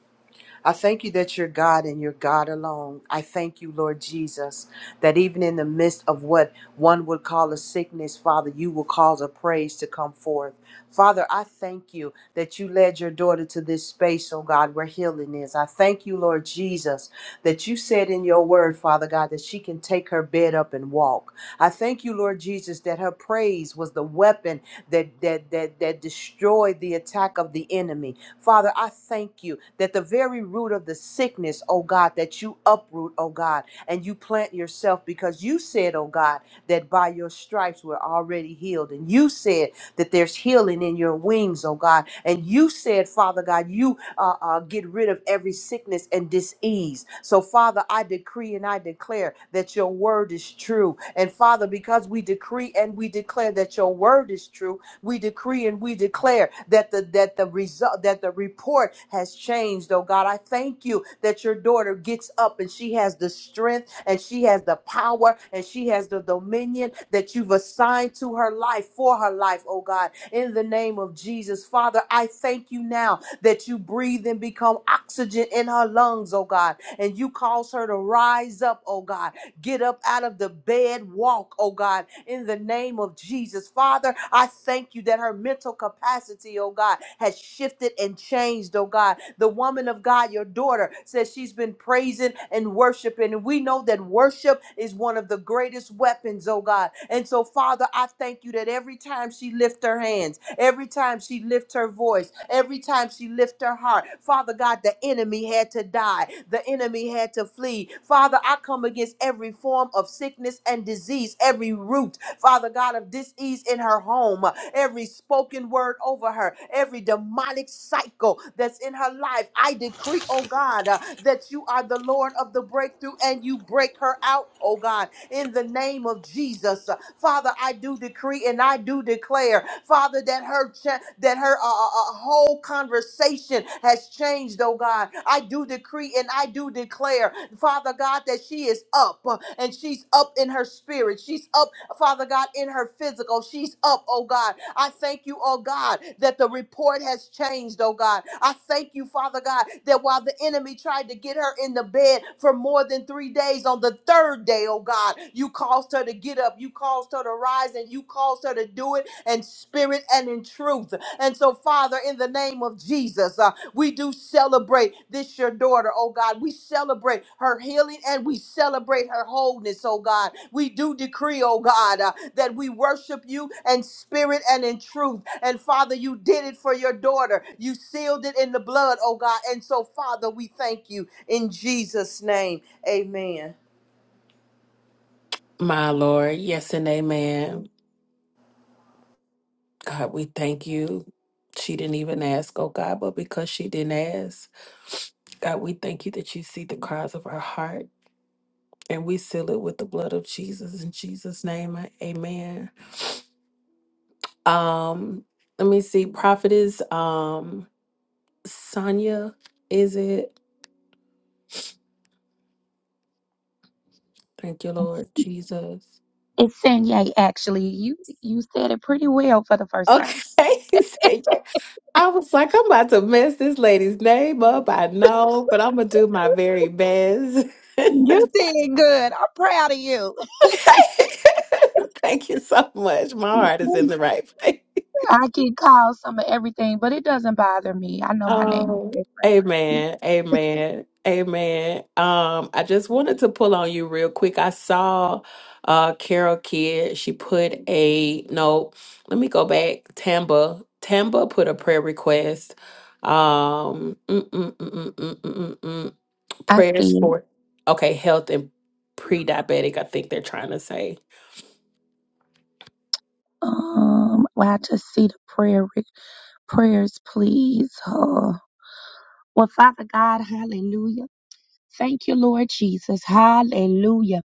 S26: I thank you that you're God and you're God alone. I thank you, Lord Jesus, that even in the midst of what one would call a sickness, Father, you will cause a praise to come forth. Father, I thank you that you led your daughter to this space, oh God, where healing is. I thank you, Lord Jesus, that you said in your word, Father God, that she can take her bed up and walk. I thank you, Lord Jesus, that her praise was the weapon that that that, that destroyed the attack of the enemy. Father, I thank you that the very root of the sickness, oh God, that you uproot, oh God, and you plant yourself because you said, oh God, that by your stripes we're already healed. And you said that there's healing in your wings, oh God. And you said, Father God, you uh, uh, get rid of every sickness and disease. So, Father, I decree and I declare that your word is true. And, Father, because we decree and we declare that your word is true, we decree and we declare that the that the result that the report has changed, oh God. I thank you that your daughter gets up and she has the strength and she has the power and she has the dominion that you've assigned to her life for her life, oh God. In the name of Jesus, Father, I thank you now that you breathe and become oxygen in her lungs, oh God, and you cause her to rise up, oh God Get up out of the bed, walk, oh God, in the name of Jesus. Father, I thank you that her mental capacity, oh God, has shifted and changed, oh God. The woman of God, your daughter, says she's been praising and worshiping. And we know that worship is one of the greatest dangerous weapons, oh God. And so, Father, I thank you that every time she lifts her hands, every time she lifts her voice, every time she lifts her heart, Father God, the enemy had to die. The enemy had to flee. Father, I come against every form of sickness and disease, every root, Father God, of disease in her home, every spoken word over her, every demonic cycle that's in her life. I decree, oh God, uh, that you are the Lord of the breakthrough and you break her out, oh God in the name of Jesus. Father, I do decree and I do declare, Father, that her cha- that her uh, uh, uh, whole conversation has changed, oh God. I do decree and I do declare, Father God, that she is up uh, and she's up in her spirit. She's up, Father. Father God, in her physical. She's up, oh God. I thank you, oh God, that the report has changed, oh God. I thank you, Father God, that while the enemy tried to get her in the bed for more than three days, on the third day, oh God, you caused her to get up, you caused her to rise, and you caused her to do it in spirit and in truth. And so, Father, in the name of Jesus, uh, we do celebrate this, your daughter, oh God. We celebrate her healing and we celebrate her wholeness, oh God. We do decree, oh God, uh, that we worship you in spirit and in truth. And Father, you did it for your daughter. You sealed it in the blood, oh God. And so, Father, we thank you in Jesus' name. Amen.
S8: My Lord, yes and amen. God, we thank you. She didn't even ask, oh God, but because she didn't ask, God, we thank you that you see the cries of our heart and we seal it with the blood of Jesus in Jesus' name. I- Amen. Um, let me see, prophetess um Sonia, is it? Thank you, Lord Jesus.
S16: It's Sanye, actually. You you said it pretty well for the first
S8: Okay.
S16: time.
S8: Thank you. I was like, I'm about to mess this lady's name up. I know, but I'm going to do my very best.
S16: You did good. I'm proud of you.
S8: Thank you so much. My heart is in the right place.
S16: I get called some of everything, but it doesn't bother me. I know my name is
S8: Oh,
S16: different.
S8: amen,
S16: Yeah.
S8: amen, amen. Um, I just wanted to pull on you real quick. I saw uh Carol Kidd, she put a no, let me go back. Tamba, Tamba put a prayer request. Um, mm, mm, mm, mm, mm, mm, mm, mm.
S16: I
S8: prayers
S16: see it.
S8: for okay, health and pre-diabetic, I think they're trying to say.
S16: Um, well, I just see the prayer re- prayers, please. Uh, well, Father God, hallelujah. Thank you, Lord Jesus. Hallelujah.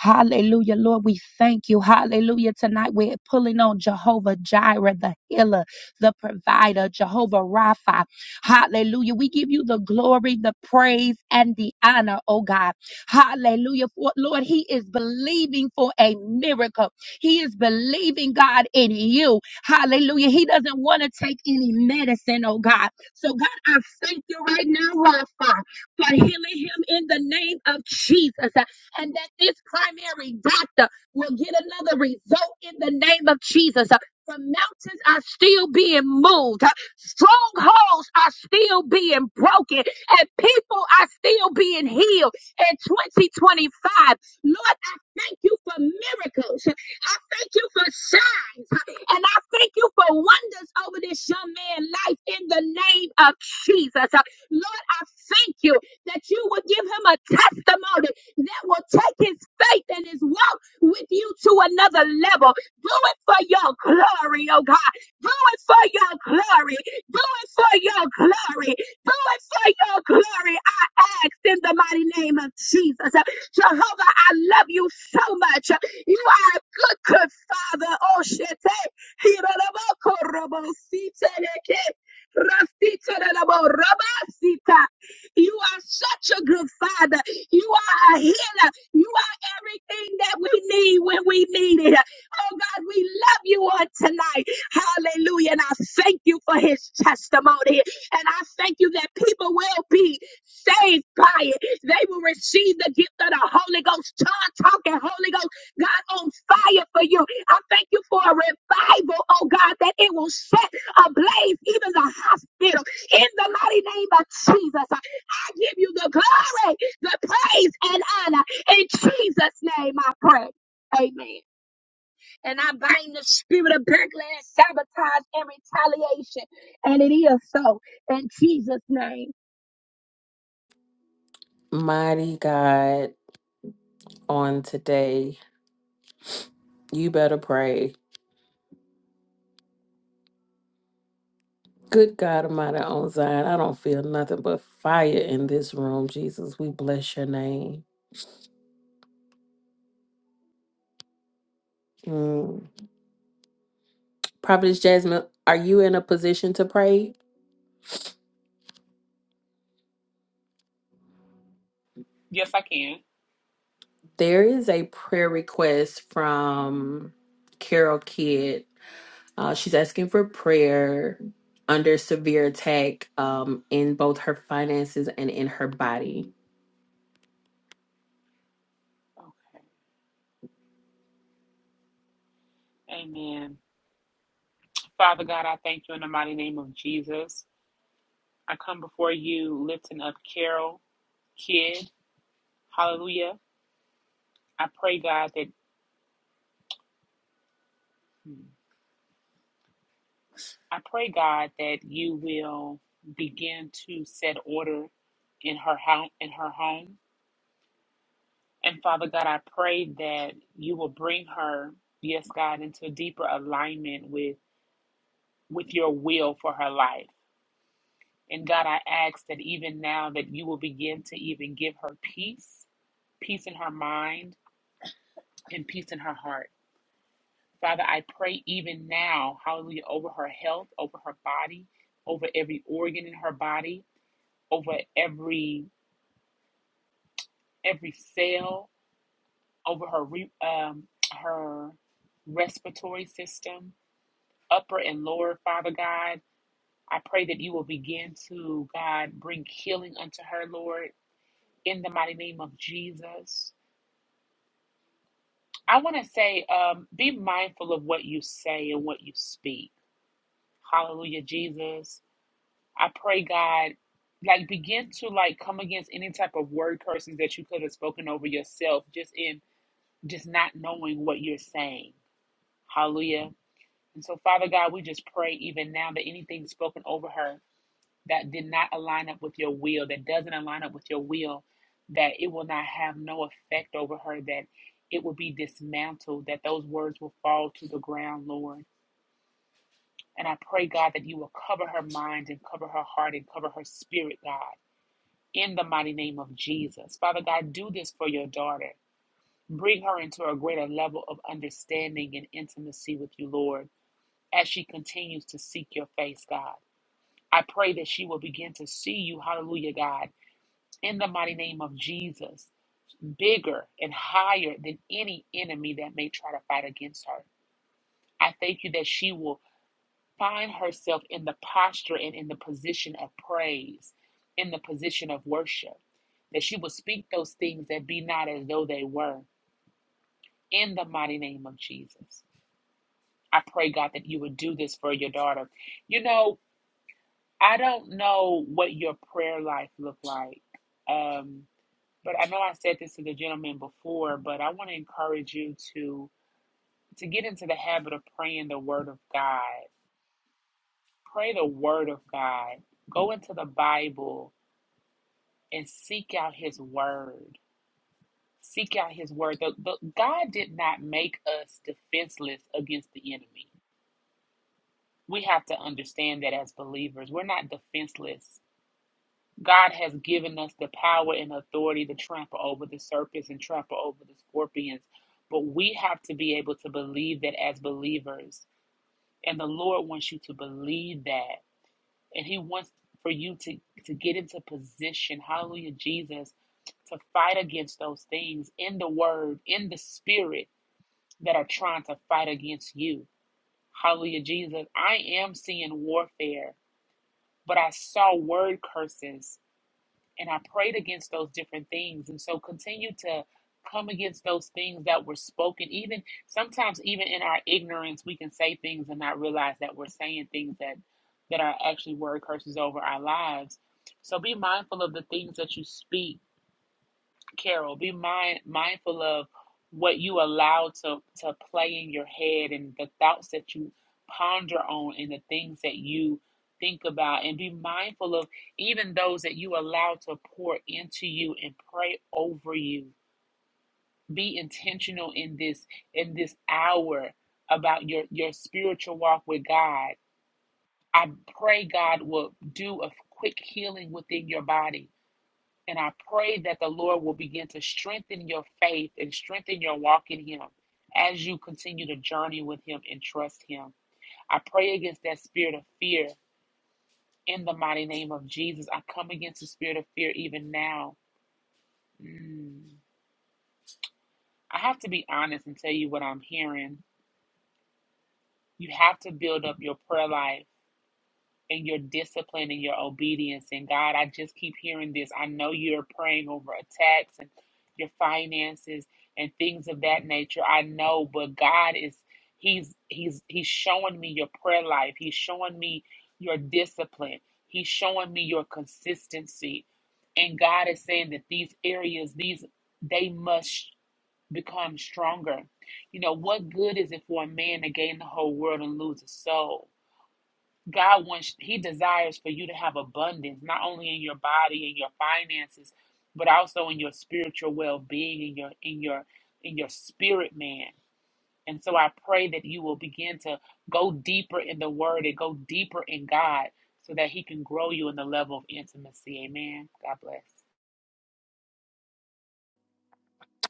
S16: Hallelujah, Lord, we thank you. Hallelujah. Tonight we're pulling on Jehovah Jireh, the healer, the provider, Jehovah Rapha. Hallelujah. We give you the glory, the praise, and the honor, oh God. Hallelujah. For, Lord, He is believing for a miracle. He is believing, God, in you. Hallelujah. He doesn't want to take any medicine, oh God. So, God, I thank you right now, Rapha for healing him in the name of Jesus. uh, And that this primary doctor will get another result in the name of Jesus. uh, For mountains are still being moved, uh, strongholds are still being broken, and people are still being healed in 2025. Lord, I thank you for miracles. I thank you for signs. And I thank you for wonders over this young man's life in the name of Jesus. Lord, I thank you that you would give him a testimony that will take his faith and his walk with you to another level. Do it for your glory, oh God. Do it for your glory. Do it for your glory. Do it for your glory. I ask in the mighty name of Jesus. uh, Jehovah, I love you so much. You are a good, good father. Oh, shit. Hirarabo siteleke. Rasitelelabo rabasita. You are such a good father. You are a healer. You are everything that we need when we need it. Oh God, we love you on tonight. Hallelujah. And I thank you for his testimony. And I thank you that people will be saved by it. They will receive the gift of the Holy Ghost, tongue talking Holy Ghost, God on fire for you. I thank you for a revival, oh God, that it will set ablaze even the hospital in the mighty name of Jesus. I give you the glory, the praise, and honor. In Jesus' name I pray. Amen. And I bind the spirit of backlash, sabotage, and retaliation. And it is so in Jesus' name.
S8: Mighty God. on today. You better pray. Good God Almighty on Zion. I don't feel nothing but fire in this room, Jesus. We bless your name. Mm. Prophetess Jasmine, are you in a position to pray? There is a prayer request from Carol Kidd. Uh, she's asking for prayer under severe attack um, in both her finances and in her body.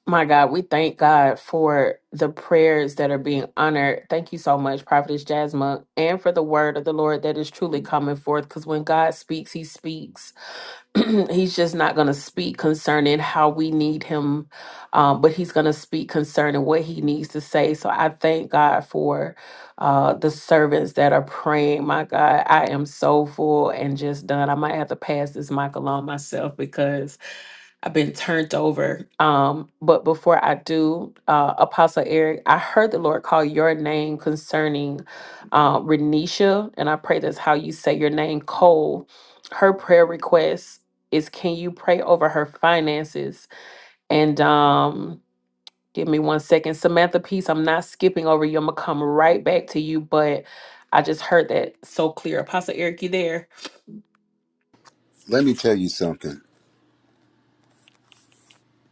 S8: My God, we thank God for the prayers that are being honored. Thank you so much, Prophetess Jasmine, and for the word of the Lord that is truly coming forth. Because when God speaks, He speaks. he's just not going to speak concerning how we need Him, um, but He's going to speak concerning what He needs to say. So I thank God for uh, the servants that are praying. My God, I am so full and just done. I might have to pass this mic along myself because. I've been turned over. Um, but before I do, uh, Apostle Eric, I heard the Lord call your name concerning uh, Renisha, and I pray that's how you say your name, Cole. Her prayer request is can you pray over her finances? And um, Give me one second. Samantha Peace, I'm not skipping over you. I'm going to come right back to you, but I just heard that so clear. Apostle Eric, you there?
S14: Let me tell you something.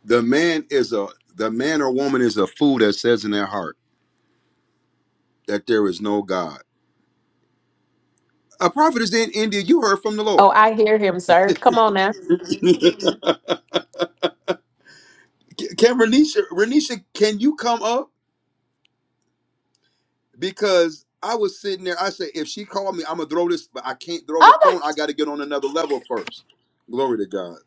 S14: The man is a the man or woman is a fool that says in their heart that there is no God. A prophet is in India. You heard from the
S8: Oh,
S14: Lord.
S8: I hear him, sir. Come on now.
S14: can Renisha, Renisha, can you come up? Because I was sitting there. I said, if she called me, I'm gonna throw this, but I can't throw the
S8: Oh, my
S14: phone. I got to get on another level first. Glory to God.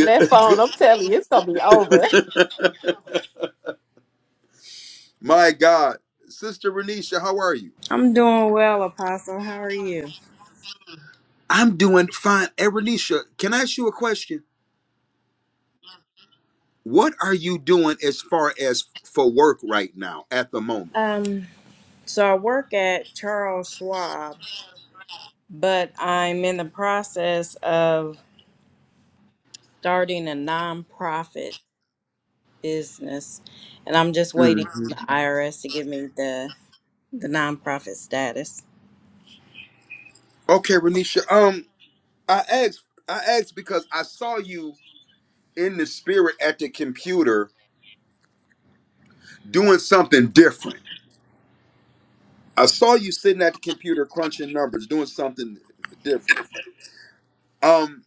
S8: that phone, I'm telling you, it's going to be over.
S14: My God, Sister Renisha, how are you?
S33: I'm doing well, Apostle. How are you?
S14: I'm doing fine. Erelicia, can I ask you a question? What are you doing as far as for work right now at the moment?
S33: Um, so I work at Charles Schwab, but I'm in the process of starting a nonprofit business, and I'm just
S14: hmm
S33: waiting on the IRS to give me the the nonprofit status.
S14: Okay, Renisha. Um, I asked. I asked because I saw you in the spirit at the computer doing something different. I saw you sitting at the computer crunching numbers, doing something different. Um,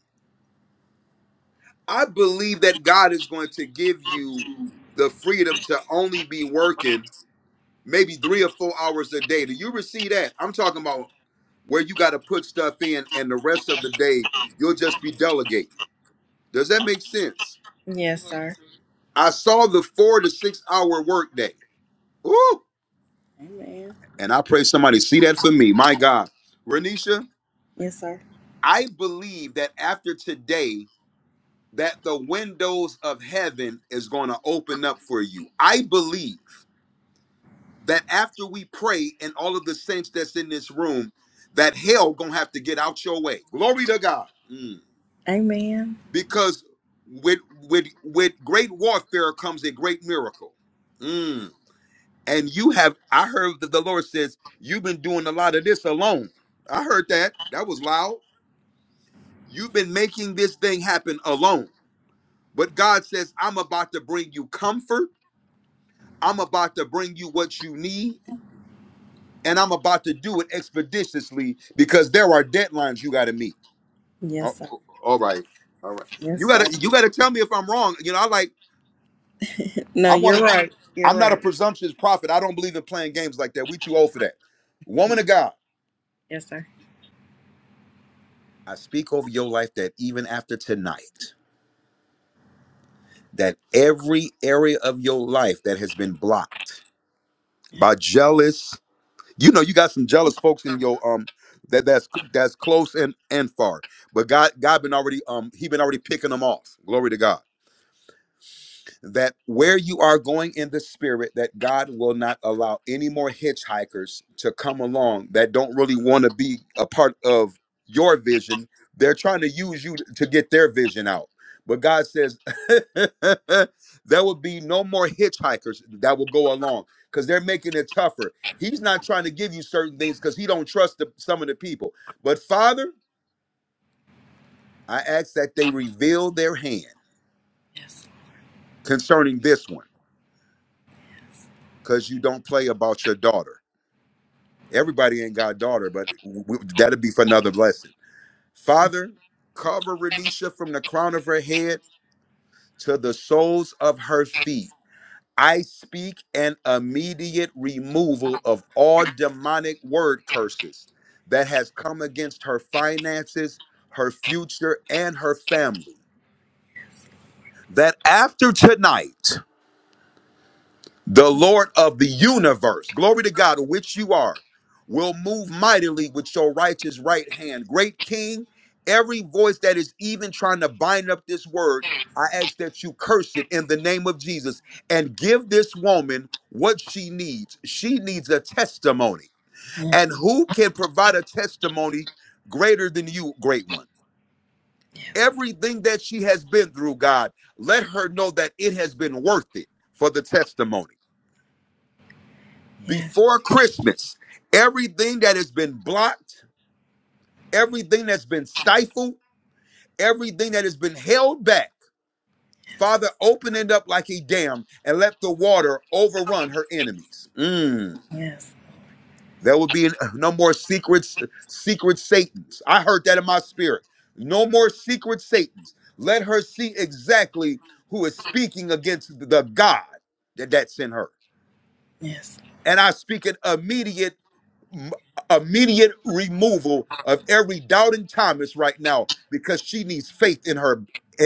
S14: I believe that God is going to give you the freedom to only be working maybe three or four hours a day. Do you receive that? I'm talking about where you got to put stuff in, and the rest of the day you'll just be delegating. Does that make sense?
S33: Yes, sir.
S14: I saw the four to six hour workday. Woo!
S33: Amen.
S14: And I pray somebody see that for me. My God, Renisha,
S33: Yes, sir.
S14: I believe that after today, that the windows of heaven is going to open up for you. I believe. that after we pray and all of the saints that's in this room, that hell gonna have to get out your way. Glory to God. Mm.
S33: Amen.
S14: Because with with with great warfare comes a great miracle. Mm. And you have, I heard that the Lord says, you've been doing a lot of this alone. I heard that. That was loud. You've been making this thing happen alone. But God says, I'm about to bring you comfort. I'm about to bring you what you need. and I'm about to do it expeditiously because there are deadlines you got to meet. Oh,
S33: Yes, sir.
S14: oh, all right, all right. You
S33: Yes, sir.
S14: gotta you gotta tell me if I'm wrong. You know, I like
S33: No,
S14: I want
S33: you're
S14: to.
S33: right. You're
S14: I'm not a
S33: right.
S14: presumptuous prophet. I don't believe in playing games like that. We too old for that. Woman of God,
S33: Yes, sir.
S14: I speak over your life that even after tonight, that every area of your life that has been blocked
S33: Yes.
S14: by jealous you know you got some jealous folks in your um that that's that's close and and far but god god been already um he been already picking them off glory to god that where you are going in the spirit that god will not allow any more hitchhikers to come along that don't really want to be a part of your vision they're trying to use you to get their vision out but god says there will be no more hitchhikers that will go along because they're making it tougher he's not trying to give you certain things because he don't trust the, some of the people but father i ask that they reveal their hand
S33: Yes.
S14: concerning this one because you don't play about your daughter Everybody ain't got a daughter, but w- that'd be for another blessing. Father, cover Renisha from the crown of her head to the soles of her feet. I speak an immediate removal of all demonic word curses that has come against her finances, her future, and her family. That after tonight, The Lord of the universe, glory to God, which you are, will move mightily with your righteous right hand. Great King, every voice that is even trying to bind up this word, I ask that you curse it in the name of Jesus and give this woman what she needs. She needs a testimony.
S33: Yes.
S14: And who can provide a testimony greater than you, great one?
S33: Yes.
S14: Everything that she has been through, God, let her know that it has been worth it for the testimony.
S33: Yes. Yes.
S14: before Christmas, everything that has been blocked, everything that's been stifled, everything that has been held back, Father, open it up like a dam and let the water overrun her enemies. Mm.
S33: Yes.
S14: There will be no more secrets, uh, secret Satans. I heard that in my spirit. No more secret Satans. Let her see exactly who is speaking against the God that, that sent her.
S33: Yes.
S14: And I speak an immediate m- immediate removal of every doubting Thomas right now because she needs faith in her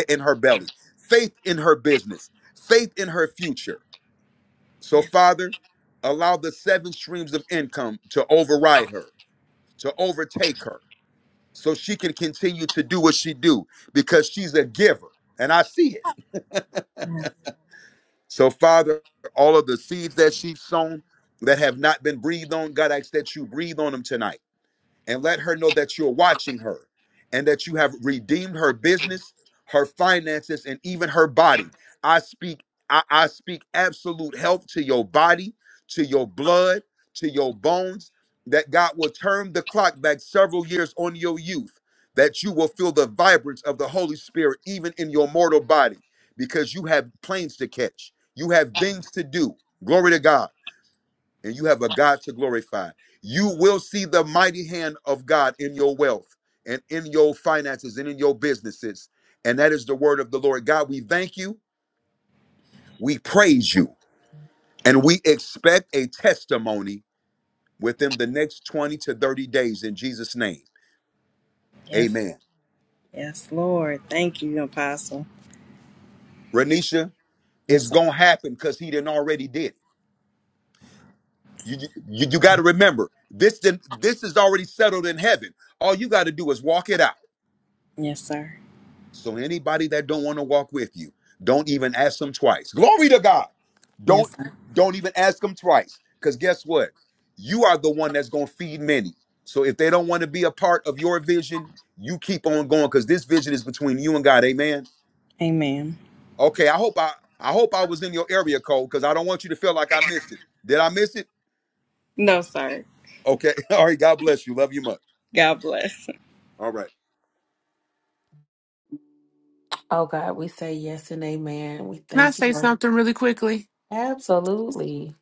S14: in her belly, faith in her business, faith in her future. So
S33: Yes,
S14: Father, allow the seven streams of income to override her, to overtake her, so she can continue to do what she do because she's a giver and I see it.
S33: yes,
S14: So Father, all of the seeds that she's sown that have not been breathed on, God, I ask that you breathe on them tonight and let her know that you're watching her and that you have redeemed her business, her finances, and even her body. I speak, I, I speak absolute health to your body, to your blood, to your bones, that God will turn the clock back several years on your youth, that you will feel the vibrance of the Holy Spirit even in your mortal body, because you have planes to catch, you have things to do. Glory to God and you have a God to glorify. You will see the mighty hand of God in your wealth and in your finances and in your businesses. And that is the word of the Lord. God, we thank you, we praise you, and we expect a testimony within the next 20 to 30 days in Jesus' name.
S33: yes,
S14: Amen.
S33: yes, Lord. Thank you, Apostle.
S14: Renisha,
S33: Yes,
S14: it's
S33: sir.
S14: gonna happen because he didn't already did. it. You, you, you got to remember this. Didn't, this is already settled in heaven. All you got to do is walk it out.
S33: Yes, sir.
S14: So anybody that don't want to walk with you, don't even ask them twice. Glory to God. Don't
S33: Yes, sir.
S14: don't even ask them twice. Because guess what? You are the one that's gonna feed many. So if they don't want to be a part of your vision, you keep on going because this vision is between you and God. Amen.
S33: Amen.
S14: Okay, I hope I I hope I was in your area code because I don't want you to feel like I missed it. Did I miss it?
S33: No, sir.
S14: Okay. All right, God bless you. Love you much.
S33: God bless.
S14: All right.
S8: Oh, God, we say yes and amen. We thank you, Lord. Absolutely.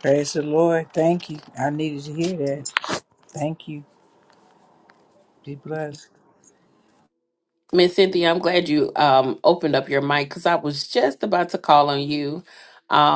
S31: Praise the Lord. Thank you. I needed to hear that. Thank you. Be blessed.
S8: Miss Cynthia, I'm glad you um, opened up your mic because I was just about to call on you. Um,